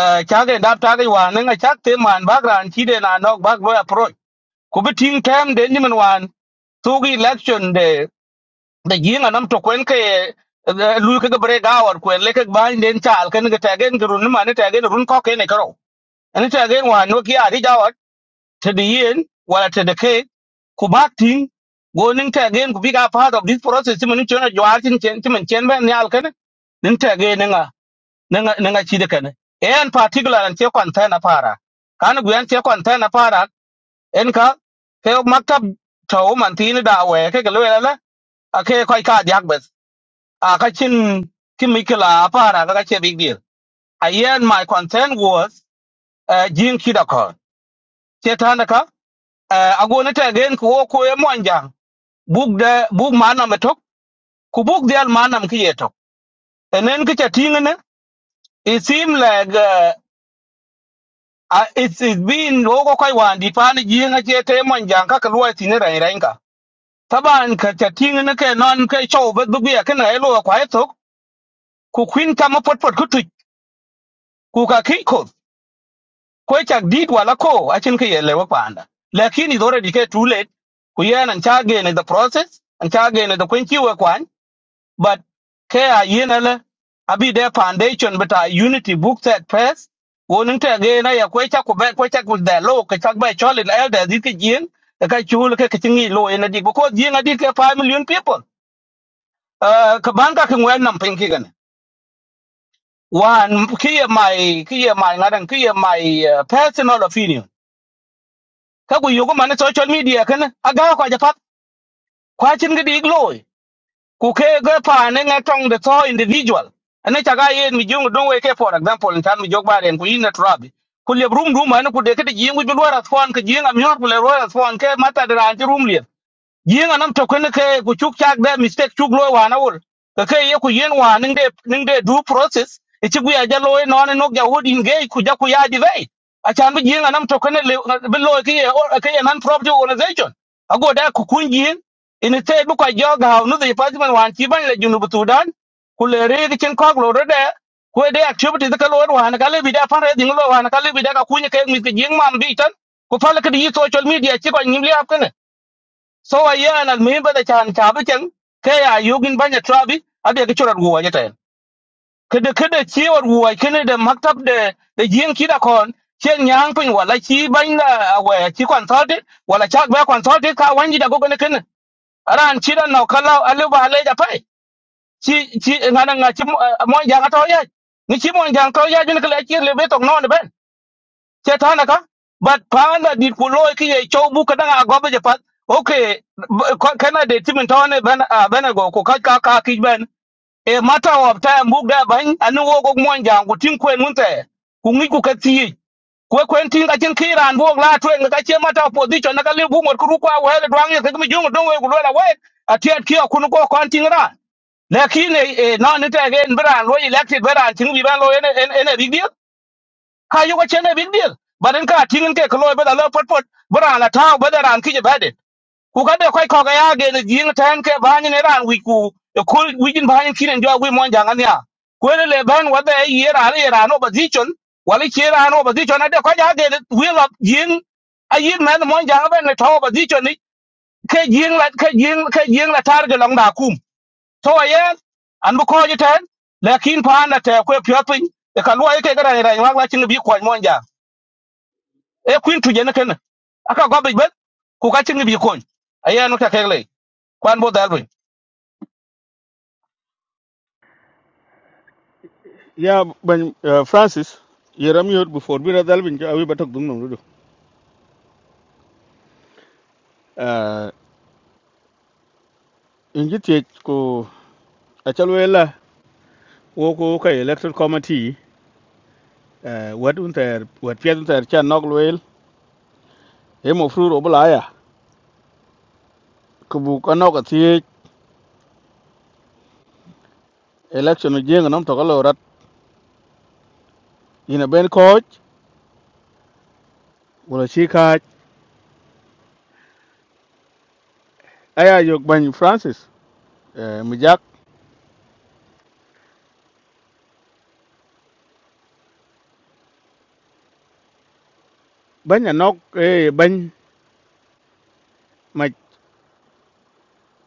eh, cha ge dap ta ge wa na nga chak te man ba gran chi de na nok ba lo approach ku bi ting tem de ni man wan tu gi election de de gi na nam to kwen ke eh, lu ke ge bre ga war kwen le ke ba den chal ken ge ta ge run ma ne ta ge run ko ke ne karo ani ta ge wa no ki ari ja to the yen wala to the ke ku bakting go nin ta gen ku biga part of this process ti mun chona jwar tin chen ti mun chen ben yal kan nin ta ge ninga ninga ninga chi de kan en particular an che kon ta na para kan gu an che kon ta na para en ka ke ok maktab to man tin da we ke ke le la a ke ko ka diak bes a ka chin ti mi kila para ka che big deal a yen my concern was uh, jin kidakon che ta uh, agone te gen ko ko e monjang buk de buk manam e tok ku buk de al manam ki etok enen ki chating ne it seem like uh, uh, it's, it's been logo kai wan di pan ji nga che te monjang ka kalwa tine rai rai ka taban ka chating ne ke non ke chou bet bu ya ke na elo kwa e tok ku kwin kama pot pot ku tuj ku ka ki ko ko chak dit wala ko achin ke yele wa panda lakini dore di ke too late ku yen an chage ne the process an chage ne the kwen ki wa kwa but ke a yin ale abi de foundation but a unity book that press wonin te ge na ya kwecha ku be kwecha ku de lo ke chak be chol in elder dit ke jin ka chul ke ke tingi lo en di ko jin adi ke 5 million people uh ka ban ka ke ngwen nam pin ki gan wan ki ye my ki ye my ngadan ki my uh, personal opinion ka ku yugo man social media kan aga ko ja pat kwa chin ge di lo ku ke ga pa ne nga tong de to individual ane chaga ye mi jung don we ke for example in tan mi jog baren ku ina trabi ku le rum room an ku de ke de jing ku bi wara fon ke jing am yor ku le wara fon ke mata de ran ti rum yin anam to kun ke ku chuk chak de mistake chuk lo wa na wul ka ke ye ku yin wa ning de ning de due process e chi ku ya ja lo no ne no ja wod in ge ku ja ku ya di ve a chan bi yin anam to kun le bi lo ke ye or- ke ye non profit organization a go da ku kun yin in te bu ka jo ga no de department wan chi ban le junu bu dan ku le re ke chen kok lo re de ku e de activity de ka lo wa na ka le bi da pan re ding lo wa na ka le bi da ka kun ke mi ke yin mam bi tan ku fa le ke di social media chi ko nyim le ap so wa ye alal muhim bada chan chabu chang ke ya yugin banya trabi abe ke churat guwa jata kede kede chiwar guwa kene de maktab de de jing kida kon chen nyang pin wala chi banya awe chi consulted wala chak ba consulted ka wanji da gogone kene aran chida no kala alu ba le ja pai chi chi ngana nga chi mo jang to ya ni chi mo jang to ya jun kala chi le be tok non ben che thana ka but panda dit ku loy ki ye chow bu ka danga go be pat okay b- ko- kana de timin tawne ben ah, ben go ko ka ka ka ki ben e matter of time bu da ban anu wo go mon jang ku tin kwen mun te ku ngi ku ka ti ko kwen tin ka tin ki ran bo la twen ka che matter of position na ka le bu mot ku ru kwa we le dwang ye ka mi jung don we ku lo la we atiat ki ku nu ko kon tin ran lakini eh, non ite again beran lo elected beran tin bi ban lo ene ene ene rigdi ka yugo chene big deal baden ka tingin ke kloy bada lo pot pot bra la taw bada ran kije bade ku ka de koy ko ga ya ge ne jing tan ke banyi ne ran wi ku e kul wi jin banyi kinen jo wi mon jangan ya ko ne le ban wa da ye ra ne ra no position wali che ra no position ade ko ja ge wi lo jing a yin man mon jangan ben ne taw position ni ke jing la ke jing ke jing la tar ge long da kum to ye an bu ko ji tan lakin pa na te ko pyo pin e ka lo ye ke ga ra ra wa wa chin bi ko mon jang e kuin tu jene ken aka go be ben ku ka chingi bi kon aya no ka kele kwan bo dal bin Yeah, ben uh, Francis, Jeremiah before bira dalvin, awi batok dung nung dudu. Uh, inji tiech ko, achal wela wo ko ka electoral committee eh wad unter wad pia unter chan nok loel e mo fru ro bla ya ku bu ka nok ti election jeng nam to ka lo rat ina ben coach wala chi ka aya yok ban francis eh mi jak ban ya nok e ban ma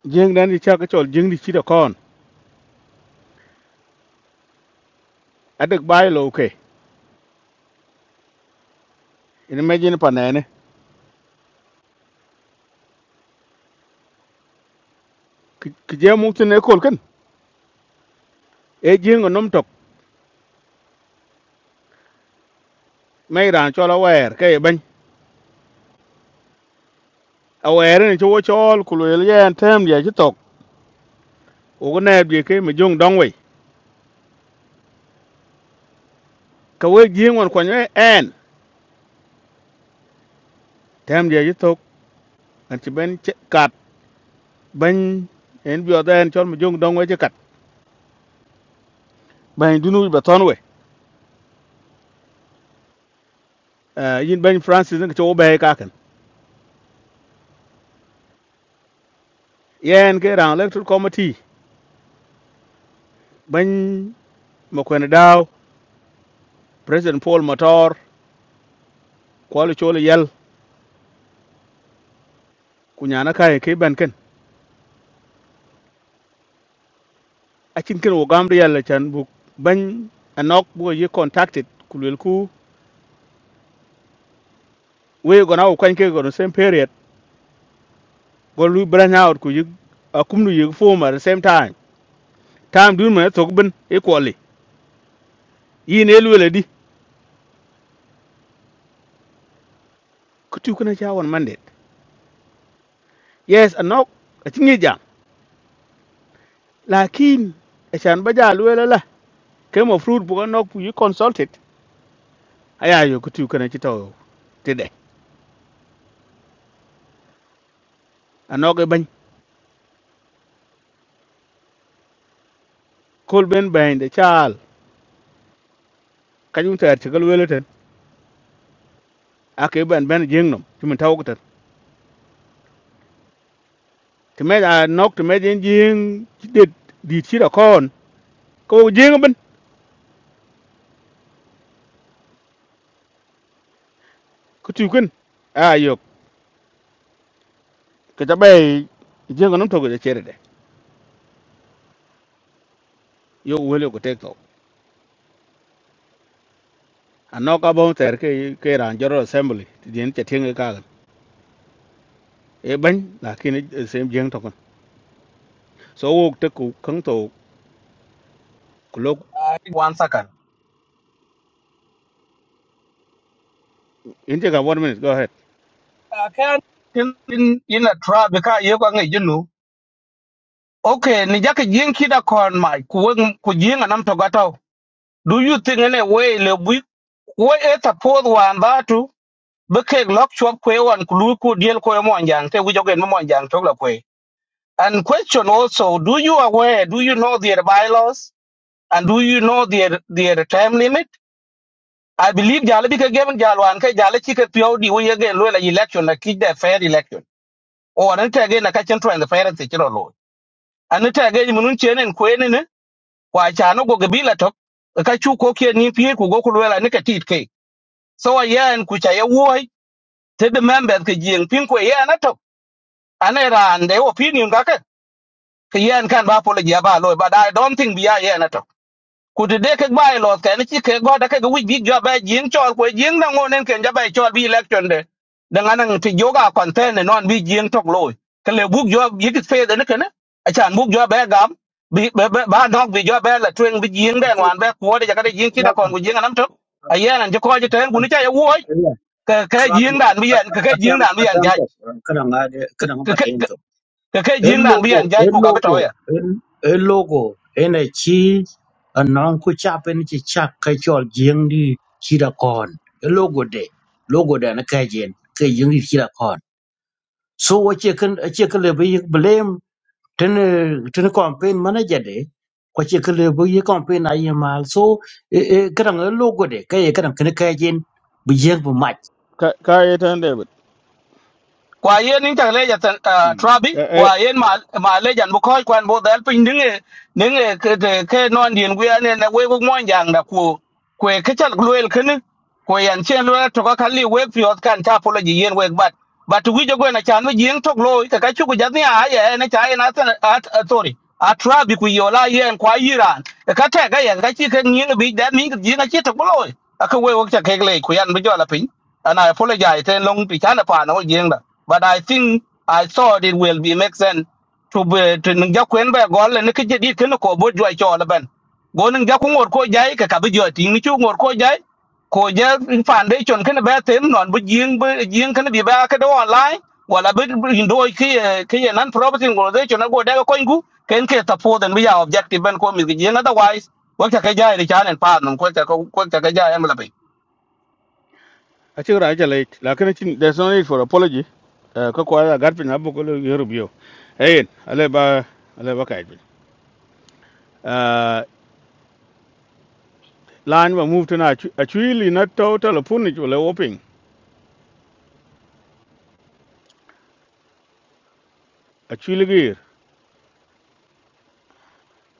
jeng dan di cha ka chol jeng di chi da kon adak bai lo ke ina me jin pa ne ne ki je mu tin e kol kan e jeng nam to mai ran chol awer ke ban awer ne cho wo chol ku lo yen tem dia chi to ogo na bi ke mi jong dong wei ka we jing won kwanyo en tem je ji tok an ti ben che kat ben en bi oda en chon mi jong dong wei che kat ben dunu ba ton we yin ben francis ne cho be ka kan yen ke ran electoral committee ben mo kwen daw president paul motor ko le cho le yel ku nyana kai ke ben ken a chin ken wo gam de yel chan bu ben anok bu ye contacted ku lel ku we go na wo kwen ke go no same period go lu branch out ku yik a kum lu yik form at the same time time dun ma to bin equally yin elu le di ku tu kuna cha won mandet yes a nok a chingi jam lakin a chan ba ja lu la la ke mo fruit bu nok ku yik consulted aya yo ku tu kana chi to tede a nok e ban kol ben ben de chal kanyum ter chi gal wele ten a ke ben ben jing nom ti min taw ku ten ti me a nok ti me jing jing dit dit chi da kon ko jing ben ku tu kun aya ke ta bai jengo nam togo chere de yo wele ko tekto anno ka bon ter ke ke ran joro assembly ti den te tinga ka ga e ban la kin sem jeng to kon so wo te ku kang to ku lok one second inte ka one minute go ahead akan in in in a trap ka ye ko ngi jinu okay ni jaka jing kida kon mai ku weng- ku jing anam to gato do you think any way le bu we et a pod wan datu be ke lok chop kwe wan ku lu ku diel ko mo anjang te wi jogen mo anjang to la kwe and question also do you aware do you know their bylaws and do you know their their time limit I believe jala bi ka gem jalwan ka jala chi ka pyo di wo yege lo la election la ki the fair election. O an ta ge na ka chen twan the fair se chiro lo. An ta ge mun chen en kwen ne kwa cha no go ge bila tok E ka chu ko ke ni pye ku go ku lo la ne ka tit ke. So a ya en ku cha ye wo te the member ke jing pin ko ye na tok. An era an de opinion ga ke ke ye en kan ba polo ja ba lo but I don't think bi ya ye na tok. ku ti de ke gbai lo ke ni chi ke go da ke ga wi big jo ba jing cho ko jing na ngo nen ken ja ba chol bi election de da ngan ti yoga content ne non bi jing tok lo ke le buk jo yi ki fe de ne ke ne a chan buk jo ba gam bi ba ba- ba dog bi jo ba la twen bi jing de ako wan ba ko de ja ka de jing ki da travel kon ku jing nam tok a ye nan ji ko ji ten ku ni cha ye wo ya ke ke travel jing dan bi yan ke ke jing atam dan bi yan atam ja to kana nga de ke kana nga ke batem to ke ke el jing dan bi logo yan ja el ku ka ba to logo el logo ene chi anon ku chapen chi chak ka chol jing di chi da kon el logo de logo da na ka jen ka jing di chi so wo che kan che kan le bi blame ten ten campaign manager de ko che kan le bi campaign ay mal so e kadang e kan ngal logo de kay kan kan kay jin bi yeng bu mat ka ka e tan de but kwa yen in ta leja tan ah, mm trabi e kwa yen ma ma leja bu ko kwan bo dal pin dinge dinge ke te- ke non dien gu ya ne na we gu mon jang da ku kwe ke chal gluel ken ko yan chen lo to ka kali we fi ot kan ta polo ji yen we bat but wi jo go na chan wi yen tok lo ka ka chu gu ja ni a ye na cha na tan at sorry a trabi ku yola yen kwa yiran ka ta ga yan ka chi ke ni bi da ni ji na chi tok lo ka we wo cha ke le ku yan bu jo la pin and I apologize. Then long to China pa no yeng da. But I think I thought it will be make sense to be to nung ja kwen ba go le ne ke di ke no ko bo jwa cho la ban. Go nung ja ku ngor ko jai ka ka bi jwa ti ni chu ngor ko jai. Ko ja fan de chon ke ne ba tem non bu yeng bu yeng ke ne bi ba ke do online. Wala bi bi ndo ke ke nan property ngor de chon go da ko ngu ken ke ta po den bi ya objective ben ko mi ge yeng otherwise. Ko ta ke jai ri chan en pa no ko ta ko ta ke jai en a chi ra jale la kin chin there's no need for apology Eh, ka kwa ya garpin abu ko yoro bio e ale ba ale ba kai bin lan ba move to na a chuli na total punich wala whopping a chuli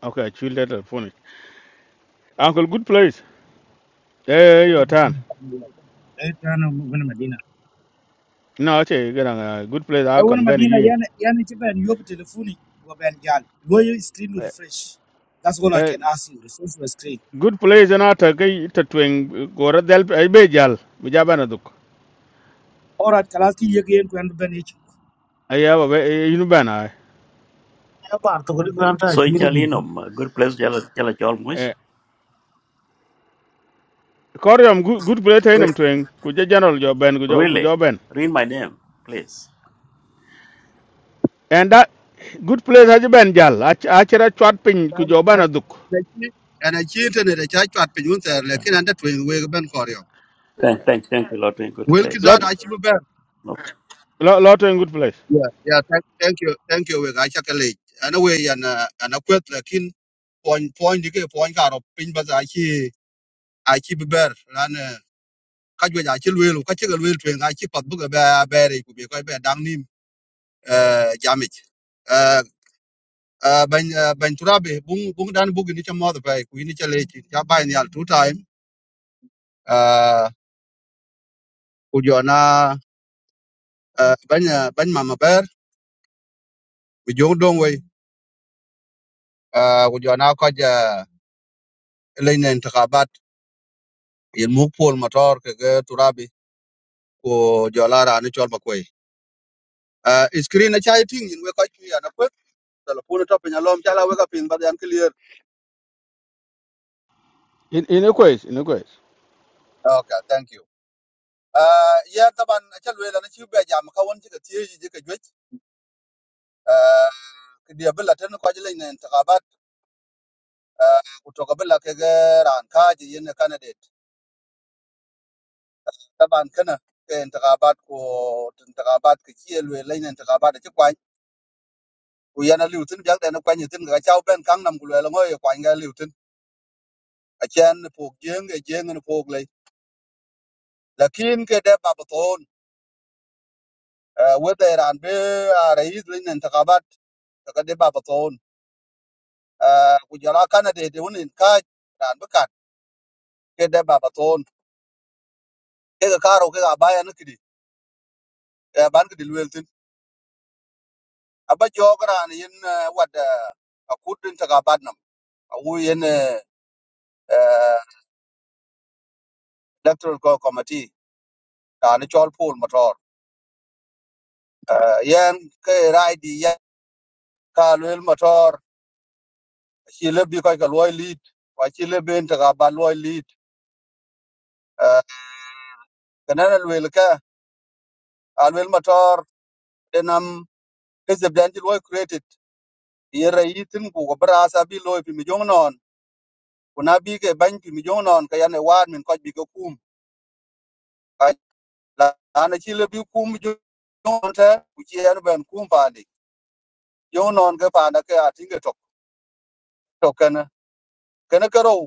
Okay, children are phone. Uncle, good place. Hey, hey, Wani your turn. Madina Sambia. Eh, tana wani Madina. No, actually, get a good place. E I won can bend Madina you in. yan yan che ben yob telefoni go ben gal. Lo yo screen to Eh, refresh. That's all I eh, can ask you. Refresh your screen. Good place, and I take it to twin. Go to the I be jal. We jab an aduk. All right, kalas ki yeg yen ben ich. I have a way ya bar to ko kan ta so shi in ri gi chalinum good place jala jala chalmush Corium, good good place. I am twin. Could you general your ben? Could Really? you ben? Read my name, please. And that good place has been jal. Actually, a chat pin. Could you ban aduk? anh chị anh chị tên là chị cho anh bình luận xem là khi nào để chuẩn bị bên kho rồi Thank, thank, thank you, Lotwing. Good vậy cái place. đó Lot, Good. anh chị muốn biết No, lot, lot in good place. yeah yeah thank you thank you về cái chắc cái này anh nó quên nhưng mà point point dike point karo piny ba za chi a chi ber ran eh, ka jwe ja chi lwelu ka chi ga lwelu twen a chi pat bu ga ba ba re ku be ko be dang nim eh jamit eh eh, ban eh, ban turabe bung bung dan bu ni cha mo da pai ku ni cha le chi ja ba ni al two time eh ku jo na eh, ban eh, ban mama ber ku jo dong we eh ku jo na ko ja le ne intikabat il mu pol motor ke ge turabe ku jo la ra ni chol ma kwe uh, screen acha ting in we koch ya na put telephone to pin alom chala we ka pin ba yan clear In in a quiz, in a quiz. Ah, okay thank you uh, ya taban acha we la na chi be jam ka won ji ka tie ji ka jwe uh, ki dia bela tan ko jile ne intikabat uh, kutoka bela ke ga ran ka ji yin candidate taban kana ke intikabat ko intikabat ki chi le le ne intikabat chi kwa ku yana liutin jak da na kwa ni tin ga chao ben kang nam ku le ngo ye kwa ga liutin achen pok jeng ge jeng ne pok le lakin ke de ba whether an be rais lin intikabat ka de baba ton ku jara kana de de unin ka ran be kat ke de baba ton ke ka karo ke ga baya ni kidi eh, ban kidi lweltin aba jogra an yin eh, wad eh, a kudin intikabat nam a wu yin eh, eh, electoral Co- committee an chol pool motor yen ke rai di ya ka lwel motor chi lebi ka ka loy lead wa chi lebi intikabat loy lead kana lwel ka an lwel motor kese bian ti loy created ye rais tin ku ko bra sa bi loy pi mi jong non ku na bi ke ban pi mi jong non ka yan e wan min ko bi ko kum ka la na chi le bi kum jong non ta ku chi yan ban kum pa ni jong non ke pa na ke a tin ke tok tok kana kana ka ro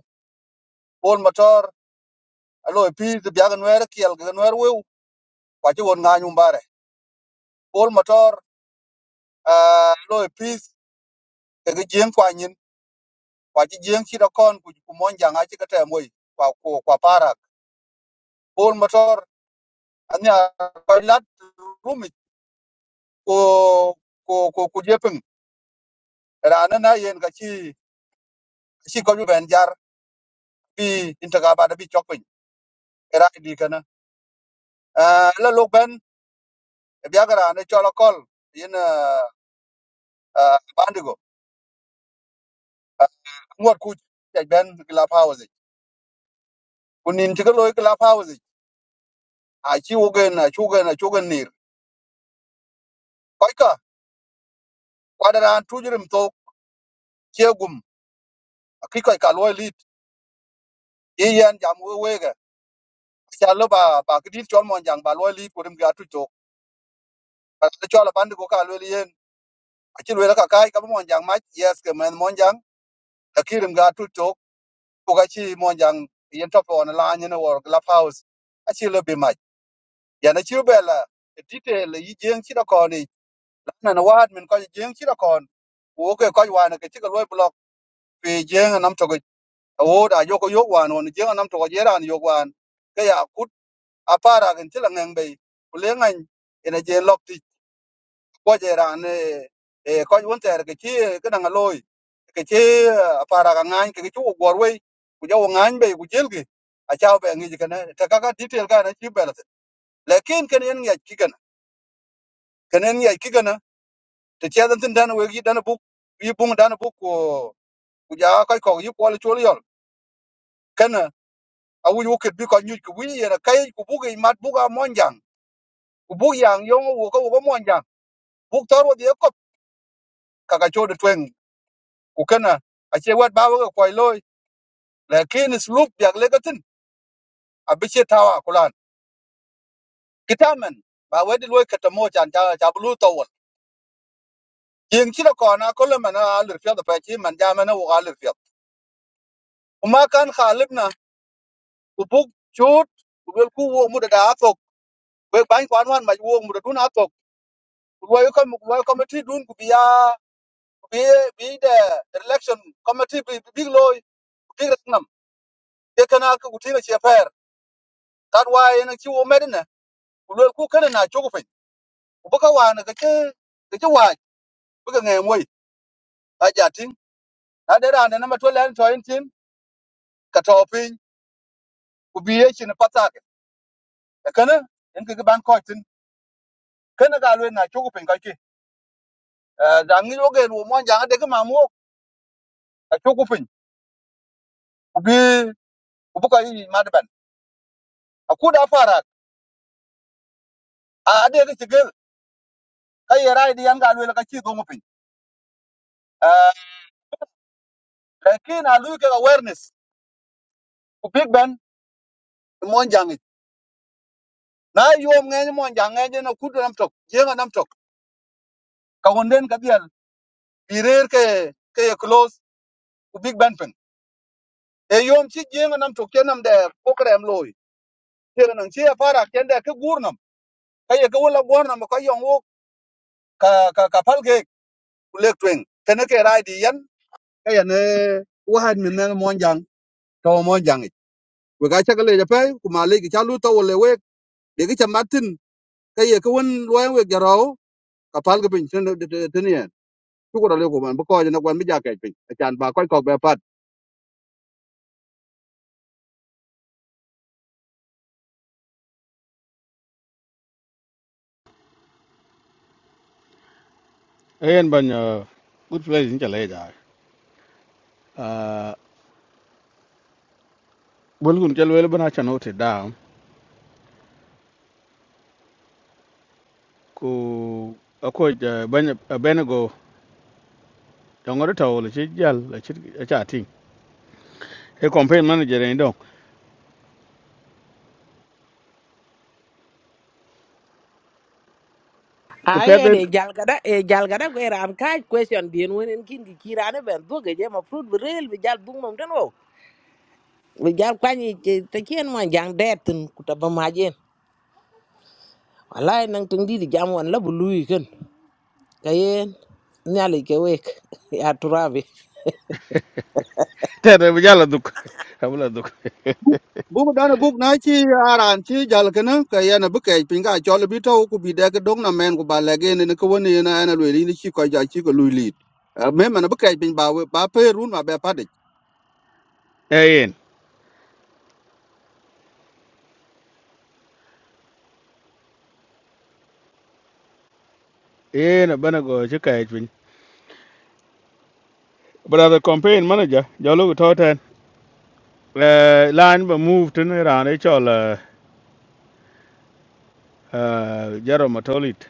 pol motor a loy pi ti bian wer kiel ga wer we kwa chi won nga nyum bare pol motor a loy pi ke ge jeng kwa nyin kwa chi jeng chi da kon ku ku mon janga chi ka te moy kwa kwa kwa para pol motor anya koilat rumi ko ko ko ku jepeng rana na yen ka chi chi ko ben jar bi intaga ba da bi chokpin era di kana la lok ben biagara ne chola kol yen bandigo ngot ku ja ben la pause kunin tiga loy la pause a chi ogen a chugen a chugen nir koi ka kwadara tujurim to kiegum kikai ka loy lit iyan jam wege cha lo ba ba kidin chol mon jang ba loy lit kurim ga tu Pasal cuala pandi ko ka lwel yen aci lwel ka kai ka monjang mac yes ke men monjang lakirim ga tu tok ko ka ci monjang yen top on la nyen wor club house aci le bi mac yana ci bela e detail e yi jeng ci da ko ni na na wad min ko jeng ci da kon wo ke ko wa na ke ci ko lwel block pe jeng nam to ko wo da yo ko yo wan on jeng nam to ko yeran yo wan ke ya kut apara gen ti la ngeng be kulengan ina je lok ti ko je ran e ko won ter ke chi ke na loy ke chi para ga ngan ke chu gor we ku jo ngan be ku jel gi a chao be ngi ke na ta ka ka detail ka na chi be la lekin ken en ngi ki ken ken en ngi ki ken te che dan tin dan we gi dan bu yi bung dan bu ko ku ja ka ko yi ko le chu yol ken a wu yu ke bi ko nyu ku wi ye na kai ku bu gi mat bu ga mon jang ku bu yang yo wo ko wo mon jang bu tor wo ye ko ka ka chu de twen ku ken a che wat ba wo ko loy lakin sluk jak legatin abiche tawa kulan kitamen ba wedi loy katamo chan cha cha blu tawal yin kira kona kolman alir fiya da fachi man jamana wa alir fiya kuma kan khalibna ubuk chut ubel ku wo muda da atok be ban kwan wan ma t i e l e c t i o n committee bi big loy big ratnam ke kana ka g u t h a t why yana chi wo medina l o n a c h o g o f i ubaka wa na ka ke bï ke ŋe moi aja tiŋ na de raan dena matwal en tɔ en tin ka tɔ piny ku bi ye cin pathake ekene en keki ban kɔc tin kene ka luet na acuku piny kɔcki dhaŋ ŋic wogen wo mɔn jaŋ adeke mam wok acuku piny ku bi ku bi kɔc yic madbɛn akud aparak adeke ci gel ka ye rai di yan ka luel ka ci dhoŋu piny lakin a lui kek awareness ku big ben mɔn jaŋic na yom ŋeny mɔn jaŋ ŋeny en akud nam tök jieŋa nam tök ka wunden ka dhiɛl bi reer ke ke close ku big ben e yom chi jeng nam to kenam de program loy teng nang chi para ken de ke gurnam ka ye ke wala gurnam ka yong wo ka ka ka pal ke lek twing ken ke rai di yan ka ye ne wahan min ne mon jang to mon jang ik. we ga cha ke le je pe ku ma le ki cha lu to wo le we de ki cha martin ka ye ke won lo we ga ro ka pal ke pin ten ten yen ku ko le ko man ko je na kwan mi ja ke pin chan ba ko ko be pat Hey, and ban uh, good place in Jaleda. bulgun kel wel bana chan hoti da ku ako banya benego jongor tawol chi jal la chi cha ting e campaign manager ni don ku Ai pede de jal gada e jal gada ko ram ka question din wen en kin ki kirane ben bu ge je ma fruit bu rel bi jal bu mom tan wo. Bi jal kwan te kien mo jang de tin ku ta ba ma jen. Wallahi nang tong di di jam wan la bu lui ken. Kayen nyali ke wek ya turabi. tere bi jala duk abula duk buk dana buk na ci aran ci jal kana ka yana buke pinga chol bi to ku bi daga dong na men ku ba lege ne ko woni na ana lwe ni ci ko ja ci ko lui lit me man buke pin ba we- ba pe run ma be pa de e yen yen benego chi kai twin but the campaign manager jalo to ten Eh, line ba move tin ran e chol jaro matolit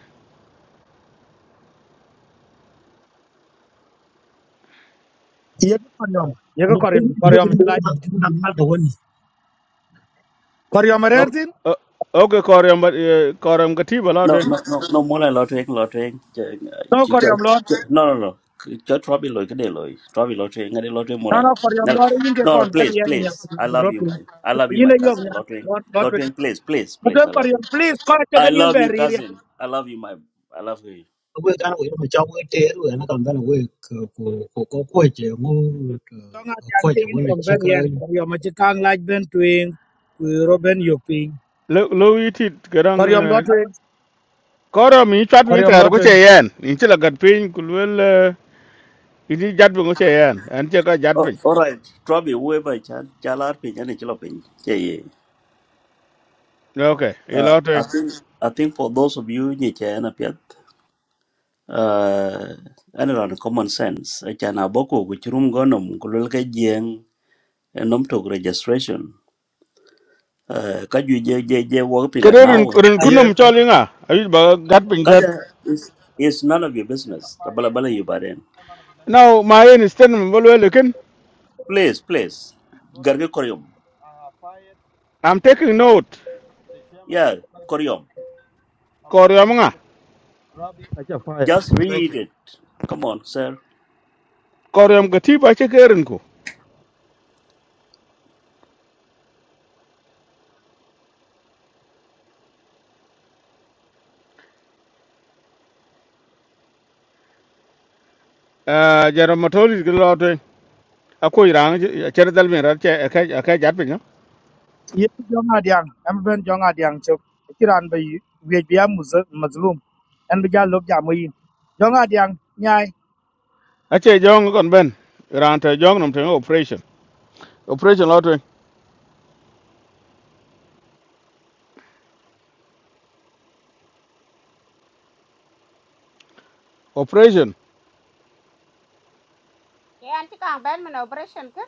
Yeg koryom. Yeg ne ko koryom yo ko koryom din ta lai. na mal to woni Koryom ok rertin. eh, ok koryam koryam katiba la no, ten no, no, no more than Lotwing, Lotwing. No koryom No, no, no. Just Robbie Loy, good day, Loy. Robbie Lotwing, good day, Lotwing more No, than. no, for your No, lord, you can no, call no, very please, young and young please. I love group. you, my, I love you, You my know, you have cousin, Lotwing. not not with Lotwing, please, please, please. I Madam for love your you. please call it I again in love you, very area. cousin. I love you, my, I love you. ko kan ko yo ma chawo te ru na kan ban we ko ko ko ko che mo Long as ko you je take you woni from che very ka young for your Machikang like Ben Twin, Robin Yopi, lo yiti Koryom garang Lotwing, koro mi chat pin Koryom ter ko che Lotwing. yen in che lagat pin ku wel ini jat pin ko che yen an che ka jat Oh, pin all right, Robbie, whoever can, Jalar Pin, any kilo pin. Yeah, yeah. okay i Uh, lo I te think, I think for those of you, you can appear. uh, an common sense achana boko ku chirum gonom kulul ke jeng enom tok registration uh, ka ju je je je wo pila kere rin now rin as Yeah, kunum n- chairman choli nga ayi ba gat pin ten kaja is is none of your business tabala bala you baren of electoral now committee. my in stand bol wel ken please please Go to the garge koryom I have fired i'm taking Trabi, note the chairman of yeah executive com- koryom of koro yam electoral nga committee. Trabi, I just fired. just Thank you. read it come on sir koro yam gati ba che kerin ko eh jara matoli ko lo te ako irang che dal mi ra che ka ka jat pin Yes, young at young, I'm Ben Young at young, so Kiran by you, we be a Muslim, and we got look Yamoyin. Young at yay, a che jong kon ben ran te jong nom te operation operation lo te operation ke anti kang ben men operation kan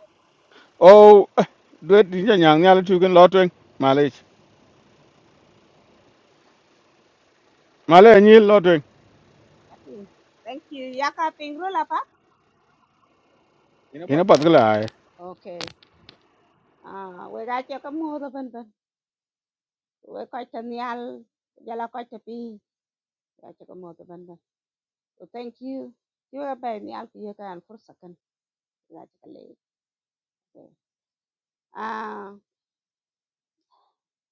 ô đuết đi nhà nhàng nhà là chú gần lo tuyên mà lấy mà lấy anh lo tuyên tapi thank you ya ka pingru la pa ina thì nó pat bắt cái kala lại okay ah we ga che ka mo da ben ben we ka chen yal ya la ka che pi ya che ka mo da ben ben so thank you you ga ben yal ti ya kan fursa kan ya che ka le Ok. ah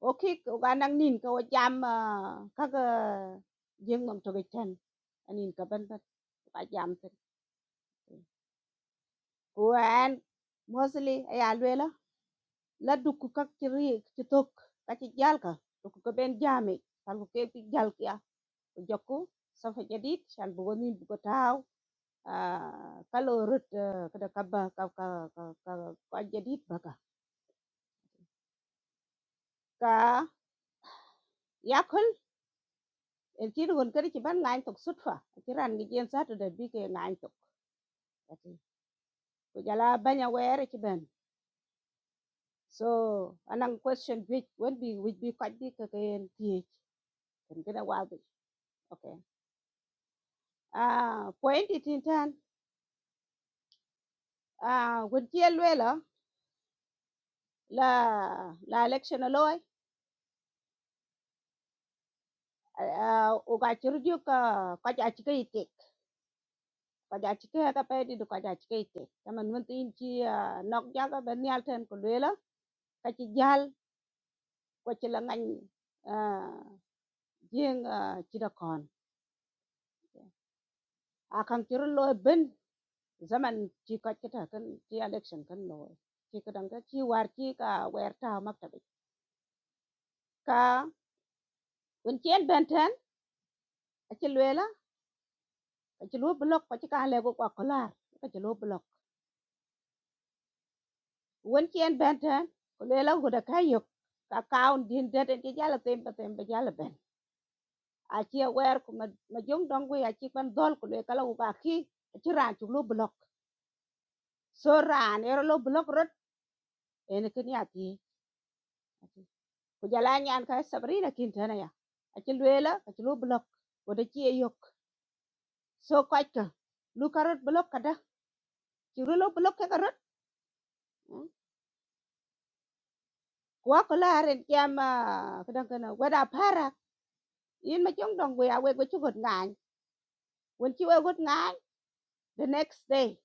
okay ko ga nang nin ko jam ah, ka ga jeng mom to ga chen anin ka ben ben ka jam ten kuan mostly ya la dukku ka ci ri ci tok ka ci jalka dukku ko ben jami fal ko ke ci jalkiya ko jokku safa jadid shan bugo min bugo taw kalo rut kada kabba ka ka ka ka ka jadid baka ka yakul el ci gon kadi ci ban lain tok sutfa ci ran gi jen satu da bi ke lain tok Kati, ko jala banya were ci ben so anang question which would be which be quite big again th kan kada wabi okay ah point it in turn à, quên chia lue là là là election loi à ô ga chiru ju ka ka giá trị ke ti ka ja chi ke ta phải đi di ka giá trị ke ti ta man mun tin chi nok ja ga ben yal ten ko lue la ka chi jal ko chi la ngan à riêng ờ, chi da kon a kan chiru loi ben zaman chi ka chi ta cái chi election kan loi chi ka dang ka chi war chi ka wer ta mak ta ka quên chia ben ten a chi lue ka ci lo blok ko ci ka le go ko lar ka ci lo blok won ci en ben tan ko le la go da kayo ka kaun din de de ci jala tembe tembe jala ben a ci wer ko ma ma jong dong go ya ci ban dol ko le kala u ba ki ci ran ci lo blok so ran ero lo blok rot en ken ya ti ko jala nyan ka sabrina kin tan ya a ci le la ka ci lo blok go da ci yok so ko ka lu karot blok kada ci lo blok ka karot kwa ko laaren jam kadan kana wada para in ma chong dong we awe go chugot ngan when chi we got ngan the next day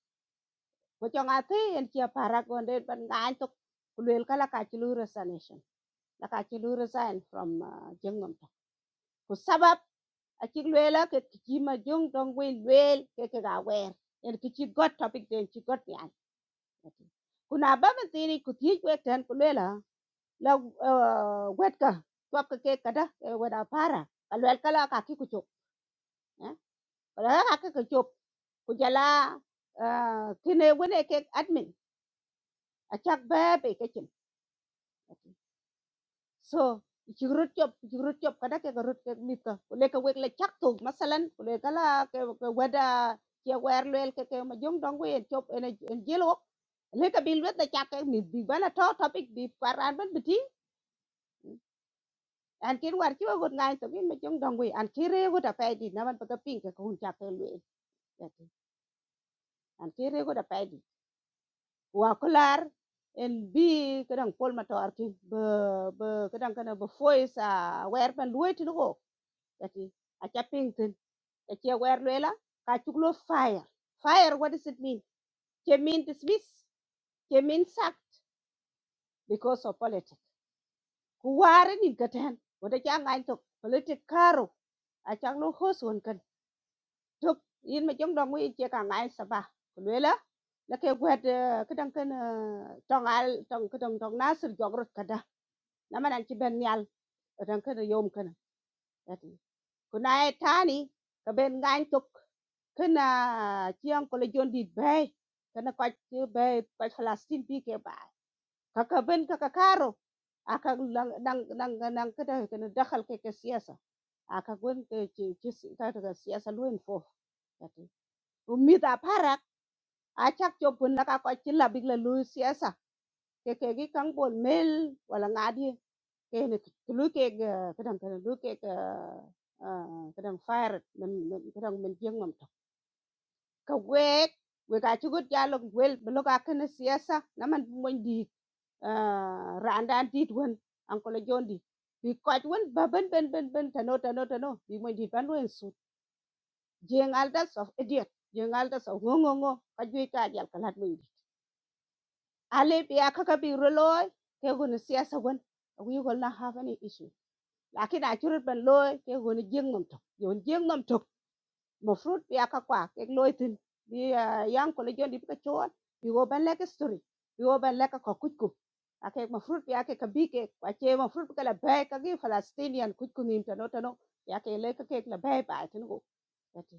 go chong a thi en chi para go de ban ngan to kulel kala ka chi lu resignation la ka chi lu resign from uh, jengnom ta ko sabab a chi lela ke chi ma jong dong we lel ke ke ga we en ki chi got topic den chi got yan kuna ba man tini ku thi we ten ku lela la uh, wet ka twap ka ke kada eh, wet a para kalwel kala ka ki ku chok wala haka ka chop ku jala ah, kine wone ke admin achak babe ke kin so ci rut chop ci rut chop kada ke rut ke mit ka le ka wek le chak tu masalan ku le kala ke ke wada ke wer lel ke ke ma jong dong we chop ene en jelo le ka bil wet da chak ke mit bi bana to topic bi paran ban biti an kin war ci wa got ngai to bin ma jong dong we an kire go da pe di na man pa ka ping ke ko hun chak ke le an kire go da pe wakular and be, kadang pol matar ti be be kadang kana be voice a wer ban luet no ati a chaping tin a che wer lela ka chuklo fire fire what does it mean che mean dismiss che mean sack because of politics ku ware ni gaten wada cha ngai to politic karo a chang lo ho suon kan tuk yin ma jong dong wi che ka ngai saba lela la ke wet kadang kana tong al tong kadang tong nasir jogrot kada na man an ci ben nyal ran kana yom kana ati kuna e tani ka ben ngan tuk kana chiang ko le jon dit bay kana ko ci bay ko falastin bi ke bay ka ka ben ka ka karo aka lang dang dang dang kada kana dakhal ke ke siyasa aka gon ke ci ci si- ka ka siyasa luen fo ati umida parak achak chopun la ka ko ci labik la lu siyasa ke ke gi kang bol mel wala ngadi cái này cứ lối cái cái đằng cái lối cái cái đằng fire nên nên cái đằng mình riêng làm công việc việc cá chốt dialog với bên lúc aknasiasa nằm muốn đi ra anh đi luôn anh có lẽ john đi đi quay luôn bận bận bận bận tháo tháo tháo đi muốn đi vào anh suốt riêng Alda so idiot riêng Alda so gong gong gong phát duy cái gì ở cả lat mới đi Alebia không phải rồi thì không nó sẽ sẽ quên nhưng không nó không có any issue lakini achurut ban loy ke goni jeng nom tok yon jeng nom tok mo fruit bi aka kwa ke loy tin bi ah, yang ko le jondi bi ka chon bi go ban lek story bi go ban lek ko kuj kuj ake mo fruit bi ake ka bi ke kwa che mo fruit bi ka la bay ka gi palestinian kuj kuj nim tano tano ya ke le ka ke la bay ba tin go ati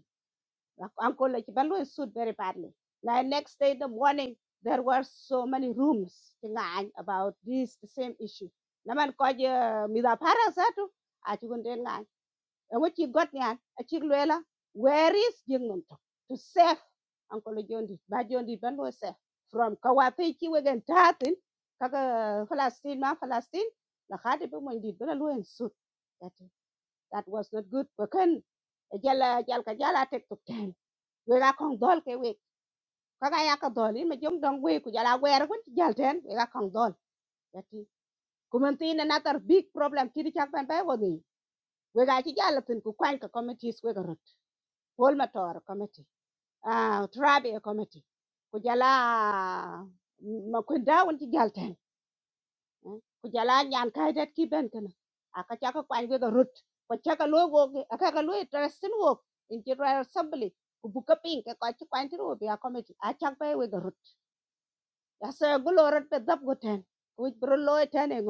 an ko le ki ban loy suit very badly like next day in the morning there were so many rooms about this the same issue naman ko je mi da para sa tu a ci gun den nga And what you got nyan, a chigluela, where is Jingnumto? To save Uncle Jondi, by Jondi Banwa safe from Kawati Chiwagan Tatin, Kaka Falastin, Ma Falastin, Lakati Bumundi, Belalu and Sut. That, that was not good. Wakan, a jala jalka jala take to ten. We are kong dol ke we. Kaka yaka dol, in my jum dong we, Kujala wear, went to Jalten, we are kong dol. That is. Kumantin another big problem, Kiri Chapman Beverly. We got Jalatin, Kukanka committees, we Paul Matar committee ah Trabi committee Kujala, jala ma ku dawon ci galten ku jala nyan kay det ki ben kana aka chaka kwany rut ko chaka logo aka ka loy trasten wo in ci royal assembly ku bu kapin ka ko a committee Achakpe with a chak bay we ga rut asa gulo rut pe dab go ten ku bro loy ten e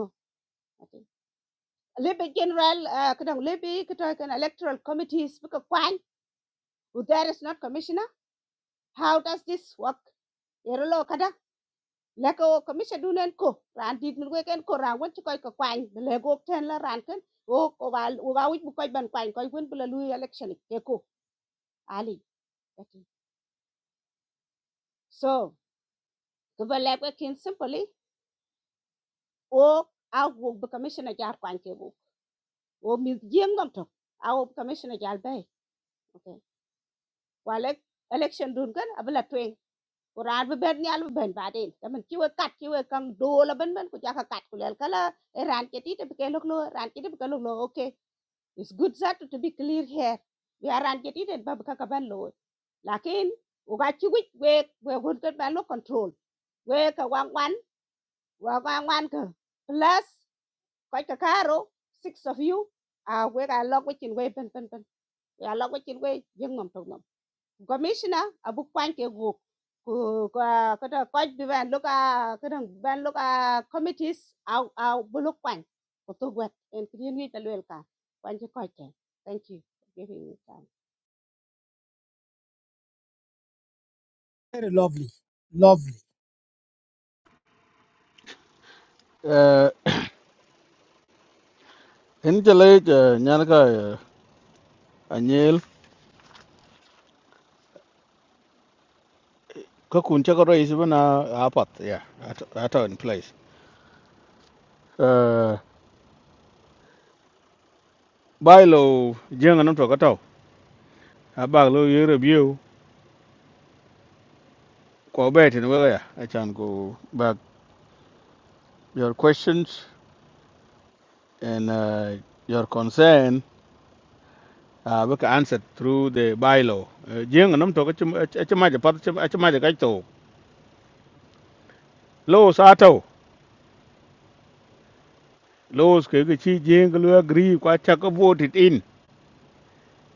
general kadang lebe electoral committee. bu ka kwany who there is not commissioner how does this work yerlo kada leko kamisha dunen ko ran dit min weken ko ran won chikoy ko kwany de lego ten la ran ken o ko wal o ga wit bu koy ban kwany koy won bula lu election ke ko ali ati so ko ba leko ken simply o a wo bu commissioner jar kwany ke bu o mi jeng ngam to a wo commissioner jar bay okay wale election dun kan abla twen ko ran bu ben nyal bu ben baden tamen chiwe kat chiwe kang do la ben ben ko jaka kat ko lel kala ran ke ti te ke lok lo ran ke ti ke lok lo okay It's good that to be clear here. We aren't getting it, but kaka ban low. Lakin, ugachi wik we we would get ban control. We ka wang wan, wa wang wan ka. Plus, koi kakaro, six of you. Ah, we ka log wik in way pen pen pen. We are log wik in way, young mum. Commissioner abu kwanke group ku ka ka ko bi ban loka ka ban loka committees au au bulu kwan ku to gwat en kidin wi talwel ka kwan ji ko thank you for giving me time very lovely, lovely. ờ hiện giờ lấy giờ nhà cái anh nhil có cuốn chắc rồi chứ bên à à bắt yeah at in place ờ bài lô riêng anh em cho cái tàu à bác lô review có bé thì nó cái à anh chàng cô bác your questions and uh, your concern uh, we can answer through the bylaw. Jeng nam to ka chuma chuma ja pat chuma chuma ja kai Law Sato, laws Kikuchi Jingle agree Kwachaka voted in,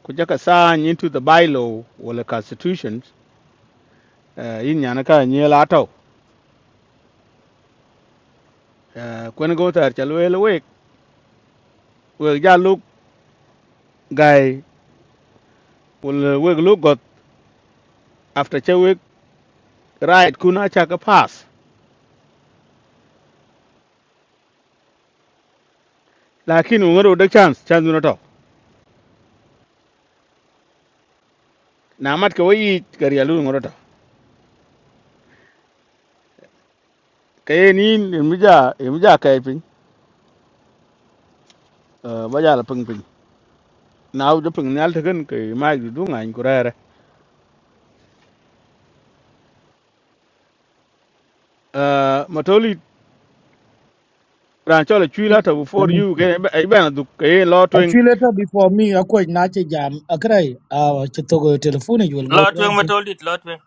Kuchaka sign into the bylaw or the constitutions, uh, in Yanaka Nyel Ato. Uh, when go there, Chalwell awake, will ya look guy, will wig look got after Chewik right Kuna Chaka pass. Lakini ungaro the chance, chance unato. Na mat ka wayi karialu ngoroto. Kayen in imija imija kaipin, uh, bajala ping ping. Now the ping nyal taken kay Mike Dunga in Kurere. Uh, Matoli ran chola chui la to before you ke ai ban du ke lo twing Actually, later before me, I quite not jam. I cry. Uh, chitogo telephone you will go Lot to wing anything. metoldit lot wing.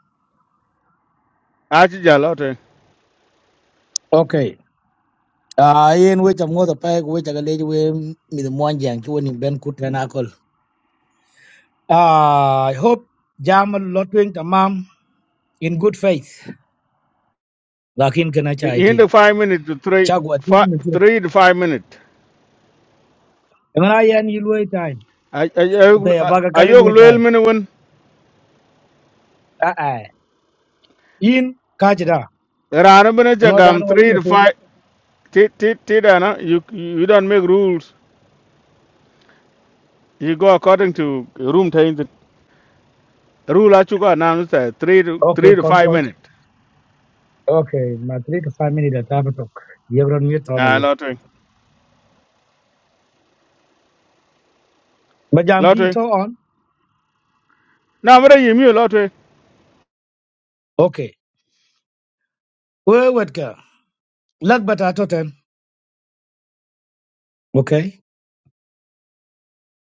a chi ja lo twing Okay. Uh, in which I'm going to pay, which I can lead with me the one jam to win in Ben Kutanakol. Uh, I hope jam a lot wing tamam in good faith. Lakin kana chai in the ting. 5 minutes to 3 Chagwa 5 ting. ni jo. 3 to 5 minute And I yan you wait time. ai ai But I baga kaya ayog wait lel time. men, won Ah ah. In kajda. ran bin ja No dan gam wali 3 to matoli. 5 ti ti ti da na you you don't make rules you go according to room time the rule a chu ga na no say 3 to Okay, 3 to 5 concoch. minutes. Okay, my three to five minutes at Abatok. You're on mute a on. lo twing Bajam lo ki twing to on. na mara yimi lo twing Okay. We wetka. Lagbata atotem. Okay.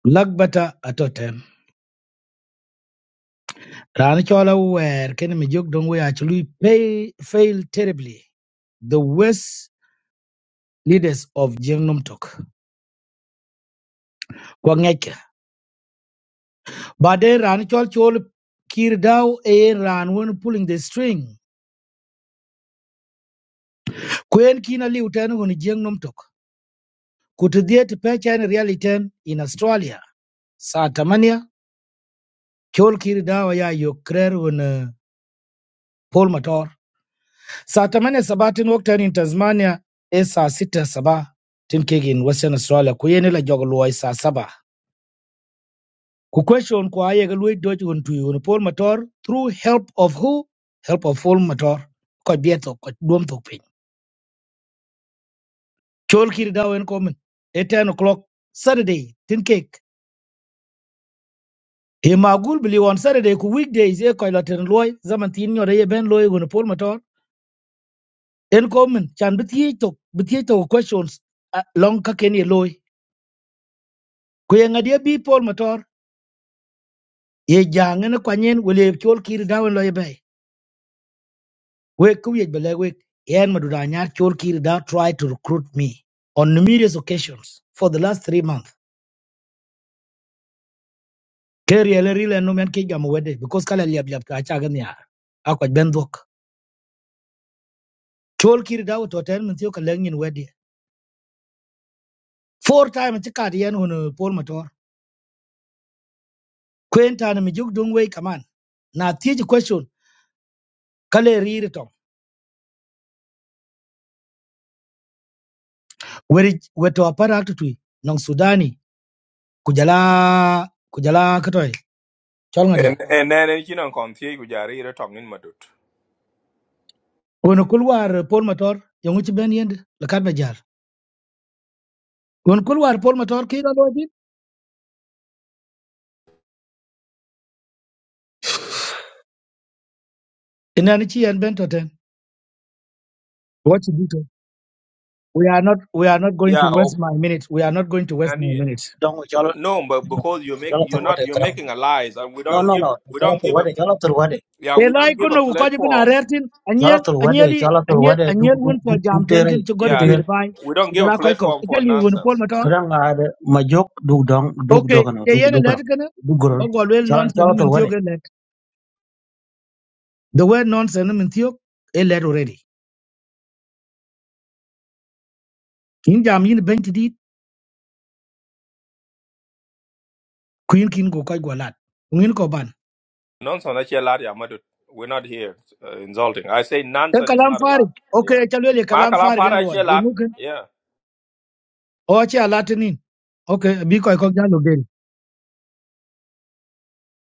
Lagbata atotem. Rani chola wer ken mi jok dong we actually pay, fail terribly. The worst leaders of Jengnom Tok. Kwa ngeke. But then Rani chol chol kir daw e ran when pulling the string. Kwen kina li uten hun Jengnom Tok. Kutudhiet pecha en reality in Australia. Satamania. Chol kir daw ya yokrer hun Paul Mator. Saa 8 sabatin woktan in Tasmania e saa 6 Sabah. tin kegin Western Australia ku la jogluwa, luwai saa Sabah. Ku question ku aye ga luwai doj hun Paul Mator through help of who? Help of Paul Mator. Ko bieto ko duom tok pin. Chol kiri da wen komen. E 10 o'clock Saturday tin kek. He magul bili on Saturday ku weekdays e ko laten luwai zaman tin nyore ye ben luwai hun Paul Mator. En komen chan bitye tok bitye tok questions ah, long ka ken ye luwai. Ku bi Paul Mator ye jang ne kwa nyen wele chol kir da wen lo bay we ku ye bele we yen ma duda nyar chol kir da try to recruit me on numerous occasions for the last 3 months ke riele rile no men ke jam wede because kala liab liab ka cha gan yar akwa ben dok chol kir da to ten men tiyo kala nyin wede four time ti kad yen hono pol motor kwenta na mi jug dong we kaman na tiji question kale riri tom weri weto apara aktui nong sudani kujala kujala katoy chol En ngadia en en en chinon kon tie ku jari ro tong in Conti, which are really talking madut. Wani kulwar Paul Mator, yang uci ben yende, lekat bejar. Wani kulwar Paul Mator kira lo dit, ina ni chi yan ben to ten. What you do to? We are not, we are not going to yeah oh, waste my minutes. We are not going to waste and my y- minutes. dong cho lo no but because you cho make lo to you're wa not de you're kan making a lies and we no don't no give no we cho lo don't to give wa a de jalo to yeah we Elai don't give a kono ko kaji bin platform arertin, Colo anyel, thul wede, anyeli, colo anyel, duk anyel duk win for duk duk jam ten tere, ken to go duk to yeah do and tere. it if- fine. we don't So give a jala koi ko. platform for Ikel ni wani Paul nonsense Mator. yeah Kadang nggak ada majok, duk dong, duk Okay, dokan, ye duk yen duk let dong, kana. duk gor. Bagwal well Colo nonsense colo thul min wede. tiok elet. The word nonsense min tiok elet already. Kin jam yin ben tidit, kuin kin go koi gwalat. Ngin ko ban. Nonsense that's a lot yeah madut. We're not here uh, insulting. I say e nonsense is kalam not a farik lot. okay Yeah. e chalwe le Ma kalam kalam farik en para loy a ye lot muken Yeah. o che alatinin okay bi koy ko jalo gel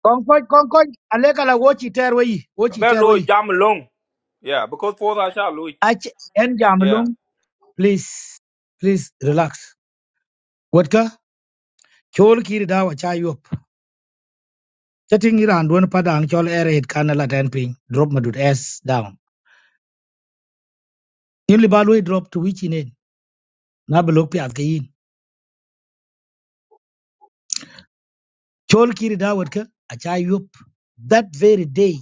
kon ko kon ko ale kala wo chi ter wi wo chi Ben lo jam long. Yeah, because for that shall lo. Yeah. please please relax wotka chol Kiri dawa cha yop chatting iran don padang chol ere hit kana la ten ping drop madut s down in libalwe drop to which in na blok pi at kayin chol kir dawa wotka acha yop that very day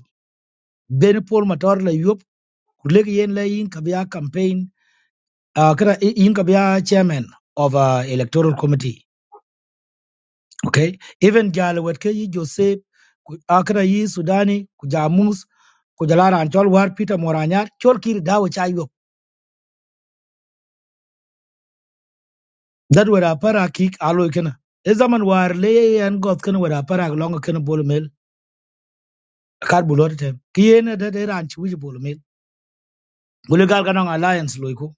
ben pol mator la yop kulek yen la yin kabya campaign uh, kara i- yin kabya chairman of uh, electoral committee okay even jal wet yi joseph ku- uh, kara yi sudani ku jamus ku war peter moranya chol kir dawo cha yo that were a para kick alo ikena. Ezaman zaman war le an got kena were a para long kena bol mel kar bulot tem ki yen da de ran chi wuji bol mel gule gal kanong alliance loiko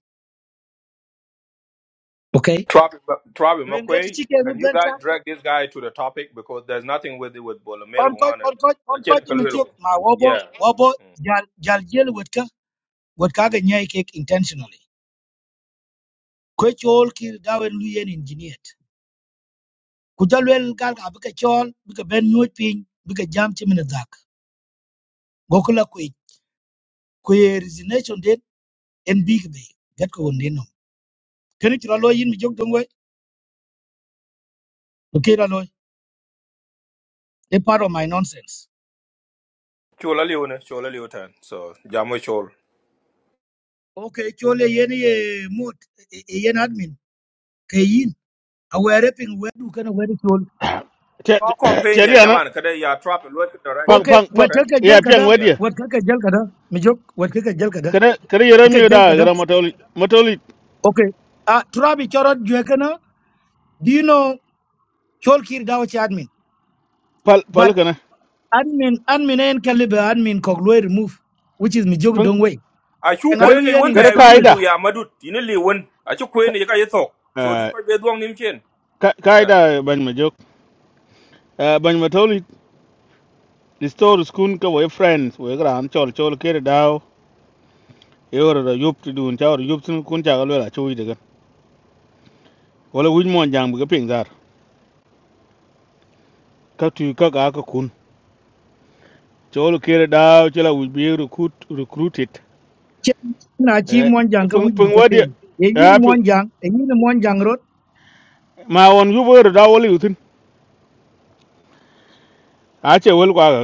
okay Travis, Travis wen get McQuay, chi can you ke guys drag this guy to the topic because there's nothing with it with Bolomel kon koc one. kon koc kon koc min tiok ma wobo Yeah. wobo jal jal jel wetka wetka ga nyai kek intentionally ko chol kir dawen lu yen engineer ku jalwel gal ga bika chol bika ben nyoj pin bika jam chimin dak gokula ku ku ye resignation den en big bay get ko wonde no kene chira lo yin mi jog dongwe to kira lo e part of my nonsense Chola Leone, Chola Leotan. So Jamo Chol. okay chole yen ye mut e e- e yen admin ke yin awere pin wedu kana wedu te Our campaign, te yeah, ri ana Jaman, kada ya Trap and work pang directed. Okay, pang pang Okay? wataka jal ya pian kada, Yeah. wadi wataka jal kada, mijok, wataka jal kada, kada kada yara tika mi jal da kada. gara matoli matoli Okay, uh, turabi chorot juekana, do you know cholkir dawachi admin? pal But pal kana admin, admin en kalibe admin koglue remove, which is mijok pun dongwei. I should kada Kengalu queen it yen one kada time, we instructed, kaida need ya Madut, you need one. I should queen it, you talk. So this could be a dwang nim chin. ka Yeah. kaida ban ma jok Eh, ban matoli restore school ka we friends we gara an chol chol kere daw yoro da yup tu dun chawr yup tun kun cha galwela chuwi daga wala wuj mon jang bu ga ping dar ka tu ka ka ka kun chol kere daw chola wuj bi recruit recruited chen na chi eh monjanka pun which pun bika wadi ping. E Yin eh pun monjang, a yin monjang rot, ma won yubo da wali utin a che wel kwa ga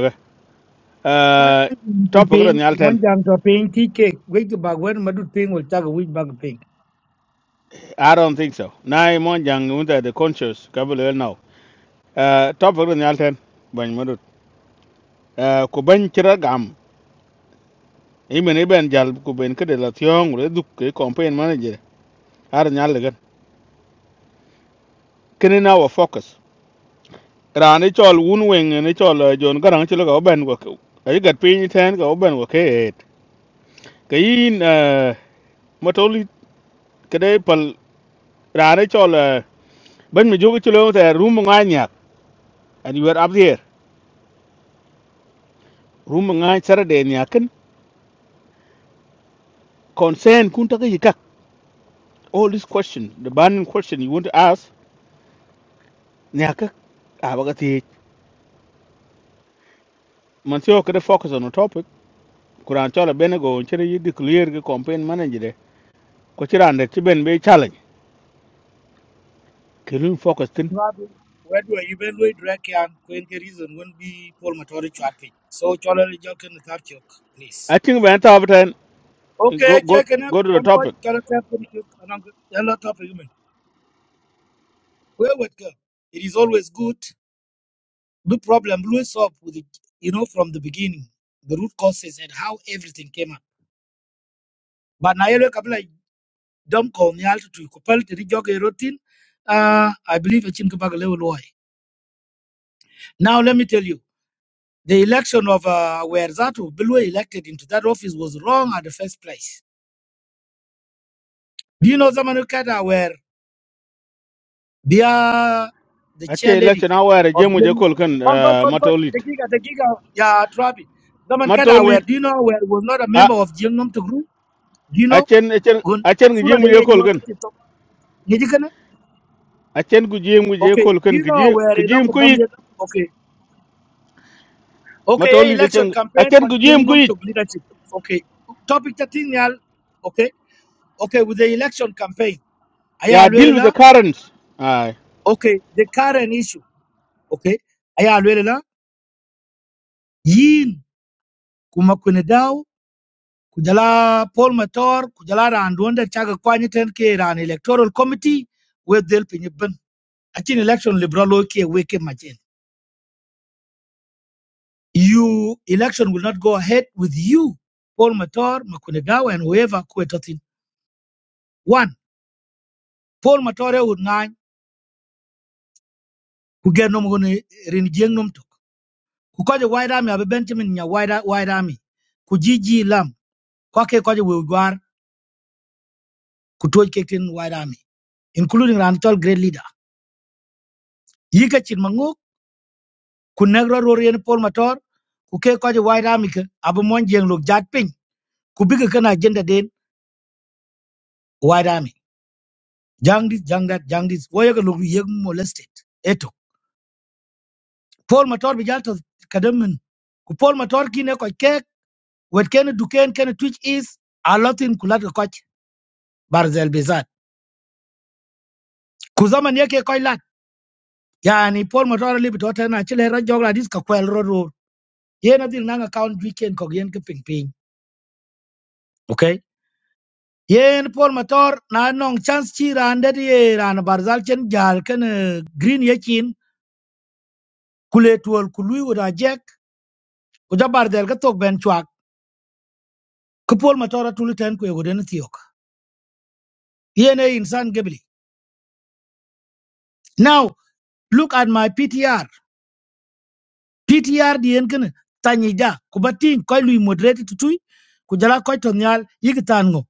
Uh, top monjang of the ping, Nyalten. monjang to ping, tea cake, wake the bag when madut ping will tag a which bag ping. I don't think so. Nai mon jang under the conscious kabul now. Uh, top of the Nyalten. Bany Madut. Uh, Kuban Chiragam. Even Iben Jal Kuben Kedilation, Reduk, campaign manager. Ar Nyalagan. Kinin now focus. Ran it all Woon Wing and it all uh, John Garang Chilago Ben work. I got pin ten go Ben work eight. Kayin, uh, Matoli Kadepal. Ran it all, uh, Ben Mijukichulo, the room on Anyak. And you were up there. room ngai saturday ni akan concern kunta ta yi kak all this question the burning question you want to ask ni aka abagati man sio kada focus on a topic kuran chola benego chere yi declare ge campaign manager de ko chiran de ti ben be challenge kelun focus tin Trabi wedwa evaluate rek yan kwen ke reason won bi pol motor chat pin so cholo ni jok ni tar chok please i think when ta obtain go okay go check na go to the comfort topic character pin chok anang hello top human where would go it is always good the problem blue solve with it you know from the beginning the root causes and how everything came up but na yelo kabla dom ko ni alto to ko pal ti jok e rotin uh i believe a chin ka bag level why now let me tell you The election of uh, where that Bilwe elected into that office was wrong at the first place. Do you know Zamanukata where they are the ache chair lady election aware of jemu je the kol kan Comfort, uh, comfort, the matolit giga, the giga, yeah, Trabi. Zaman Kada, where matolit do you know where was not a a member of Jingnom to group? Do you know? achen achen Gun, achen ge Sura de jemu je kol kan Nyakito, Nijikana? achen gu jemu je Okay, kol do kan you know where a local ge dominant? Okay, okay, eh, Matoli de election chen a campaign for chen ku jim ku Jingnom to leadership. Okay, topic 13, Okay, okay, with the election campaign. aya Yeah, alwele deal with the la currents. Aye. okay the current issue okay aya alwele la yin kuma kune daw kujala Paul Mator kujala randwanda chaga kwanye ten ke ran electoral committee we del pinye ben atin election liberal okay we ke majen you election will not go ahead with you Paul Mator makune daw and whoever kwetotin one Paul Mator ya nine ku genom gone rin jeng nom tok wide army abe Benjamin nya wide wide army Kujiji GG Lam ko ke ko we war ku toj tin white army including ran great leader yi ka chin mangu ku negro ro mator ku ke ko white army ke abu mon jeng lok jat pin ku bi ka agenda den white army jang this jang that jang this wo ye lok ye molested eto Paul mator bi jal to kadamen ku Paul mator kine ne ko ke wet ken duken kene twitch is a lot in kulat ko barzel bezat ku zaman yake ko lat yani Paul mator libi to tana chile ra jogla dis ka kwel ro yen adil nanga account weekend ko yen ke ping ping okay yen pol motor na nong chance chi rande di ran barzal chen jal ken eh, green yakin kule tuol kului wada jek ko jabar del ka tok ben chwak ko pol motor atul ten ko yego den tiok yen e insan gebli now look at my ptr ptr di yen ken tanyi da ko batin ko lui moderate tutui ko jala ko to nyal yigitan ngo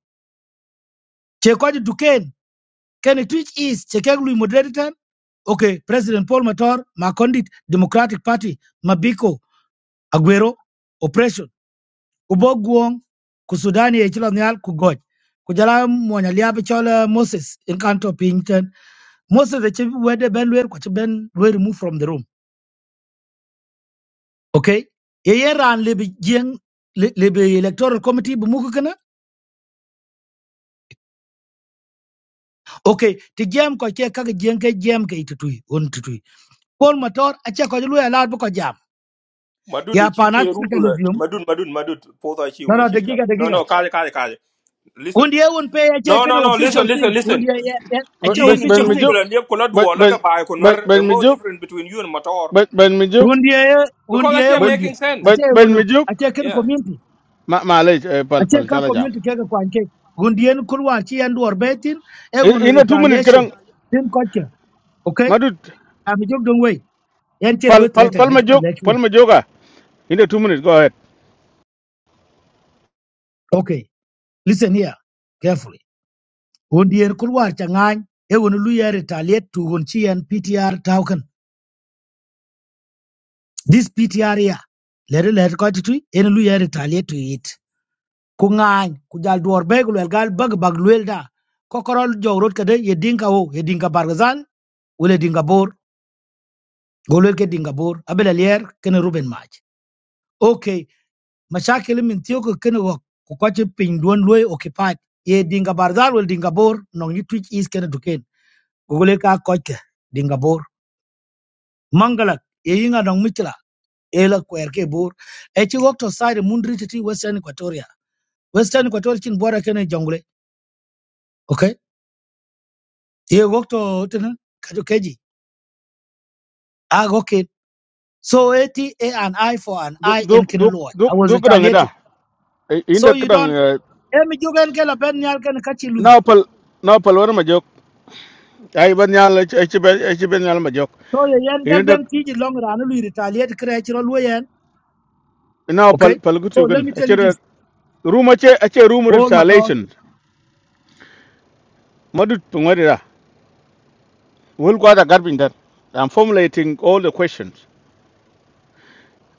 che ko duken ken twitch is che ke lui moderate Okay, President Paul Matar, Makondit, Democratic Party, Mabiko, Aguero, Oppression, Ubogwong, Kusudani, Echilonial, Kugoj, Kujala Mwanyaliabi Chola Moses, Encanto Pinton, Moses, the chief where the Ben Wer, which Ben were removed from the room. Okay, Yera and Libby Jing, Libby Electoral Committee, Bumukana. Okay, the jam Koche Kaka Jenke Jam Kaitui, Untui. Paul Matar, Achakojalu allowed Boko Jam. Madut, the Ya Pan chiki, Africanism. Madut, Madut, Madut, both are she, No, we are no, the she. giga, the No, giga. no, Kali, Kali, Kali. Listen. Wundia won't pay a check No, an no, no. official Listen, listen, thing. listen. Wundia a But check but Yin but official kid me thing. jup. umbela liep kola But duo but laka bai but konwer but me no jup. different between you and Mator. But but me jup. Wundia Because that's wundia here But wundia. making A but sense. check but when me jup. a check in Yeah. community. Ma ma le eh, A pal check pal a chala jam. community keg a quan cake. Wundian Kurwachi and Warbetin, a In one in a two minute retaliation. kerang. Tim culture. Okay? Madut I'm a joke don't wait. Until pal we pal pal threaten, ma jok pal ma joga. In the two minutes go ahead. Okay. Listen here carefully. Wundian Kurwa Changan, a one Luya retaliate to Wunchi and PTR token. This PTR here. Let it let it go to tree and Luya retaliate to it. ku ŋaany ku jal duor be ku luel gal bag bag luel da ko korol jogrot kede ye dinka wo ye dinka bargazal wala dinka bor go luel ke dinka bor abel alier kene ruben maj okay mashakil min tiyo ko kene go ko kwache pin duon luoy occupied ye dinka bargazal wala dinka bor nong ni twitch is kene duken go luel ka koche dinga bor mangalak ye yinga nong michla ela kwer ke bor e chi wokto side mundri titi western equatoria western equatoria chin bora kene jongle okay ye wok to tene kaju keji a goke so eti a an eye for an Duk eye in duk kin duk duk i was duk kerang ada. retaliating In so the you kerang. don't eh, emi jugen gela ben nyal ken kachi lui Now pal now pal war me jup. Ai ban nyal eh, ci eh, ci ben eh, ci nyal ma jok. so ye yen gel In the ben tiji long ran lui retaliate kre e chiro lui yen now pal okay pal so gutu let me tell you kan. this Rumor che ache rumor all my thought installation. Madu tungwari We'll go to carpenter. I'm formulating all the questions.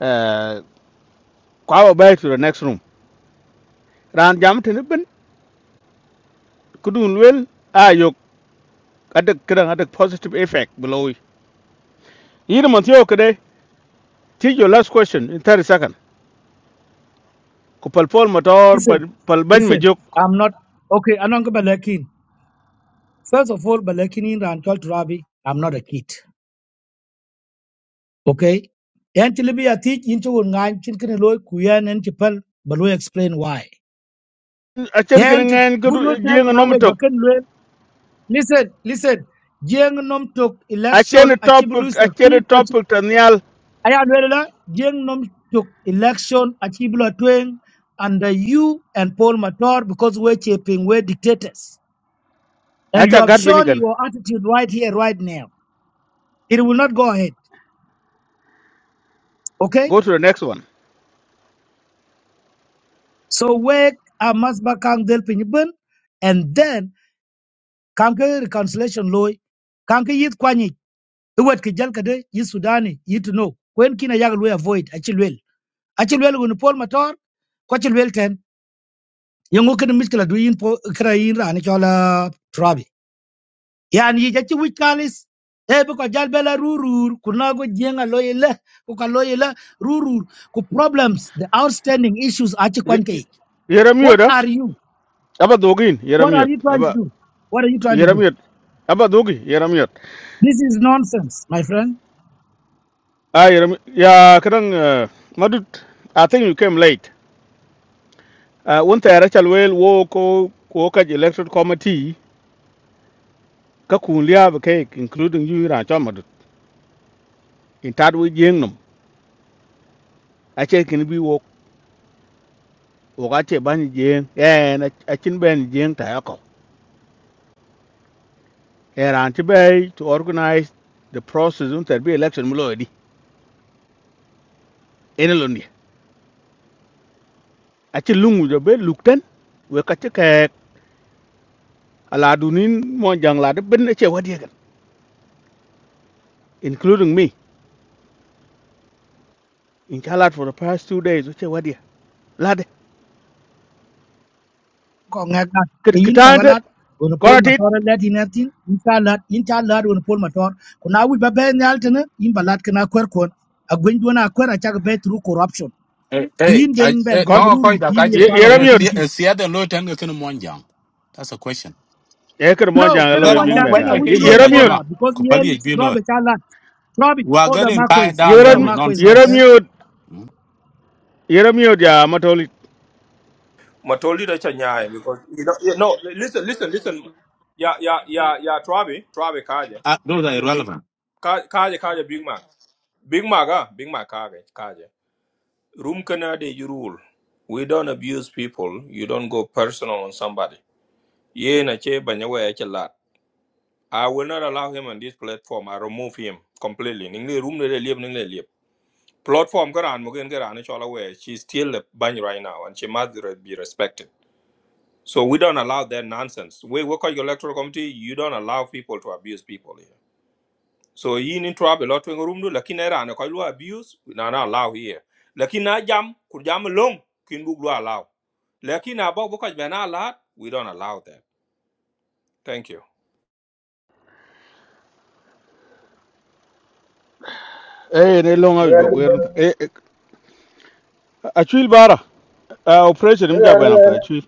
Uh, kwa back to the next room. Ran jam tene ben kudun wel ayok adak kran adak positive effect below. Yiri man tiyo kade. Take your last question in 30 seconds. Ko pal pol motor listen pal pal ban me listen jok. i'm not okay anong balakin first of all balakin in ran kal rabi i'm not a kid okay yan tilibi a tij into ngan chin kin loy kuyen en chipal but we explain why Achen kene And ngayen kudu Gurutan jienga Nawe nomtok. Bakan Luel. Listen, listen. Jeng Nom took election Achen Achibulu topic achen succeed. topic tanyal. Aya Luela. Jeng Nom took election Achibula Twing under you and Paul Matar because we're chipping, we're dictators. And you Acha have gat shown binigan. your attitude right here, right now. It will not go ahead. Okay? Go to the next one. So wake Amasba Kang Del Pinyibun and then Kanke reconciliation Loy. Kanke Yit The word kijal kade yi Sudani yi to know when kina yaga we avoid achilwel achilwel gun Paul Matar ko achilwel ten yango kan miskila du yin po kra yin ran chola trabi yan yi jachi wich kalis e be ko jal bela rurur kuna go jenga loyele ko ka loyele rurur ku problems the outstanding issues achi kwanke Yeram what yoda. are you aba dogin what yaram are you trying to aba do what are you trying to do yaram aba dogi yaram yot this is nonsense my friend ah yaram ya kadang uh, madut i think you came late uh, one tara chalwel wo ko ko ka elected committee ka kun liab ke including you ran cha madut in tad we jeng num a che kin bi wo wo ga che ban jeng en a chin ben jeng ta ko eran ti bay to organize the process un ter bi election mulo di en lo ni a che lungu jo be lukten we ka che อาลาดูนินมองจังลาดเป็นเชวัดเดียกัน including me in Charlotte for the past two days เชวัดเดียลาดเด็ก ko ngak lat กึด e กึด yin แท ko นเด็ก galat gon คน pol อาทิตย์ motor let in atin in cha lat in cha lat gon pol motor kuna wi ba ben yal tene in balat kana kwer kon a gwen dona kwer a cha be through corruption Hey, ku hey, yin ben I, ben hey, คน kong jamruru ko ku da ka yin ye ยี่ che. part ยี่ of ระ the Eh, มิวต์ ti- committee eh, siya de lo ten ke mon jang. That's a question. เอขึ้นมอง no จังก็ล kana อ Then ย I'm บิ mon น going ไป dan wait กัน kana I wi ยี่ blow ยี่ you ระ that มิ for วต์ jama. that because yen Kupali e bi lo. robe cha lat robe We are for the getting marquis tied ยี่ down for ระ there the มิ with marquis ยี่ my ระ friend มิ nonsense. วต์ Hmm? ยี่ระมิวต์จ้ามาทั้งหมด Mator leader chanyai because you know yeah, no listen listen listen. Yeah yeah yeah yeah Trabi Trabi kaje Uh, those are irrelevant. Ka- kaje kaje Big Mac Big Mac ah Big Mac kaje kaje. Room kana de you rule. We don't abuse people. You don't go personal on somebody. Ye na che banyawe che lat. I will not allow him on this platform. I remove him completely. Ningle room nile liep ningle liep. Platform karan mugen karan it's all aware. She's still a bunny right now, and she must re- be respected. So we don't allow that nonsense. We work on your electoral committee. You don't allow people to abuse people here. So you need to have a lot of room. do, Lakini era ne kailua abuse. We not allow here. Lakini na jam kujam long kin buglu allow. Lakini above because we not allowed. We don't allow that. Thank you. เอ้เนี่ยลงมาบ Ngan วก ni เวร ben. ต่อเอเอชิลบาร์อะ operation มีจับไปนับตายชิล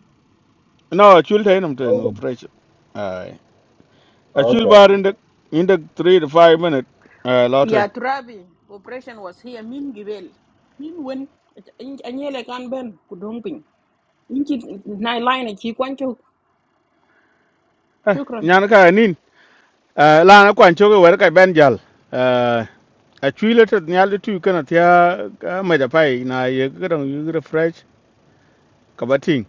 no ชิลท่านี้นับตาย ok ok ben. operation เอ้ชิล Okay. บาร์อันนี้อันนี้ three to five minute เอ้อลอทไว Ya Trabi, operation was here, min gibel. Min wen, anyele kan ben, kudumping. Inchi, na line, e chi kwancho. เอ้ย Shukran. ยานกันนิน Eh, la na kwan choge wer ka ben jal Eh, a chwile to nyal tu kana tia ma da pai na ye gdon yu refresh ka batin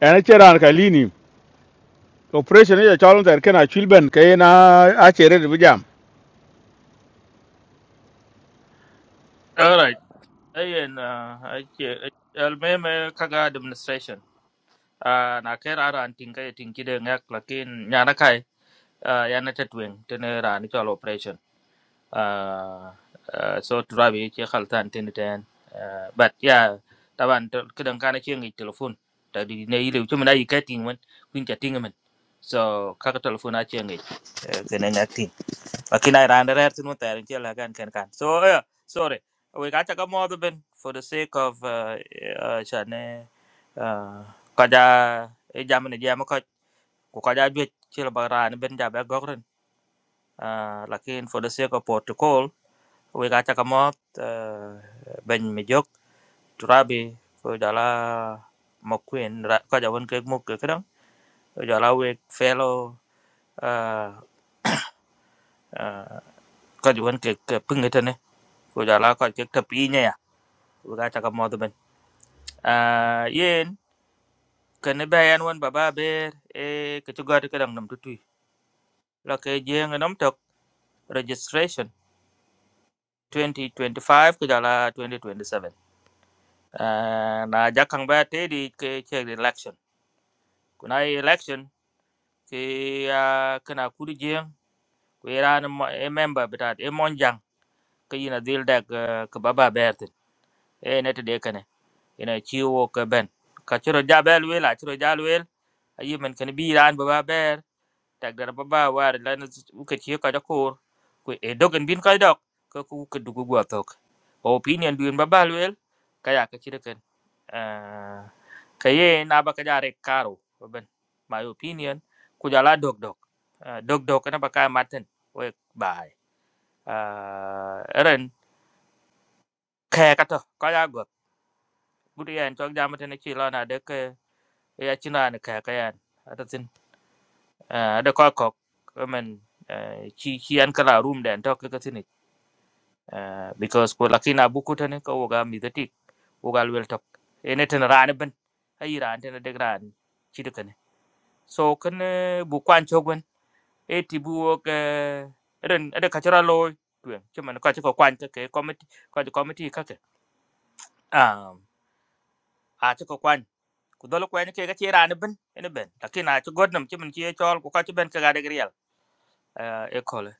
ana cheran ka lini operation ya chalon der kana chwil ben ke na a chere de bijam All right. Ayen almeme kaga administration. Ah, na ker ara anting kay tingki de ngak lakin nyana kai ah, yana tetwing tene ra ni chol operation. Ah, ah, so trabi che khaltan tene ten. Ah, But yeah, taban to- kedang kana che ngi telephone. Tadi ne ile chuma na yikating man kun chating man. So kaka telephone a che ngi. Kene ngak akina ran rer tinu ter che la gan ken kan so yeah, sorry we got to come out ben for the sake of uh, uh chane uh kaja e jam ne jam ko ko kaja ju che la baran ben ja ba gogren uh lakin for the sake of protocol we got to come out uh, ben mi jok turabi ko dala mokwen kaja won ke mok ke kan dala we fellow uh uh kaja won ke pingeten ko dala ko ke tapi wiga chaka modu ben ah yen kene bayan wan baba ber e ke to gadi kadang nam tutui la ke jeng nam tok registration 2025 ku jala 2027 ah na jakang ba te di ke che election kuna election ke ah, kana kudu jeng ku iran e member bitat e monjang ke yina dil dak eh, ke baba ber tin e net de kane ina chiwo ke ben ka chiro jabel wel a chiro jal wel ayi men kene bi iran baba ber tagdar ba ba war lan uka ci ka da kor ku e dogan bin ka dok ka ku ka dugu gwa tok o opinion duin ba ba lwel ka ya ka ci da kan Kaye ka ye na ba ka jare karo ban my opinion ku jala dog dog Ah, dog dog na ba ka maten we bai Ah, ren ka ka to ka ya go gudu yan tok jamata na ci lana da ka ya ci na ni ka ka yan atatin eh da ka ko men ci ci an kala room da tok ka tin uh, because ko lakina buku tane ko woga midati woga wel tok ene tan rane ben ayi ran tan de ran ci de kane so kan bu kwan chogwen e ti bu wok ren ade kachara loy tuen ci man ko ci ko kwan ke committee ko ci committee ka ke um a ci ko kwan ku dol ko ene ke ga ci rane ben ene ben lakina ci godnam ci man ci chol ko ko ci ben ka ga de grial e ko le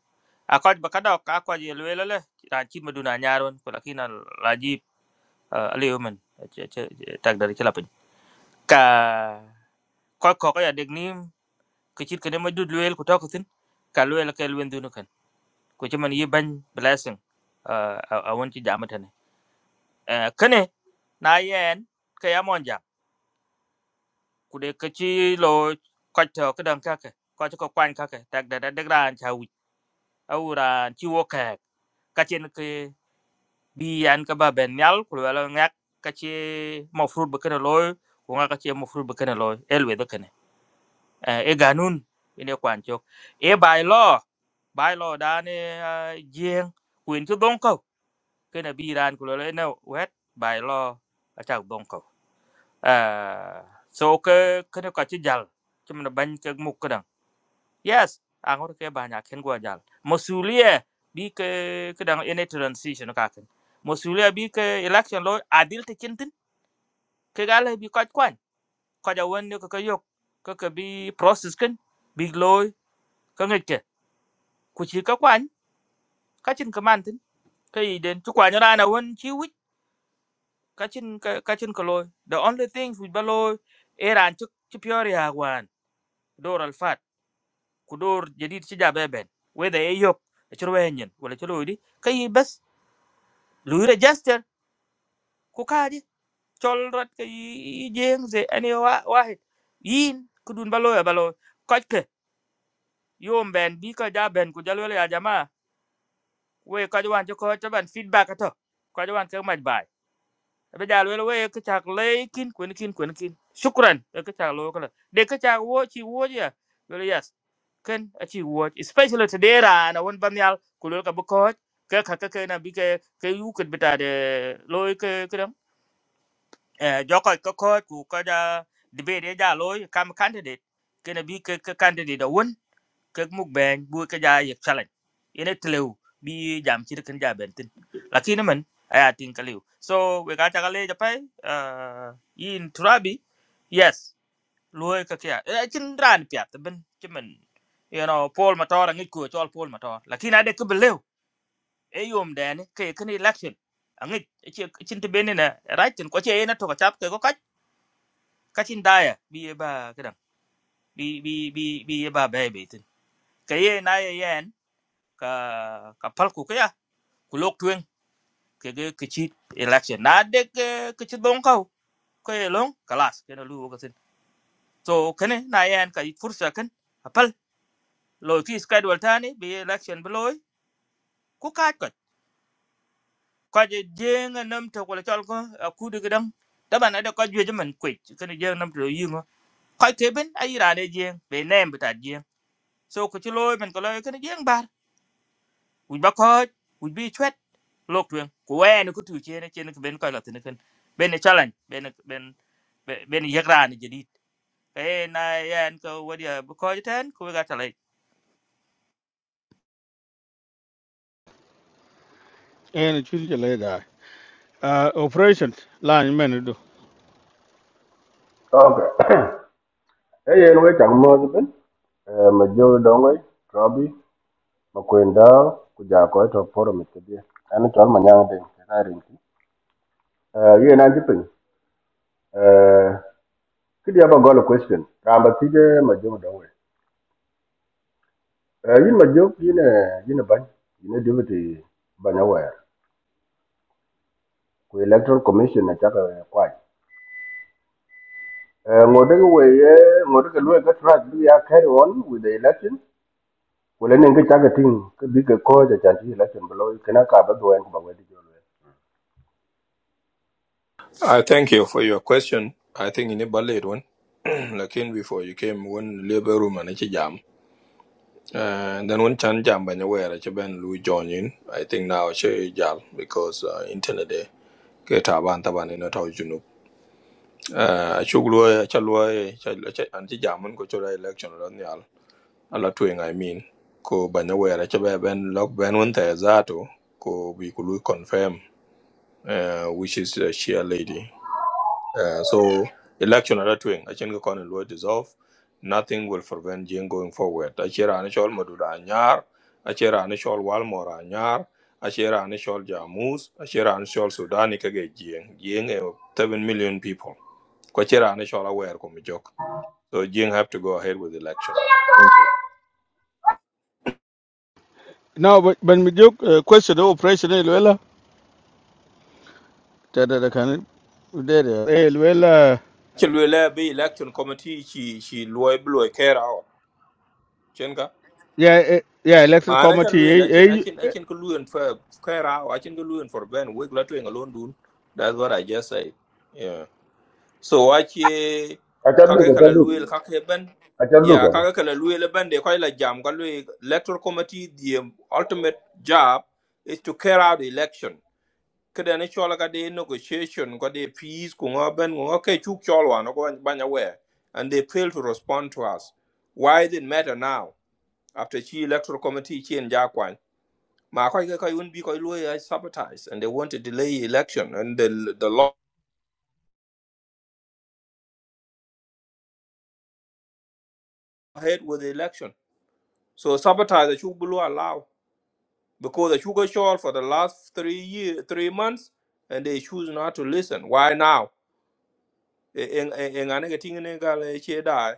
a ko ba ka dok a ko je le le ran ci maduna nyaaron ko lakina laji uh, aliyo men tak dari ci lapin ka ko ko ko ya deg ni ke cit kene ma dud luel ku tokatin ka kan ku ci blessing uh, a won ci jamata ne uh, kene na yen ka ya mon ku de ke ci lo ko to ka dan ka ka ko ko kwan ka ka tak da da deg ran cha wi awuran ci wo ka ka ci ke bi yan ka ba ben yal ku luel ngak ka ci mofrut be kene loy ku ngak ka ci mofrut be kene loy elwe de eh, e ganun ine kwan chok e by law by law da ne jeng kuin chu dong ko ke na bi ran ku lo ne wet by law a chak dong ko à so ke ke ne ka chi jal chi man ban ke muk ka dang yes ang or ke ba nya ken gwa jal mosulie bi ke ke dang ine transition ka ken mosulie bi ke election law adil te chin tin ke gale bi ka kwan ka ja won ne ka ka yok ka ka bi process ken bi loy ka ngi ku chi các kwany ka chân cơ man tin ka đến den tu kwany ra nào won chi wit ka chân ka ka chin ka loy the only thing with ba loy eran chu chu pyori ha wan dor al fat ku dor jadid chi jabe ben we the yok chur we nyen wala chu loy di ka i bas lu register ku ka di chol rat ka i jeng ze ani wa wahid yin ku dun ba loy ba loy ka ke yom ben bi ka ja ben ku jalo ya jama we ka jwan cho ko ta ban feedback ka to ka jwan ka maj bai be jal wel we ke chak le kin kwen kin kwen kin shukran e ke chak lo kala de ke chak wo chi wo ya wel yes ken a chi wo especially today ra na won ban yal ku lo ka bu ko ke ka ka ke na bi ke ke yu ke bita de lo ke ke dam e jo ko ko ko ku ka ja de be de ja lo kam candidate ke na bi ke ke candidate da won kek muk ben bu ka ja yek challenge ene tlew bi jam chi kan ja ben tin lakini man aya tin kaliw so we ga ta kale ja pai uh in turabi yes loy ka kya e chin ran pya ben chimen you know pol motor ngi ko chol pol motor lakini ade ke belew e yom dane ke kan election angi chin te benina right tin ko che ene to ka chap ke ko ka kachin daya bi e ba kadam bi bi bi bi e ba baby tin kaye na ye ka ka pal ku ka ya ku lok tuen ke ge ke chi election na de ke ke chi don ka ko ye long kalas ke na lu ka sin so kene na yan ka fursa kan a pal lo ki schedule tani bi election bi loy ku ka ka ka je je nga nam to ko chal ko ku de gedam da ban da ka je man ku ke ne je nam to yi ngo ka ke ben ai ra de je be nem bi ta je so ku chi loy men ko loy ke ne je uj ba ko uj bi chwet lok twen ko nó ne ko tu che nó che ne ben ko la tin ken ben ne challenge ben ben ben yek này je dit e na yan ko wa dia ko je ten ko ga en chwil je le da Eh, operation la ni men do Okay. Okay. Hey, yen we chak mo ni ben. Eh, ma jo dong we. Robi, ma kwen da ku ja ko to poro mi te bi. Ani chol ma nyang de na rin ki. Eh, yen an jipin. Eh, ki dia ba gol question. Ramba ti je ma jo dong we. Eh, yin ma jo yin eh yin ban. Yin deputy banya wa. Ku electoral commission na chaka đây cái ngode we đây cái lue ke track bi ya carry on with the election wala nen ke chaga ting ke bi ke ko ja chan ti la chen blo ke na ka ba do en ko ba we di jo le I thank you for your question. I think in a ballet one, like in before you came one labor room and it's a jam. Uh, and then one chan jam by nowhere, it's a ben Louis join in. I think now it's a jal because uh, internet day. Get a ban taban in a tau junub. Uh, I should lawyer, a lawyer, anti jamun go to the election on the al. A lot to I mean. Ko by nowhere, it's a ben lock ben one there zato. Ko we could confirm, uh, which is a sheer lady. Uh, so election at that wing, I think the and will dissolve. Nothing will prevent Jing going forward. Achira Anishol Madura Anyar, Achira Anishol Walmora Anyar, Achira Anishol Jamus, Achira Anishol Sudani Kage Jing, Jing eh, 7 million people. Kwachira Anishol aware Komijok. So Jing have to go ahead with election. Thank you. now ben mi jok eh, question do operation e lela ta da da kan de de e lela Actually, be election committee, she, she, will she, she, she, ya ya electoral ma na kan luel committee achen e achen achen ko luen fa kairao achen ko luen for ben we la twen alone dun that's what i just say yeah so I ache ka cha du ka kage cha kala du luel kage ben ka cha du yeah ka kage kala luel ben de koy la jam ko luel electoral committee the ultimate job is to carry out the election kada ne chola ka de negotiation ko de peace ko ben ko ke chuk cholwa no ko banya we and they fail to respond to us why does it matter now after chi electoral committee chi en Ma koi koi won't be koi lawyer sabotage, and they want to delay election, and the the law ahead with the election. So sabotage the sugar below allow because the sugar short for the last three year three months, and they choose not to listen. Why now? In in in ane kating ane kala che die.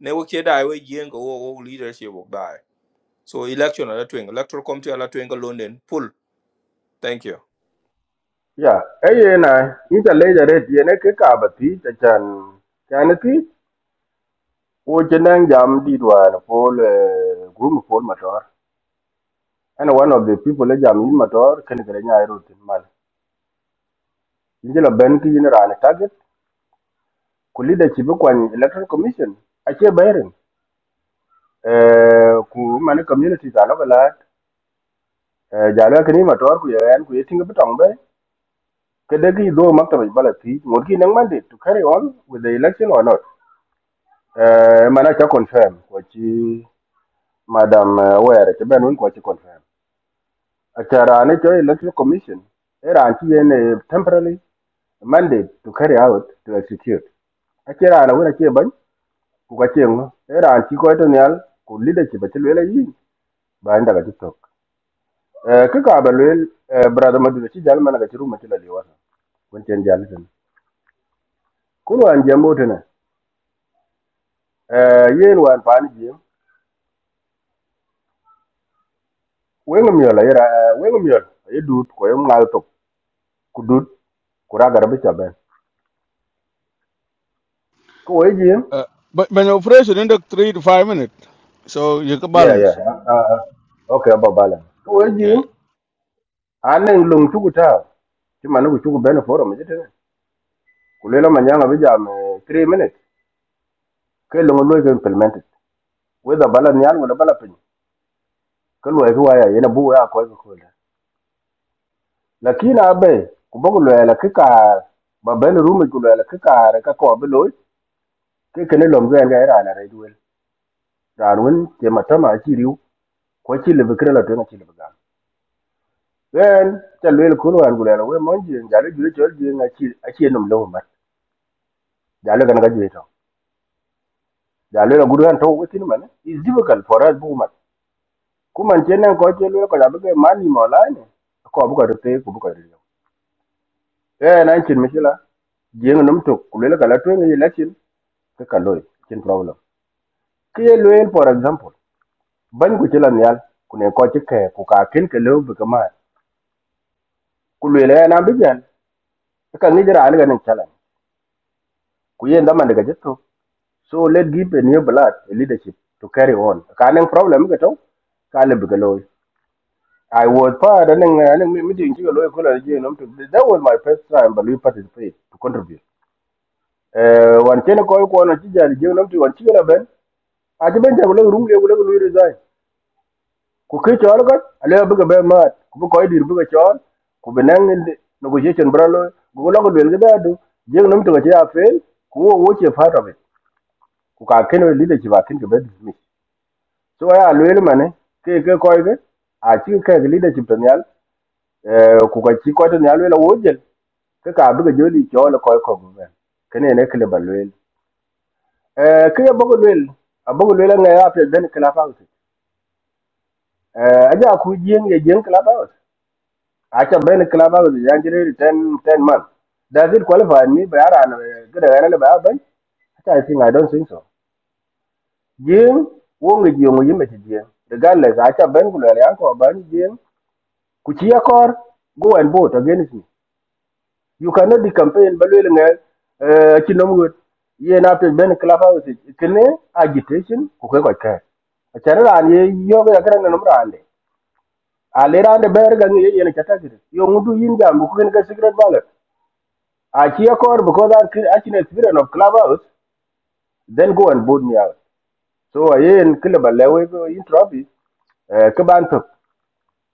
Ne wo che die we yen ko wo wo leadership wo die. So election ala twing electoral committee ala twing London pull. Thank you. ya e ye na ni ta le ja re ti ne ke ka ba ti cha chan cha ne ti o chen nang jam di do an ko le gum ko ma tor and one of the people le jam ni ma tor ken ke nya ro tin mal ni je la ben ki ni ra ne target ku leadership ko an electoral commission a che bayren eh ku man community ta la ba la Eh, jala kini mator ku yan ku yeting bi tong be kede ki do maktaba bala ti ngor ki nang mandate to carry on with the election or not eh mana cha confirm ko chi madam eh, were che ben un ko chi confirm achara ne cho election commission era anti yen eh, temporarily mandate to carry out to execute achera na wona che ban ku ka chengo era anti ko to nyal ku leadership che lele yi ba nda tiktok. Eh, ki kaaba luel eh, brada maduna ci jal mana ga ci ruma ci la liwata kun ten jal tan kun wan jambo tan eh yen wan paani jiem wenga miola yera wenga miola ye dut ko yum ngal tok ku dut ku raga rabi ca ben ko way jiem Uh, but when operation in the three to five minutes, so you can yeah balance. yeah ah, ah, ah. okay ba bala ko way Yeah. jiem anen lung tugu ta ci man ku tugu ben forum ci tan ku le la manyanga bi jam 3 minutes ke lungu lo ke implemented whether bala nyal wala bala pin ko way ko waya yena bu ya ko ko lakini abe ku bok luel ki kaar ba ben rumi ku luel ki kaar ka ko be loy ke kene lom ge ga era na redwel ran wen ke matama chi riu ko chi le bikre la tena chi le gam ben ta luel ku luel ku luel we mon ji ja le jure chol ji na chi a chi nom lo mat ja le gan ga ji to ja le la guru an to we tin man is difficult for us bu mat ku man chen ko che luel ko ja be ge mani mo la ne ko bu ko te ku bu ko ri ben an chin mi chi la jeng nom to ku luel ka la tena ye la ke ka loy kin problem ke ye for example ban ku chilan yal ku ne ko chike ku ka kin ke lo bi kama ku le le na bi jan ka ngi jira ni ganin chalan ku ye ndama daga jitto so let give a new blood a leadership to carry on ka nan problem ka to ka le bi ka loy I was part and then meeting you loy that was my first time but we participate to contribute eh wan chen ko ko na chi jar je nom to wan chi la ben a je ben ja ko lo rum ge ko lo resign ku ke chol ko ale bi ke be mat ku bi koy dir bi ke chol ku bi nang negotiation bra lo ku lo ko del ga da du je num to ke ya fail ku wo wo che part of it ku ka ken leadership a ken ke be dismiss so ya lo el mane ke ke koy ke a chi ke ke leadership to nyal eh ku ka chi ko to nyal lo wo je ke ka bi ke joli chol koy ko be ken ne ke le ba lo el eh ke bo ko lo el a bo ko lo el nga ya pe ben ke la fa eh aja ku jeng ye jeng ke la I can be in a club out of the January ten ten months. Does it qualify me? By Aran, good Aran about Ben? I think I don't think so. Jim, wong with you, you met Jim. Regardless, I can Ben Gularian or Ben Jim. Kuchia Kor, go and vote against me. You cannot be campaign Baluel, uh, Chinomwood. Yen after Ben club out it. Kene agitation, Kukaka. A channel and ye yoga grand number and Rande. A later on the bear gang, yen a category. You want to yin jam, who can get secret ballot. I hear core because I cre- actually experience of clubhouse, then go and boot me out. So I ain't kill about lewe go in trophy, uh, kaban to,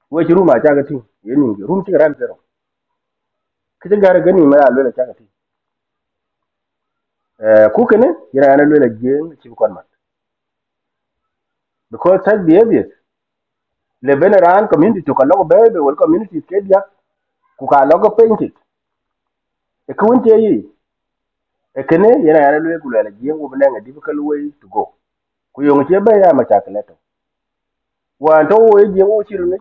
which room I chagating, yening, room ching ran zero. Kitchen gara gani ma alwela chagating. Uh, kukene, yana yana lwela jeng chibukonman. Because such behaviors, le veneran community to kalogo bebe, wal community kedia, kuka logo painted. E kuinti yi, e kene yana yana lwela kulwela jeng wubnang a difficult way to go. Kuyong chebe ya machakaleto. Wanto wo jeng wo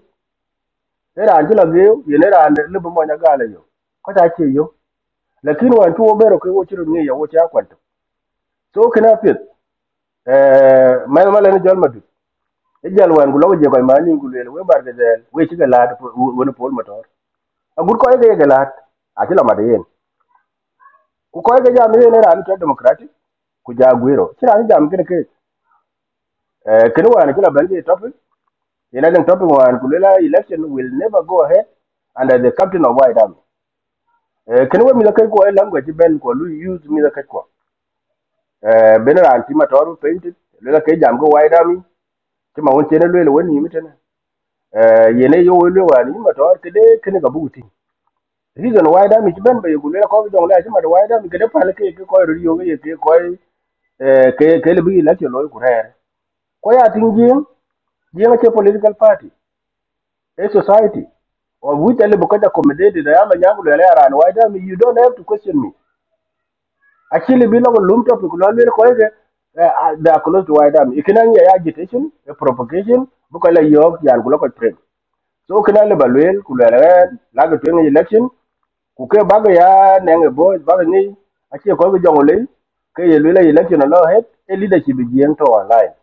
era angela geu yenera ande libu monya gala yo ko ta ke yo lakin wan tuwo bero ko wochiru ngi ya wochi akwanto so kina fit eh mal mal ni jol madu e jal wan gulo je ko mani ngulele we barga del we ci galad wona pol motor a gur ko ye galad a ci lamade yen ku ko ye jam yen era ni to democratic ku ja gwero ci ran jam kene ke eh kene wan ci la balje topic ina den topic wan gulela election will never go ahead under the captain of white army Eh, kene we mila kai ko lang ko ben ko lu use mila kai ko eh ben ran ti ma toru painted le la kai jam ko wai da mi ti ma won chene le le woni mi tene eh yene yo we le wani ma toru ke de kene ga buti reason wai da mi ti ben ba yugo le ko jong le ti ma wai da mi ke de pa le ke ke ko ru yo ke ke ko eh ke ke le bi la ti lo ku re ko ya tin jin jin ke political party a society of which ale bukaja accommodated ayama nyangu le le ran wai da mi you don't have to question me Actually, below lumped to Kulonwe Koyke, they are close to White Army. You can only agitation, a propagation, Bukola York, Yanguloka Train. So can I Baluel, Kularen, Lago Twin election, kuke baga ya nenge boy baga ni achie ko go jongole ke ye lula election no het e leadership jien to online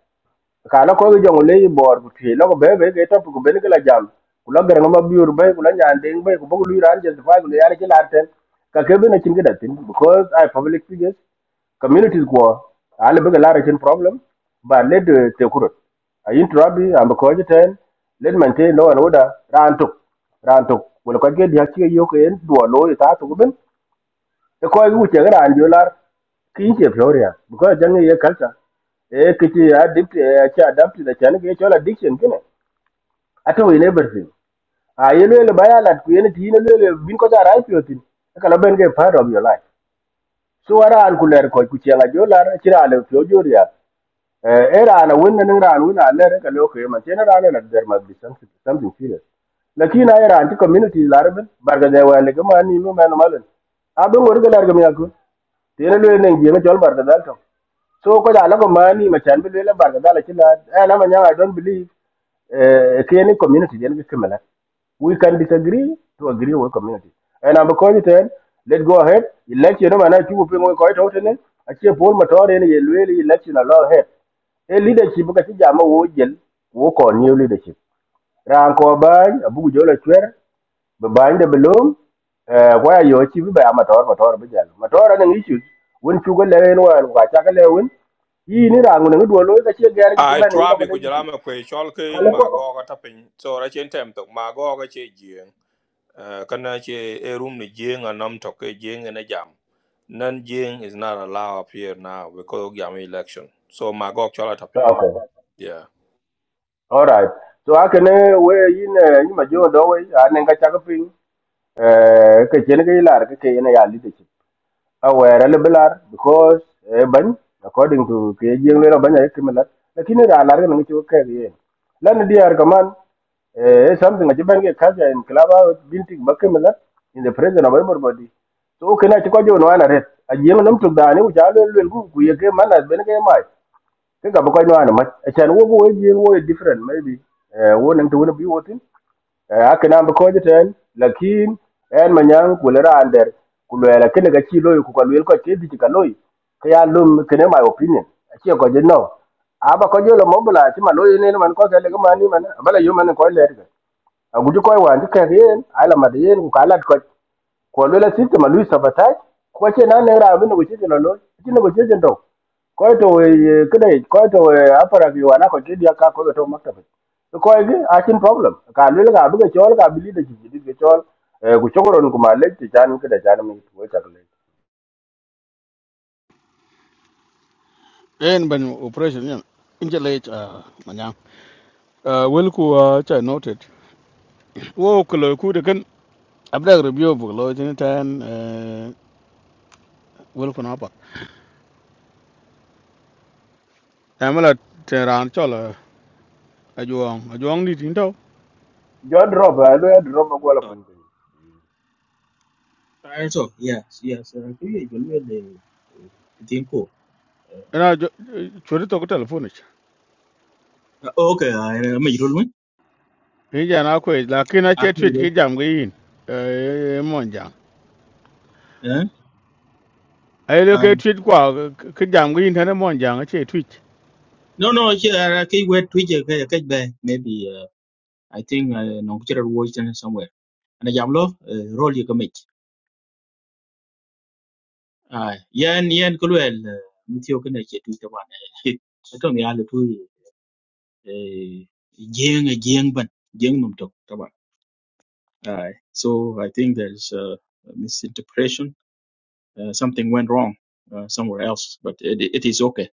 ka ko jong le bor ku ti lo be be ke top ku ben ke la jam ku la ger no ma biur be ku la nyan be ku bu lu ran je fa ku ya ke la ten ka ke be na chin ke da tin because i public figures communities ko ale be ke la chin problem ba le de te kurut a yin trabi am ko je ten le maintain law and order ran tok ran tok ku ko ke dia chi yo ke en duo lo e ta to ben e ko yu che gran jo lar ki che floria ko jang ye kalta e ki che addict e che adapt da chan ke chola addiction kine ato in everything a ye le le baya lat ku ye ne ti ne le bin ko da rai pyo tin E ka la ben ke part of your life so ara an ku ler ko ku che la jo lar chira le flo jo ria Eh, era na winna ning ran winna alle re ka loko yema tena ran na der must be something something serious lakini ay ran ti community larben barga de wale ga mani mu men malen abin wor ga larga mi yakun tena lo nen jema jol barga dal to so ko ja lago mani ma chan bi le bar ga dala kila eh na ma nyanga i don't believe eh any community yen bi kimela we can disagree to agree with community and i am calling it. Let's go ahead election no mana chu pe mo ko to ten a che pol ma tore ni ye le election a law ahead e leadership ka ti jama wo jel wo ko new leadership ran ko bany abu jola chwer be bany de belum eh kwa yo chi be ba motor motor be jalo motor ne ngi chu won chu go le wan kwa cha ga le won yi ni ran ne do lo ga che ga ni ti I ban ni lo ko trabi le yin tin kujalama kwe chalke kale ko ma goga tapping. So I chen tem tok ma goga che jien. Uh, kana ce a room ni jing and nam toke jing and a jam. Nan jing is not allowed up here now because of jam election. So my god, chola tapping. okay Yeah. all right so akene we yin eh, yi ma jo do we an ga cha ga pin eh ke chen ga ilar ke ke ne ya li de awere le belar because e ban according to ke jeng le ban ya kimela lakini ra lar ga ngi ke ye lan diar kaman e something ati ban ke kaja in klaba binti bakimela in the presence of everybody so kana ti ko jo no ana ret a jeng nam to dani u jalo le ku ku ye ke manas ben ke mai cái gặp ko nyana ma chan wo wo ji wo different maybe eh wo nang to wo bi wo tin eh akana ba ko jiten lakin en manyang kulera ander kulera kene ga chi loy ku kalwel ko te di ka loy ka ya lum kene my opinion achi ko je no aba ko jelo mobla ti ma loy ne man ko ga le ga mani man bala yo man ko le aguju koy wan ti kek yen ai la mat yen ku kalat koc ku luel asistem alui sabataj ku acie na ne raab negotiation lo loi aci negotiation tou koy to kede koy to aparak yuan akot ke diak ka koy to maktaba koy ge achin problem ka luel ka bi ke chol ka bi lida ci dit ke chol ku chokoron ku malek ti chan kede chan mi ku chakle Then when operation yeah. in injalate uh manyang. Uh will ku uh cha noted. Wo ku lo ku de kan abda review bu lo tin tan uh will ku na pa. Amala teran chola ajuang ajuang ni tin taw. jo drop a luel drop ko la Uh, pin so yes, yes. Uh, kuya ibalwe le kitinko. Na chori to ko telephone ich. Okay, I am irol mun. Ni ja na ko lakin a I am che tweet irol. ki jam gi yin. Eh mon jang. Eh? Ai lo ke Um, tweet kwa ki jam gi yin tan mon jang a che tweet. No, no. Here, kai wet twije kai kai be maybe. Uh, I think uh, no kuchera watch and somewhere. And jamlo uh, roll you commit. Ah, yan yan kulwel mutio kana ke twije ban. Ito mi alu tu eh jeng jeng ban jeng mum tok taban. Ah, so I think there's uh, misinterpretation uh, something went wrong uh, somewhere else, but it, it is okay.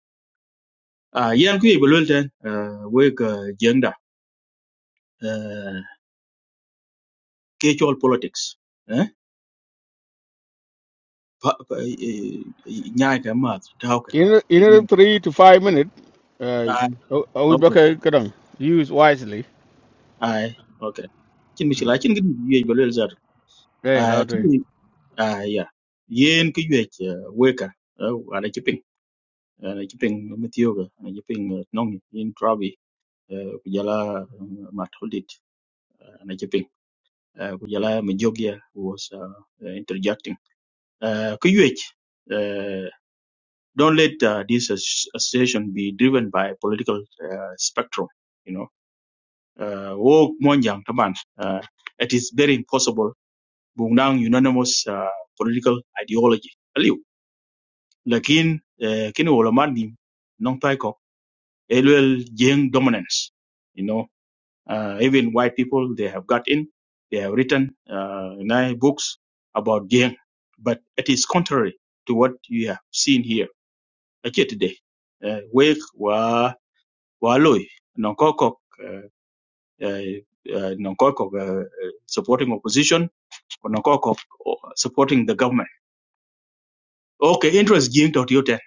Uh, yan ku ibu lul ten uh, wek uh, jenda uh, kecual politics. Eh? Pa, pa, eh, nyai ka mat tau ka. In in a three to five minute, uh, Ai, I would okay. kadang use wisely. Ai, okay. Chin Mm. michila chin gidi yej ba lul zar. Okay, Ai, ku lottery. ai ya. Yen ku yej uh, weka uh, ana chiping. Ana chiping metioga ana chiping uh, nongi in trabi uh, kujala uh, mat holdit uh, ana chiping. uh, ku jala mi was uh, uh, interjecting uh, ku uh, don't let uh, this as- association be driven by political uh, spectrum you know uh, wo monjang taban uh, it is very impossible bungnang unanimous uh, political ideology aliu lakin uh, kini wala man nim nong tai ko elwel jeng dominance You know. Uh, even white people, they have got in, they have written uh, nine books about Jiang, but it is contrary to what you have seen here. Actually, today, uh, wake wa waloi nonkokok uh, uh, nonkokok uh, uh, supporting opposition or nonkokok uh, supporting the government. Okay, interest Jiang dot yote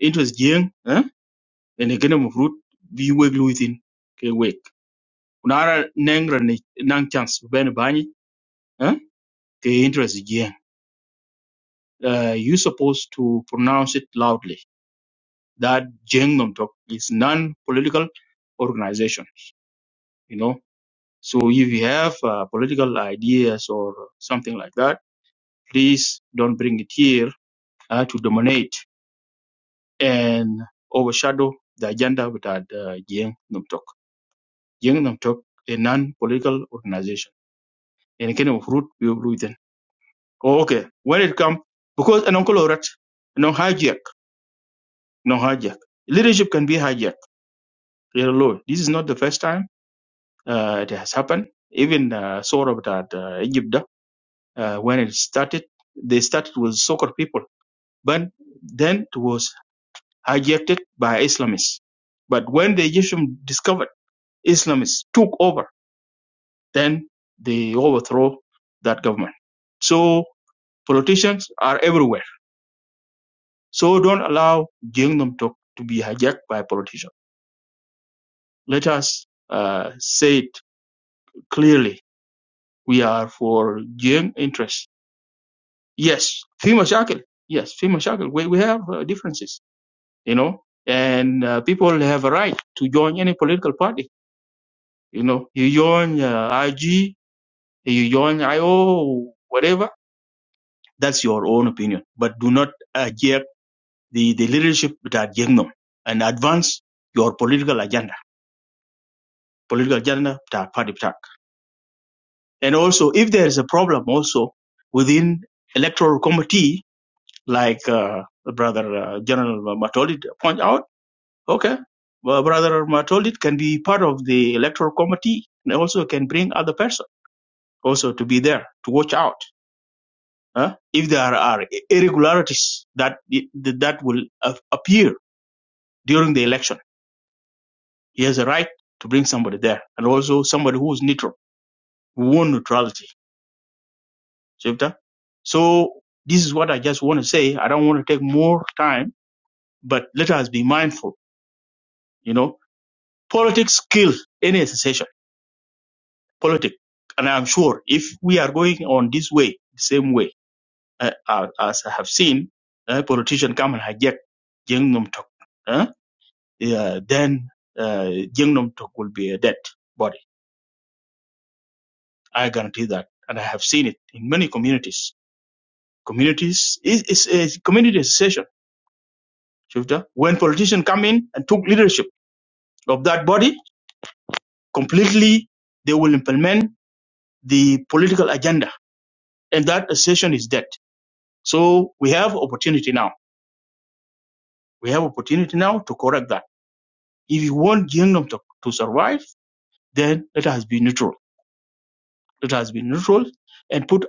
interest Jiang, eh? And again, of am fruit be wake within. Okay, wake. Unara nengra ni nang chance bene bani. ke interest jeng. Uh, you supposed to pronounce it loudly that Jeng Nom Tok is non-political organization, you know. So if you have uh, political ideas or something like that, please don't bring it here uh, to dominate and overshadow the agenda with that uh, Jeng Nom Tok. Jeng Nom Tok, a non-political organization. And kind of root people within. Oh, Okay, when it comes, because an uncle or an no hijack. Leadership can be hijacked. Real law. This is not the first time uh, it has happened. Even uh, sort of that uh, Egypt, uh, when it started, they started with soccer people, but then it was hijacked by Islamists. But when the Egyptians discovered Islamists took over, then they overthrow that government. So politicians are everywhere. So don't allow Jingdom talk to be hijacked by politicians. Let us uh, say it clearly We are for joint interests. Yes, في مشاكل. Yes, في مشاكل. We, we have uh, differences, you know, and uh, people have a right to join any political party. You know, you join uh, IG, you join IO, whatever. That's your own opinion. But do not adject the, the leadership that them and advance your political agenda, political agenda that party attack. And also, if there is a problem also within electoral committee, like uh, Brother uh, General Matolid point out. Okay, well, Brother Matolid can be part of the electoral committee and also can bring other person also to be there to watch out huh? if there are irregularities that that will a- appear during the election. He has a right to bring somebody there and also somebody who is neutral, who won neutrality. Shifter. So this is what I just want to say. I don't want to take more time, but let us be mindful. You know, Politics kill any association. Politics, and I'm sure if we are going on this way, same way uh, uh, as I have seen, uh, politician come and hijack Jeng Nom Tok, uh, yeah, then uh, Jeng Nom Tok will be a dead body. I guarantee that, and I have seen it in many communities. Communities is is a community association. Shufta. When politicians come in and took leadership of that body completely, they will implement the political agenda, and that association is dead So we have opportunity now. We have opportunity now to correct that. If you want Gyeongnam to, to survive, then let us be neutral. Let us be neutral and put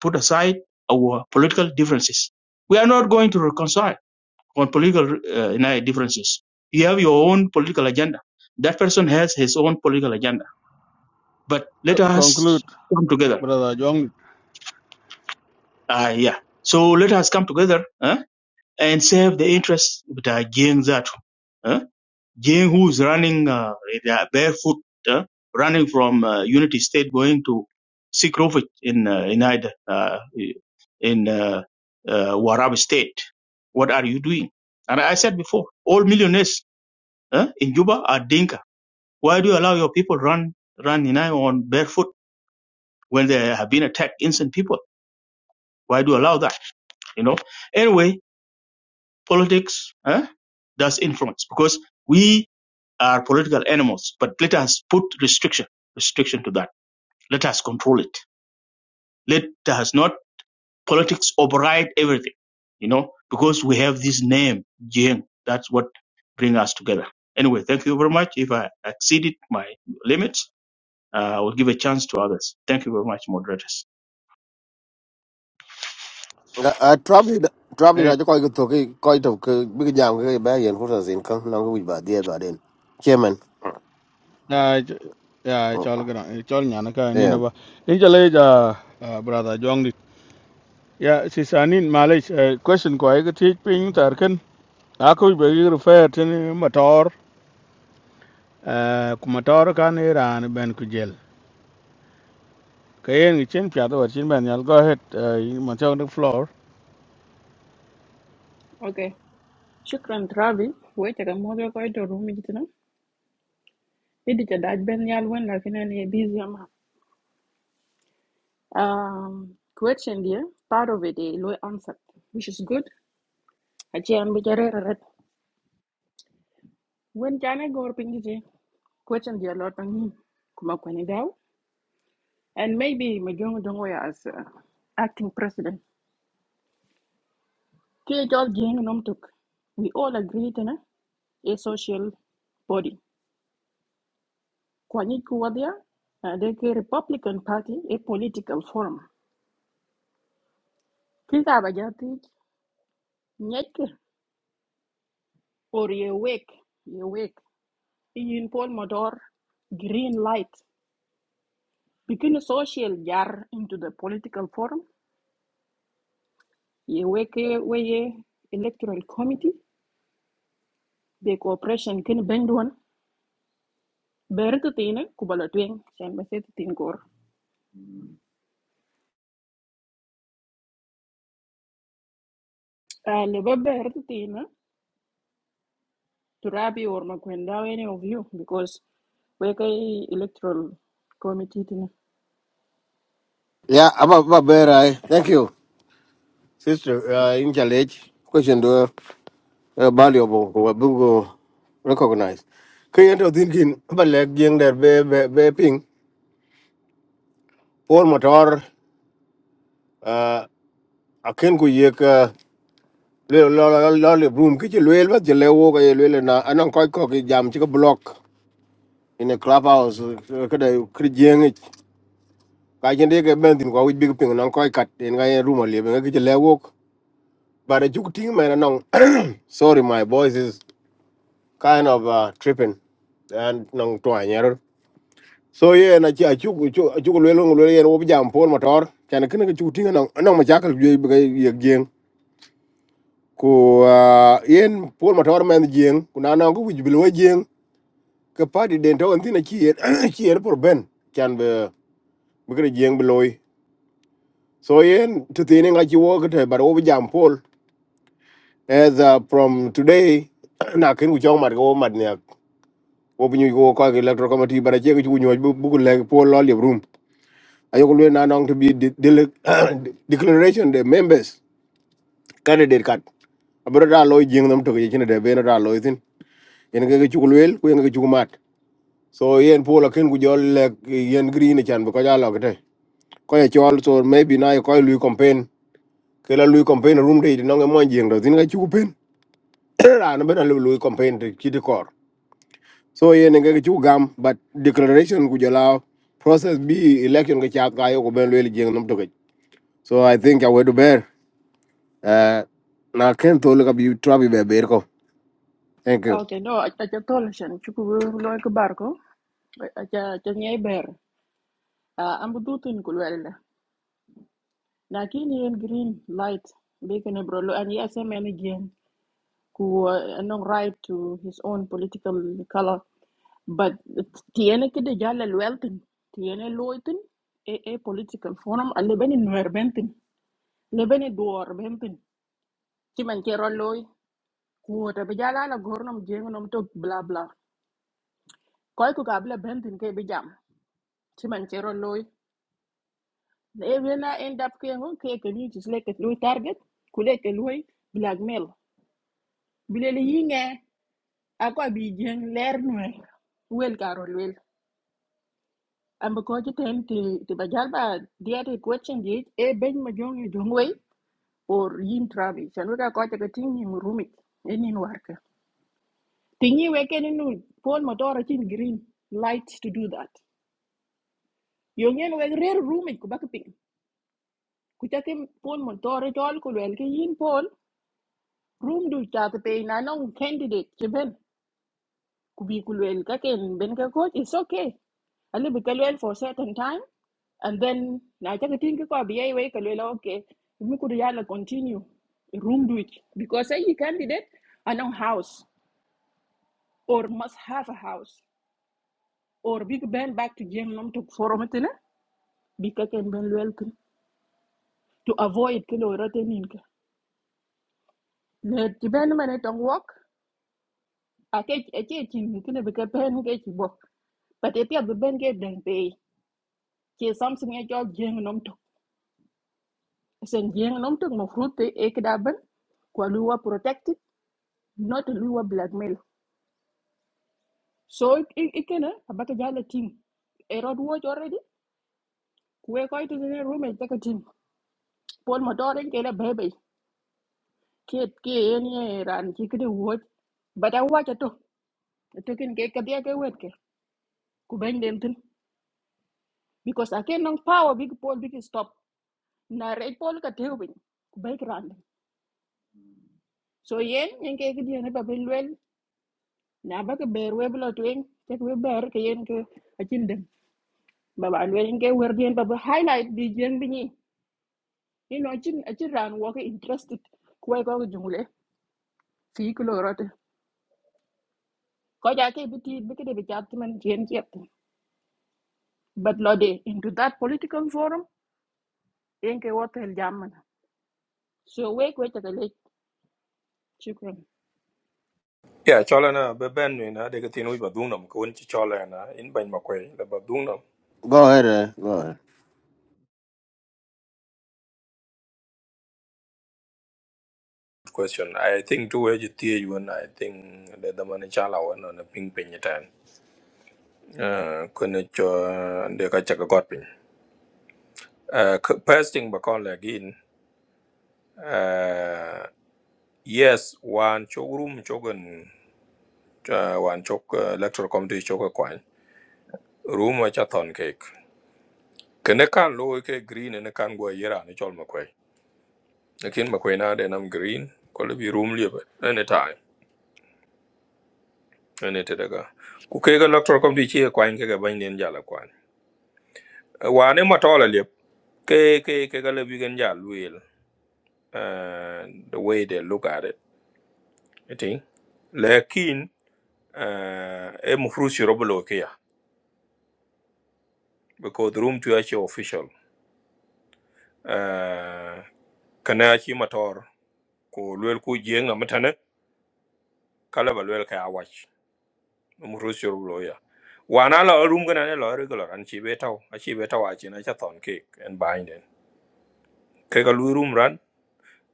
put aside our political differences. We are not going to reconcile on political uh, differences. You have your own political agenda. That person has his own political agenda. But C- let conclude, us come together. brother John. Ah, yeah. So let us come together huh, and serve the interests of the Gyeng Zatu. Jane, who is running uh, with, uh, barefoot, uh, running from uh, Unity State, going to seek refuge in uh, in Ida, uh, in uh, uh, Warab State. What are you doing? And I said before, all millionaires uh, in Juba are Dinka. Why do you allow your people run run in Ida on barefoot when they have been attacked, innocent people? Why do you allow that? You know. Anyway, politics. huh? That's influence because we are political animals. But let us put restriction, restriction to that. Let us control it. Let us not politics override everything. You know, because we have this name, Jing. That's what bring us together. Anyway, thank you very much. If I exceeded my limits, uh, I will give a chance to others. Thank you very much, moderators. a trabi trabi Eh, na koi ko toki koy to big jam ko ba yen ko sa sin ko na ko ba dia ba den. Chairman. na ch- ya Mm, chal kadang, eh, chal nyana ka ni na Yeah. ba. In chale ja ah, brother John dit. Ya si sanin malaj eh, question ko ay ka teach ping tarkan. Ako ba gi refer tin motor, eh, ku motor kan iran ben ku jel. Kayen gi chen pya ben yal go ahead, eh, you must on the floor. Okay. Shukran Trabi. Wait, I ka moja kwa ito rumi jitina. Hindi cha daj ben yal wen, lakina ni e busy ama. Um, question dia, part of it, eh, low answer, which is good. Achi an bichare rarat. Wen chane gor pingiti. Question dia lot ang kuma kwenye daw. And maybe majongo dongo ya as uh, acting president. Kee jol jeng nomtuk. We all agree tena a social body. Kwanyik kuwadia de ke Republican Party a political form. Kita bajati nyeke or ye wake ye wake. Iyin Paul Motor green light. Bikin social jar into the political form, Ye wake weye electoral committee. the cooperation kin benduan. Bertu tine kubalatwing. Shen besetu tin kor. Lebe bertu tina. to Rabi or Makwenda any of you because we kay electoral committee tin. Yeah, aba ba berai. Thank you. Sister uh, in challenge. Question do. uh, valuable ko bugo recognize kayen to thinkin ba lek jeng der be be be ping por motor uh, aken ku yek uh, le lo lo lo le room ki le ba je le wo ga le le na anan ko ko ki jam chi ko block in a clubhouse uh, ka da kri jeng ich. ka jen de ke ben tin ko wi big ping nan ko kat en ga en room le ga ki je le wo ba de juk ting me nan sorry my voice is kind of uh, tripping and nong twa so ye na ci acu acu acu lwel ngo lwel yen wobi jam pol motor chan kin ga cu tinga nang nang ma chakal jwe bi ye jeng ko ah, yen pol motor men jeng ku na na ko wij bil we jeng ka padi den to antina ci yen ci yen por ben chan be bi ga jeng bi loy so yen to tini nga ci wo ga te bar wobi jam pol as uh, from today na kin ku chong mat go mat ne wo bi nyu go ko ga electoral committee bara che ga nyu bu bu ku le pol lo le room ayok na nong to be de- dele- declaration the members candidate card abro da lo jing nam to ke chine de beno da lo tin yen ke chukul wel ku so yen pola ken ku jol le yen green e chan ko ja lo kete ko ye chol so maybe na ko lu campaign kela la lu campaign room date no mo jing do tin ke chukupen ra no bena lu lu campaign de chiti kor so yen ke chukam but declaration ku jola process bi election ke cha ka yo ben lu jing nam to ke so i think i would bear Uh, now Ken to look up you trouble baby. Go. Thank you. Okay, no, I acha tol You chuku loy ko barko. Acha acha nyai ber. Ah, ambu dutun kulwela. Lakin yen green light bacon and brolo and yes a man again who uh, no right to his own political color but tiene que de jala welten tiene loiten a political forum alle bene nuer benten le bene duor benten Ku ta bi jala la gor nom to nom tok bla bla. Koy ku ka bla bentin ke bi jam. Ci man ci ron loy. Na e end up ke ngon ke ke ni ci slek loy target ku le ke loy blackmail. Bi le yi nge a ko bi jeng leer noy. Wel ka wel. Am ko ci ten ti ti ba jal ba diete question di e ben ma jong yu or yin trabi. Chan wega ko ta ke ting ni mu rumik. E nin warka. Tingi weke ni nu pon motora chin green light to do that. yo ngeen weg reer roomic ku bak ping ku cake pon mon tore tol ku lwel ke yin pon room du chat pe na non candidate ke ben ku bi ku lwel ka ken ben ka coach it's okay ali bi ka lwel for certain time and then na cake tin ke ko bi ai we ka lwel okay mi ku yalla continue room du ich. because ay candidate anon house or must have a house or big ben back to jeng nom to forum tene bi ka ken ben lwel kin to avoid ke lo rotenin Let the band man at walk. I catch a catching, you can become pen catch walk. But if you have a band get them pay, here's something at your jing and umto. Send jing and umto, no fruit, a cadaban, Kualua protected, not a lua blackmail. So it it can about a battle team. A road watch already. We're quite in a room and take a team. Paul Motorin get a baby. Kate Kane and he could watch. But I watch it too. It took in cake at the other worker. Kubang Denton. because I cannot power big Paul big stop na red Paul ka tewing ku bay so yen yen ke ke dien ba belwel na ba ke ber we blo twing ke we ber ke yen ke achin dem ba ba lwe yen ke wer dien ba highlight bi yen bi ni you know chin achin ran wo ke interested ku ko ko jungle fi ko rote ko ja ke bi ti bi ke de bi chat man yen ke but lo into that political forum yen ke wotel jamana so we ko ta le chukran. Yeah, chola na be ben ni na de katin wi badung nam ko chola na in ban ma kwe le badung Go ahead, uh, go ahead. Good Question. I think two age tia you and I think the the man chala one on a ping ping tan. Uh, kuna cho de ka chaka got ping. Uh, first thing bakon again. Uh, yes, one chogrum chogan uh, wan chok uh, electoral committee chok e kwany room wa cha ton cake kene kan lo ke green e ne kan go yera ne chol makwe lakin makwe na de nam green ko le bi room liebe any time any te daga ku ke ga electoral committee chi e kwany ke ga ban den jala kwany Eh, wane matola liep ke ke ke ga le bi gen jal wil uh, the way they look at it i think lakin uh, e mu frusi robolo ke ya because the room to actually official uh, kana chi motor ko luel ku jeng amatane kala ba luel ka awach mu rusyo lo ya wana la rum gana ne lo regular an chi betaw a chi betaw a chi na cha ton ke en bainden ke ga lu rum ran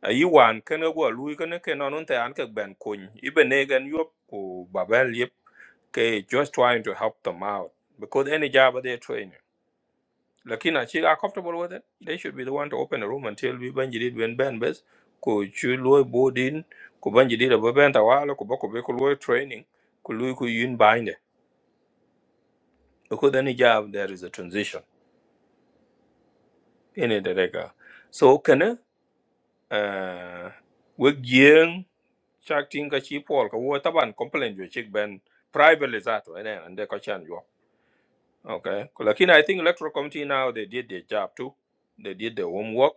a yi wan ken go lu ken ke no nun te an ke ben kun i be ne gan yop ku babel yep ke just trying to help them out because any job they train Lakini she are comfortable with it. They should be the one to open the room and tell me when you did when Ben best. Ko chu bodin, boarding, ko ban you did a baban tawala, ko bako beko loy training, ko loy ko yun bind. Because then job there is a transition in it rega. So kana uh we gyeng chak ting ka chi pol ka wo taban complain jo chik ben privately that and then and they ka chan jo. Okay. Ko Lakini I think electoral committee now they did their job too. They did their homework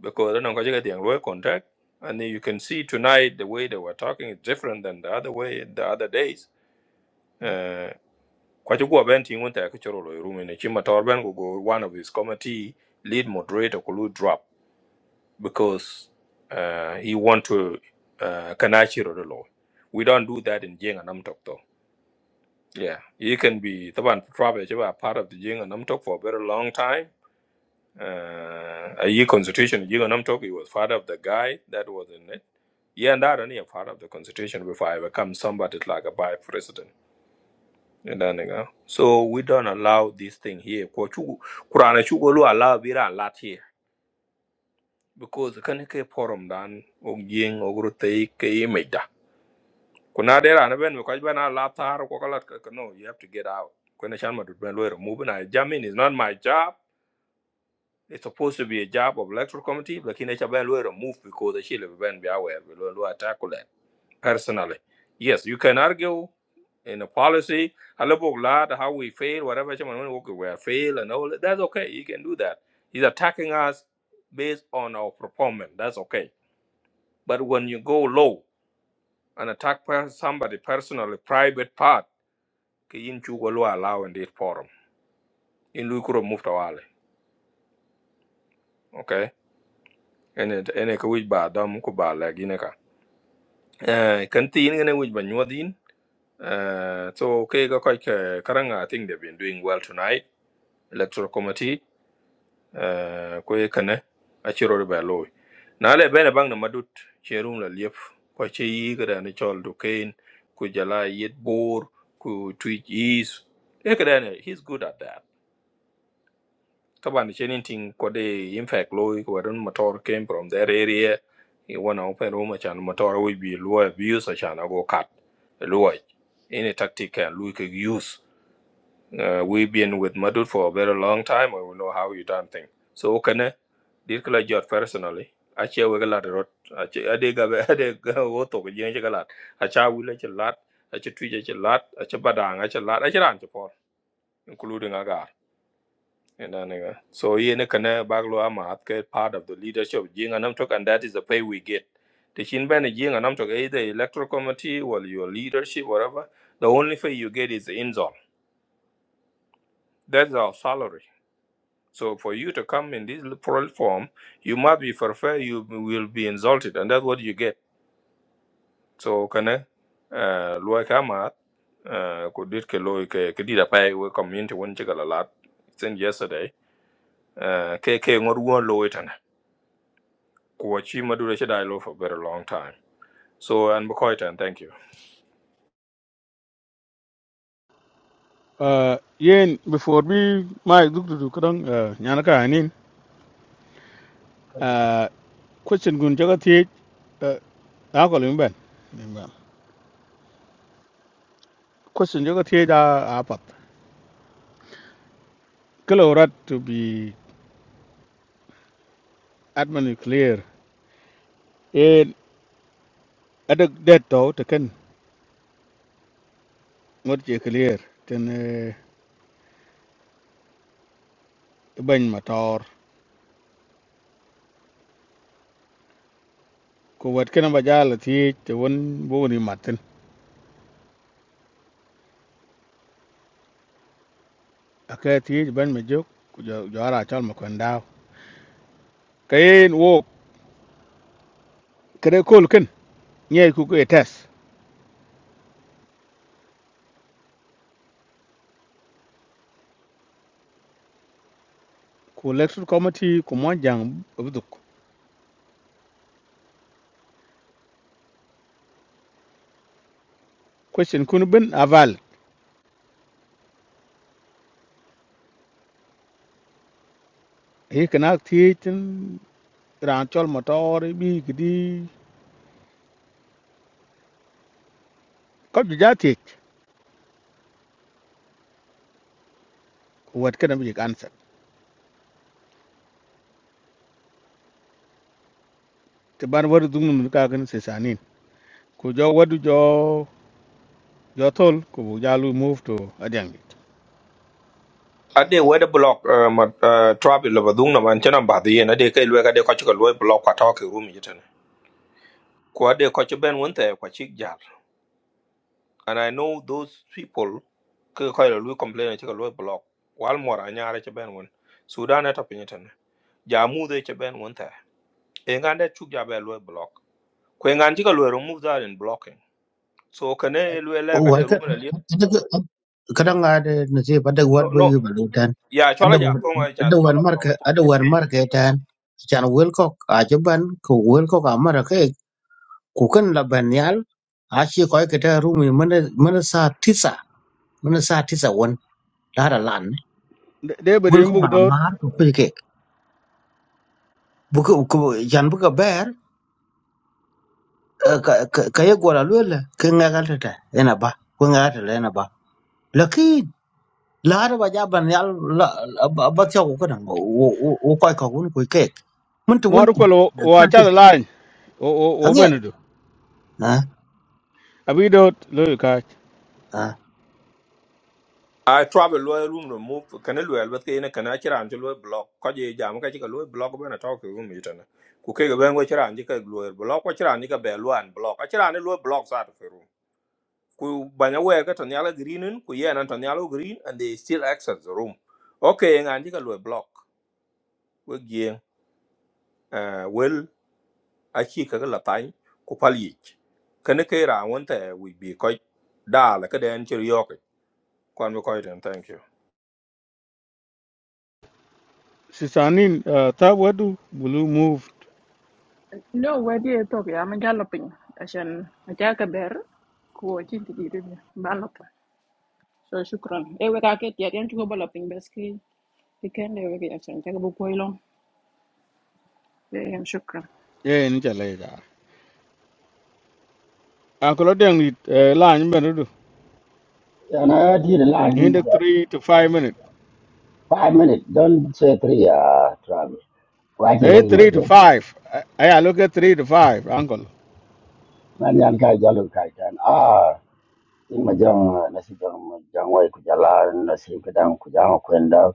because I don't go get the employee contract. And you can see tonight the way they were talking is different than the other way the other days. Uh, Kwachu go bent in one take room in a chima torben go go one of his committee lead moderator could drop because uh, he want to uh kanachi the law. We don't do that in Jing and Namtok though. Yeah. You can be the one probably a part of the Jing and Namtok for a very long time uh, a constitution you know talk he was part of the guy that was in it yeah and that only a part of the constitution before i become somebody like a vice president you know, you know. so we don't allow this thing here Ko chu- kurana chu allow we do lot here because can ke forum dan um ying ogru te imeda kuna there and when because when i tar no you have to get out when i shall madu ben lawyer move na jamin is not my job It's supposed to be a job of electoral committee, but in HBN we remove because the Chile Ben be aware we will will tackle that personally. Yes, you can argue in a policy, a level lot, how we fail, whatever Chairman Walker we have failed and all that. That's okay. You can do that. He's attacking us based on our performance. That's okay. But when you go low and attack per- somebody personally, private part, kayin chugo lo allow in this forum. In Lukuro Muftawale. Okay? And it and it could be bad, dumb could Uh, kan tin ngene banyuadin. Uh, so okay, go kai ke karanga I think they've been doing well tonight. Electoral committee uh, ko ye kane a chiro ba loy. Na le bene bang na madut cherum la liep ko che yi ga da ni chol do kain yet bor ku twitch is. E ga he's good at that. طبعا شيء anything قد ينفع لوي ورن motor came from that area he wanna open room عشان motor will be low abuse عشان go cut low any tactic can look use uh, we been with Madud for a very long time I we know how you done thing so can did kala jot personally I share with a ache we I rot ache ade ga ade ga woto ga jen galat acha wile che lat ache tuje che lat ache badang ache lat I ran che por including aga and then, uh, so in kana baglo ama get part of the leadership of Jing and Namtok, and that is the pay we get. The Shin Ben Jing and Namtok, either electoral committee or your leadership, whatever, the only pay you get is the insult. That's our salary. So for you to come in this plural form, you must be for fair, you will be insulted, and that's what you get. So kana uh Luai Kamat uh could did ke loy ke ke did a pay we community one chicken a lot since yesterday. Uh ke ke ngot one loy Kuachi Madura Shadailo for a very long time. So and Bukoita and thank you. Uh, yen before bi mai duk du kadang uh, nyana ka anin And uh, question gun jaga thi uh, a ko lim ben Lim ben. question jaga thi da apat kalorat to be admin clear en adak det to to ken ngot je clear ten uh, ban motor ko wat ken ba jala thi te won bo ni matin aka thi ban me jok ku jo jo ara chal ma kon daw kayen wo kre kol ken nyai ku ke test ku electoral committee ku mon jang buduk question kun ben aval he kana tin ran chol motor bi gidi ko ju jati ku wat kana bi answer te ban wadu dum nun ka kan se sanin ku jo wadu jo jo tol ku bu jalu move to adang At the weather block uh ma uh trap Lavadung and Chenam Badi and a day look at the Kochika Loy block what talk room jitan. Kuade Kocha Ben went there Kwachik Jar. And I know those people ke koy lu complain ci loy block wal mor a nyaare ci ben won sudan eta pinyetan ja mu de ci ben won ta e ngande chu ja be loy block ko ngan ci loy remove that in blocking so can lu le ka de Wata room le nggak ada nasib ada wat no bagi no balutan. Yeah, Ada chola ja wan- tonga cha ada wan chola marka tonga cha ada ne ti wan ju. marka tan. Chan welkok ajaban ko welkok amara ke kukan laban yal. Ashi koi kita rumi mana mana sa tisa mana sa tisa wan lara lan. de be Gul rim kok bu do buka yan buka ber eh, ka ka- ka ye gola lwela ke ngagal tata ena ba ko ngagal tata ena ba lakin la hada ba jaban yal la la- ba tiya ko kana wo wo wo kai ka gun ko kek mun to won mor ko lo wa cha sati line o o o angya benedo ha abi do lo ka ha I travel lo room no move kan lo el bet kene kan achira an lo block ko je jam ka chika lo block bena talk room itana. Ku ke ga ben go chira an ka lo block ko chira an ka be lo an block. Achira an lo block sa to room. Ku banya we ka tan yala green ku ye an tan yala green and they still access the room. Okay ngan ka lo block. We gien eh well achi ka la tan ku palich. Kan ke ra won ta we bi ko da la ka den chiri Kwan bi koy den, thank you. se sanin ta wadu bulu move No, where do you talk? Yeah, I'm galloping. I said I take a bear. Cool, I'm sitting here, here, here. Balok. So, thank you. I work at the area. Just galloping basically. Okay, I'm saying I take a book. I love. Yeah, I'm sure. ye ni cha le ga an ko lo dang line benedo I did a lot in these the uh, three to five minutes. five minutes. Don't say three, uh, Travis. Why you Eh, lay my three to drink? five. I, I look at three to five, uncle. Man, yan kai jalu kai tan. Ah, in my jong, nasi jong, jong wai kujala, nasi kadang kujang kwenda,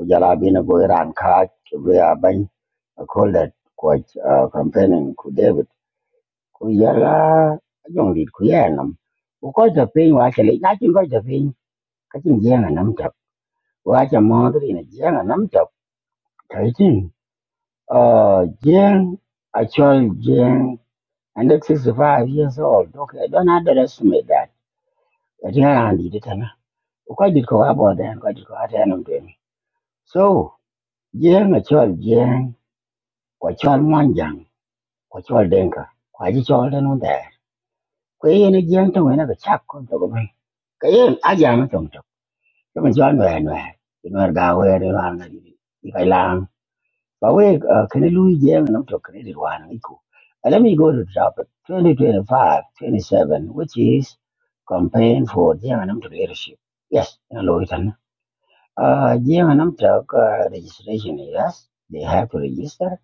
kujala bina go iran kaj, kuya bang. I call that quite uh, campaigning ku David. Kujala, jong lid kuya nam. Ukoi ta ping wa chale, na chin koi ta ping. Kachin jiang nam chap. Wa cha mo tu ina jiang nam chap. Uh, Jane, actual Jane, 165 years old. Okay, don't underestimate that. That here and did it. na. Quite did go about then, quite did go out and doing. So, Jane, actual Jane, actual Manjang, actual Denka, quite did all the no there. Quay in a Jane to win a chap come to go. Kayen, I jam it on top. Come and join me anywhere. You know, go where you are. But we uh, can Louis Jam and I'm one equal. And let me go to the topic 2025 27, which is campaign for Jam and i to leadership. Yes, in Louisiana. Uh, Jam and I'm talk uh, registration, yes, they have to register.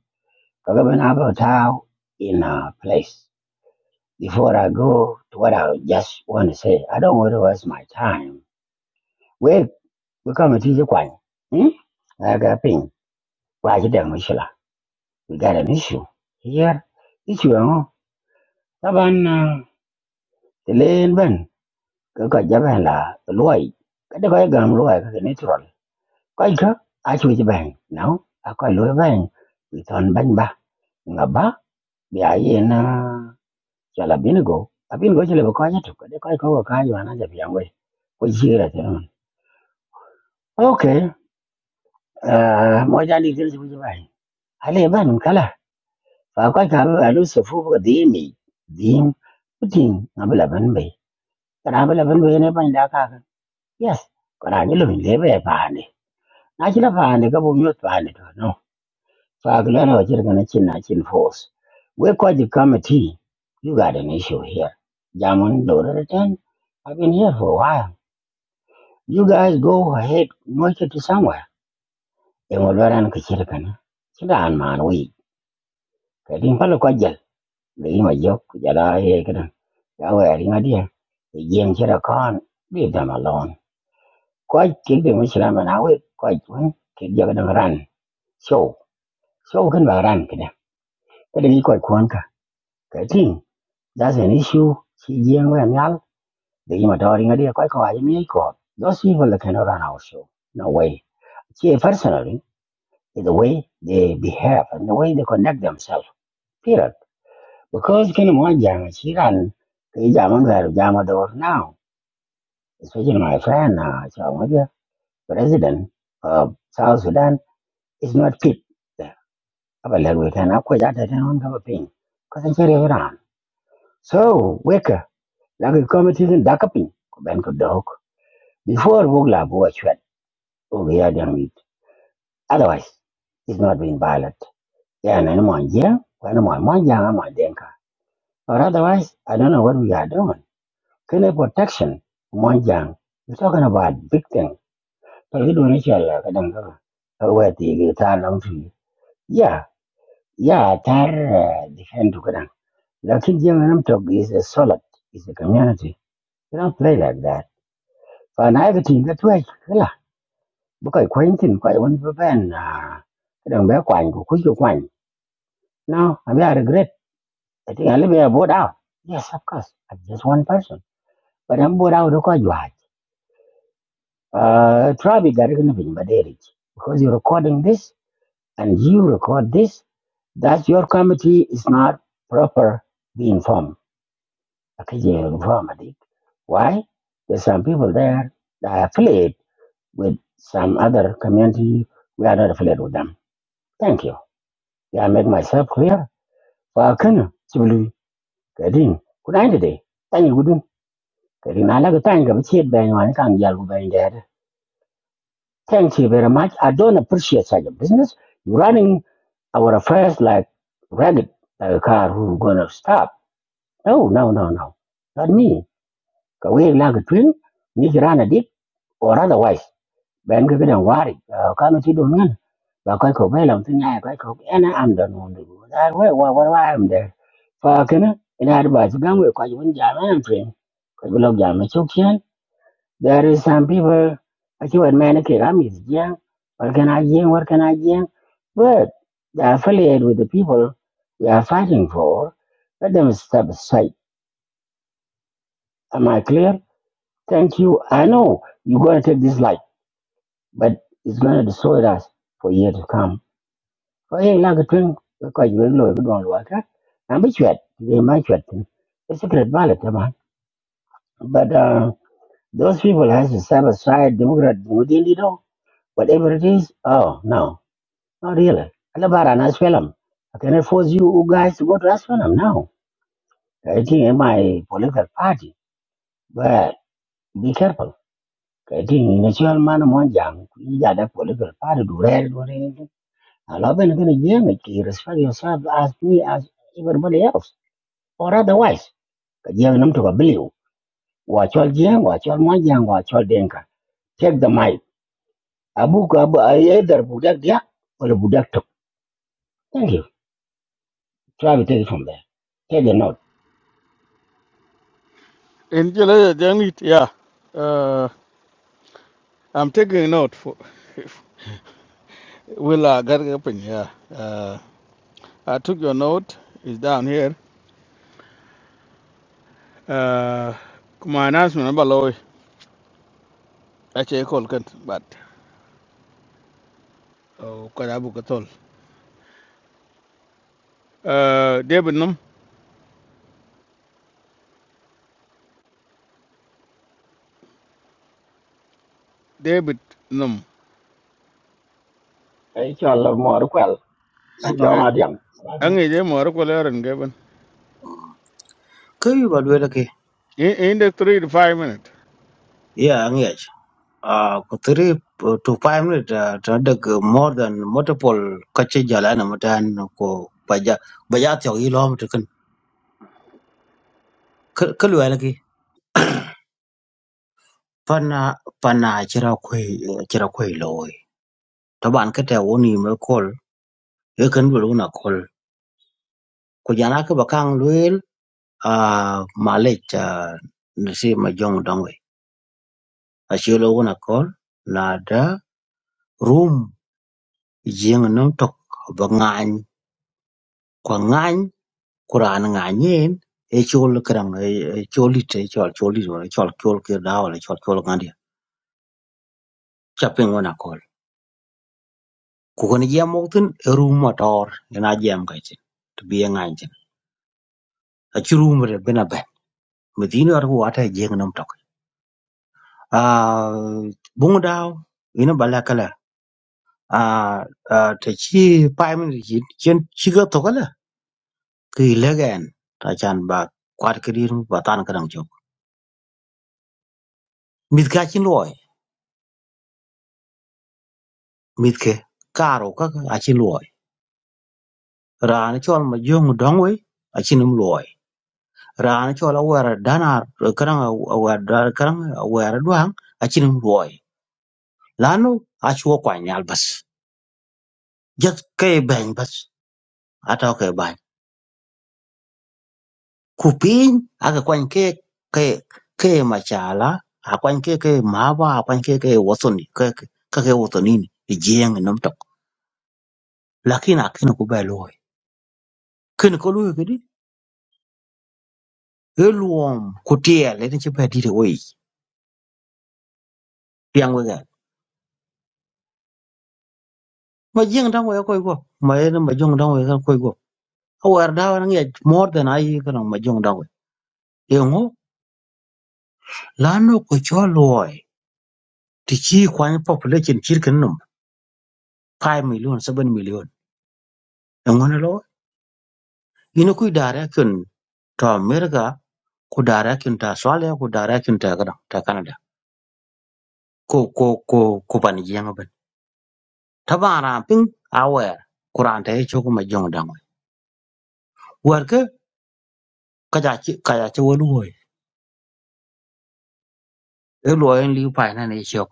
Kagaban Abatao in a place. Before I go to what I just want to say, I don't want to waste my time. We we come to the point. Hmm? I got ping. Why you don't wish you We got an issue here. Issue ang taban ah, telen ben ka ka jaban la loy ka de ka gam loy ka natural. Ka ka a chu jaban no a ka loy ban we ton ban ba nga ba bi a ye na chala binigo a binigo chale ba ka ya to ka de ka ka ka ya na ja bi we ko ji ra no. Okay ah mo ja ni tel chu jaban. Ale ban kala fa ka ka ba lu se fu ka di mi di putin na bla ban ba Karambe la ben wene ban da kaka. Yes. Karambe in ben lebe e paande. Na chila paande ka bu miot paande to no. Faak lana wa chila kana chin na chin force. We kwa ji committee. You got an issue here. Jamon Dora return. I've been here for a while. You guys go ahead. Mocha to somewhere. Engo lora na kachira kana. Chila an man we Kadin pala kwa jal. Lehi ma jok. Jala ye kana. Yawe aringa dia. Ejeng chira kon. Leave them alone. có chiến đường mới làm mà nào ấy có chiến thì giờ cái đường ran show show cái mà ran cái này cái đấy có quan cả cái thing that's an issue chỉ riêng với anh nhau đấy mà đó đi ngay đi có có ai mới có those people that cannot run our show no way See, personally is the way they behave and the way they connect themselves period because cái mà giang chỉ ran cái giang mà là giang mà đó now especially my friend uh, so, president of South Sudan is not fit The aba lɛt wek tɛn akɔc a tɛtɛn ɣɔn kaba piny kɔc aci riɛk raan so weka laki kɔmitis n daka piny ku bɛn ku dɔɔk before wok la bu acuɛt wok ya diɛŋ it. otherwise it's not being violent yeah na ni mɔn jiɛŋ wɛni mɔn mɔn jiɛŋ a denka or otherwise i don't know what we are doing kene protection mɔn jiɛŋ we talking about big thing but we do not cɛl ka dɛŋ kaka wɛ tiigi taar lam tui yeah. ya taar defend tu لكن جيم نمتق is a solid is a community you don't play like that فأنا أبتين ذات واي لا بقى كوين تين بقى يوان ببين كده بقى كوين كوكو كوين no I mean I regret I think I live here bored out yes of course I'm just one person but I'm bored out because you had uh, probably got nothing but there is because you're recording this and you record this that your committee is not proper being formed Akajere Informatic. Why? There's some people there that are affiliated with some other community. We are not affiliated with them. Thank you. Did I make myself clear? Fakana, Sibulu, Kadin, Kudain today. Thank you, Gudun. Kadin, I like a time of shit bang on Kang Yalu bang there. Thank you very much. I don't appreciate such a business. You're running our affairs like ragged, like a car who's gonna stop. No, no, no, no. Not me. ka we la ga twin ni jirana dik or otherwise ben ga gidan wari ka ma ti do nan ba kai ko bai lam tin ai kai ko ina am da non du da we wa wa wa am da fa kana ina da ba ji gan we ka ji wani jami'an twin ka bi log jami'an chokyan there is some people a ki wan man ke ga mi jiya war kana jiya war kana jiya but they are affiliated with the people we are fighting for let them step aside am i clear Thank you. I know you're going to take this life, but it's going to destroy us for years to come. Có nghĩa là cái chuyện Because you dưới lối don't work. I'm mới chuyện, thì mai chuyện it's a great ballot, man. But uh, those people has to set aside Democrat within you know, whatever it is. Oh, no, not really. And about an Asylum. I cannot force you guys to go to Asylum now. I think in my political party, but be careful. Kadin national man mon jang yi ja da political party do rare do rare. A lot ben gonna jam you respect yourself as me as everybody else or otherwise. Ka jang nam to ka believe. Wa chol jang wa chol mon jang wa denka. Take the mic. Abu ka abu either budak dia or budak tok. Thank you. Try to take it from there. Take the note. In July, then it- yeah. Uh, I'm taking a note for will uh, get open? Yeah. Uh, I took your note. It's down here. Uh, my announcement about law. Actually, I call can but oh, cause I book at all. Uh, David Num. David Num. Ay chol lo mor kwal. nando Jong Eh, adiang. I'm going to more call Aaron Gavin. ke yu ba lwela ke In in the three to five minutes. ya angya a ko tri to five minute ta da more than multiple kache jala na mutan ko ba ja ba ja tiya yi lo mutakan ke lula Pana pana chira kwe chira kwe loy to ban kete woni me kol e kan bulu na kol ko jana ke bakang luel a malech nasi ma jong dongwe a chilo wona kol na da room jing nam tok ba ngany ko ngany kuran nganyen e chol krang e choli te chol choli wona chol chol ke da wala chol chol ngandi chapeng wona kol ku kon jam moktin e room motor ina jam kaitin to bi ngany acurum bena ben medino ar hu ata e jeng nom tok a bungu daw ina bala kala a ta chi paimin yin chen chi ga to kala ki legen ta chan ba kwat kirin ba tan kadam chok mit ka chin loy mit ke karo ka a chin loy ran chol ma jong dong we a chin um loy ran chol a wer dana karang a wer karang a wer duang a chin um loy lanu a chuo kwa nyal bas jat kay bang bas atoke bany ku piny ake kwany ke ke ke machala akwany ke ke maba akwany ke ke wothoni ke ke ka ke wothonin ijeng nom tok lakini akino ku ba loy kin ko loy kedi eluom ku tiel ene che ba dire wei piang we ga ma jeng dang we ko go ma ene ma jong dang we ko go awar da wan ngi more than ai kana ma jong dang we yengo lano ko cho loy ti chi kwany population chir kin nom 5 million 7 million yengo na lo Ina ku direction to America, ku direction to Australia, ku direction to Canada, to Canada. Ku ku ku ku pan jeng ben. Tabana ping aware Quran te cho ku ma jong dang. Wer ke ka ja chi ka ja chi wo lu hoy. E lo en li pa na ne cho.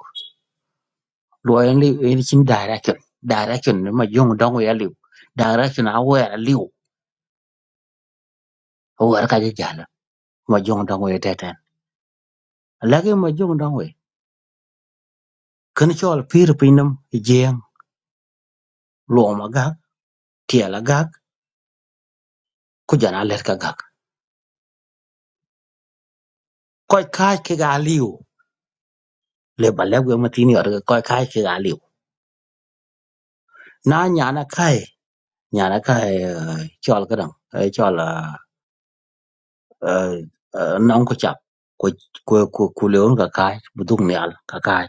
Lo en li en chin direction. Direction ni ma jong dang ya liu. Direction aware liu. Wer ka ja jala ma jong dang we te ten. Lagi ma jong dang we. Kan cho al pir pinam jeng lo ma ga tie la ku jana let ka gak koy kai ke ga liu le balle go ma tin yor koy kai ke ga liu na nyana kai nyana kai eh, chol ka dang eh, chol nong ko chap ko ko ko ku le on ka kai bu dung nyal ka kai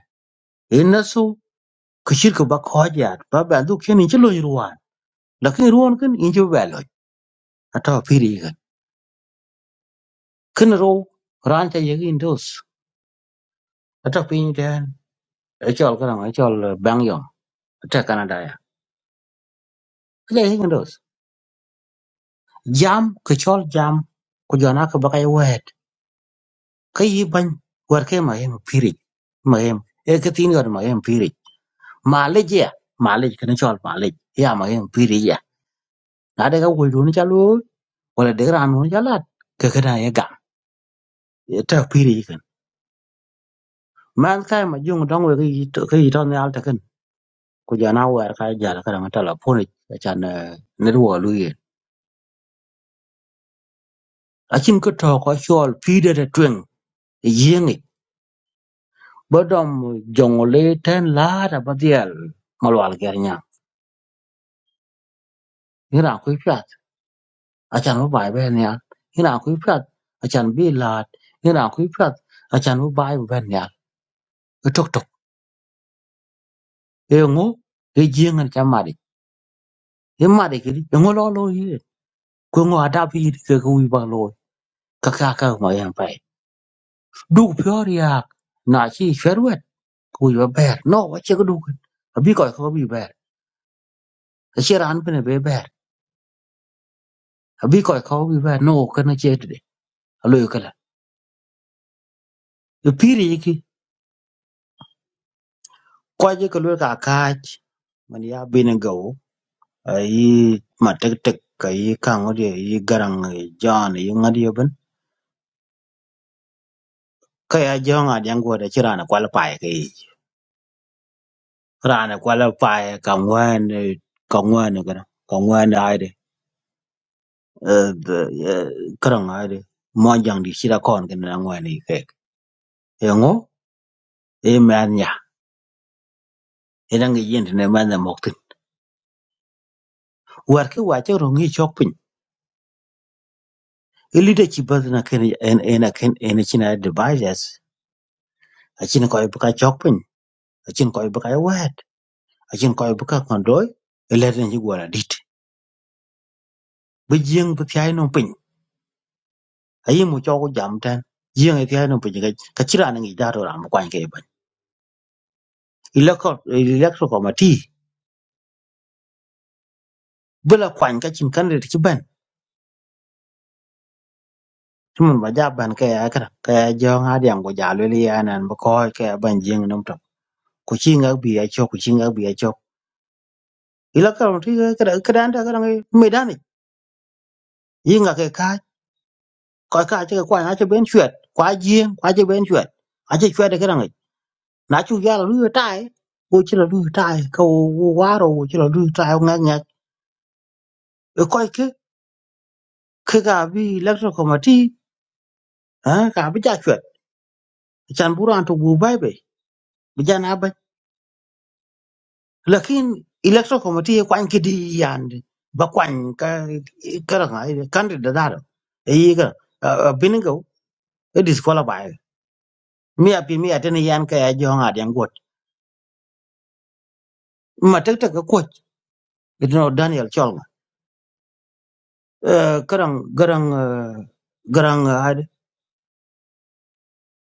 in na su ku shir ko ba ko ja ba ba du ken in chlo yruan la ken ruon ken in ju ba lo ata piri gan ken ro ran ta yegin dos ata pin den chol ka dang chol bang yom ta canada ya le yegin dos jam kɨ cɔl jam ku jɔ̀na kɨbɔkayi wɛɛt kɨ yi bany wɛt ke ma yem piiric ma yem e kɨ tiin yɔt ma yem piiric maalic ya maalic kini cɔl maalic ya ma yem piiric ya na de ka wul duuni ca looi wala de raan duuni ca lat kɨ kɨ na ye gaŋ tɛ piiric yikin man kai ma juŋ dɔŋ we kɨ yi tɔn yaal tɛkin ku jɔ̀na wɛɛt ka jal ka dɛŋ tɛla punic can eh, nid wɔ lu yen acin kɨ tɔɔ kɔ cɔl piidɛtɛ tueŋ yiŋic bởi ông Jong Lê tên là đã bắt điál maluál ghiền nhăng, hình nào quý phật, ách ăn vụ bảy ven nhăng, hình nào quý phật, ách ăn bỉ lạt, hình nào quý phật, ách ăn vụ bảy ven nhăng, ước ước, em ú, cái gì nghe cái ma đi, cái ma đi cái gì, em ú lão lôi, quên ngô Ada phi đi, cái cô bị bao lôi, cái ca ca không mày ăn phải, du phở riak, na chi xẹt wet, cô yêu bẹt, no với chứ cô du, abi coi khâu abi bẹt, cái gì ran bên này bẹ bẹt, abi coi khâu abi bẹt, no cần cái này chứ đấy. aloyo kala ipiri yiki kwaje ka lwe ka kaach man ya bini gaw ayi ma tektek ayi kaŋo di ayi garaŋ ayi jon ayi ŋad yobin ka ya joŋa diyaŋ go da ci rana kwal paye ka yi rana kwal paye ka ŋwen ka ŋwen kana ka ŋwen ayde karaŋ ayde monjaŋ di ci da kon kina na ŋwen yi kek e ŋo e men nya ina ŋa yindi ne men na moktin war ki wache rongi chok piny i leadership bas na ken en en ken en china devices achin ko ibuka chokpin achin ko ibuka wet achin ko ibuka kondoy eleten ji gwala dit bi jing bi pyai no pin ayi mu chogo jam tan jing e pyai no pin ga ka chira na ngi daro ram kwan ke ban electro electro committee bula kwan ka chin kan rit ki ban tumun ba ja ban ka ya kra ka ya jo ha diam go jalo li ya nan ba ko ka ya ban jing nam to ku chi ngak bi ya cho. ku chi ngak bi ya chok electro committee ka ka dan ta ka ngi medan yin ga kai ka ko ka ce ko na ce ben chwet kwa jien kwa ce ben chwet a ce chwet ga ngai na chu ya lu tai wo chi lu tai ko wo wa ro wo chi lu tai nga nya e ko ke ke ga bi electro committee ha ka bi ja chwet chan bu ran to bu bai be bi ja na ba lakin electro committee kwan ki di yan ba kwan ka ka ngai candidate da da e yi ga binigo e disqualify mi api mi atene yan ka ya jo ngadem got ma tek tek ko you know Daniel Cholma uh, karang garang uh, garang uh, hide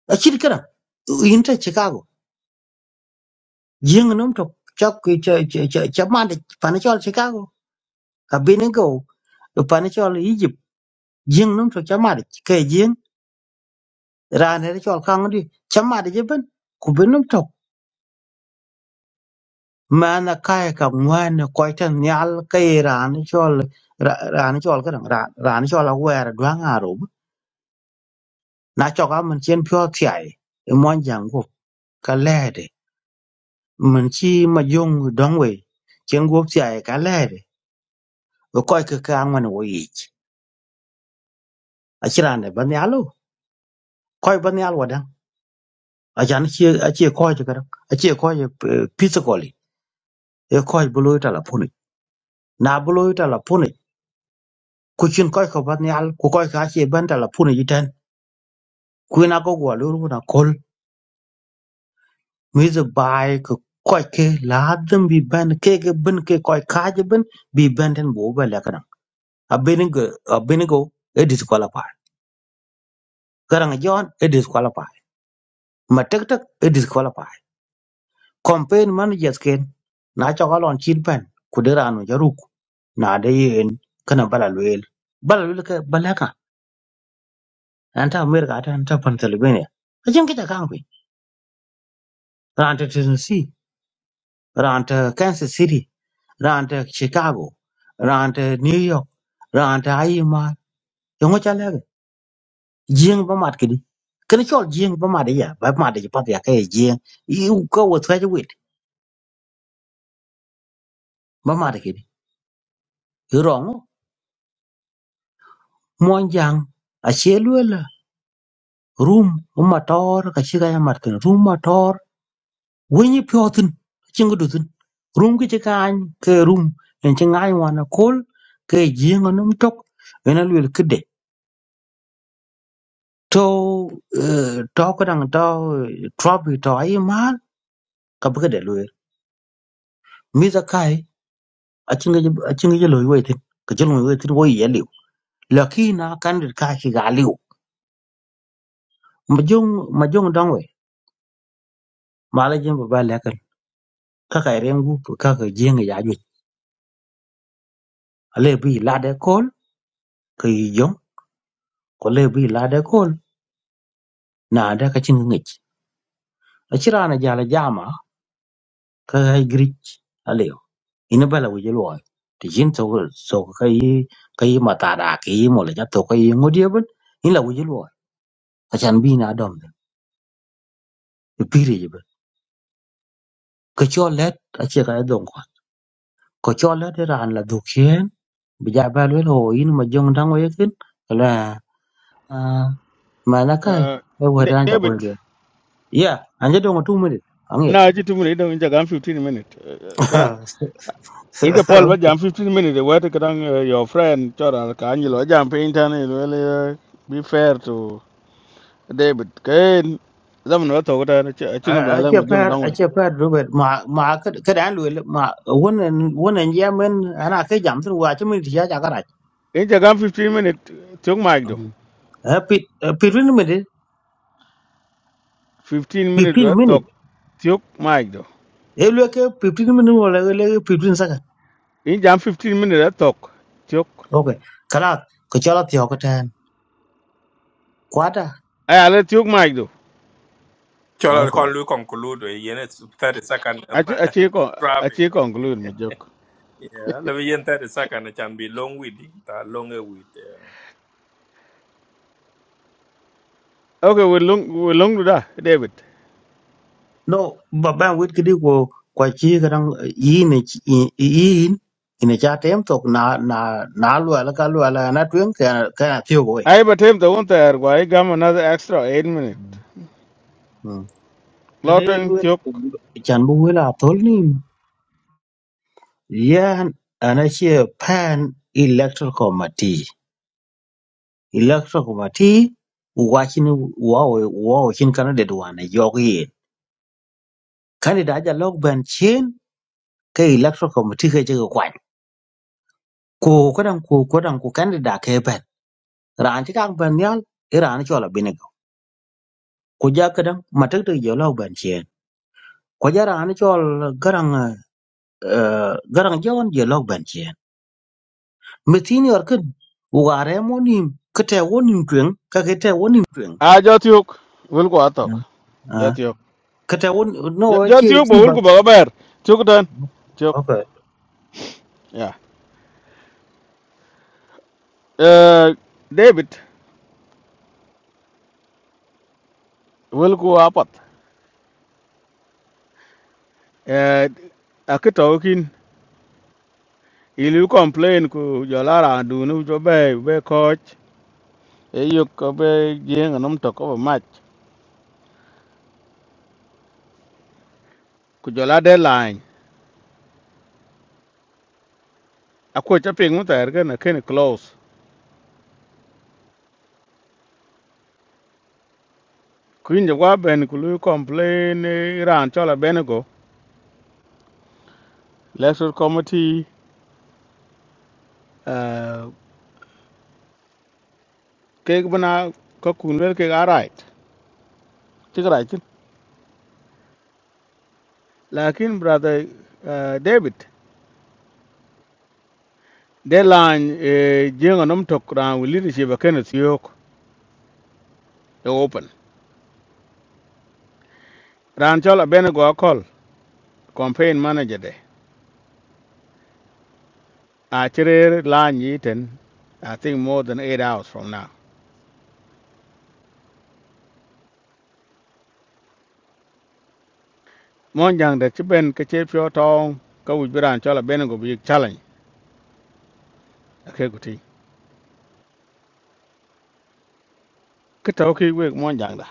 a chit karang inta Chicago jing num to chak ki cha cha cha cha ma de panachol Chicago ka binigo to panachol Egypt jing num to cha ma de ke jing ran ne chol kang di cha ma de ben ku binum to mana kaya ka mwana koitan nyal kai ran chol ra- ran chol karang ran ran chol aware dwang arob na choka man chen pyo thai mon jang go ka lede Mình chi mà dùng dong we chen guop ti ai ka le coi cái koi ke ka ngwan wo yi a chira ne ban ya lo koi ban ya lo dan a kia, chi a coi cho cái đó, a chi coi ji pizza e koi coi lo ta la puni na bu lo ta la puni ku chin koi ko ban ya ku koi ka chi ban ta la puni ji tan ku na ko gwa lo ru na kol mi ze bai ku koi ke la dum bi cái ke cái bin ke koi ka ji bin bi ban den bo ba la ka a bin go a bin go e disqualify garang John e disqualify ma tek tek e disqualify campaign managers ken na cha galon chin pen ku de ranu jaruk na de yen kana bala loel bala loel ka balaka anta america ta anta pennsylvania ajin kita kang pe ranta tennessee ranta kansas city ranta chicago ranta new york ranta ayima yongo cha lege jing ba mat kidi kana chol jing ba mat ya ba mat ya pat ya ka jing i ka wo tra ji wit ba mat kidi Mwanjang ace luela rum umator kachi kaya martin rum mator wenyi pyotin chingu dutin rum ki chika any ke rum en chi ngai wana kol ke jinga num tok ena luel kide to eh, to kadang to eh, tropi to ai mal ka bukade luel miza kai achinga achinga jelo yoitin ka jelo yoitin wo yeliu lakini na kandir ka ki galiu majong majong dongwe mala jemba ba kaka i ren gu kaka jeng ya ju ale bi la de kol ke yi jong ko le bi la de kol na da ka cin ngi a cira na jala jama ka ga grich ale ina bala wi lo ti jin to so ka yi ka yi mata da ka yi mo le ja to ka yi ngodi ban in la wi lo a chan bi na dom de bi re ji ba ka cho let a ce ka don ko ko cho let ra an la du kien bi ja ba lo ho in ma jong dang wi kin la ma na kai Uh, e wa Da- dan ta David. ko Yeah, anje dongo two minutes. Ange. na aji tu mune don jagam 15 minute kada in ka Paul ba jam 15 minute wa ta kadan your friend chora ka anyi lo jam pe internet well be fair to David kain zaman wa to kada a cikin bayalan mu Ache jin par dan wai ache par Robert ma ma ka ka dan lwe ma wonen wonen ya men ana ke jam tun wa che minute ya ja garaj. in jagam 15 minute tuk mic do Eh pit pitin minute 15 minute 15 wa minute. tok tuk mic do E lwe ke 15 minute wala le 15 second. in jam 15 minute wa tok tuk Okay. Kala ko chala thio ka tan. Kwata. ay ala tuk mic do Chola Okay. kon lu conclude we yen it's 30 second a um, ci a ci ko a trabi. ci conclude mu jok yeah, le yen 30 second it can be long with it, uh, longer with. okay we long we long do da David no ba ba wit kidi ko kwa chi kadang yi ne chi- yi yi yi- ina cha tem tok na na na lu ala ka lu ala na tuen ka ka thio go ai ba tem ta won ta er gwa ai gam another extra 8 minute kene lu lotting tiok chan bu wela tol ni yan ana che pan electoral committee electoral committee wa chin wa wa chin candidate wa na yo ye candidate ja log ban chin ke electoral committee ke je ko kwan ko ko dan ko ko dan ko candidate ke Raan ti tak ban yal i raani chol abinigo. Kuja kadang matak tak je ban chien. Kuja raani chol garang eh, garang jawan je lok ban chien. Mithin yorkin wugare mo nim kete wo nim ka kete wo nim a jo tiok wil ko atok jo tiok Kete wo no jo jo chi tiok chi bo wil bat. ko ba ber tiok dan tiok Okay. ya eh david wil ko apat eh akito kin ilu complain ku jo lara du nu jo be be coach e yok ko be jeng nom to ko match ku jo la deadline akwo cha ping mu ter ga na ken close kuin jo wa ben ku lu complain eh, ran chola ben electoral committee uh, ke bana ko kunwel ke ga right ti right lakin brother uh, david deadline e jenga nom tok ran wi leadership a kenneth yok e open ran chola bene go call campaign manager de a chere lan yi ten i think more than eight hours from now mon jang de chiben ke che pyo tong ka wi ran chola bene go big challenge a ke guti ke to ki we mon jang da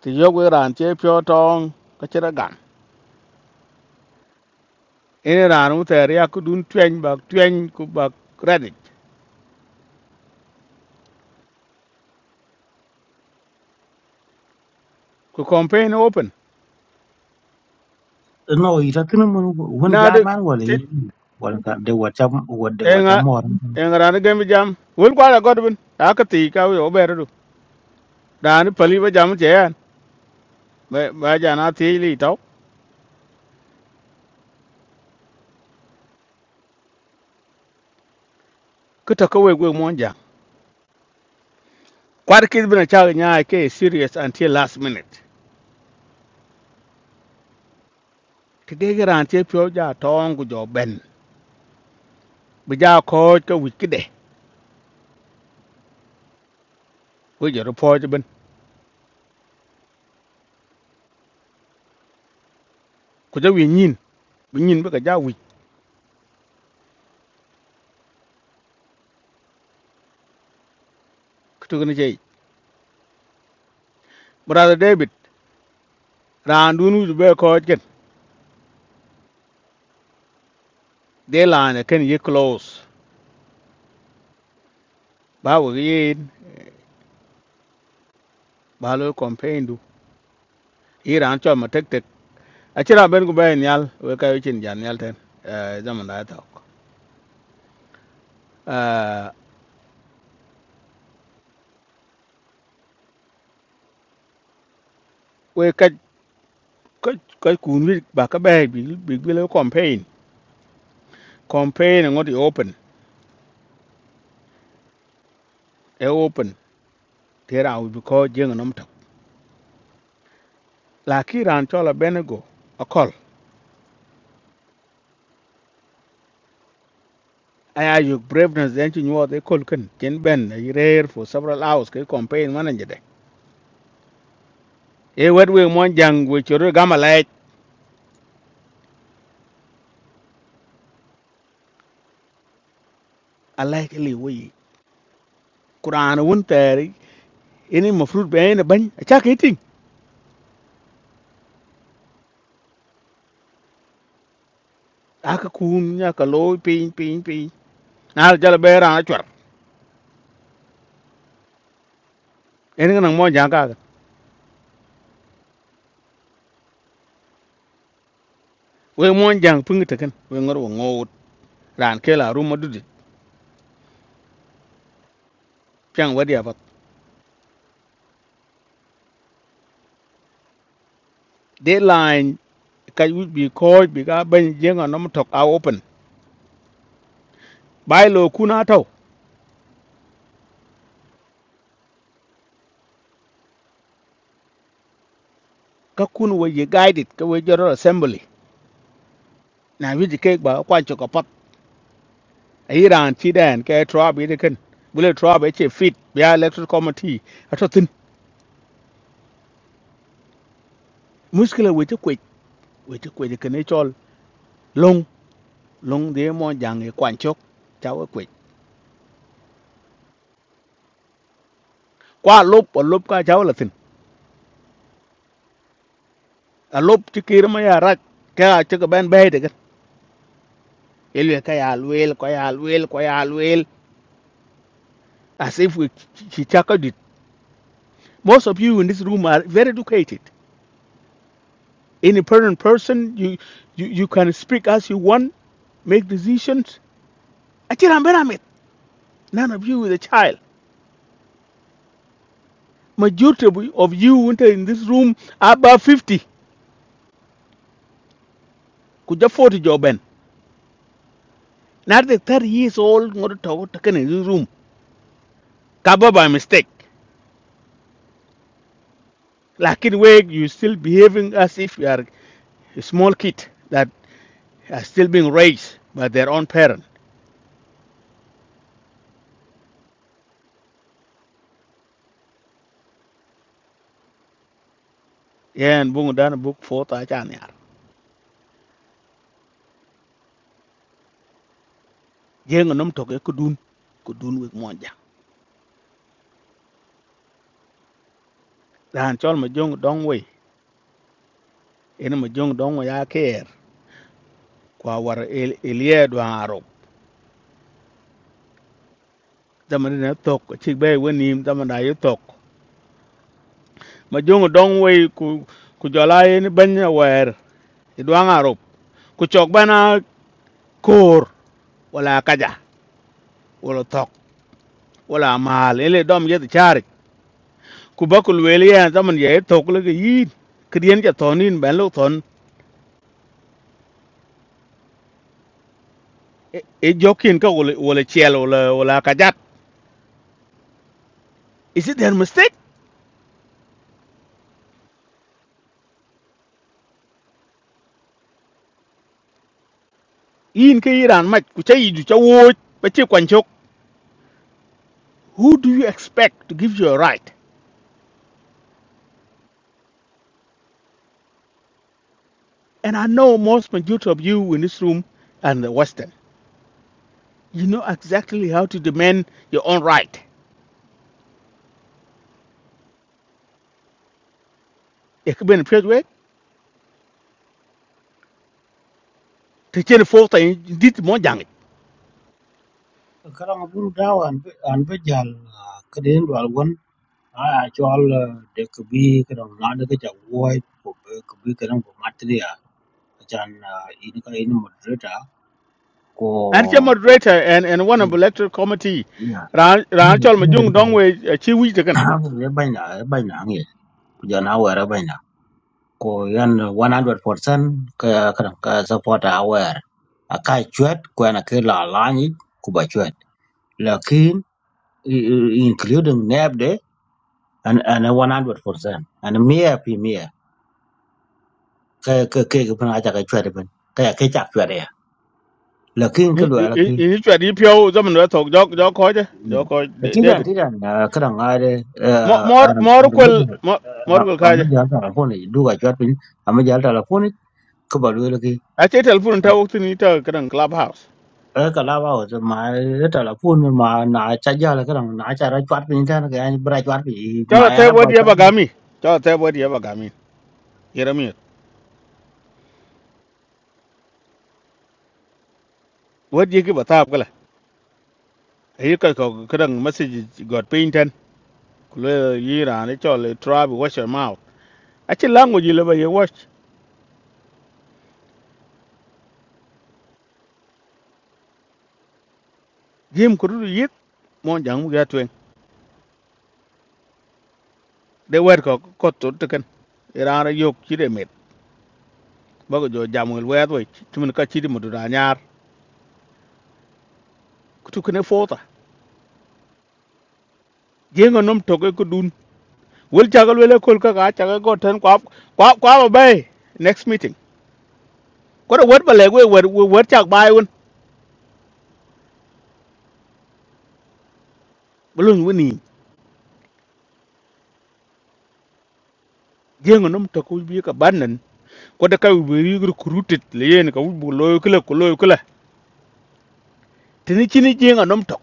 ti yo we ran che pyo tong ka chere ina ran wu ter ya ku dun tweny ba tweny ku ba credit ku campaign open No ira kini mun wun na de jaman wala tit yi. Wala ka de wata wada wata enga mor. enga ran gem jam wul kwa la godbin ta ka ti ka yo ber du dan pali ba jam che yan ba ba ja na ti li to ku ta ko we gwe mon ja kwar kid bina cha nya ke serious until last minute ti de ga ran che pyo ja tong ku jo ben bi ja ko ka wi ki de ku jo po je ben ku ja wi nyin bi nyin bi ka ja wi ku tu ni che brother david ran dun wi be ko ken de laan ken ye close ba we ye ba lo campaign du iran cho ma tek tek a chira ben ku ben yal we ka chin jan yal ten eh zaman da ta ok. eh we ka ka ka kun wi ba ka ba bi bi bi lo campaign campaign ngot i open e open tera u bi ko jeng nom ta la ki ran cho la ben go a call aya you braveness den chin wo de kol ken chen ben i rare for several hours ke campaign manager de e wet we mon jang we choro gama like a like li we kurana wun tari ini mafrut be ne ban acha ke ting aka kun nya ka lo pin pin pin na jala be ran chwar ini ngan mo jang ka we mo jang pung te kan we ngor wo ngot ran ke la ru madudi chang wadi afat deadline ka wi bi ko bi ga ban jenga no tok a open bai lo kuna taw ka kun we ye guided ka we joro assembly na wi ke ba kwa cho ka pat ai ran ti den ke tro bi de kan bule tro be che fit bi electoral committee ato tin muskila we te we ti kwe ke ne chol long long de mo jang e kwan chok chaw kwe kwa lốp po lop ka chaw la tin a lop ti kir ma ya rak ka ti ka ben be de cái elwe ka ya lwel ko ya lwel as if we chi cha ka dit most of you in this room are very educated independent person you you you can speak as you want make decisions achira mbera mit none of you is a child majority of you winter in this room are above 50 afford 40 job Not the third he is all ngoro to taken in his room. Cover by mistake. Like in way you still behaving as if you are a small kid that are still being raised by their own parent. Yeah, and bungo dana book for ta chan yar. Jeng nom to ke kudun kudun with monja. Dan chol ma jong dong we. Ene ma jong dong we ya care. Kwa war el elie do aro. Zaman ne tok chik bay wenim zaman da yutok. Ma jong dong we ku ku jola ene banya wer. Idwang arop. Ku chok bana koor wala kaja wala tok wala maal ele dom yed charik ku bakul weli ya zaman ye tok le yin kriyen ja tonin ben lo ton e e jokin ka wala wala chel wala wala kajat is it their mistake yin ke iran mach ku chay ju cha wo ba che kwan chok who do you expect to give you a right and i know most majority of you in this room and the western you know exactly how to demand your own right e ke ben pet we te chen fo ta dit mo Karang bun dawa an be jal kedin wal I actual de ke bi ke dong lan ke ja wo ko be ke bi ke dong ko matria ajan ini ka ini moderator ko and che moderator and and one of electoral committee ya ran ran ini chol ma jung dong we chi wi de kan ya banyak banyak ngi jangan aware banyak ko yan 100% ke ke dong ke support aware akai cuat ko na ke la lani ku ba cuat lakin including nab de an an 100% an mia pi cái cái cái cái phần ai chả cái chuyện đấy bên cái cái chả chuyện đấy à. là khi cái ni loại là khi ni chwa di pyo zo man to jok jok ko je jok ko là khi rằng debit khi rằng à, cái thằng ai đấy à mor à mor mor à mấy kwel giờ mor à mor kwel à, ka je mấy giờ thằng phone này đu cái chuyện bên à mấy giờ thằng phone này cứ bảo lui là khi a che telephone ta wok ni ta kan club house ở cái lao vào rồi mà cái thằng phone mà nã chả giờ là cái thằng nã chả ra chuyện bên thế cái anh bơi chuyện bên mà chol ai te ra quay wodi ya chuyện bagami chol te wodi ya bagami yerami wodi ki bata kala yi ka ko kan message god painten kule yi ran chol tribe watch your mouth a che language le ba ye wash jim kuru yit mon jang mu ga de wer ko ko to te ken irana yok ci de met bago jo jamul wer we ci mun ka ci di mudu da nyar ku tu kene fota jenga nom to ko dun wel jagal wele kol ka ga ta go ten kwa kwa kwa ba bay next meeting ko de wer ba le we wer wer chak bay won bulun woni jenga nom to ko bi ka banan ko de kay bi recruited le yen ka bu loyo kala ko loyo kala tini chini jenga nom to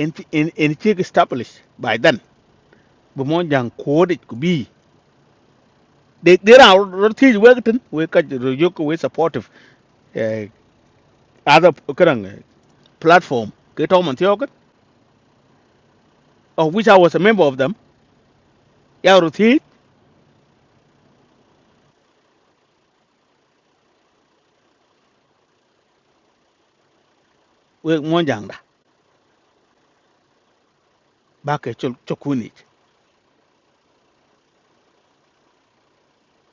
en en en ci established by then bu mon jang ko de ku bi they they are not teach work tin we ka you we supportive uh, other kan platform ke to man tiok of which I was a member of them ya ru thi we mon jang da ba ke chul chukuni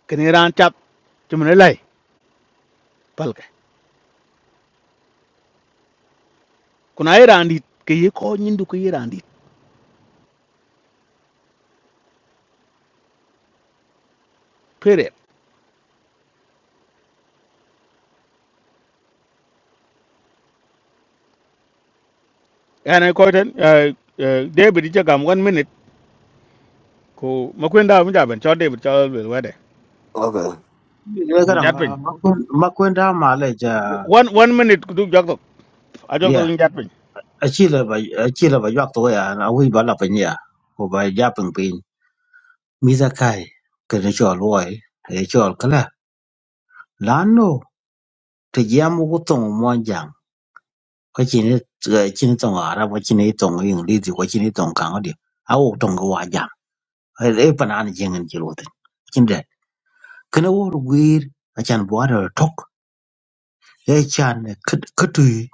ken ran chap chumne lai pal ke kuna ran dit ke ye ko nyindu ke ye ran dit period and i ko ten uh, uh, david je gam one minute cô ko makwenda mu jaben cho david cho wel wede Okay. bên cái bu thằng jat pin à, mắc quên mắc quên ra mà lại giờ one one minute ku du jok tok a jok yeah tok jat pin à, chỉ là chỉ là vài giọt thôi à, nó huy bảo là phải nhỉ, của vài giáp bằng pin Mizakay kilichol Roy kilichol kila lano tujiamu kutongo mwanjanga kwachini eh, chini tongo araba chini tongo ingilizi kwa chini tongo kango dio awo tongo wajam e panani jengen jilote chinde kene wor gwir achan bwara tok e chan katui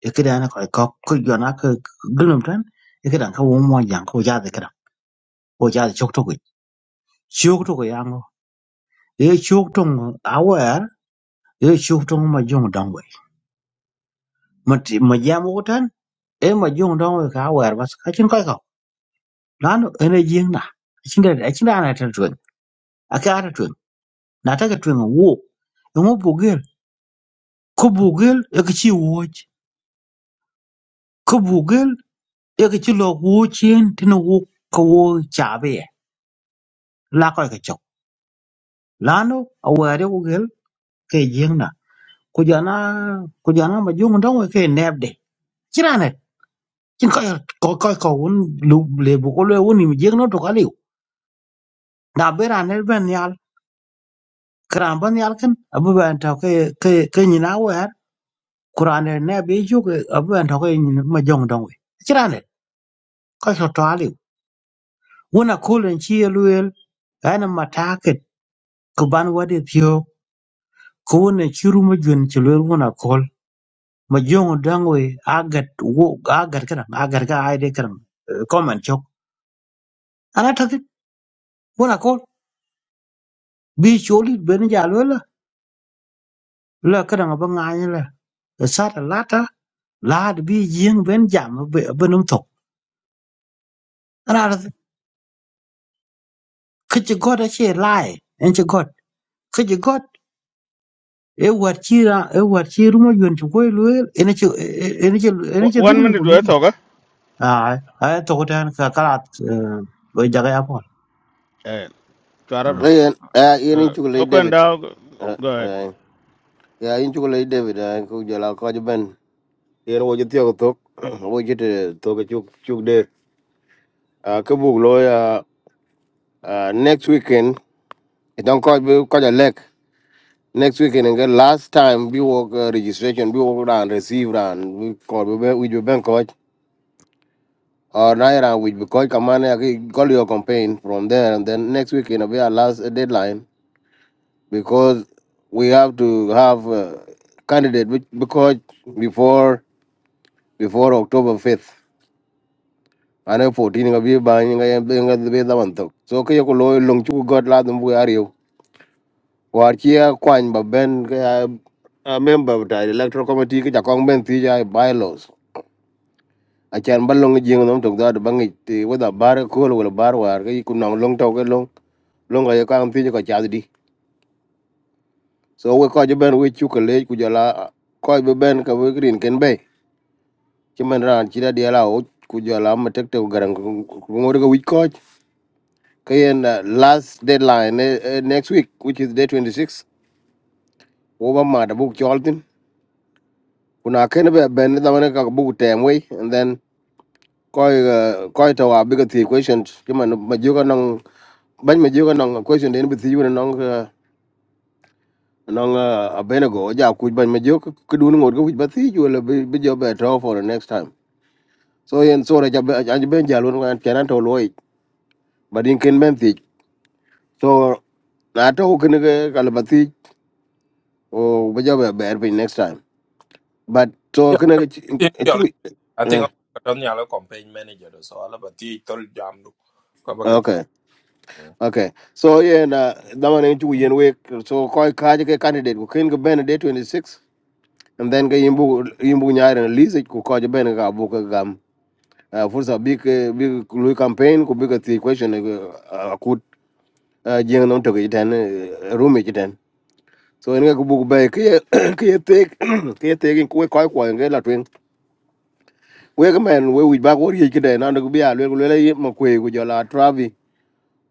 e kidana kwa kok kujona ka gulum tan e kidan ka wo mwanjanga ko jade kidan ko jade chok tokoi chok tokoi yango e chok tongo awer e chok tongo majong mà chỉ- mà jam ko tan e ma jong dong we ka wer bas ka chin kai ka lan ene jing na chin da chin da na tan tun a ka ta tun na ta ka tun wo e mo bugel ko bugel e ka chi wo ko bugel e ka chi lo wo chen tin wo ko wo chả về là coi cái chọc, là nó ở ngoài wer ko gel ke jing na ko jana ko jana ma jong dong we ke neb de chira na chin kai ko kai ka un lu le bu ko le un ni jing no to liu na be ran ne ben yal kran ben yal ken abu ben to ke ke ke ni na wer kuran el ne be ju ke abu ben to ke ni ma jong dong we kiran ne ko so to ali wona kulen chi eluel ana mataket ku ban wadi thio ku wona chiru ma jun chi lel wona kol ma jong dong we agat wo agat kan agat ga ai de kan comment chok ana ta wona kol bi choli ben jalo la ka dang ba ngai la sa ta la ta la de bi jing ben jam be be num tok là ka chi god a che lại anh chi god ka chi god e quạt chi ra e quạt chi ru mo yun chi ko lu en chi en chi en chi du one ni minute we to ga à à tôi có to ta cái ka bây giờ cái apple ra ya chara Ayen, uh, yen in Ờ, Mới chocolate quen David. đau Uh, rồi, Uh, quen đau go ahead. uh, yeah, in chocolate David, uh, ku jala ko ben. Yen wo jiti ko tok. Wo jiti tok chuk chuk de. Uh, ke lo ya uh, next weekend. It don't ko be ko ja lek. Next weekend and last time we work uh, registration, we work and receive and we call we we be bank. coach. Or Naira, which because Kamane ag- call your campaign from there, and then next week in a our last deadline because we have to have uh candidate which because before before October fifth. And a fourteen of you buying a being at the bed one talk. So Kayako Loy Long Chu got Latham Buario. Warchia Kwan Baben a member of the electoral committee, Kakong Ben Tija bylaws. acan ba long jing nom tok da Bang ngi ti wada bar ko wala bar war ga ku nong long tok ga long long ga ka am ti ko cha di so we ko je ben we chu ka le ku jala ko be ben ka we green ken be ci man ran ci da di ala o ku jala ma tek te garang ku ngor ga wich ko ka uh, last deadline eh, eh, next week which is day 26 wo ba ma da bu chol tin kuna ken be ben da man ka bu tem we and then coi ờ, coi tàu à biết cái question chứ mà nó- mà chưa có nông bánh mà chưa có nông question đến bị thiếu nó nông ờ, nông ờ, ở bên nó gõ giờ cúi bánh mà chưa cứ đun ngồi cái quýt bắt thiếu là bây bây giờ bé draw for the next time so yên so là cho bé anh bên giờ luôn anh chán ăn thầu lôi bà điên kinh bên thì so na to cái này cái cái là bắt thiếu bây giờ bé bé next time but so Uh, cái này cái yeah, I think cái- Chola- cái- I think I'm ton yalo campaign manager so all about the tol jam do. Ko ba ờ, ka okay ti- Okay. So yeah, na dama na inchu yen week. So koi kaje ke candidate ko ken ko ben day 26 and then ke imbu imbu nyaare na list ko kaje ben ga bu ka gam. Uh, fursa big eh, big lui campaign ko big the question uh, uh, akut uh, jeng non to jiten uh, rumi jiten. So en ko bu be ke ke tek ke tek ko koi ko en la twen. We ga men we wi ba ko ri ke den na ko bi a le ko le ma ko ko jala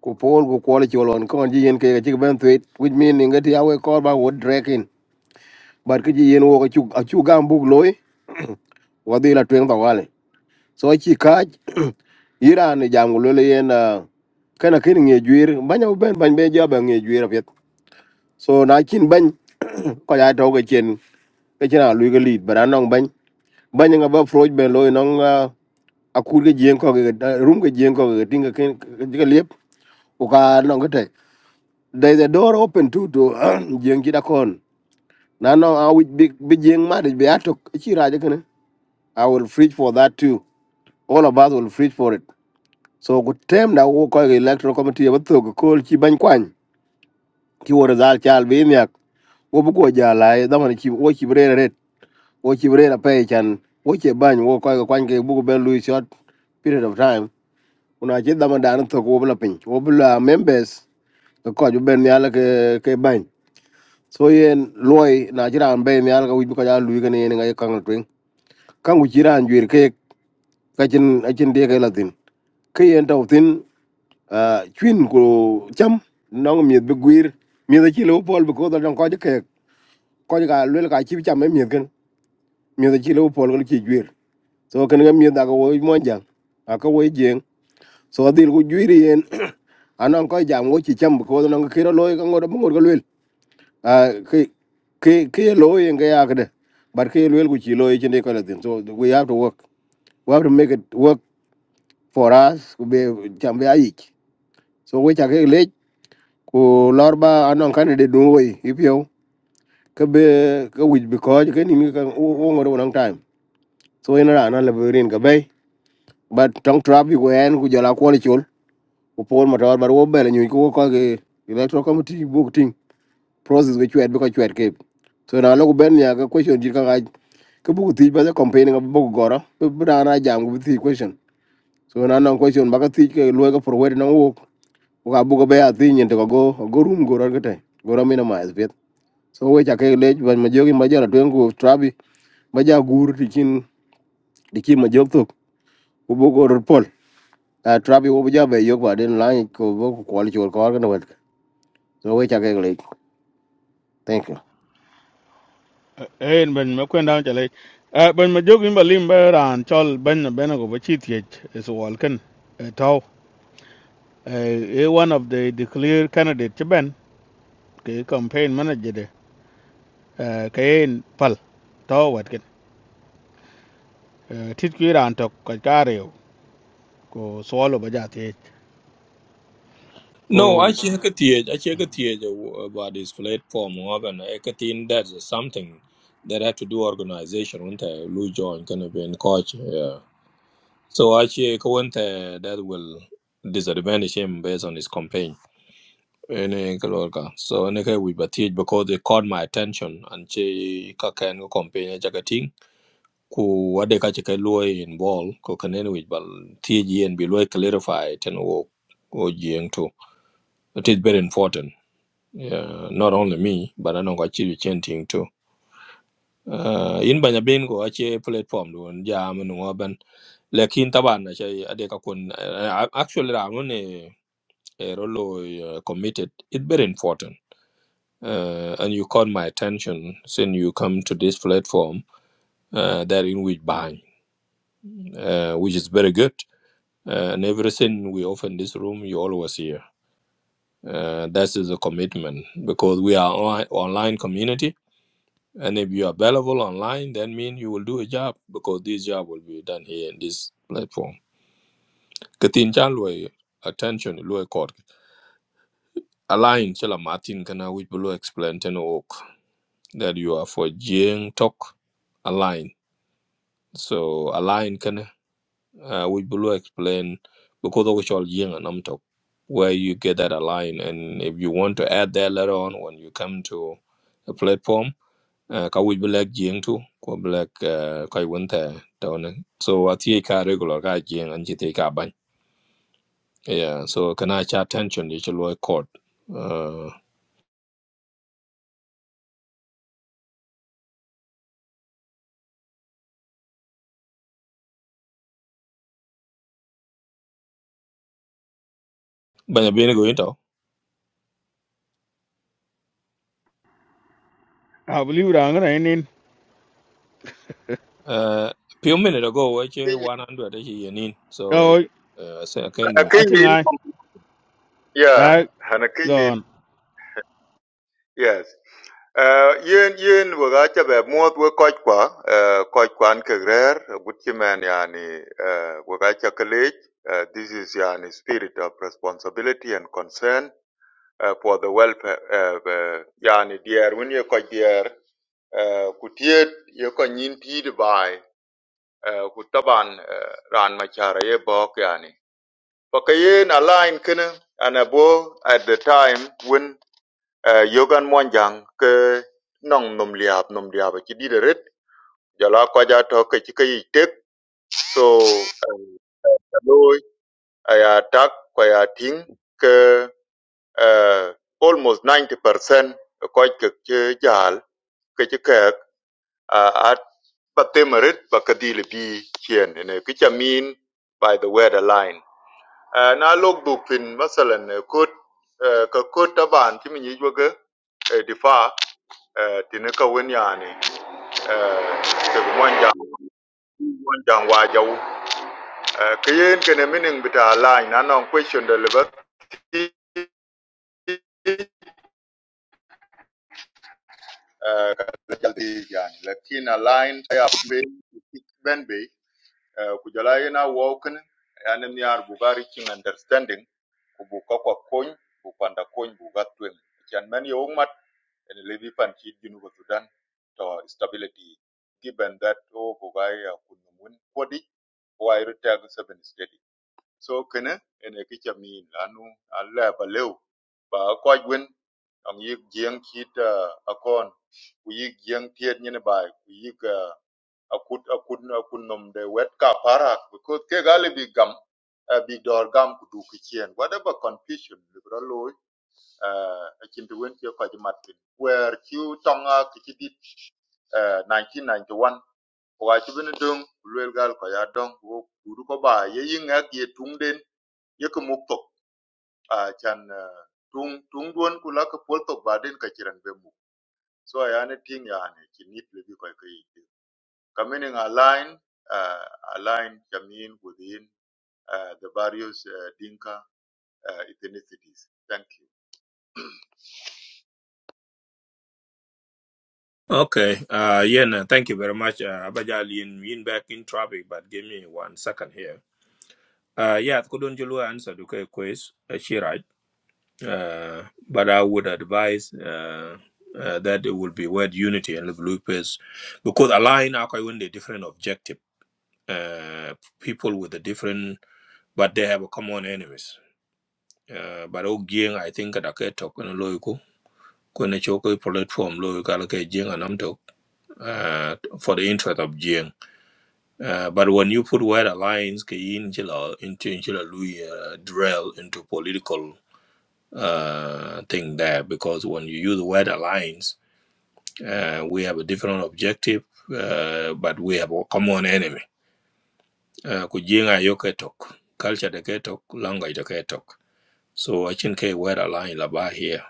ku pol ku kwol chol on kon ji yen ke chi ben tweet which mean nge ti awe kor ba wo drekin but ki ji yen wo ko chu achu gam buk loy wa la twen ba wale so chi ka iran jam lo le yen ah, kana kin nge jwir banya ben ban be ja ba nge jwir apet so na kin ban ko ya to ke chen ke chen a lu ke lit bara nong ban banya nga ba froj ben loy nong ah, akur ke jien ko ke rum ke jien ko ke tinga ken ke liep u ka nong ke te there is a door open too to jeng jida kon na no i will be be jeng ma be atok chi raja kana i will preach for that too all of us will preach for it so good term da wo ko electoral committee ba to ko chi ban kwan ki wor zal chal be nyak we bu ko jala That da man chi wo chi brere ret wo chi brere pe chan wo che ban we call the kwan ke bu ko ben lui short period of time una che that man da to ko bla pin We bla members ko ju ben yala ke ke ban. so yen loy na jiran be mi alga wibi ko ja lu gane yen ngai kangal twing kangu jiran jwir ke ka jin ajin de ke latin ke yen taw tin ah, chwin ko cham nong mi be gwir mi da chi lo pol bu ko da ko ke ko ga lu ka chi cham mi gan mi da chi lo pol ko chi jwir so kan ga mi da ko wo mo jang a ko wo jeng so dil ku jwir yen anan ko jam wo chi cham ko da nong ke ro loy ka ngor bu ngor ko lu à cái cái cái lỗi in cái à cái đấy but cái lỗi của chị lỗi trên đây coi là tiền so we have to work we have to make it work for us cũng bị chẳng bị ai so we chắc cái lệch của lor ba anh ông cái này để đúng rồi if cái bề cái which because cái này mình cái ô ô đâu nang time so ina ra anh là bề cái bay but trong trap you go and của giờ là quality chul của Paul mà rồi bà ô bè là nhiều cái cái electoral committee book process which you had, because you had kept. so na lo ben ya ga question ji ka ga ke bu ti ba campaign ga bu goro bu ra na jam bu the question so na na question ba ka ti ke lo ga forward na wo ga bu ga be ya ti nyen to go go rum go ro ga te go ro mi na ma so we cha ke le ba ma jogi ma jara twen go trabi ma ja gur ti kin di ki ma jog to ku bu go ro trabi wo bu ja be yo ba den la ko so we cha ke le thank you Uh, eh, Ben Makwendao chale. Uh, ben Majuk in bên Beran, Chol Ben Benago, Bachitiach, is Walken, a Tau, a one of the declare candidate, cho bên cái campaign manager, de, cái Kain Pal, Tau Watkin, uh, Titkiran Tok, Kakario, go swallow Bajati, No, go. I check it here. I check it here about this platform. Organ, I think that's something that had to do organization. When I join, kind of been coach. Yeah. So actually, Kawente that will disadvantage him based on his campaign. Ene ka lor ka. So ene ka we batid because they caught my attention and che ka ken ko campaign ja ka ting ku wade ka che ka loy in ball ko kanen we bal ti ji and be loy clarify ten wo wo jeng too. It is very important. Yeah, not only me, but I know got you chanting too. uh, in banya bin ko ache platform don jam no ban lekin taban na chai ade ka kun uh, actually ramun e e rolo uh, committed it very important uh, and you caught my attention since you come to this platform uh, that in which bang uh, which is very good uh, and everything we offer in this room you always here uh, that is a commitment because we are on- online community And if you are available online, that means you will do a job because this job will be done here in this platform. Katin chan lui attention lui court. Align chala Martin kana which below explain ten work that you are for Jing talk align. So align kana uh, which below explain because of which all Jing and Nam talk where you get that align and if you want to add that later on when you come to a platform uh, ka wuj black jing tu ko black uh, kai won ta to ne so a ti ka regular ka jing an ti ka ban yeah so kana cha tension ni chlo court uh ban bin go into I believe I'm going to end in. uh few minute ago wa che Kenyan, 100 shi yenin so Oh, I uh, say again uh, ni I think Kenyan, I, yeah, I and a go Kenyan, rồi yes. Uh, yen yen waga chabe muot we koch kwa uh, koch kwan kegrer gutchimen yani uh, waga chakalej uh, this is yani spirit of responsibility and concern uh, for the welfare uh, uh, yani dear when you koch Eh, ku tiyet ye ko nyin tiidi baai eh, ku taban eh, raan macara ye bok yani paka ye na line kini ana bo at the time when eh, yogan monjang ke nong nom liab nom liab ci dida ret jala ko ja to ke ci kay tek so loy aya tak ko ya ting ke eh, almost 90% ko ke ci jaal uh, at Batemerit Bakadili B Chien in a Kichamin by the weather line. Uh, na log book in Masalan Kut Kakut Taban Chiminijwaga Difa Tinaka Winyani Mwanja Mwanja Wajau. Kayen kene mining bita line anong question deliver lakini line ya ben Eh, ku jala ina wokin yani mi ar bu bari king understanding ku bu ko ko koñ bu panda koñ bu gatwen chan men yo mat en levi pan chi ginu ko sudan to stability given that o bu ga ya kun mun kodi wai rutag seven steady so kene en e kicha mi lanu alla ba lew ba ko gwen ang yik jieng chit uh, akon ku yik jieng tiet nyine bai ku yik akut akut akut nom de wet ka parak because ke gali bi gam eh, bi dor gam ku du ki chien whatever confusion bi bro loy a chin to wen ke ko ji mat pin where chu tonga ki chi dit eh, 1991 ko ga chi bin dung lwel gal ko ya dong wo ku du ko ba ye yin ak ye tung den ye ko muk tok a chan eh, tung tung duon ku la ko pol tok ba den ka chiran be muk so ya ne ting ya ne chi nit le bi ko ke Community aligned, uh, aligned Jamin within uh, the various uh, Dinka uh, ethnicities. Thank you. Okay. Uh, yeah, no, thank you very much. Uh, Abajal, in, in back in traffic, but give me one second here. Uh, yeah, couldn't you answer the quiz? uh, she right? Uh, but I would advise uh, uh, that it would be word unity and the blue pairs because align are with a different objective. Uh, people with a different, but they have a common enemies. Uh, but again, I think that I talk on a local. Kone choko platform lo kalake jing anam tok uh, for the interest of jing. Uh, but when you put word alliance ke in chila into chila lui uh, drill into political uh, thing there because when you use the word alliance, uh, we have a different objective, uh, but we have a common enemy. Uh, Kujenga hiyo ketok, culture the ketok, language the ketok. So I think a word alliance laba here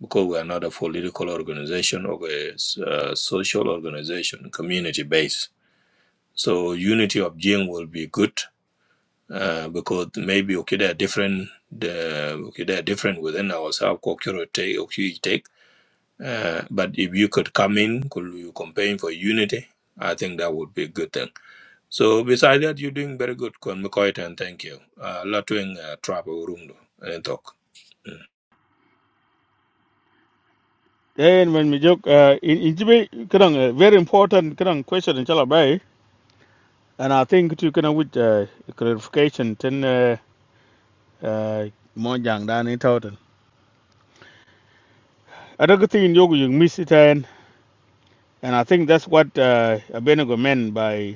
because we are not a political organization or a s- uh, social organization, community based. So unity of Jing will be good uh, because maybe okay, they're different. The, okay, they're different within ourselves. Cultural take, okay, take. Uh, but if you could come in, could you campaign for unity? I think that would be a good thing. So besides that, you're doing very good, Kon McCoy, and thank you. Uh, Lotwing uh, travel room do, and talk. Mm. Then when we joke, uh, in in Jibe, kadang uh, very important kadang question in Chalabai, and I think to kadang with uh, clarification ten uh, uh, Mojang dan it out. Another thing in Yogu you miss it and and I think that's what uh, Abenago meant by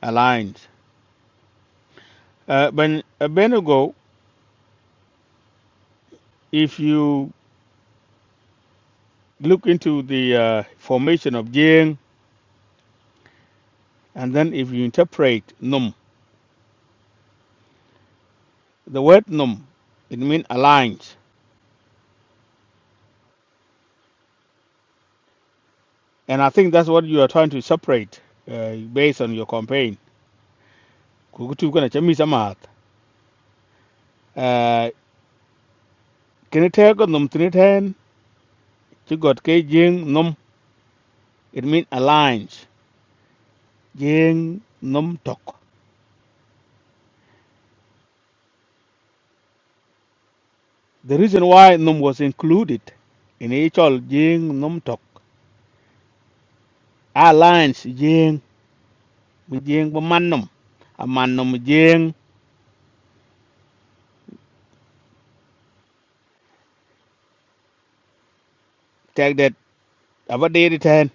alliance. Uh, when Abenago, if you look into the uh, formation of Jing, and then if you interpret Num, the word Num, it means alliance. And I think that's what you are trying to separate uh, based on your campaign. Kukutu kuna chami samahat. Kini teko num tini ten, chigot ke jing num, it means alliance. Jing num tok. The reason why num was included in each all jing num tok. Alliance jing, mi jing ba man num. A man num jing, take that, aba dedi ten.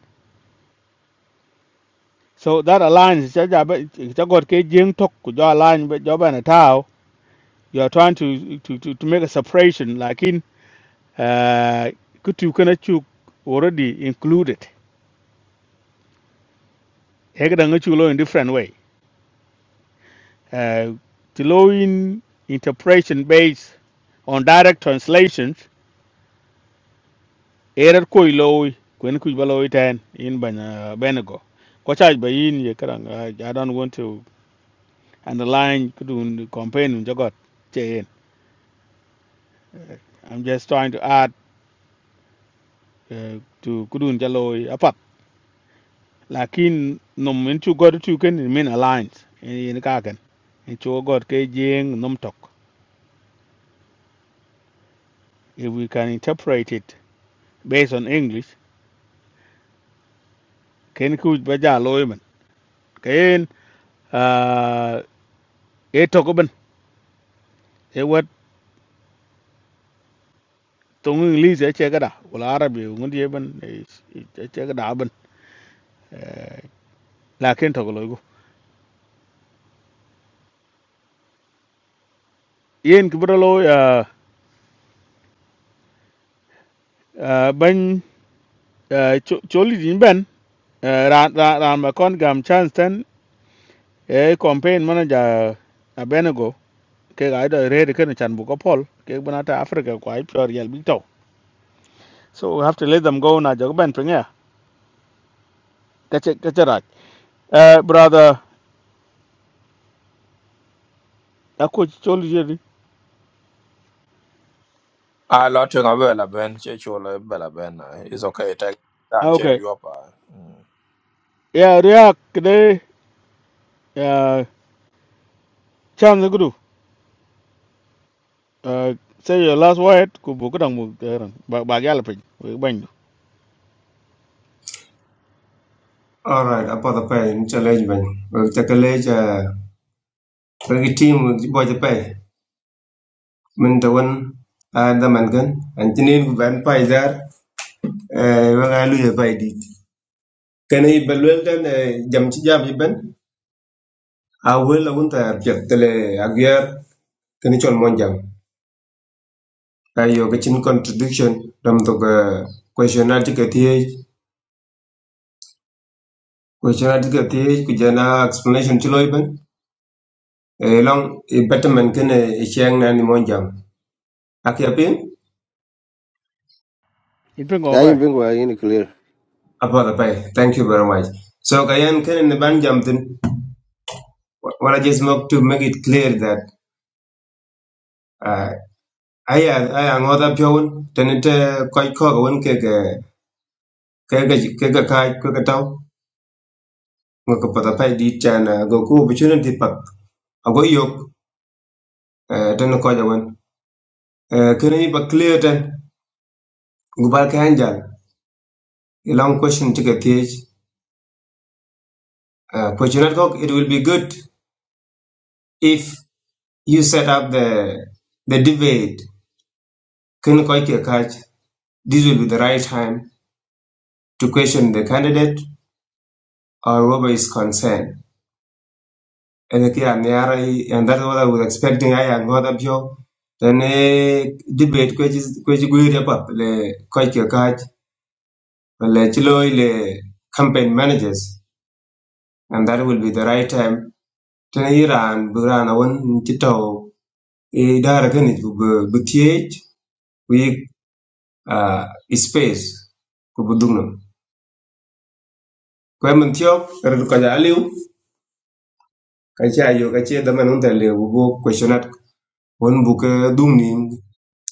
So that alliance, chagot ke jing tok, kujo alliance, joba na tao, you are trying to to, to, to make a separation like in uh could you can already included Ekadang achieve law in different way uh the law in interpretation based on direct translations error koi law when could be ten in ban uh, benego Ko charge by in ye kadang, uh, I don't want to underline kudun campaign jagot chain I'm just trying to add uh, to kudun jaloi lakin nom min chu god chu ken in min alliance in ka ken in chu god ke jing nom tok if we can interpret it based on english ken ku ba ja loy man ken uh, e tok e ben e wat tong english e che gada wala arabi ngun ye ben e e che gada ben Eh, lakin tok loy go yen ki bro loy uh ban eh, cho cho li din ben eh, ra ma kon gam chance ten e campaign manager abenego ke ga da red ke ne chan bu ko pol ke bana ta africa ko ai pure yel big to so we have to let them go na jog ben pringa ka che ka rak eh brother a ko chol je ni I Lotwing avela ben, chechola bela ben. uh, It's okay. Take and Ah, change okay you up. uh, mm. yeah ria kde eh chan gudu eh say your last word ku bu ko dang mu teran ba ba yal pin we ban All right, apa the pay in challenge ben. We take a leg uh team we boy the pay. Min the one I the man gan. and tinin ban pay there uh we ga lu ya pay di. Can I dan eh, jam ci jam yi ben. I will I want to get the agiar can chol mon jam. ga chin contradiction dam to ga question article the question article the ku jana explanation ci loy ben. Eh, long eh, betterment kene chiang na ni monjam akia in pin ko I ba yin bin go clear apoda pai thank you very much so kayan kene ne ban tin what i just want to make it clear that uh, i i am other jown tenete koi ko won ke ke ke ke ke ke kai ke ke tau ngo ko pada pai di chana go ku opportunity pat ago yok eh, ten ko ja won Eh, kene ni pa clear ten gubal kan jan long question to get page uh, question it will be good if you set up the the debate. Ken Koike Kaj, this will be the right time to question the candidate or whoever is concerned. And that's what I was expecting. I am not up here. Then a debate Kwaji Gui Repap, Le Koike Kaj, Le Chiloi, the campaign managers. And that will be the right time. Then Iran, Buran, I want Chito, Idara Ganit, Butiage, we uh, space. kwe mun tiok rer ko ja liu ka cha yo ka che da man ta le bo questionat won bu ke dum ni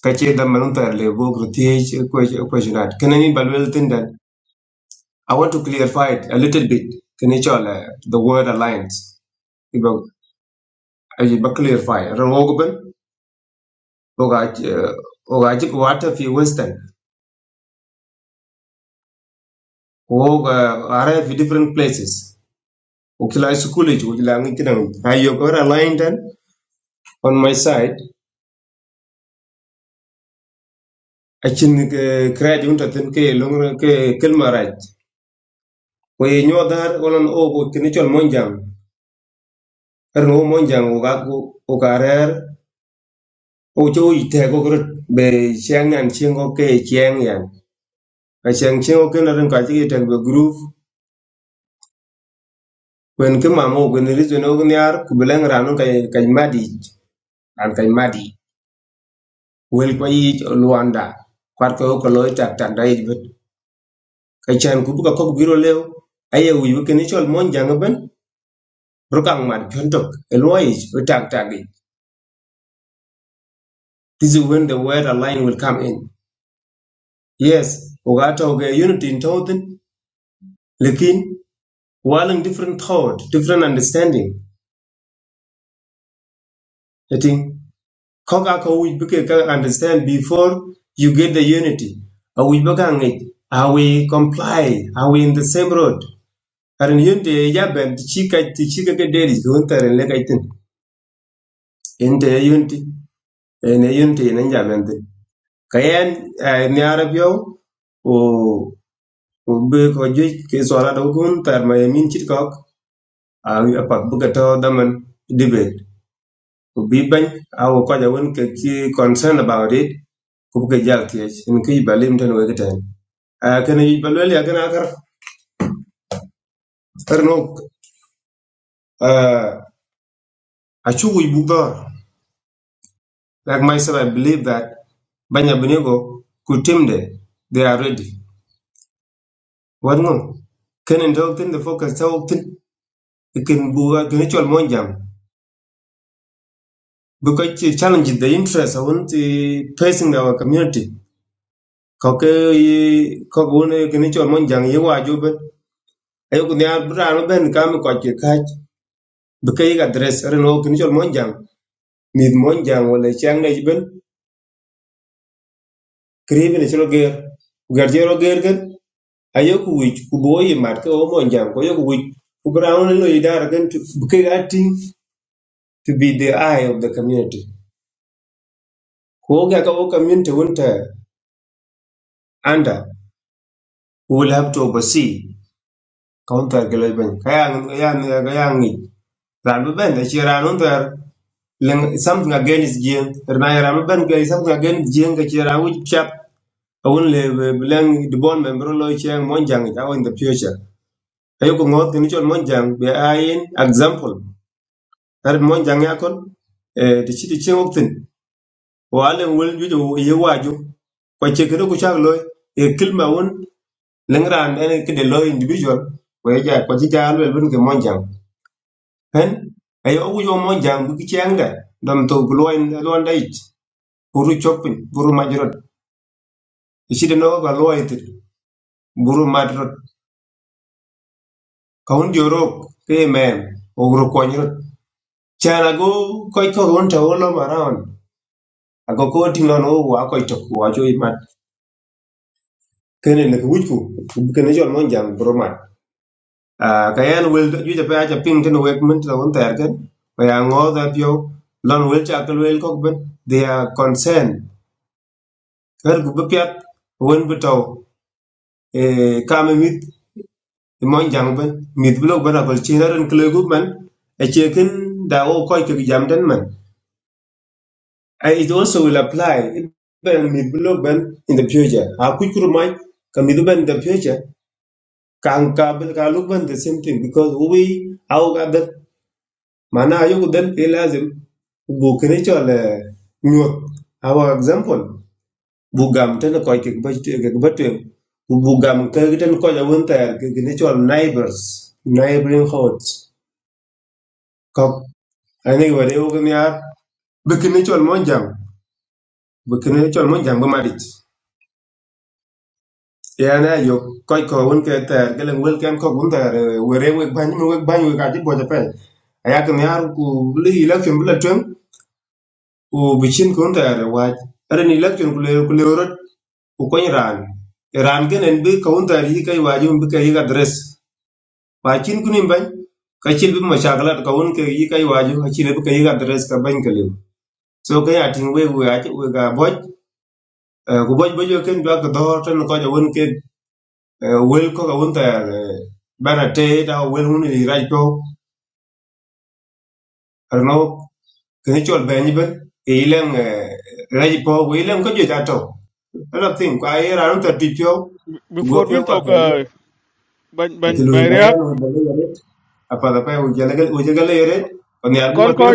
ka che da man ta le bo gru ti questionat kan ni balwel tin dan i want to clarify it a little bit Can you chola the word alliance ibo ayi ba clarify ro go ben o ga o ga ji ko fi western o ga are fi different places o kila school ji o kila ngi kidan ayo ko aligned on my side Achin kredi unta tin ke longra ke kel maraj ko ye nyodar onan o go tin chol monjang er no monjang o ga go o karer o cho i te go grut be chiang nan chiang ke chiang yan a chiang chiang ke na ren ka ji te be group wen ke ma mo wen ri zeno go nyar ku beleng ran ka ka madi an kai madi wel ko yi luanda kwat ko ko loy tak tan dai bet ka chan ku bu ka ko biro lew aye wi ke ni chol monjang e, ben Rukang Mat Juntok, Eloish, Utaktagi. This is when the word align will come in. Yes, Ugato ge unity in Tothin, Lekin, while different thought, different understanding. I think Kokaka which can understand before you get the unity. Are we bagang it? Are we comply? Are we in the same road? Are in unity, Yaban, the Chika, the Chika, Daddy, Hunter, and Legaitin. In the unity, in the unity, and Yaban. kayen eh, ni arab yo o o be ko je ke so do gun tar ma min chit kok a pa bu daman debate ko bi ban a ko ka ja won ke ki concern about it ko ke jal ti en ki balim tan we tan a kana yi balwel ya kana kar tar no a chu bu like myself i believe that banya binego ku timde they are ready wan ngom kenen tawtin the focus tawtin we can bu can actual monjam because the challenge the interest I want to facing our community koke ko gune can actual monjam ye wa ju ben ayo kun ya bra no ben kam ko ke ka because ga dress ren wo can actual monjam mid monjam wala chang ne ben kribe ne chro ger gar jero ger gen ayo ku wich ku bo mat ko monjam ko yo ku wich ku bra no no idara gen to because acting to be the eye of the community ko ga ka wo community won under. who will have to oversee counter geleben kayan yan yan ran ben da chira non ter len something against jien ran ran ben something against jien ga chira which chap awun le blen the bond member lo chen monjang ta in the future ayo ko ngot ni chon monjang be ayin example tar monjang yakon eh ti ti chen optin walen wul ju ju ye waju kwa chekere ku e Lengran, ran en ke de lo individual we ja ko ji ja lo bun ke monjang pen ay o yo monjang bu ki chenga dam to gloin loin dait buru chopin buru majrot isi de no ga loit buru madrot kaun jorok ke men ogro konyrot chana go koy ko won ta wolo maran ago ko tinno no wa koy to wa jo imat kene ne ku ku kene jol monjang buru mat à, cái anh will ju ja pa ja ping ten wek mun ta won ter ken ko ya ngo da pyo lon will cha kal will ko ben they are concerned her gu pyat won bu taw e kam mit mon jang ben mit bu lok bana kol chi ran kle gu man e che da o ko ke jam den man it also will apply ben mit bu lok ben in the future a ku kur mai ka mit ben in the future kan ka ben ka lok ben the same thing because we au ga ben Mana ayugudan fi lazim bu kini chol nyuot our example bu gam tan ko ke ke batwe bu gam ke tan ko ja won ter neighbors neighboring houses ko ani wore u gni ar bu kini monjam, mon jang bu bu madit ya na yo ko ko won ke ter ke len wel ken ko won ter wore we ban we ban we ka ti bo ja pe aya ke ni ar election bu ku bi cin kun tare waj ara ni election ku le ku le rot ku koñ ran ran genen bi kawun tare yi kai waju bi kai ga dress ba cin kun im ban ka cin bi mashakalat kawun ke yi kai waju ka cin bi kai ga dress ka ban ka lew so ka ya tin we we ati we ga boj eh, ku boj bojo ken ba ka do tan ko ja won ke wel ko ga won tare bana te ta wel mun ni raj to arno kene chol be ni ben e ilang raji po we ilang ko je ta to ala tin kwa ye ra ta ti pyo ku go before pyo we kwa talk ta ye uh, ban ka ti ban lu ban ba ya ria no ba le ye apa da pa u je le u je le ye on ya bu ko kon ko tem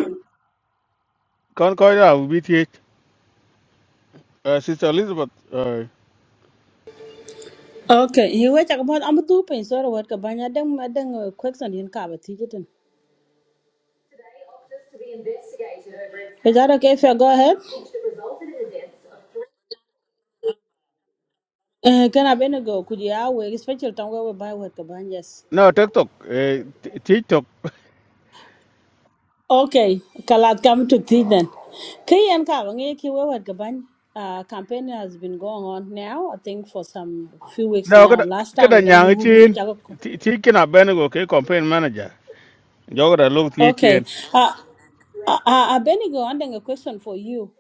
kon ko da bi ti sister elizabeth uh, Okay, he wait a about I'm two pain sorry what ka banya deng ma deng uh, question yin ka ba tijitin. Is that okay if I go ahead? Uh, can I been go could you we special time where we buy what ka ban yes. no tiktok uh, tiktok Okay, kalat come to tea then. Kayan ka ba ngi ki we what ka ban uh, campaign has been going on now I think for some few weeks No, now. kada Last time kada deng nyang huru mu chin ti ti kina benego ke campaign manager. Jogada look ti Okay. chin. Uh, I, I, I been go on then a question for you.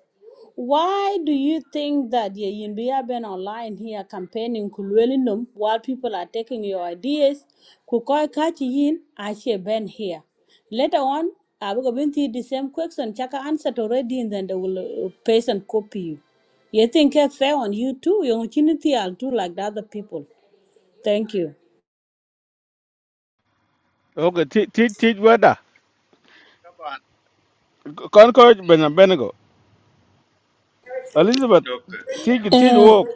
Why do you think that you you been online here campaigning Kulwelinum while people are taking your ideas? Kukoi kachi yin she been here. Later on, I will go into the same question. Chaka answered already, and then they will uh, paste and copy you. You think it's fair on you too? Your opportunity, I'll do like the other people. Thank you. Okay, ti ti ti wada. طبعا Kon ko bena benego. Elizabeth okay. ti ki ti Eh, wo.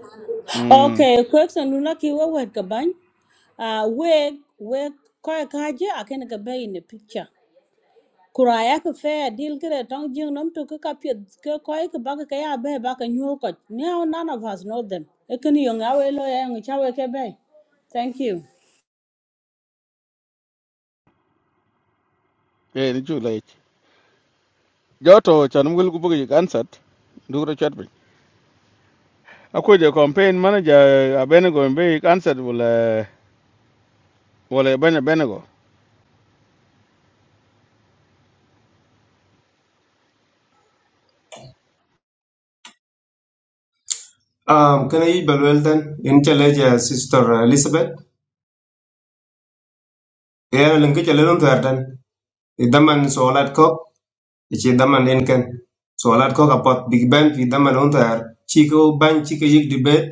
Mm. okay, question lunaki wa wet kabany. Uh, we we koi kaji I can be in the picture. kuraya ki fair deal kire tong jing nom to ka pet ka koi ka bak ka ya be ba ka nyu ko now none of us know them ekini yong awe lo ya ngi chawe ke be thank you Eh ni chu lech. Joto chan mugul ku bugi ansat. Dugro chat bin. Ako je campaign manager a benego be ansat wala wala bena benego. um kene yi bel wel tan en chale ja sister elizabeth e ya lang ke chale non ta tan e daman so lat ko e che daman en ken so lat ko ka pot big bang fi daman on ta chi ko ban chi ke yik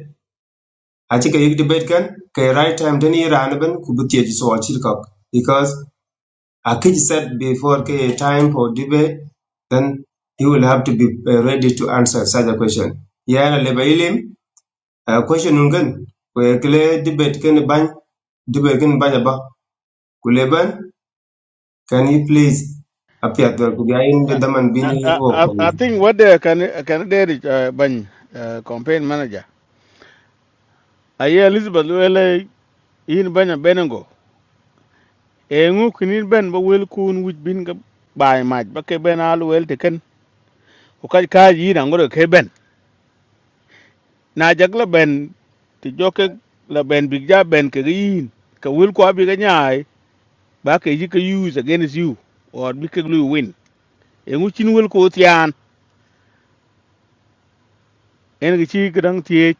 aci ke yik debate kan ke right time den yi ran ben ku bi tieji so aci kok because a kid said before ke time for debate then he will have to be uh, ready to answer such a question yana leba ilim uh, question nun kan ku kle debate kan ban debate kan ban ba ku leban can you please appear there ku ga in the daman bin I, yi I, wo I ko I think what they can can they reach uh, ban uh, campaign manager. Aye Elizabeth wele yin banya benengo e ngu kinin ben ba wel kun wit bin ga bai maj ba ke ben al wel te ken o ka ka yi na ngoro ke ben na jag la ben ti joke la ben big ja ben ke ga yin ka wel ko abi ga nyaai ba ke yi ka use against you or bi ke lu win e ngu chin wel ko tian en ga chi ga dang tie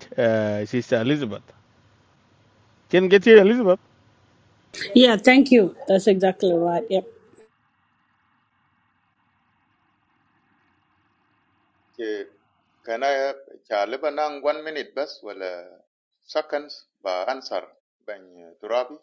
sister elizabeth ken ga tie elizabeth yeah thank you that's exactly right yep Okay. Can I chaliba nang one minute bas wala seconds ba answer bang turabi?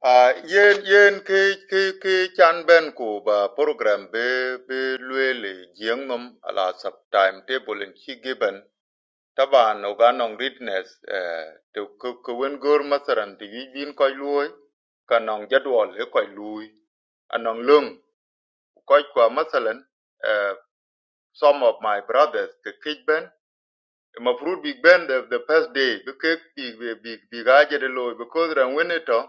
Ah, yen yen ke ke ke chan ben ko ba program be be luele jeng nom ala sub time table in chi given Taban uganong readiness eh, to kwen gor masaran ti yi bin lui, luoy ka nong jadwal e koy lui anong lung koy kwa masalan eh, some of my brothers ke kich ben mafrut big band the, the first day be kek big big big big aje de loy because ran weneto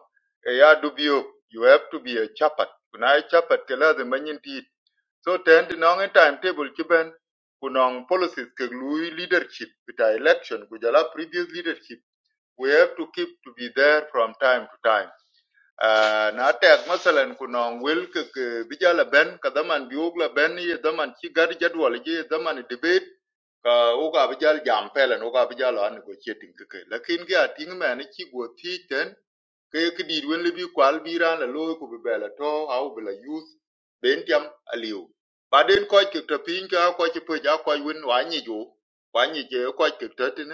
e ya dubio you have to be a chapat kuna chapat ke lazim manyin So ten di nong timetable chiben kunong policies ke lui leadership with our election kujala previous leadership we have to keep to be there from time to time. Uh, na tek masalan kunong will ke ke bijala ben kadaman biogla ben ye daman chi gar jadwal ye daman debate ka uga bijal jam pelen uga bijal an negotiating ke ke lakin ge ating man chi go thi ke ke dit wen le bi kwal bi ran la lo ku bi bela to au bi la youth ben tiam aliu ba ko ke to pin ka ko ke pe ja ko wen wa ni ju wa ni je ko ke to tin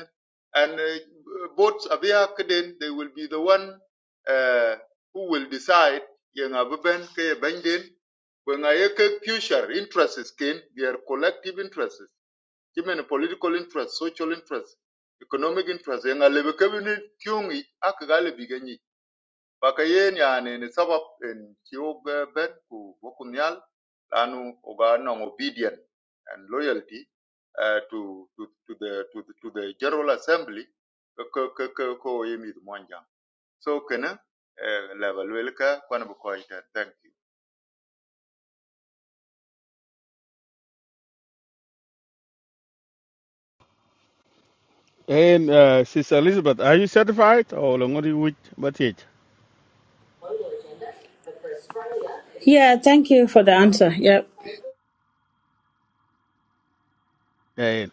and uh, both abia ke they will be the one uh, who will decide yang abuben ke ben den when I hear future interests came, their collective interests, even political interests, social interests, economic interests, and I live a cabinet tungi, Bakayen yani ni sabab in kiwog ben ku bokunyal lanu oga non obedient and loyalty uh, to, to, to, the, to, the, to the General Assembly ko ko ko ko yemi monjang. So kana level welka kwana bukoita. Thank you. en uh, sister elizabeth are you certified or ngori wit ba tie yeah thank you for the answer yep en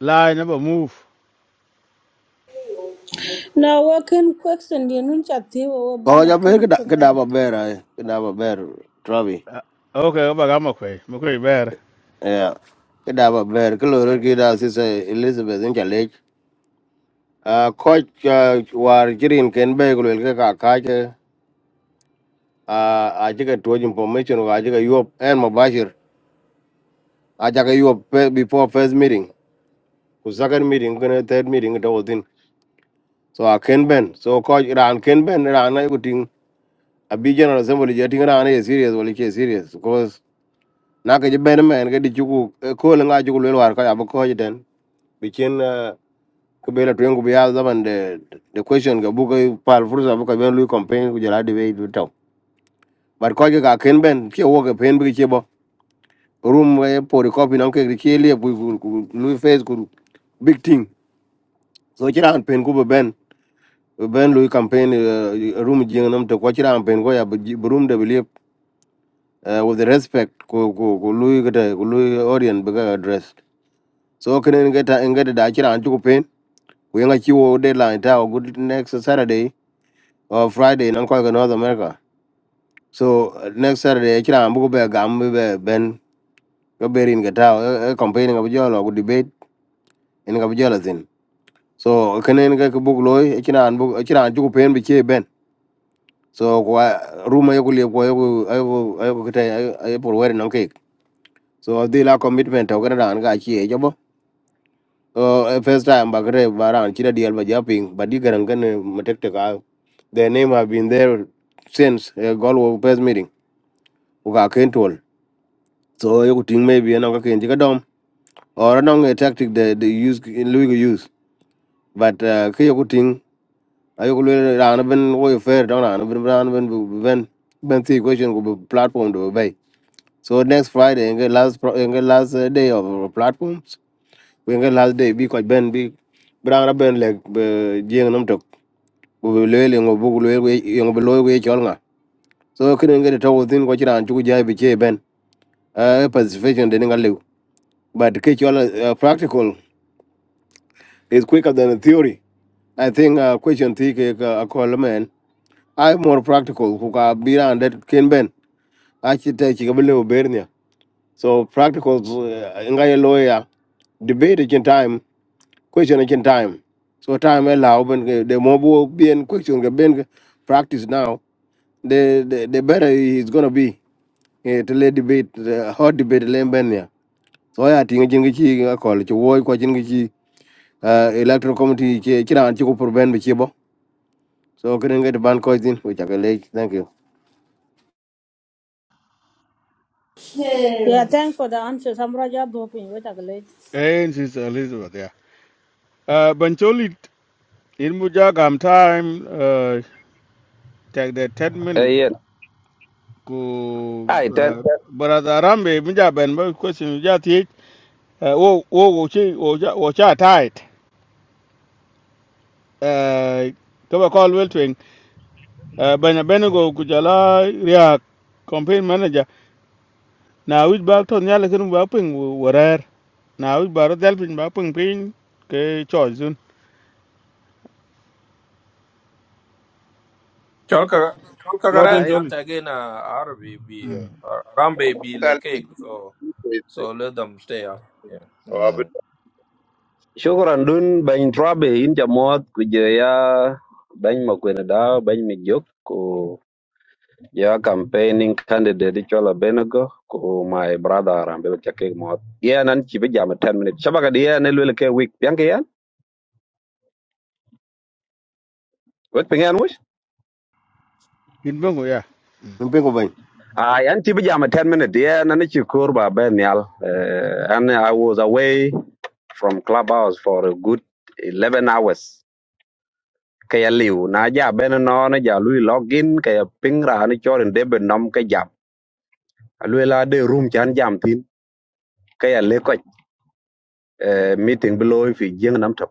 la na ba move now what can question you nun chat ti wo Oh, banya jaber ken keda ko ba keda maber ay keda maber Travi. Uh, okay, ba gama kwai, mu kwai bayar. Yeah, keda maber. Kaloro kida sisa Elizabeth in challenge. Ah, coach ah, war jirin ken be kulwel ke ka ka ke ah aje ke tuoj information wa aje ke yuop en mabashir aje ke yuop pe- before first meeting. Ku second meeting kuna third meeting ito within. So I can ben. So coach ran ken ben ran ay kuting. Abi general assembly jeting ran ay serious wali ke serious Because. na ke ben men ke di chuku ko le nga chuku le war ka ya bo ko jiten bi chen ko be la tuen ku bi ya zaman de the question ga bu ko pal fursa bu ka ben lu campaign ku jara de be du taw bar ko ga ken ben ke wo ga pen bi che bo room ga po ri copy nam ke ri che le bu ku lu face ku big thing so chira an pen ku be ben be ben lu campaign eh, room jing nam to ko chira an pen ko ya bu ji- bu room de bi le with the respect ku ku ku lu ga ku lu orient bi ga address so can get ngeta ngeta da chira an chuku pen we nga chiwo deadline ta o good next saturday or friday nan ko ga north america so uh, next saturday chira an bugo be to be a ben go berin ngeta e campaign ga bjolo go debate en ga jealous thin so kene nga ko book loy chira an bug chira an chuku pen be che ben so room i ruma yoku liep kwa yoku yoku yoku kete ay por wer nan kek so di la commitment to ga dan ga chi e Uh, first time bagre baran chira dial ba japing but you garan gan matekte ka their name have been there since uh, goal of first meeting uga control so you could think maybe anong ka kenji ka dom or anong a tactic that they use in Louis use but uh, ke you could think ayo ko le ran ben wo fair don ran ben ran ben ben ben the question go platform do bay so next friday and last pro- and last uh, day of our platforms we and last day be because ben big brang ra ben lek jeng nam tok lele ngo bu lele so kene ngene to within ko chiran chu ja bi che ben a pacification de nga lew but ke chol uh, practical is quicker than the theory i think uh, question thi ke ka- a call man i more practical ku ka bi ran det ken ben a chi te chi ga lew so practical uh, nga ye lo debate in time question in time so time allow when the more bu- be in question ke ben ke practice now the, the the better it's going to be e to le debate eh, hot debate le benya so ya tinga jinga chi ga kol chi wo ko jinga chi ah, electoral committee chi chi ran chi ko por ben be chi bo so kren ga de ban ko din we cha le thank you yeah thanks for the answer samra ja dopin wo Eh, she's Elizabeth, yeah. Uh, Bancholi, in Muja gam time, uh, take the ten minute eyen ku ai ten uh, brother Arambe, Muja ben ba question Muja ti, uh, wo wo wo chi wo cha wo cha tight. Uh, kaba call well twing, uh, banya benego ku jala ria campaign manager. Na wit ba ton yale kun ba ping warer. Na wit ba ro dal ping ba ping ping ke choice. Cholka kagaran Loteng Ai, ya joli. tagin Arabi be uh, Rambe be le cake. So so let them stay up. Yeah. Tal- mm. shukran dun bany trabe in jamot ku je ya bany makwene da bany mi jok ku campaigning candidate chola benego ku my brother ambe chake mot ya nan chi be jam 10 minutes shabaga dia ne lele ke week yang ke yan wek pengen mush in ben go ya min pe ko ben ah yan chi be jam 10 minutes ya nan chi kur ba ben yal Eh, and i was away from clubhouse for a good 11 hours kaya liu na ja beno no na ja lui login kaya ping ra ni chorin debe nom ka jam lui la de room chan jam tin kaya le ko meeting below fi jing nam to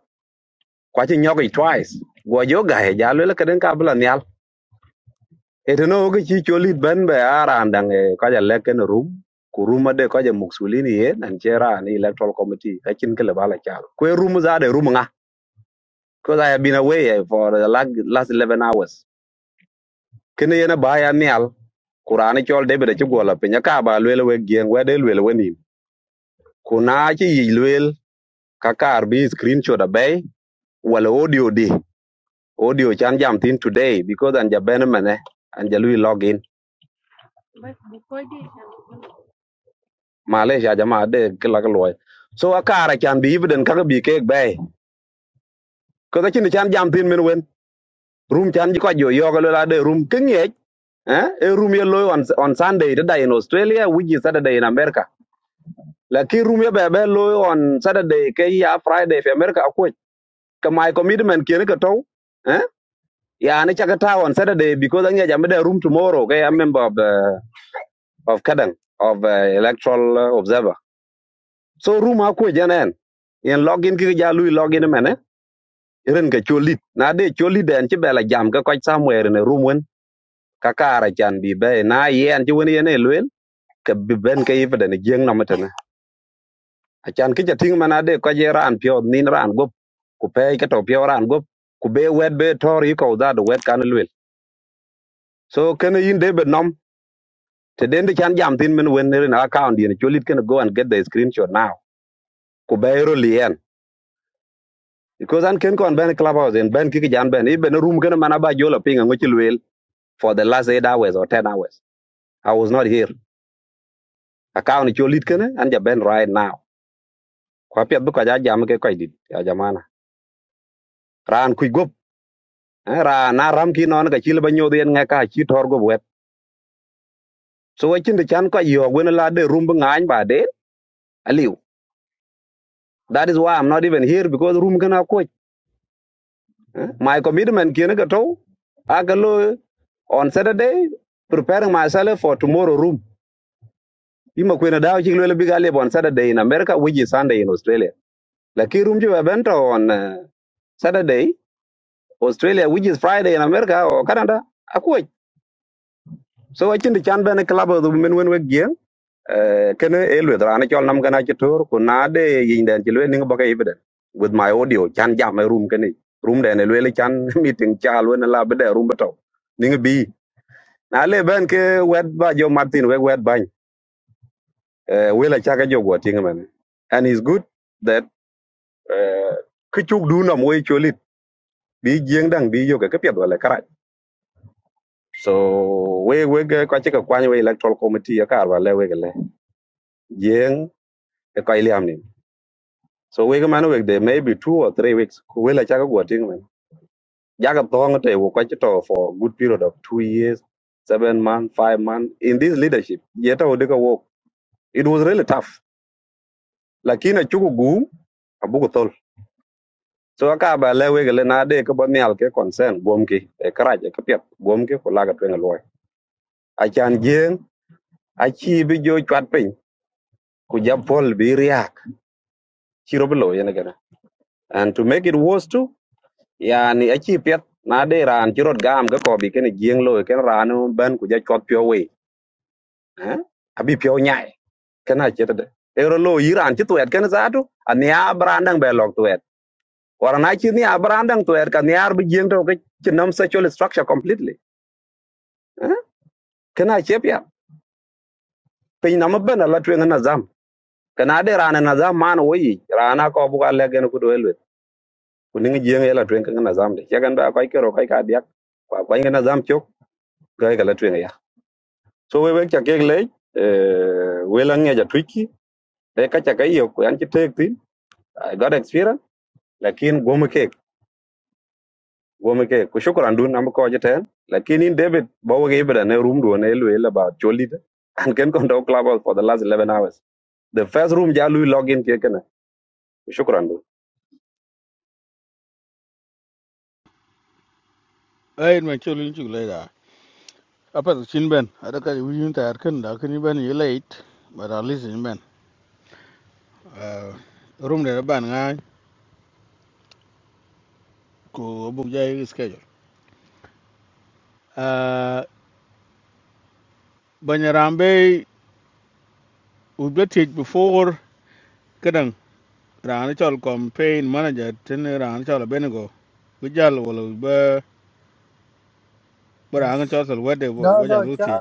kwa chi nyoki twice go jo ga he ja lui la kaden ka bla nyal eteno ke chi cholit ben be ara ndang e ka ja le ken room ku room de ko ja muksulini ye nan chera ni electoral committee ka chin ke le bala chal kwe room za de room nga because i have been away eh, for the lag- last eleven hours kene yena ba ya nial kurani chol debede ci gwala pinya ka ba lwel we gien we de lwel we nim kuna ci yi lwel ka kar bi screenshot abe wala audio di audio chan jam tin today because an jaben mene an jalu login malaysia jama de kila ka loy so a kara chan bi ibden ka bi ke be ko da chin chan jam tin men wen room chan ji ko jo yo ga la de room kengye eh e room ye loy on on sunday da in australia which is saturday in america lakini room ye be be loy on saturday ke ya friday in america ko ka my commitment kien ka to eh ya ne chaka ta on saturday because anya jam da room tomorrow okay i'm member of the, of kadang of uh, electoral uh, observer so room ha ko janen in login ki ja lui login mene ren ka cholit na de cholit den che bela jam ka ko somewhere in room wen ka kara chan bi be na yen che wen yen e luen ka bi ben ka ifada ne jeng na matana achan ki ja ting mana de ko je ran pyo nin ran gop ku pe ka to pyo ran gop ku be wet be tor yi ko da do wet kan luen so kene yin de be te den de chan jam tin men wen ne na account yen cholit can go and get the screenshot now ko bayro lien because an ken kon ben clubhouse en ben kiki jan ben ibe no room ken mana ba jola pinga ngo chilwel for the last eight hours or ten hours i was not here account cholit ken an ja ben right now ko pet bu ko ja jam ke koy dit ya jamana ran ku gop eh, ra na ram ki non ga chil ba nyodo en nga ka chi tor go wet so wachin de chan ko yo wen la de room ba ngany ba de aliu that is why i'm not even here because room ken ko Eh, My commitment kina kato agalo on Saturday preparing myself for tomorrow room. Ima kwena dawa chikilo ele biga on Saturday in America which is Sunday in Australia. Laki room jiwa bento on uh, Saturday Australia which is Friday in America or Canada. Akuwa. So wachindi chan bene club of the women when we gear. Uh, kene elwe drana chol nam kana chitor kunade yindan chilwe ninga baka ibeden with my audio chan jam my room kene room dene lwe chan meeting cha lwe na labede room beto ninga bi na le ben ke wet ba jo martin we wet bany eh wela chaka jo go tinga men and it's good that eh kichuk du na moy cholit bi jeng dang bi yo ke pya wala kara so we we ke ka chika kwany we electoral committee ya kar wala we ke le jeng e ka iliam ni so we ke man we de maybe two or three weeks ku wela chaka go tinga men jaga thong te wo ka chito for good period of 2 years 7 months 5 months in this leadership yeta odeka work it was really tough lakin a chugu gu a bugu tol so aka ba le we gele na de ko ba mial ke concern bom ki e kara je ke pet bom ki ko laga twen loy a chan jeng a chi bi jo chat pin ku ja pol bi riak chi ro blo yene gana and to make it worse too yani a chi pet na de ran chi rot gam ga ko bi ken jeng loy ken ran ban ku ja chot pyo we eh Abi bi pyo nyai kana chet de ero lo iran chi tuet ken za tu a nia brandang be lok tuet Warana chi ni abrandang to er kan yar bi jeng to ke chinam sexual structure completely. Eh? Kana chep ya. Pe na mabana la twen na zam. Kana de rana na zam man wo yi. Rana ko bu ka le gen ku do elwe. Ku ning jeng ela twen kan na zam de. Ya kan ba ko ke ro ko ka dia. Kwa ko na zam chok ga ga la twen ya. So we we cha ke le eh we la nge ja twiki. De ka cha ka yo ku an chi tek tin. I got experience. Lakin gomu gome ke ku shukran dun am ko jeten lakin in david bo ge ibra ne room do ne lu ela ba cholida and ken kon do club for the last 11 hours the first room ja lu login ke ken ku shukran ai in men cholin chuk le da apa to chin ben ada ka wi yun ta kan da kan ben ye late but at least in ben room de ban nga ko bu jai schedule uh banyarambe u betit before kadang ran chol campaign manager ten ran chol benego bi jal wala ba ran chol sol wede No, ba no, jal uti Chad.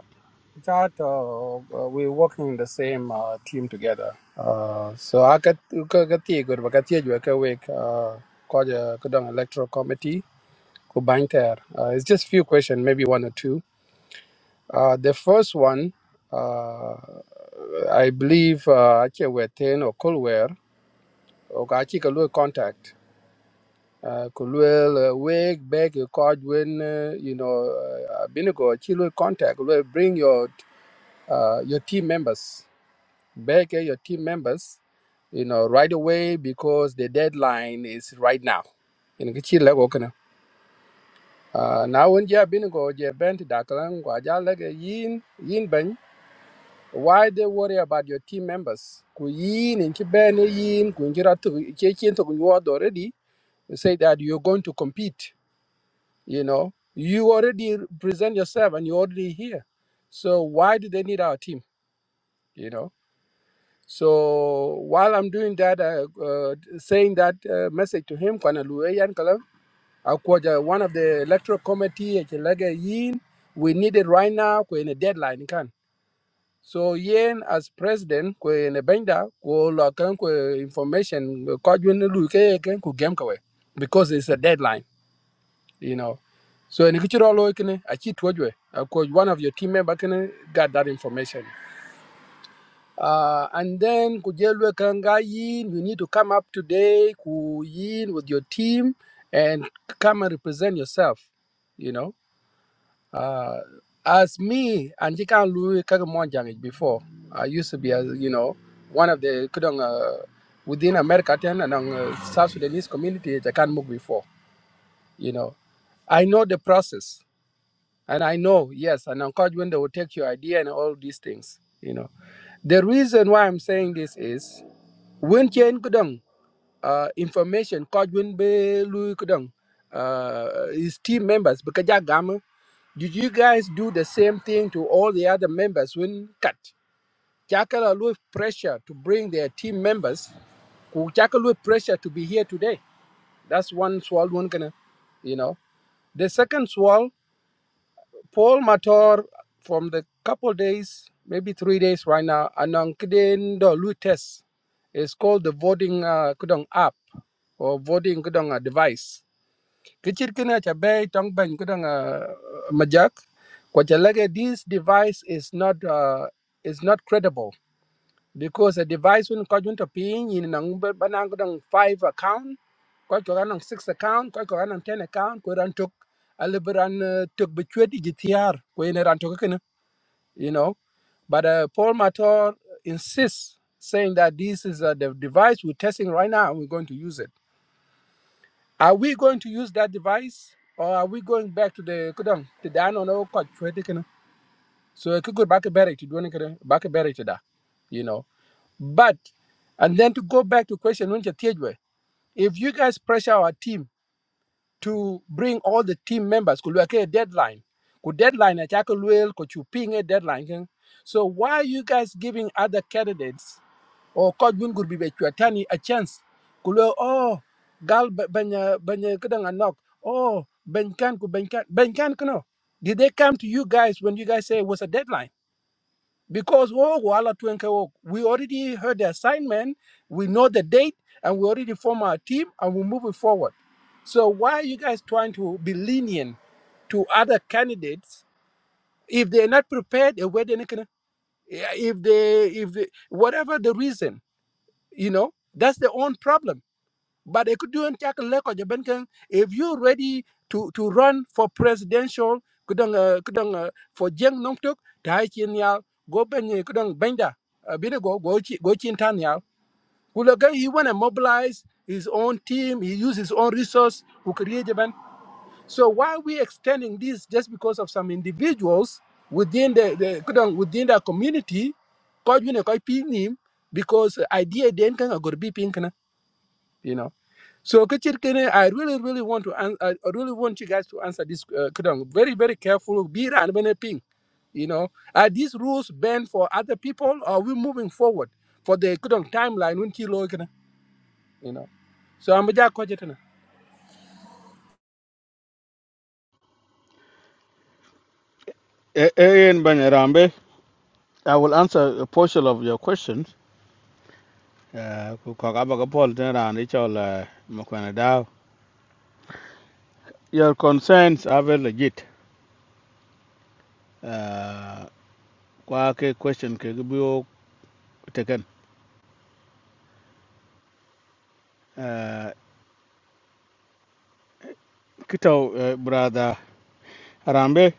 Chad, uh, uh, we're working in the same uh, team together. Uh, so I got ka ka tie good, but ka tie good ka wek uh ko ja ka dong electoral committee ko bank there. Uh, it's just few questions, maybe one or two. Uh, the first one, uh, I believe uh ache weten or kolwer or ka achi ka lu contact. Uh, kulwel uh, wake back your card when uh, you know uh, binigo chi contact will bring your uh, your team members back at your team members, you know, right away because the deadline is right now. In kichi lego kana. Uh, now when you have been go je bent daklan kwa jalege yin yin ben why they worry about your team members ku yin in ki ben yin ku ngira to che chen to you already you say that you're going to compete you know you already present yourself and you're already here so why do they need our team you know So while I'm doing that, uh, uh, saying that uh, message to him, Kwana Lueyan Kalam, Akwaja, one of the electoral committee, at laga Yin, we need it right now, we in a deadline. Can. So Yin as president, we in a benda, we can information, kwa jwene luike yeke, ku gemkawe, because it's a deadline, you know. So in the kitchen, I cheat what you, one of your team members got that information. Uh, and then Kujelwe Kanga Yin, you need to come up today, Ku Yin with your team and come and represent yourself, you know. Uh, as me and Jikan Lui Kagamonjang before, I used to be as you know, one of the kudong uh, within America ten and on uh, South Sudanese community I can't move before, you know. I know the process and I know, yes, and encouragement they will take your idea and all these things, you know. The reason why I'm saying this is when chen kudang uh, information koj when be lui kudang uh, his team members bekaja gama did you guys do the same thing to all the other members when cut chakala lui pressure to bring their team members ku chakala lui pressure to be here today that's one swall one gonna you know the second swall Paul Mator from the couple days, maybe three days right now, anong kiden do lui test. It's called the voting uh, kudong app or voting kudong uh, device. Kichir kina cha bay tong ban kudong uh, majak. Kwa cha lage, this device is not uh, is not credible because a device when ko junto pin yin nang banang dang five account ko ko nang six account ko ko nang ten account ko ran tok aliberan tok between igtr ko yin ran tok kana you know but uh, Paul Mator insists saying that this is uh, the device we're testing right now and we're going to use it are we going to use that device or are we going back to the kudang to the no no ko chwede kana so it could go back to to do back a better to da you know but and then to go back to question when Tietjwe, if you guys pressure our team to bring all the team members, could we a deadline. Could deadline at Will, could you ping a deadline? kin. So why are you guys giving other candidates or could win could be Bechuatani a chance? Could we, oh gal ba- banya banya kadang knock. Oh Ben can could Ben can Ben can no. Did they come to you guys when you guys say it was a deadline? because oh, Kuala Twenke, oh, we already heard the assignment, we know the date, and we already form our team and we are moving forward. So why are you guys trying to be lenient to other candidates if they're not prepared? eh, where they not gonna- eh, If they, if they, whatever the reason, you know, that's their own problem but they could do and tackle leko jaben keng if you are ready to to run for presidential kudang uh, kudang uh, for jeng nong tuk dai chin ya go ben ye kudang benda bine go go chi go chin tan ya kulaga he want to mobilize his own team he use his own resource who create jaben so why we extending this just because of some individuals within the, the kudang within the community ko yune ko pi nim because idea den kan agor bi you know. So Kachirkene, I really, really want to, an- I really want you guys to answer this uh, kudang. very, very careful. Be and ping, you know. Are these rules banned for other people? Or are we moving forward for the kudang timeline? When kilo, you know. So I'm a jack e en banyarambe i will answer a portion of your questions uh ko ka ba ko pol ten ran chol mo kana da Your concerns are very legit. Uh, kwa ke question ke gibio taken. Uh, kito uh, brother Harambe,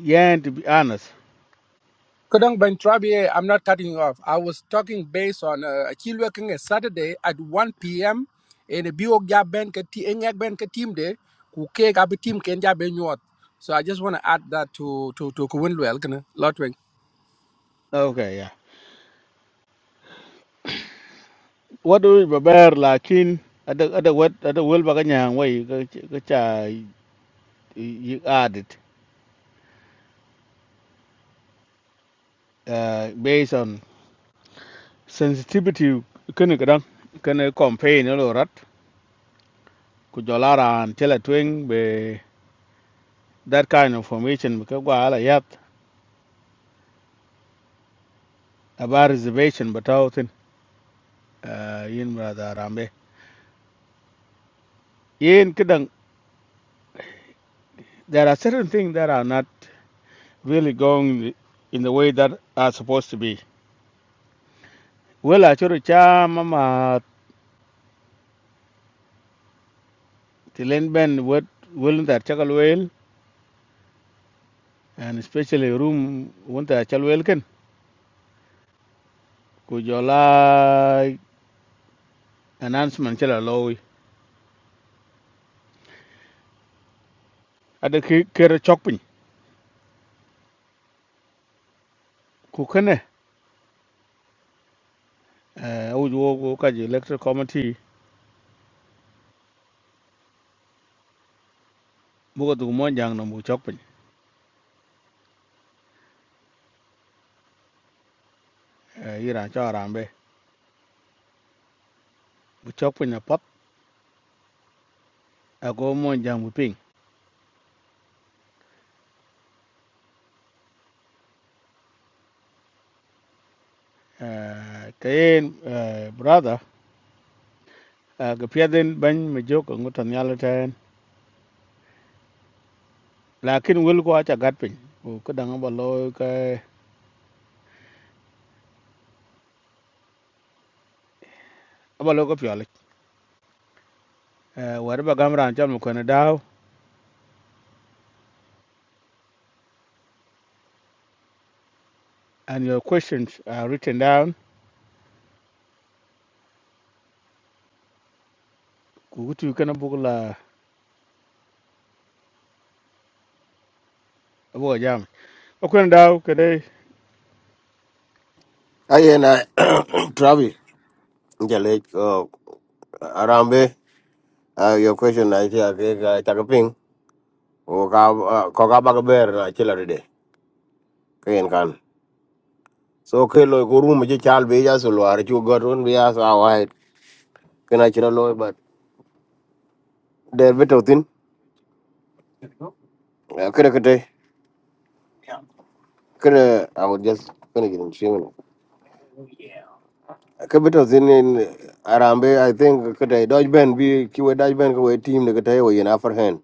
yeah, to be honest. Kodong Ben Trabi, I'm not cutting you off. I was talking based on uh, Achille working a Saturday at 1 p.m. in a Biogya Ben Katiak Ben Katim Day, who cake up a team Kenya Ben York. So I just want to add that to to to Kuwinlu Elkana, Lotwing. Okay, yeah. What do we prepare lakin ada ada what ada wel baganya way ga ga cha you add it uh, based on sensitivity kene kadang kene campaign lo rat ku jolara an tela twing be that kind of formation because gwa ala yat about reservation but out uh, yin brother Arambe. Yin kidang, there are certain things that are not really going in the, way that are supposed to be. Well, actually, cha mama tilen ben wet willing that chakal well, and especially room want that chal well ken. Ku jola announcement chala lowi. Ada ki kere chokpin. Ku kene, uh, uj wo wo kaji electoral committee buka tu mo jang na bu chokpin. Uh, ira cha Arambe. Bu chokpin na pop. Ako mo jang Ah, kayen ah, brother ah, ga piadin bany mi joko ngutan yalo ten lakin wil ko acha gat piny ko kadang abalo ka abalo ko piolik Ah, wari ba gam ran chal mukone daw and your questions are written down ku gutu kana bugla abo jam okon daw kede ay na travi ja le oh, arambe ah, your question na chi ake ga cha ping o ka ah, ko ka ba ga ber na chi la de ken kan so ke lo ko rum ji chal be ja so lo ar chu ga ron be ya sa wa kena chi lo but der beto tin kre kre Kada, I was just gonna get in shimmy. Kabito zin in Arambe, I think kada Dodge Ben be kiwa Dodge Ben kawa team na kata yawa in upper hand.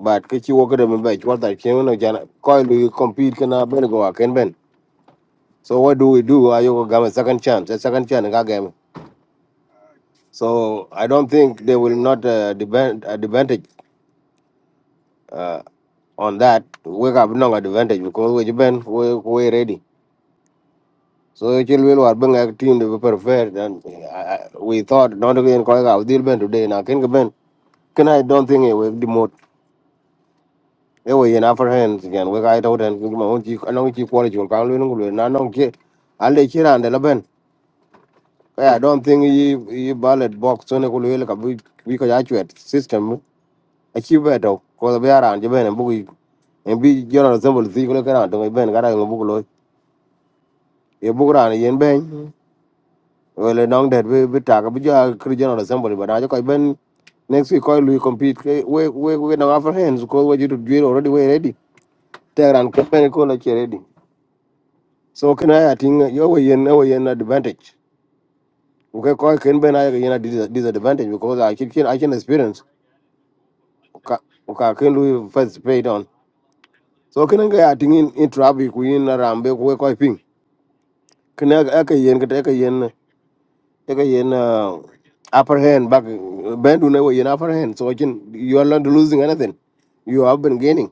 But kichi waka dem ba chwa ta chemo na jana coil do you compete kana ben go a ken ben. So what do we do? I you gam a second chance, a second chance ga game. So I don't think they will not uh, depend advantage uh, on that. We have no advantage because we ben we we ready. So it will will bring a team to be prepared and we thought not again going out deal ben today now can ben can I don't think it will demote it will in upper hands again we got out and my own chief I know chief quality will come in will not know I'll let you around the ben "Yeah, I don't think you you ballot box on a cool will come because actually system a chief better because we are around you ben and book and be general assembly see you look around to my ben got a book loy a book around yen ben Well, nong det bi we tak bi ja kri general assembly but ajo just ben next week ko lu compete ke we we we no after hands ko we jitu dwir already we ready teran ko ben ko la che ready so can i I think yo we yen we yen advantage okay call ken ben ay yen a dis- disadvantage because i can i can experience ka ka can lu first pay it on so can ga i think in in traffic we in a rambe ko we call ping Can I, kana can yen ka yen Take a yen uh, upper hand back. Ben do never yen upper hand. So I can you are not losing anything. You have been gaining.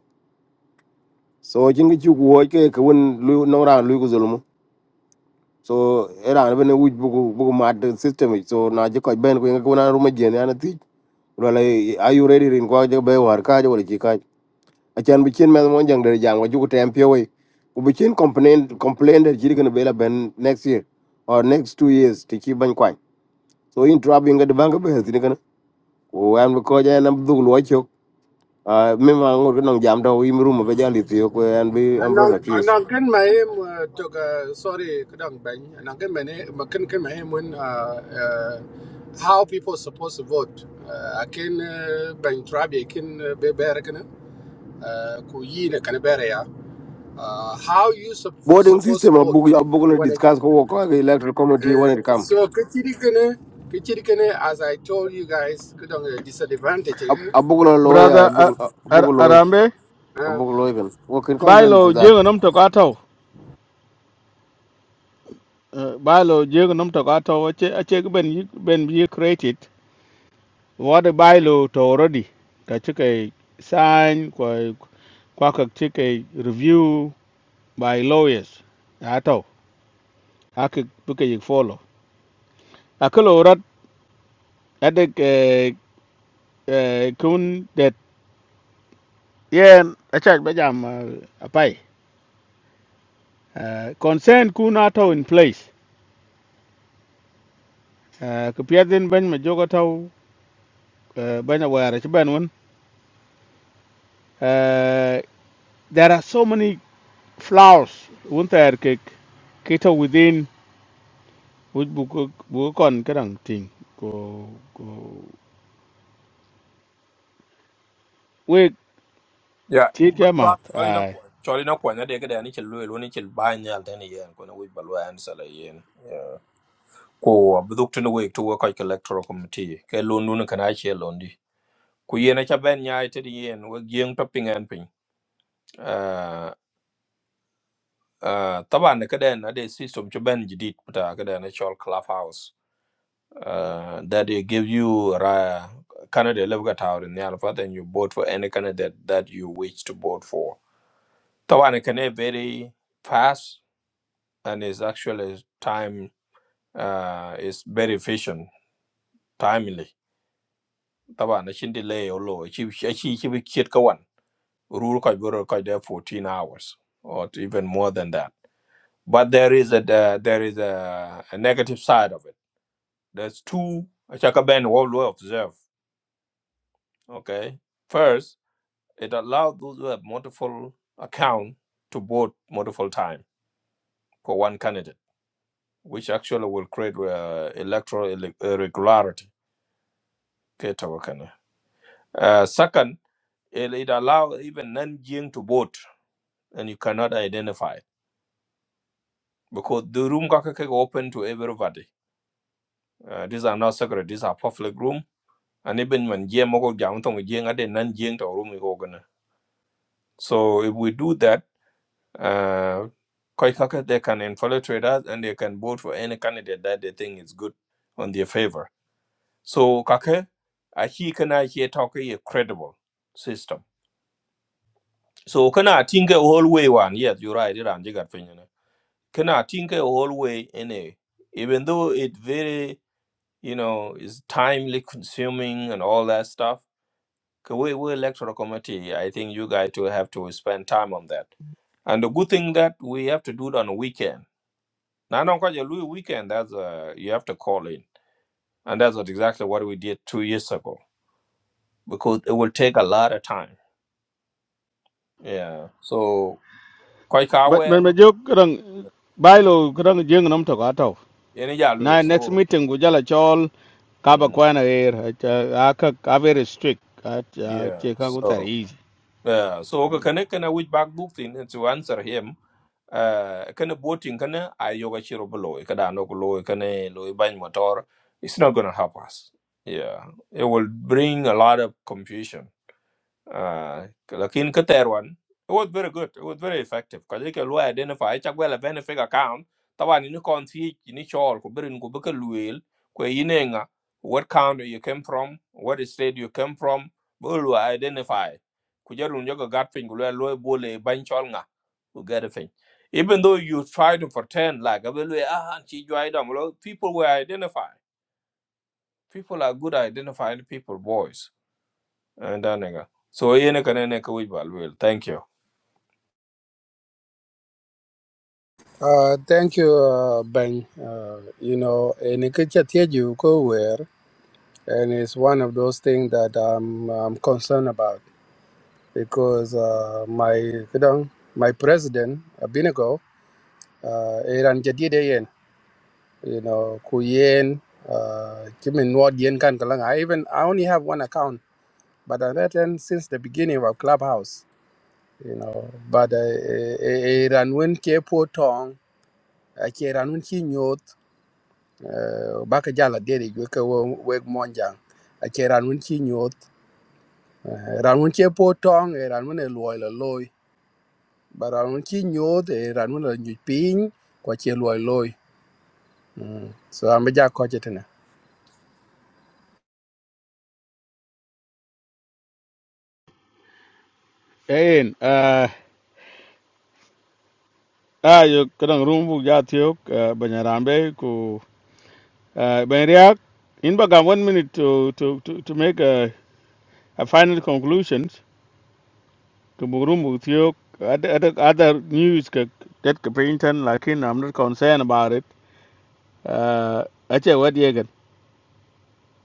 So I can get you work a when no round Lucas Olumo. So era ben which book book mad system. So now you could ben going to go on room again and a teach. Well, are you ready in Kwaja Bay or Kaja or Chikai? I can be chin man one young day, young, what you could tempt away. We chin complain complain that you're going to be Ben next year or next two years to keep bank Kwan. So in trouble, you get the bank of wan bi koja en am dhugul wachok mima ngur kinong jam to im rumo be jali tiyo kwe an bi am brother Anong accused anong ken mahem tok sorry kadang bang anong ken mane makan ken mahem when uh, uh, how people supposed to vote uh, akin uh, bang trabi akin be bere kana uh, ku yi ne kana bere uh, how you sup boarding supposed to system abug vote abug uh, na when it discuss ko wo ko ga electoral committee uh, when it come so kichirikene kichirikene as I told you guys kudong a disadvantage eh? abug na loy ah. brother ah, abug abug Ar- a arambe uh, abug loy kan wo kin kong ben to bailo that jengo nom to kato bailo jengo nom to kato ache ache ben yi- ben be created What the bylaw to already ka chike sign kwa kwa ka chike review by lawyers ato ake buke yik follow akelo rat adek eh, eh, kun that yen achak bajam eh, apai concern consent kun ato in place Eh, ka piadin ban ma jogo tau eh, banya wara ci ban won there are so many flaws won ter ke kita within Uj buku buku kon kadang ting ko ko wek Yeah, ti but kya mat Trump, Charlie don't ai quit. Charlie don't quit. Now they get any chill loyal, any chill buy any alternate yen. Kuna we balwa and sell again. Yeah. Ko abduk tini wik to work like electoral committee. Ke loan dun kana chill loan. di. Ku yen acha ben nyai tidi yen. Wek yen topping and ping. Uh, uh, taban ne kaden na de system cho ben jidit puta kaden a chol clubhouse. Uh, that they give you ra Canada level got out in the alpha, then you vote for any candidate that you wish to vote for. Taban ne kane very fast and it's actually time uh, is very efficient, timely. taba. na shin delay olo chi chi chi bi kiet kawan rule kai bro kai there 14 hours or even more than that. But there is a the- there is a, a negative side of it. There's two chaka ben what we observe. Okay, first it allowed those who have multiple account to vote multiple time for one candidate, which actually will create uh, electoral irre- irregularity. Uh, second, it, it allows even non-Jing to vote, and you cannot identify because the room kaka kaka open to everybody. Uh, these are not secret; these are public room. And even when Jing moko jam tong Jing ade non-Jing to room iko gana. So if we do that, uh, koi kaka they can infiltrate us and they can vote for any candidate that they think is good on their favor. So kaka, ahi kana ahi talk a credible system. So kana tinga whole way one. Yes, you're right. Iran jigat Kana think always anyway, even though it very you know is timely consuming and all that stuff. 'cause We we electoral committee. I think you guys will have to spend time on that. And the good thing that we have to do it on a weekend. Now, not quite a Louis weekend. That's uh, you have to call in, and that's what exactly what we did two years ago because it will take a lot of time. Yeah. So quite but aware. men me jok kadang Mm. bailo kadang jeng nam to ka tau Any yeah, na Louis. next So. meeting go jala chol ka ba Mm, kwa na er a ka ka very strict a yeah. che ka go So. tar easy Uh, so ko kana kana which back book thing uh, to answer him uh kana boating kana ayoga chiro below kada no below kana loy ban motor it's not going to help us yeah it will bring a lot of confusion uh, lakin ka ter it was very good it was very effective Because you lo identify cha a well a benefit account tawan ni kon not. ni chol ko berin ko beka luel ko yinenga what county you came from what state you came from bo lo identify ku jarun joga gat pin lo lo bole ban chol nga ku get a thing. even though you try to pretend like abelwe ah chi jwa idam lo people were identified people are good at identifying people boys and that nigga. So yene kane ne ka wich bal wel. Thank you. uh, thank you uh, Ben uh, you know in you go where and it's one of those things that I'm, I'm concerned about because uh, my kudong my president Abinago uh, you know kuyen uh kimin nuod yen kan kalang i even i only have one account but on that end since the beginning of clubhouse you know but uh eh, eh, eh, ran when ke po tong a ke ki nyot uh ba ka jala dede ju weg monjang a ke ran when ki nyot eh, ran when ke po tong e ran when e loy but ran when ki nyot e ran when ping kwa che loy loy so am ja ko chetena en a yo kadang room bu ja ti ok banyarambe ko ben riak in ba ga one minute to to to, to make a, a final conclusion to Murum with you, other, other news ka- that ka painting, like in, I'm not concerned about it. Uh, I tell what you get.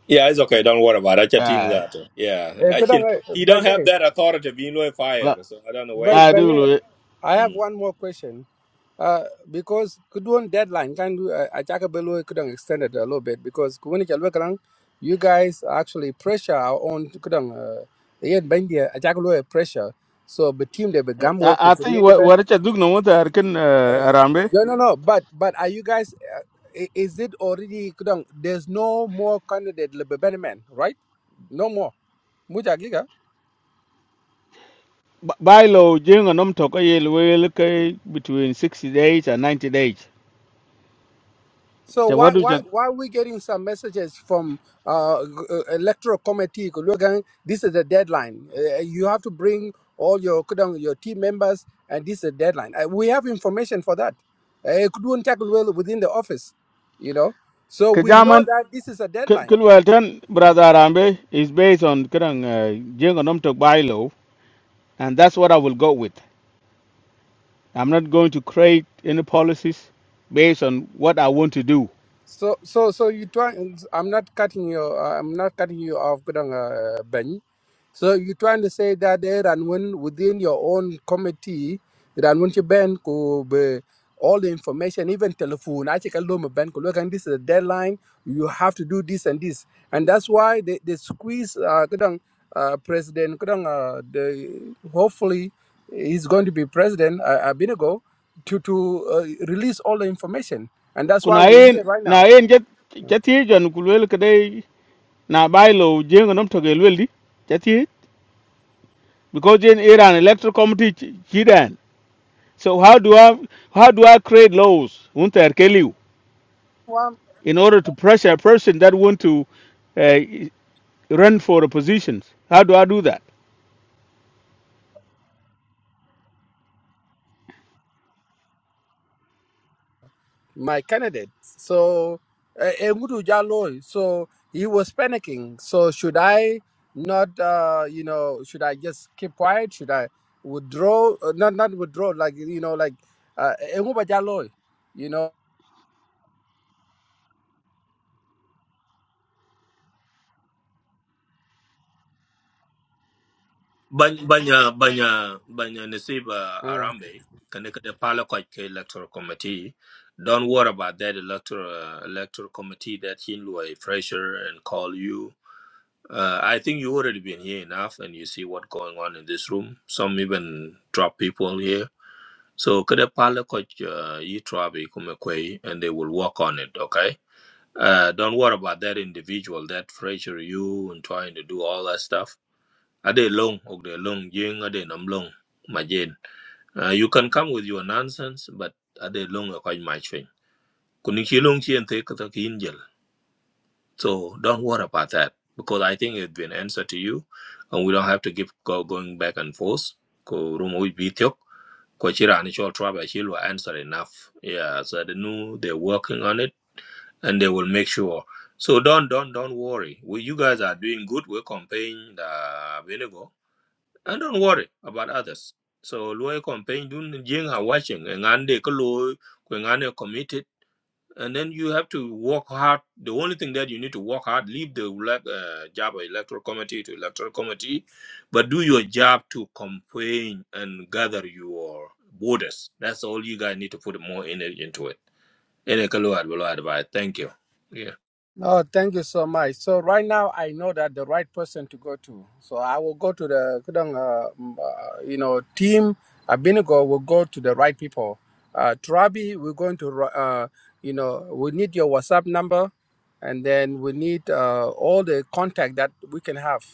Yeah, it's okay. Don't worry about it. I can think Aye. that. uh, Yeah, e I can. He don't have kadang that authority being no fire, La- so I don't know where But, he I but got do. yeah, lo- I that. have Mm. one more question. Uh, because could one deadline can do uh, Achaka Belu could extend it a little bit because when you Kuwinicha Lwekalang, you guys actually pressure our own Kudang uh Yeah, yet Bendia Achaka pressure. So the team they began I, work who I could think hear the what band. what it's a dugna what I can uh, Uh, Arambe. No no no but but are you guys uh, i- is it already Kudang there's no more candidate le- be- be- man, right? No more. Mucha B- By law, Jing and Umtok, I will kay between 60 days and 90 days. So So why what do why you why are we getting some messages from uh, g- uh, electoral committee? Look, this is the deadline. Uh, you have to bring all your kudang- your team members, and this is the deadline. Uh, we have information for that. Uh, It couldn't tackle well within the office, you know. So we know Kajaman that this is a deadline. Kilwelton, brother Arambe, is based on Kerang Jing and Umtok by law, and that's what I will go with. I'm not going to create any policies based on what I want to do. So so so you try. I'm not cutting you. Uh, I'm not cutting you off, kudang, uh, Ben. So you're trying to say that there and when within your own committee, that when you ban could be all the information, even telephone, I take a loan ban could look and this is a deadline, you have to do this and this. And that's why they, they squeeze uh, kudang, uh president kudang, uh, the hopefully he's going to be president uh, Abinago to to uh, release all the information. And that's why Kuna we're yin here right na now. yin jet jati jan kulwel kade na bylaw jengo nom toge lweldi jati because in Iran electoral committee ch- chidan. So how do I how do I create laws unter keliu in order to pressure a person that want to uh, run for the positions? How do I do that? my candidate. So uh, Engudu Jalo. So he was panicking. So should I not? Uh, you know, should I just keep quiet? Should I withdraw? Uh, not not withdraw. Like you know, like uh, Enguba Jalo. You know. Banya banya banya banya Nasiba Arambe, connected the Palo Koike Electoral Committee. Don't worry about that electoral uh, electoral committee that Hinlua pressure and call you. Uh, I think you already been here enough, and you see what going on in this room. Some even drop people here. So kada pala coach uh, yi trabi kuma kwai and they will work on it, okay? Uh, don't worry about that individual that pressure you and trying to do all that stuff. Are they long? Are they long? Jing are they nam long? Majin. Uh, you can come with your nonsense, but are they long? Are quite much thing. Kuni long chi and take the angel. So don't worry about that because I think it's been answered to you, and we don't have to keep go, going back and forth. Ko rumo room with Kochira and Chol Tribe Achille were answered enough. Yeah, so they knew they're working on it and they will make sure. So don't don't don't worry. We you guys are doing good. We're campaigning the vinegar. And don't worry about others. So lawyer campaign dun jing are watching and they kalo kwenane committed and then you have to work hard. The only thing that you need to work hard, leave the elec- uh, job of electoral committee to electoral committee, but do your job to campaign and gather your voters. That's all you guys need to put more energy into it. Any ka lo ad- advise. Thank you. Yeah. No, thank you so much. So right now, I know that the right person to go to. So I will go to the, kudang, uh, m- uh, you know, team. Abinigo will go to the right people. Uh, Trabi, we're going to, ro- uh, you know, we need your WhatsApp number, and then we need uh, all the contact that we can have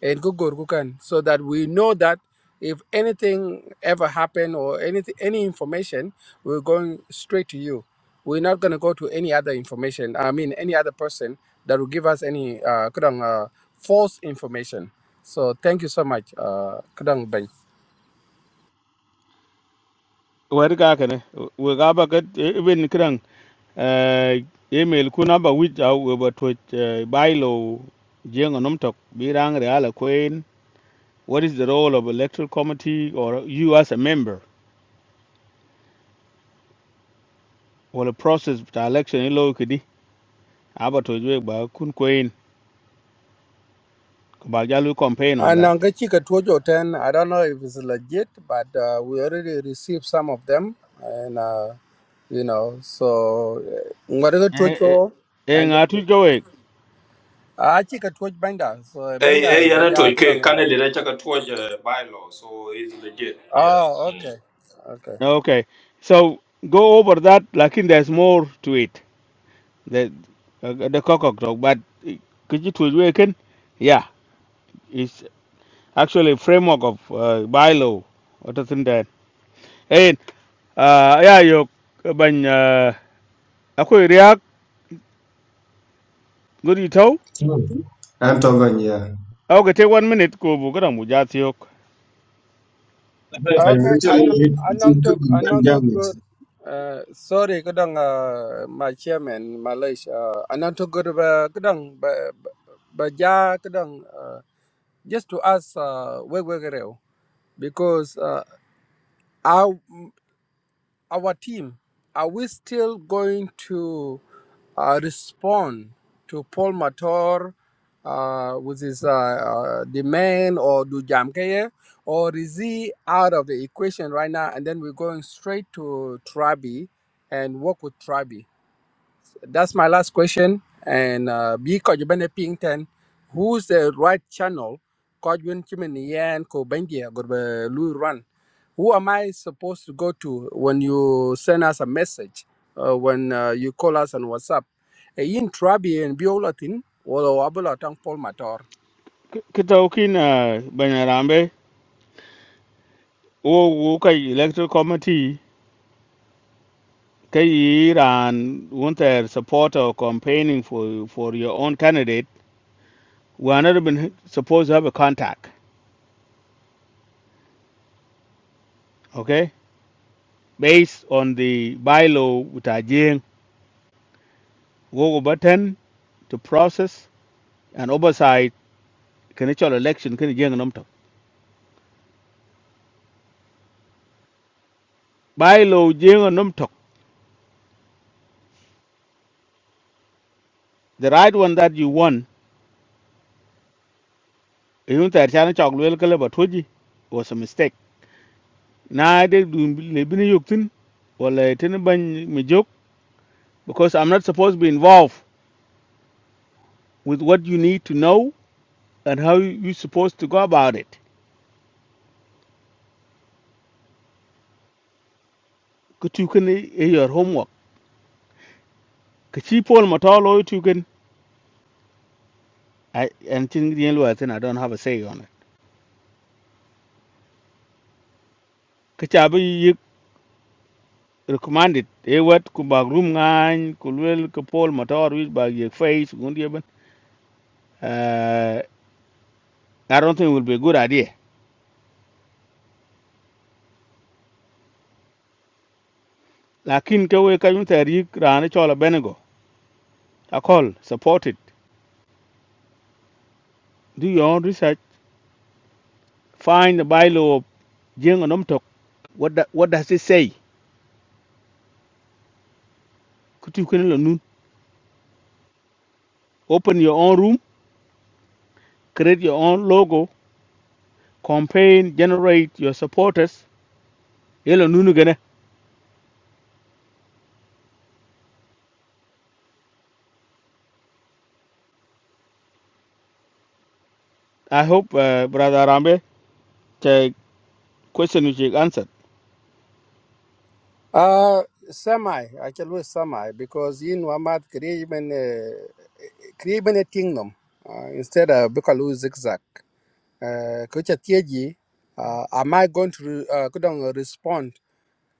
in Gugurgukan, so that we know that if anything ever happen or anything, any information, we're going straight to you. We're not going to go to any other information. I mean, any other person that will give us any uh, kudang, uh, false information. So thank you so much, uh, kudang Ben. Wadi ka haka ne, wa- wa ga ba ga- eh, Eh, email ku number which I will but uh, bylaw jeng nom birang real queen what is the role of electoral committee or you as a member or the process of the election in law kidi aba to jwe ba kun queen ko ba jalu campaign on And that uh, Ngachika Tuojo 10, I don't know if it's legit, but uh, we already received some of them. And, uh, you know, so uh, Ngwarega eh eh Tuojo, eh, and then nga eh. Ah, Chika Tuoj Benda. So Hey, Benda hey, yana to Lebeja Kudang. ke uh, candidate I check a towards uh, bylaw, so it's legit. Yeah. Oh, Mm. okay. Okay. okay so go over that lakin there's more to it the uh, the cock talk but eh, could you to jwe ken yeah actually framework of uh, bylaw wata tin da eh uh, ya yo ban uh, akwai riak guri tau am to ban ya au ga te one minute ko bu gara mu jati yok ban ban Okay, mi to le anong ti anong ke tuk bin ban anong jam tuk ne good. Uh, sorry, kadang uh, my chairman Malaysia. Uh, anong tuk good ba kadang ba ba ba ja kadang uh, just to ask uh, we we gereo because uh, our team, are we still going to uh, respond to Paul Mator uh, with his uh, uh, demand or do Jamkeye, or is he out of the equation right now? And then we're going straight to Trabi and work with Trabi. That's my last question. And uh, bi ko jibene ping ten, who's the right channel? Ko jwen chimen yen ko bendia go lu run. Who am I supposed to go to when you send us a message? Uh, when uh, you call us on WhatsApp? E yin trabi en biolatin wala wabula tang pol mator. ki tau kin uh, ban rambe wo wo kai electoral committee kai yi want wanted support or campaigning for for your own candidate we are not even supposed to have a contact okay based on the bylaw with a jing go button to process and oversight kene chol election kene jeng nom tok bai lo jeng nom tok the right one that you won yun tar chan chok lwel kale ba toji was a mistake na de dun le bin yuktin wala tin ban mi jok because i'm not supposed to be involved with what you need to know and how you supposed to go about it ku tu kene e your homework ka chi pol ma to lo tu ken I- and tin yen i don't have a say on it ka cha bi recommended e wet ku bag rum ngany ku lwel ku pol motor wich bag ye face Gundi ye uh, i don't think it will be a good idea lakin ke we kayun tari rana chola benego akol support it do your own research find the bylaw of jeng anom tok what da, what does it say kutu kunelo nun open your own room create your own logo campaign generate your supporters yelo nunu gene i hope uh, brother rambe the question which you answered Uh, semi. I can lose semi because in Wamad create even create even a kingdom uh, instead of because lose zigzag. uh, ko cha tieji uh, am i going to re- uh, ko dong eh, respond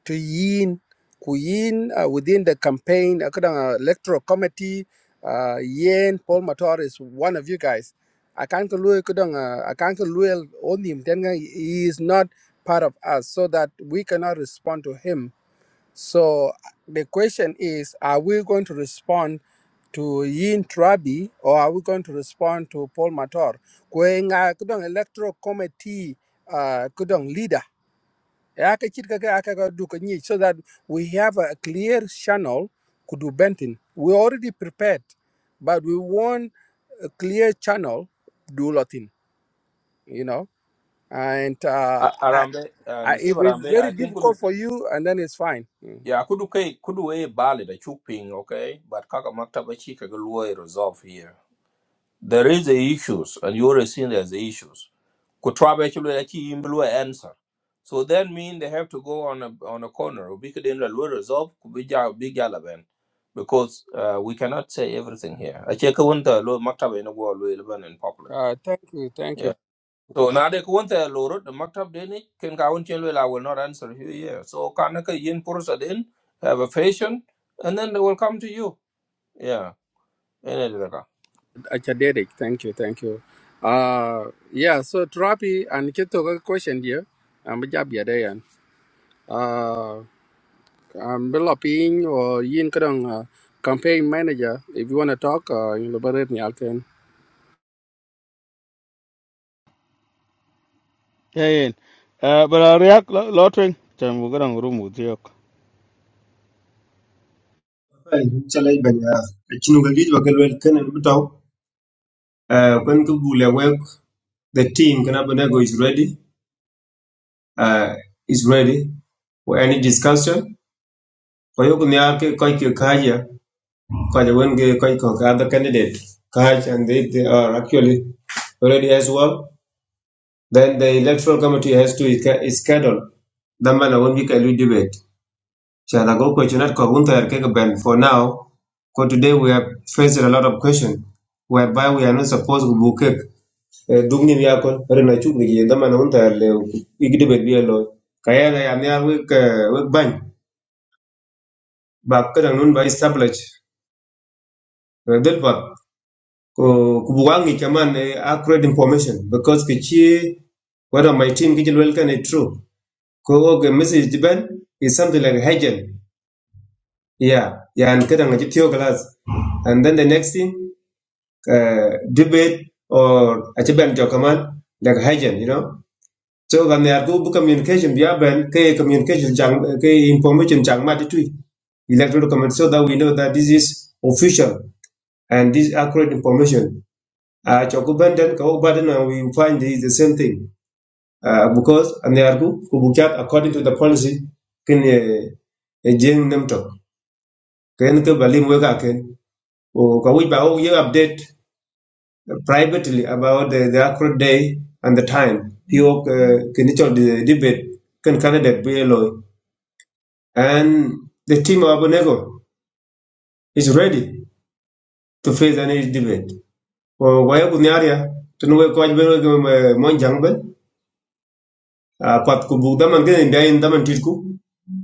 to yin ku yin uh, within the campaign uh, ko dong uh, electoral committee uh, yin paul mator is one of you guys i can't lui ko dong uh, i can't lui on him then he is not part of us so that we cannot respond to him so the question is, are we going to respond to Yin Trabi or are we going to respond to Paul Mator? Kwenga kudong electoral committee uh, kudong leader. Ya ka chit ka ka- ka ka du ka nyi, So that we have a clear channel kudu bentin. We already prepared, but we want a clear channel do Latin, you know. And uh, A- I, Arambe, uh, I, Nisib if it's Arambe, very I think difficult for you, and then it's fine. Mm. Yeah, kudu kai kudu e bali da chuping, okay? But kaka maktaba chika galua resolve here. There is the issues, and you already seen there's the issues. Kutraba actually achi imblua answer. So that mean they have to go on a on a corner. We could end lure resolve kubija big eleven, Because uh, we cannot say everything here. Acheka wanta lo maktaba ina go lue eleven in public. Uh, thank you, thank you, So now they want to lower the maktab deni can go on tell well I will not answer you yeah. So can ka yin pursa then have a patient and then they will come to you. Yeah. Any of that. Achadedic. Thank you, thank you. Uh, yeah, so Trapi and Kito got a question here. I'm a job here. there, and, Uh, I'm developing or Yin Kadang uh, campaign manager. If you want to talk, uh, you know, but me out then. Ayen. Uh, but I react lo lo twing. Chan bu garang room with yok. challenge ban ya chinu bakal wel kenen bitaw uh, when ku bule work the team kana banego is ready uh, is ready for any discussion ko you ne ake kai ke kaja kaja when ge kai ko ka other candidate kaj and they, they are actually already as well then the electoral committee has to is schedule the man when we can debate So I go question ko wun tayar keke ben for now. Because today we have faced a lot of questions whereby we are not supposed to book cake. Dung ni yakon, pero na chuk ni yenda man wun tayar le igde bet biya loy. Kaya na yam ya wik wik bany. Bak kadang nun by establish. Eh, Del pat ko kubuwang ni chaman eh, accurate information because kichi one my team kichi well can it true. Ko okay message diban is something like hagel. Yeah, yeah, and kadang ngaji theo class. And then the next thing uh, debate or achiban jokaman like hygiene, you know. So when they are go book communication, we have been ke communication jang ke information jang ma tu electoral committee so that we know that this is official and this is accurate information. Uh, chokuban then and we find this is the same thing. Uh, because and they are go ko according to the policy Can uh, jeng them? tok ken ke balim we ka ken o ka ba o ye update privately about the, the accurate day and the time. Pio Kinichol the debate can candidate BLO. And the team of Abonego is ready to face any debate. Or why Bunyaria, to know where Coach Beno Monjangben, a quite well Monjangbe, Pat Kubu Daman getting there in Daman Tilku,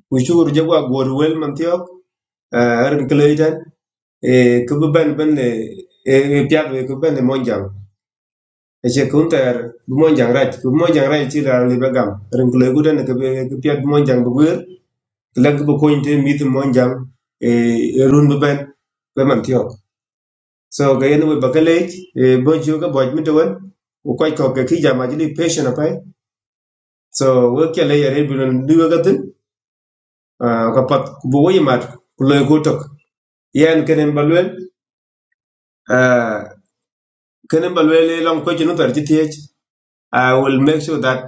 which you would Jaguar Gorwell Mantiok, Aaron Clayton, a Kubu Ben Ben, a Piab, a Kuben Monjang. eche kun tayar raj bi raj ci la libe gam ke piat bi monjang bu bu ko mit monjang e run ben be man tiok so ga yen we bakale e bonjo ga boj mi to wen u koy ko ke ki jama patient apai so we ke yare bi non du ka pat bu we mat ku legu yen kenen balwel kenen balwel long ko ci no tar ci i will make sure that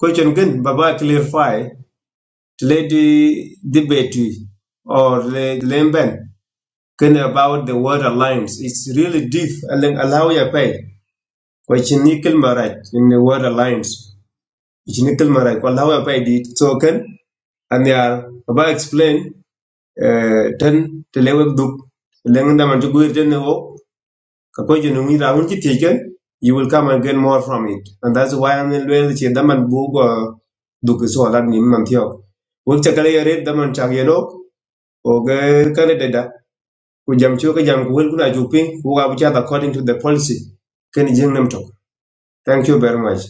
question again baba clarify Lady Debate or the Lemben can about the word alliance. It's really deep. Alang allow ya pay. Kwa chinikil marat in the word alliance. Chinikil marat. Kwa allow ya pay di token and they are about explain uh, ten the lewek duk. Lengan daman chukuir ten newo. Kako jinungi raun chi taken. You will come and get more from it. And that's why I'm in well chindaman bugo duk so alat nim man thiok. Wek chakale yare daman chak yenok. Oga Kanadada ku jam cho ka jam ku wel kuna chu piny ku ka bu chat according to the policy Can ken jing nam tok. Thank you very much.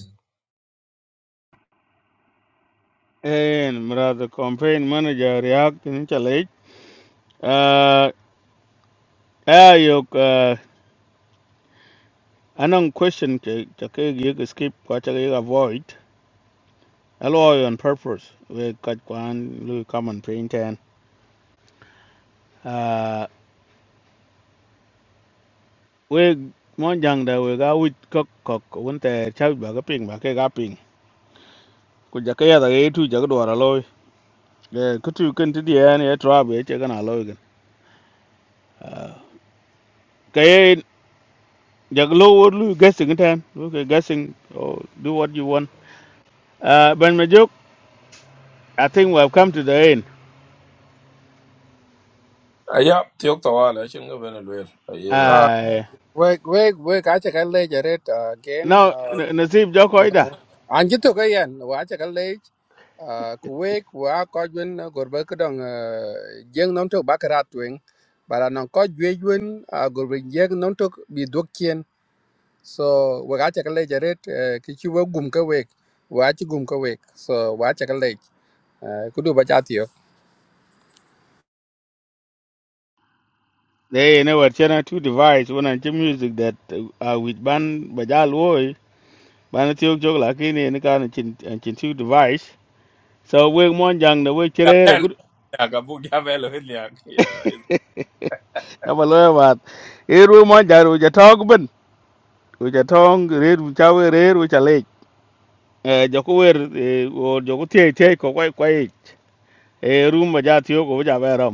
Ayen. Mara the campaign manager react in challenge. Uh, ayok. Uh, anong question ke chake yek skip kwa chake yek avoid. Alo on purpose. We kat kwan lu common pain ten. Uh, we mon jang da we ga wit kok kok won te chau ba ga ping ba ke ga ping. Ku chake ya da ge tu chake dwara loy. Eh, kutu kan ti di an ya trabe chake na loy gan. Uh, Jack Low or Lou guessing time. Okay, guessing or do what you want. Uh, ben Majuk, I think we have come to the end. Yeah, tiok tawala shin go ben well. Yeah. man. Uh, Uh, wait, wait, wait, I check a ledger again. now, Uh, N- Nasib you Jokoida, know an ji to ga yan wa cha ga le ku we ku a ko jun gor ba ka dong jeng non to ba ka twen bara non ko jwe jun gor ba jeng non to bi dok kien so wa ga cha ga le jaret ki chi wa gum ka we wa chi gum ka we so wa cha ga le ku du ba cha they never channel two device when I music that uh, with Ban Bajal Woy, Ban Tiok Jok Lakini, and kind of chin and chin two device. So we mon jang the way Yeah, chere a well, good. yeah, kabu- yeah, well, yeah. I'm a lawyer, but here we mon jang, which a talk, but which a tongue, read, which a read, which a lake. eh jo ku wer eh, or jo ku tie tie ko kwai kwai eh rum ma ja tiyo ko ja ba ra